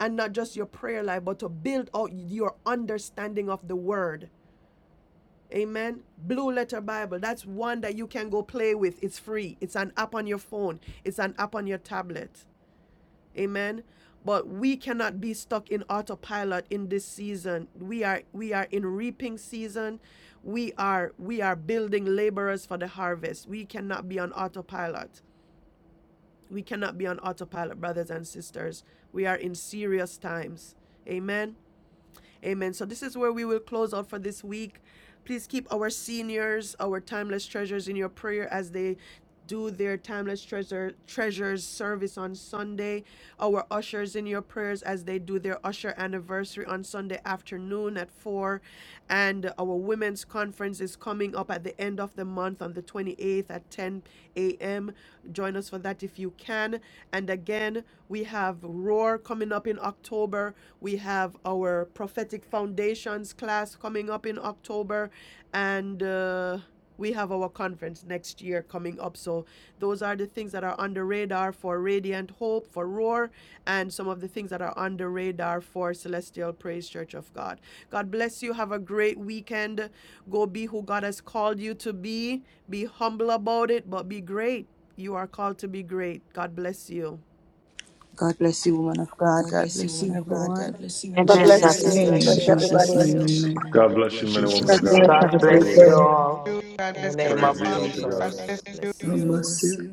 Speaker 1: and not just your prayer life, but to build out your understanding of the word. Amen. Blue Letter Bible. That's one that you can go play with. It's free. It's an app on your phone, it's an app on your tablet. Amen. But we cannot be stuck in autopilot in this season. We are we are in reaping season. We are we are building laborers for the harvest. We cannot be on autopilot. We cannot be on autopilot, brothers and sisters. We are in serious times. Amen. Amen. So this is where we will close out for this week. Please keep our seniors, our timeless treasures in your prayer as they do their timeless treasure treasures service on Sunday. Our ushers in your prayers as they do their usher anniversary on Sunday afternoon at four. And our women's conference is coming up at the end of the month on the 28th at 10 a.m. Join us for that if you can. And again, we have Roar coming up in October. We have our prophetic foundations class coming up in October, and uh, we have our conference next year coming up. So those are the things that are on the radar for Radiant Hope, for Roar, and some of the things that are on the radar for Celestial Praise Church of God. God bless you. Have a great weekend. Go be who God has called you to be. Be humble about it, but be great. You are called to be great. God bless you.
Speaker 17: God bless you, woman of God.
Speaker 1: God
Speaker 17: God
Speaker 1: bless you,
Speaker 17: bless
Speaker 1: woman
Speaker 17: you,
Speaker 1: of God.
Speaker 17: everyone.
Speaker 1: God bless you,
Speaker 12: In
Speaker 2: God
Speaker 1: everyone. God
Speaker 9: Amen.
Speaker 2: bless
Speaker 12: Jesus'
Speaker 1: bless
Speaker 2: you. God
Speaker 12: name, in
Speaker 2: bless
Speaker 12: Jesus'
Speaker 2: everybody.
Speaker 12: name,
Speaker 1: you. bless
Speaker 12: amen.
Speaker 1: God
Speaker 13: God bless
Speaker 12: In
Speaker 13: you,
Speaker 1: bless
Speaker 13: men and
Speaker 12: Jesus' name.
Speaker 13: women
Speaker 3: God
Speaker 1: you.
Speaker 13: of
Speaker 1: you. name. God bless you, men and women of
Speaker 13: God.
Speaker 3: bless.
Speaker 1: God.
Speaker 3: Have
Speaker 10: God
Speaker 3: a great
Speaker 10: bless
Speaker 1: bless
Speaker 13: Hallelujah.
Speaker 10: you
Speaker 3: day.
Speaker 1: you
Speaker 10: all.
Speaker 1: all.
Speaker 7: you, God
Speaker 10: In the
Speaker 7: bless
Speaker 10: name
Speaker 7: everyone.
Speaker 1: Praise
Speaker 13: Praise
Speaker 10: of
Speaker 13: be
Speaker 1: Praise the be
Speaker 13: all to
Speaker 1: Jesus.
Speaker 13: God.
Speaker 10: Jesus.
Speaker 18: Namaste
Speaker 1: bless you.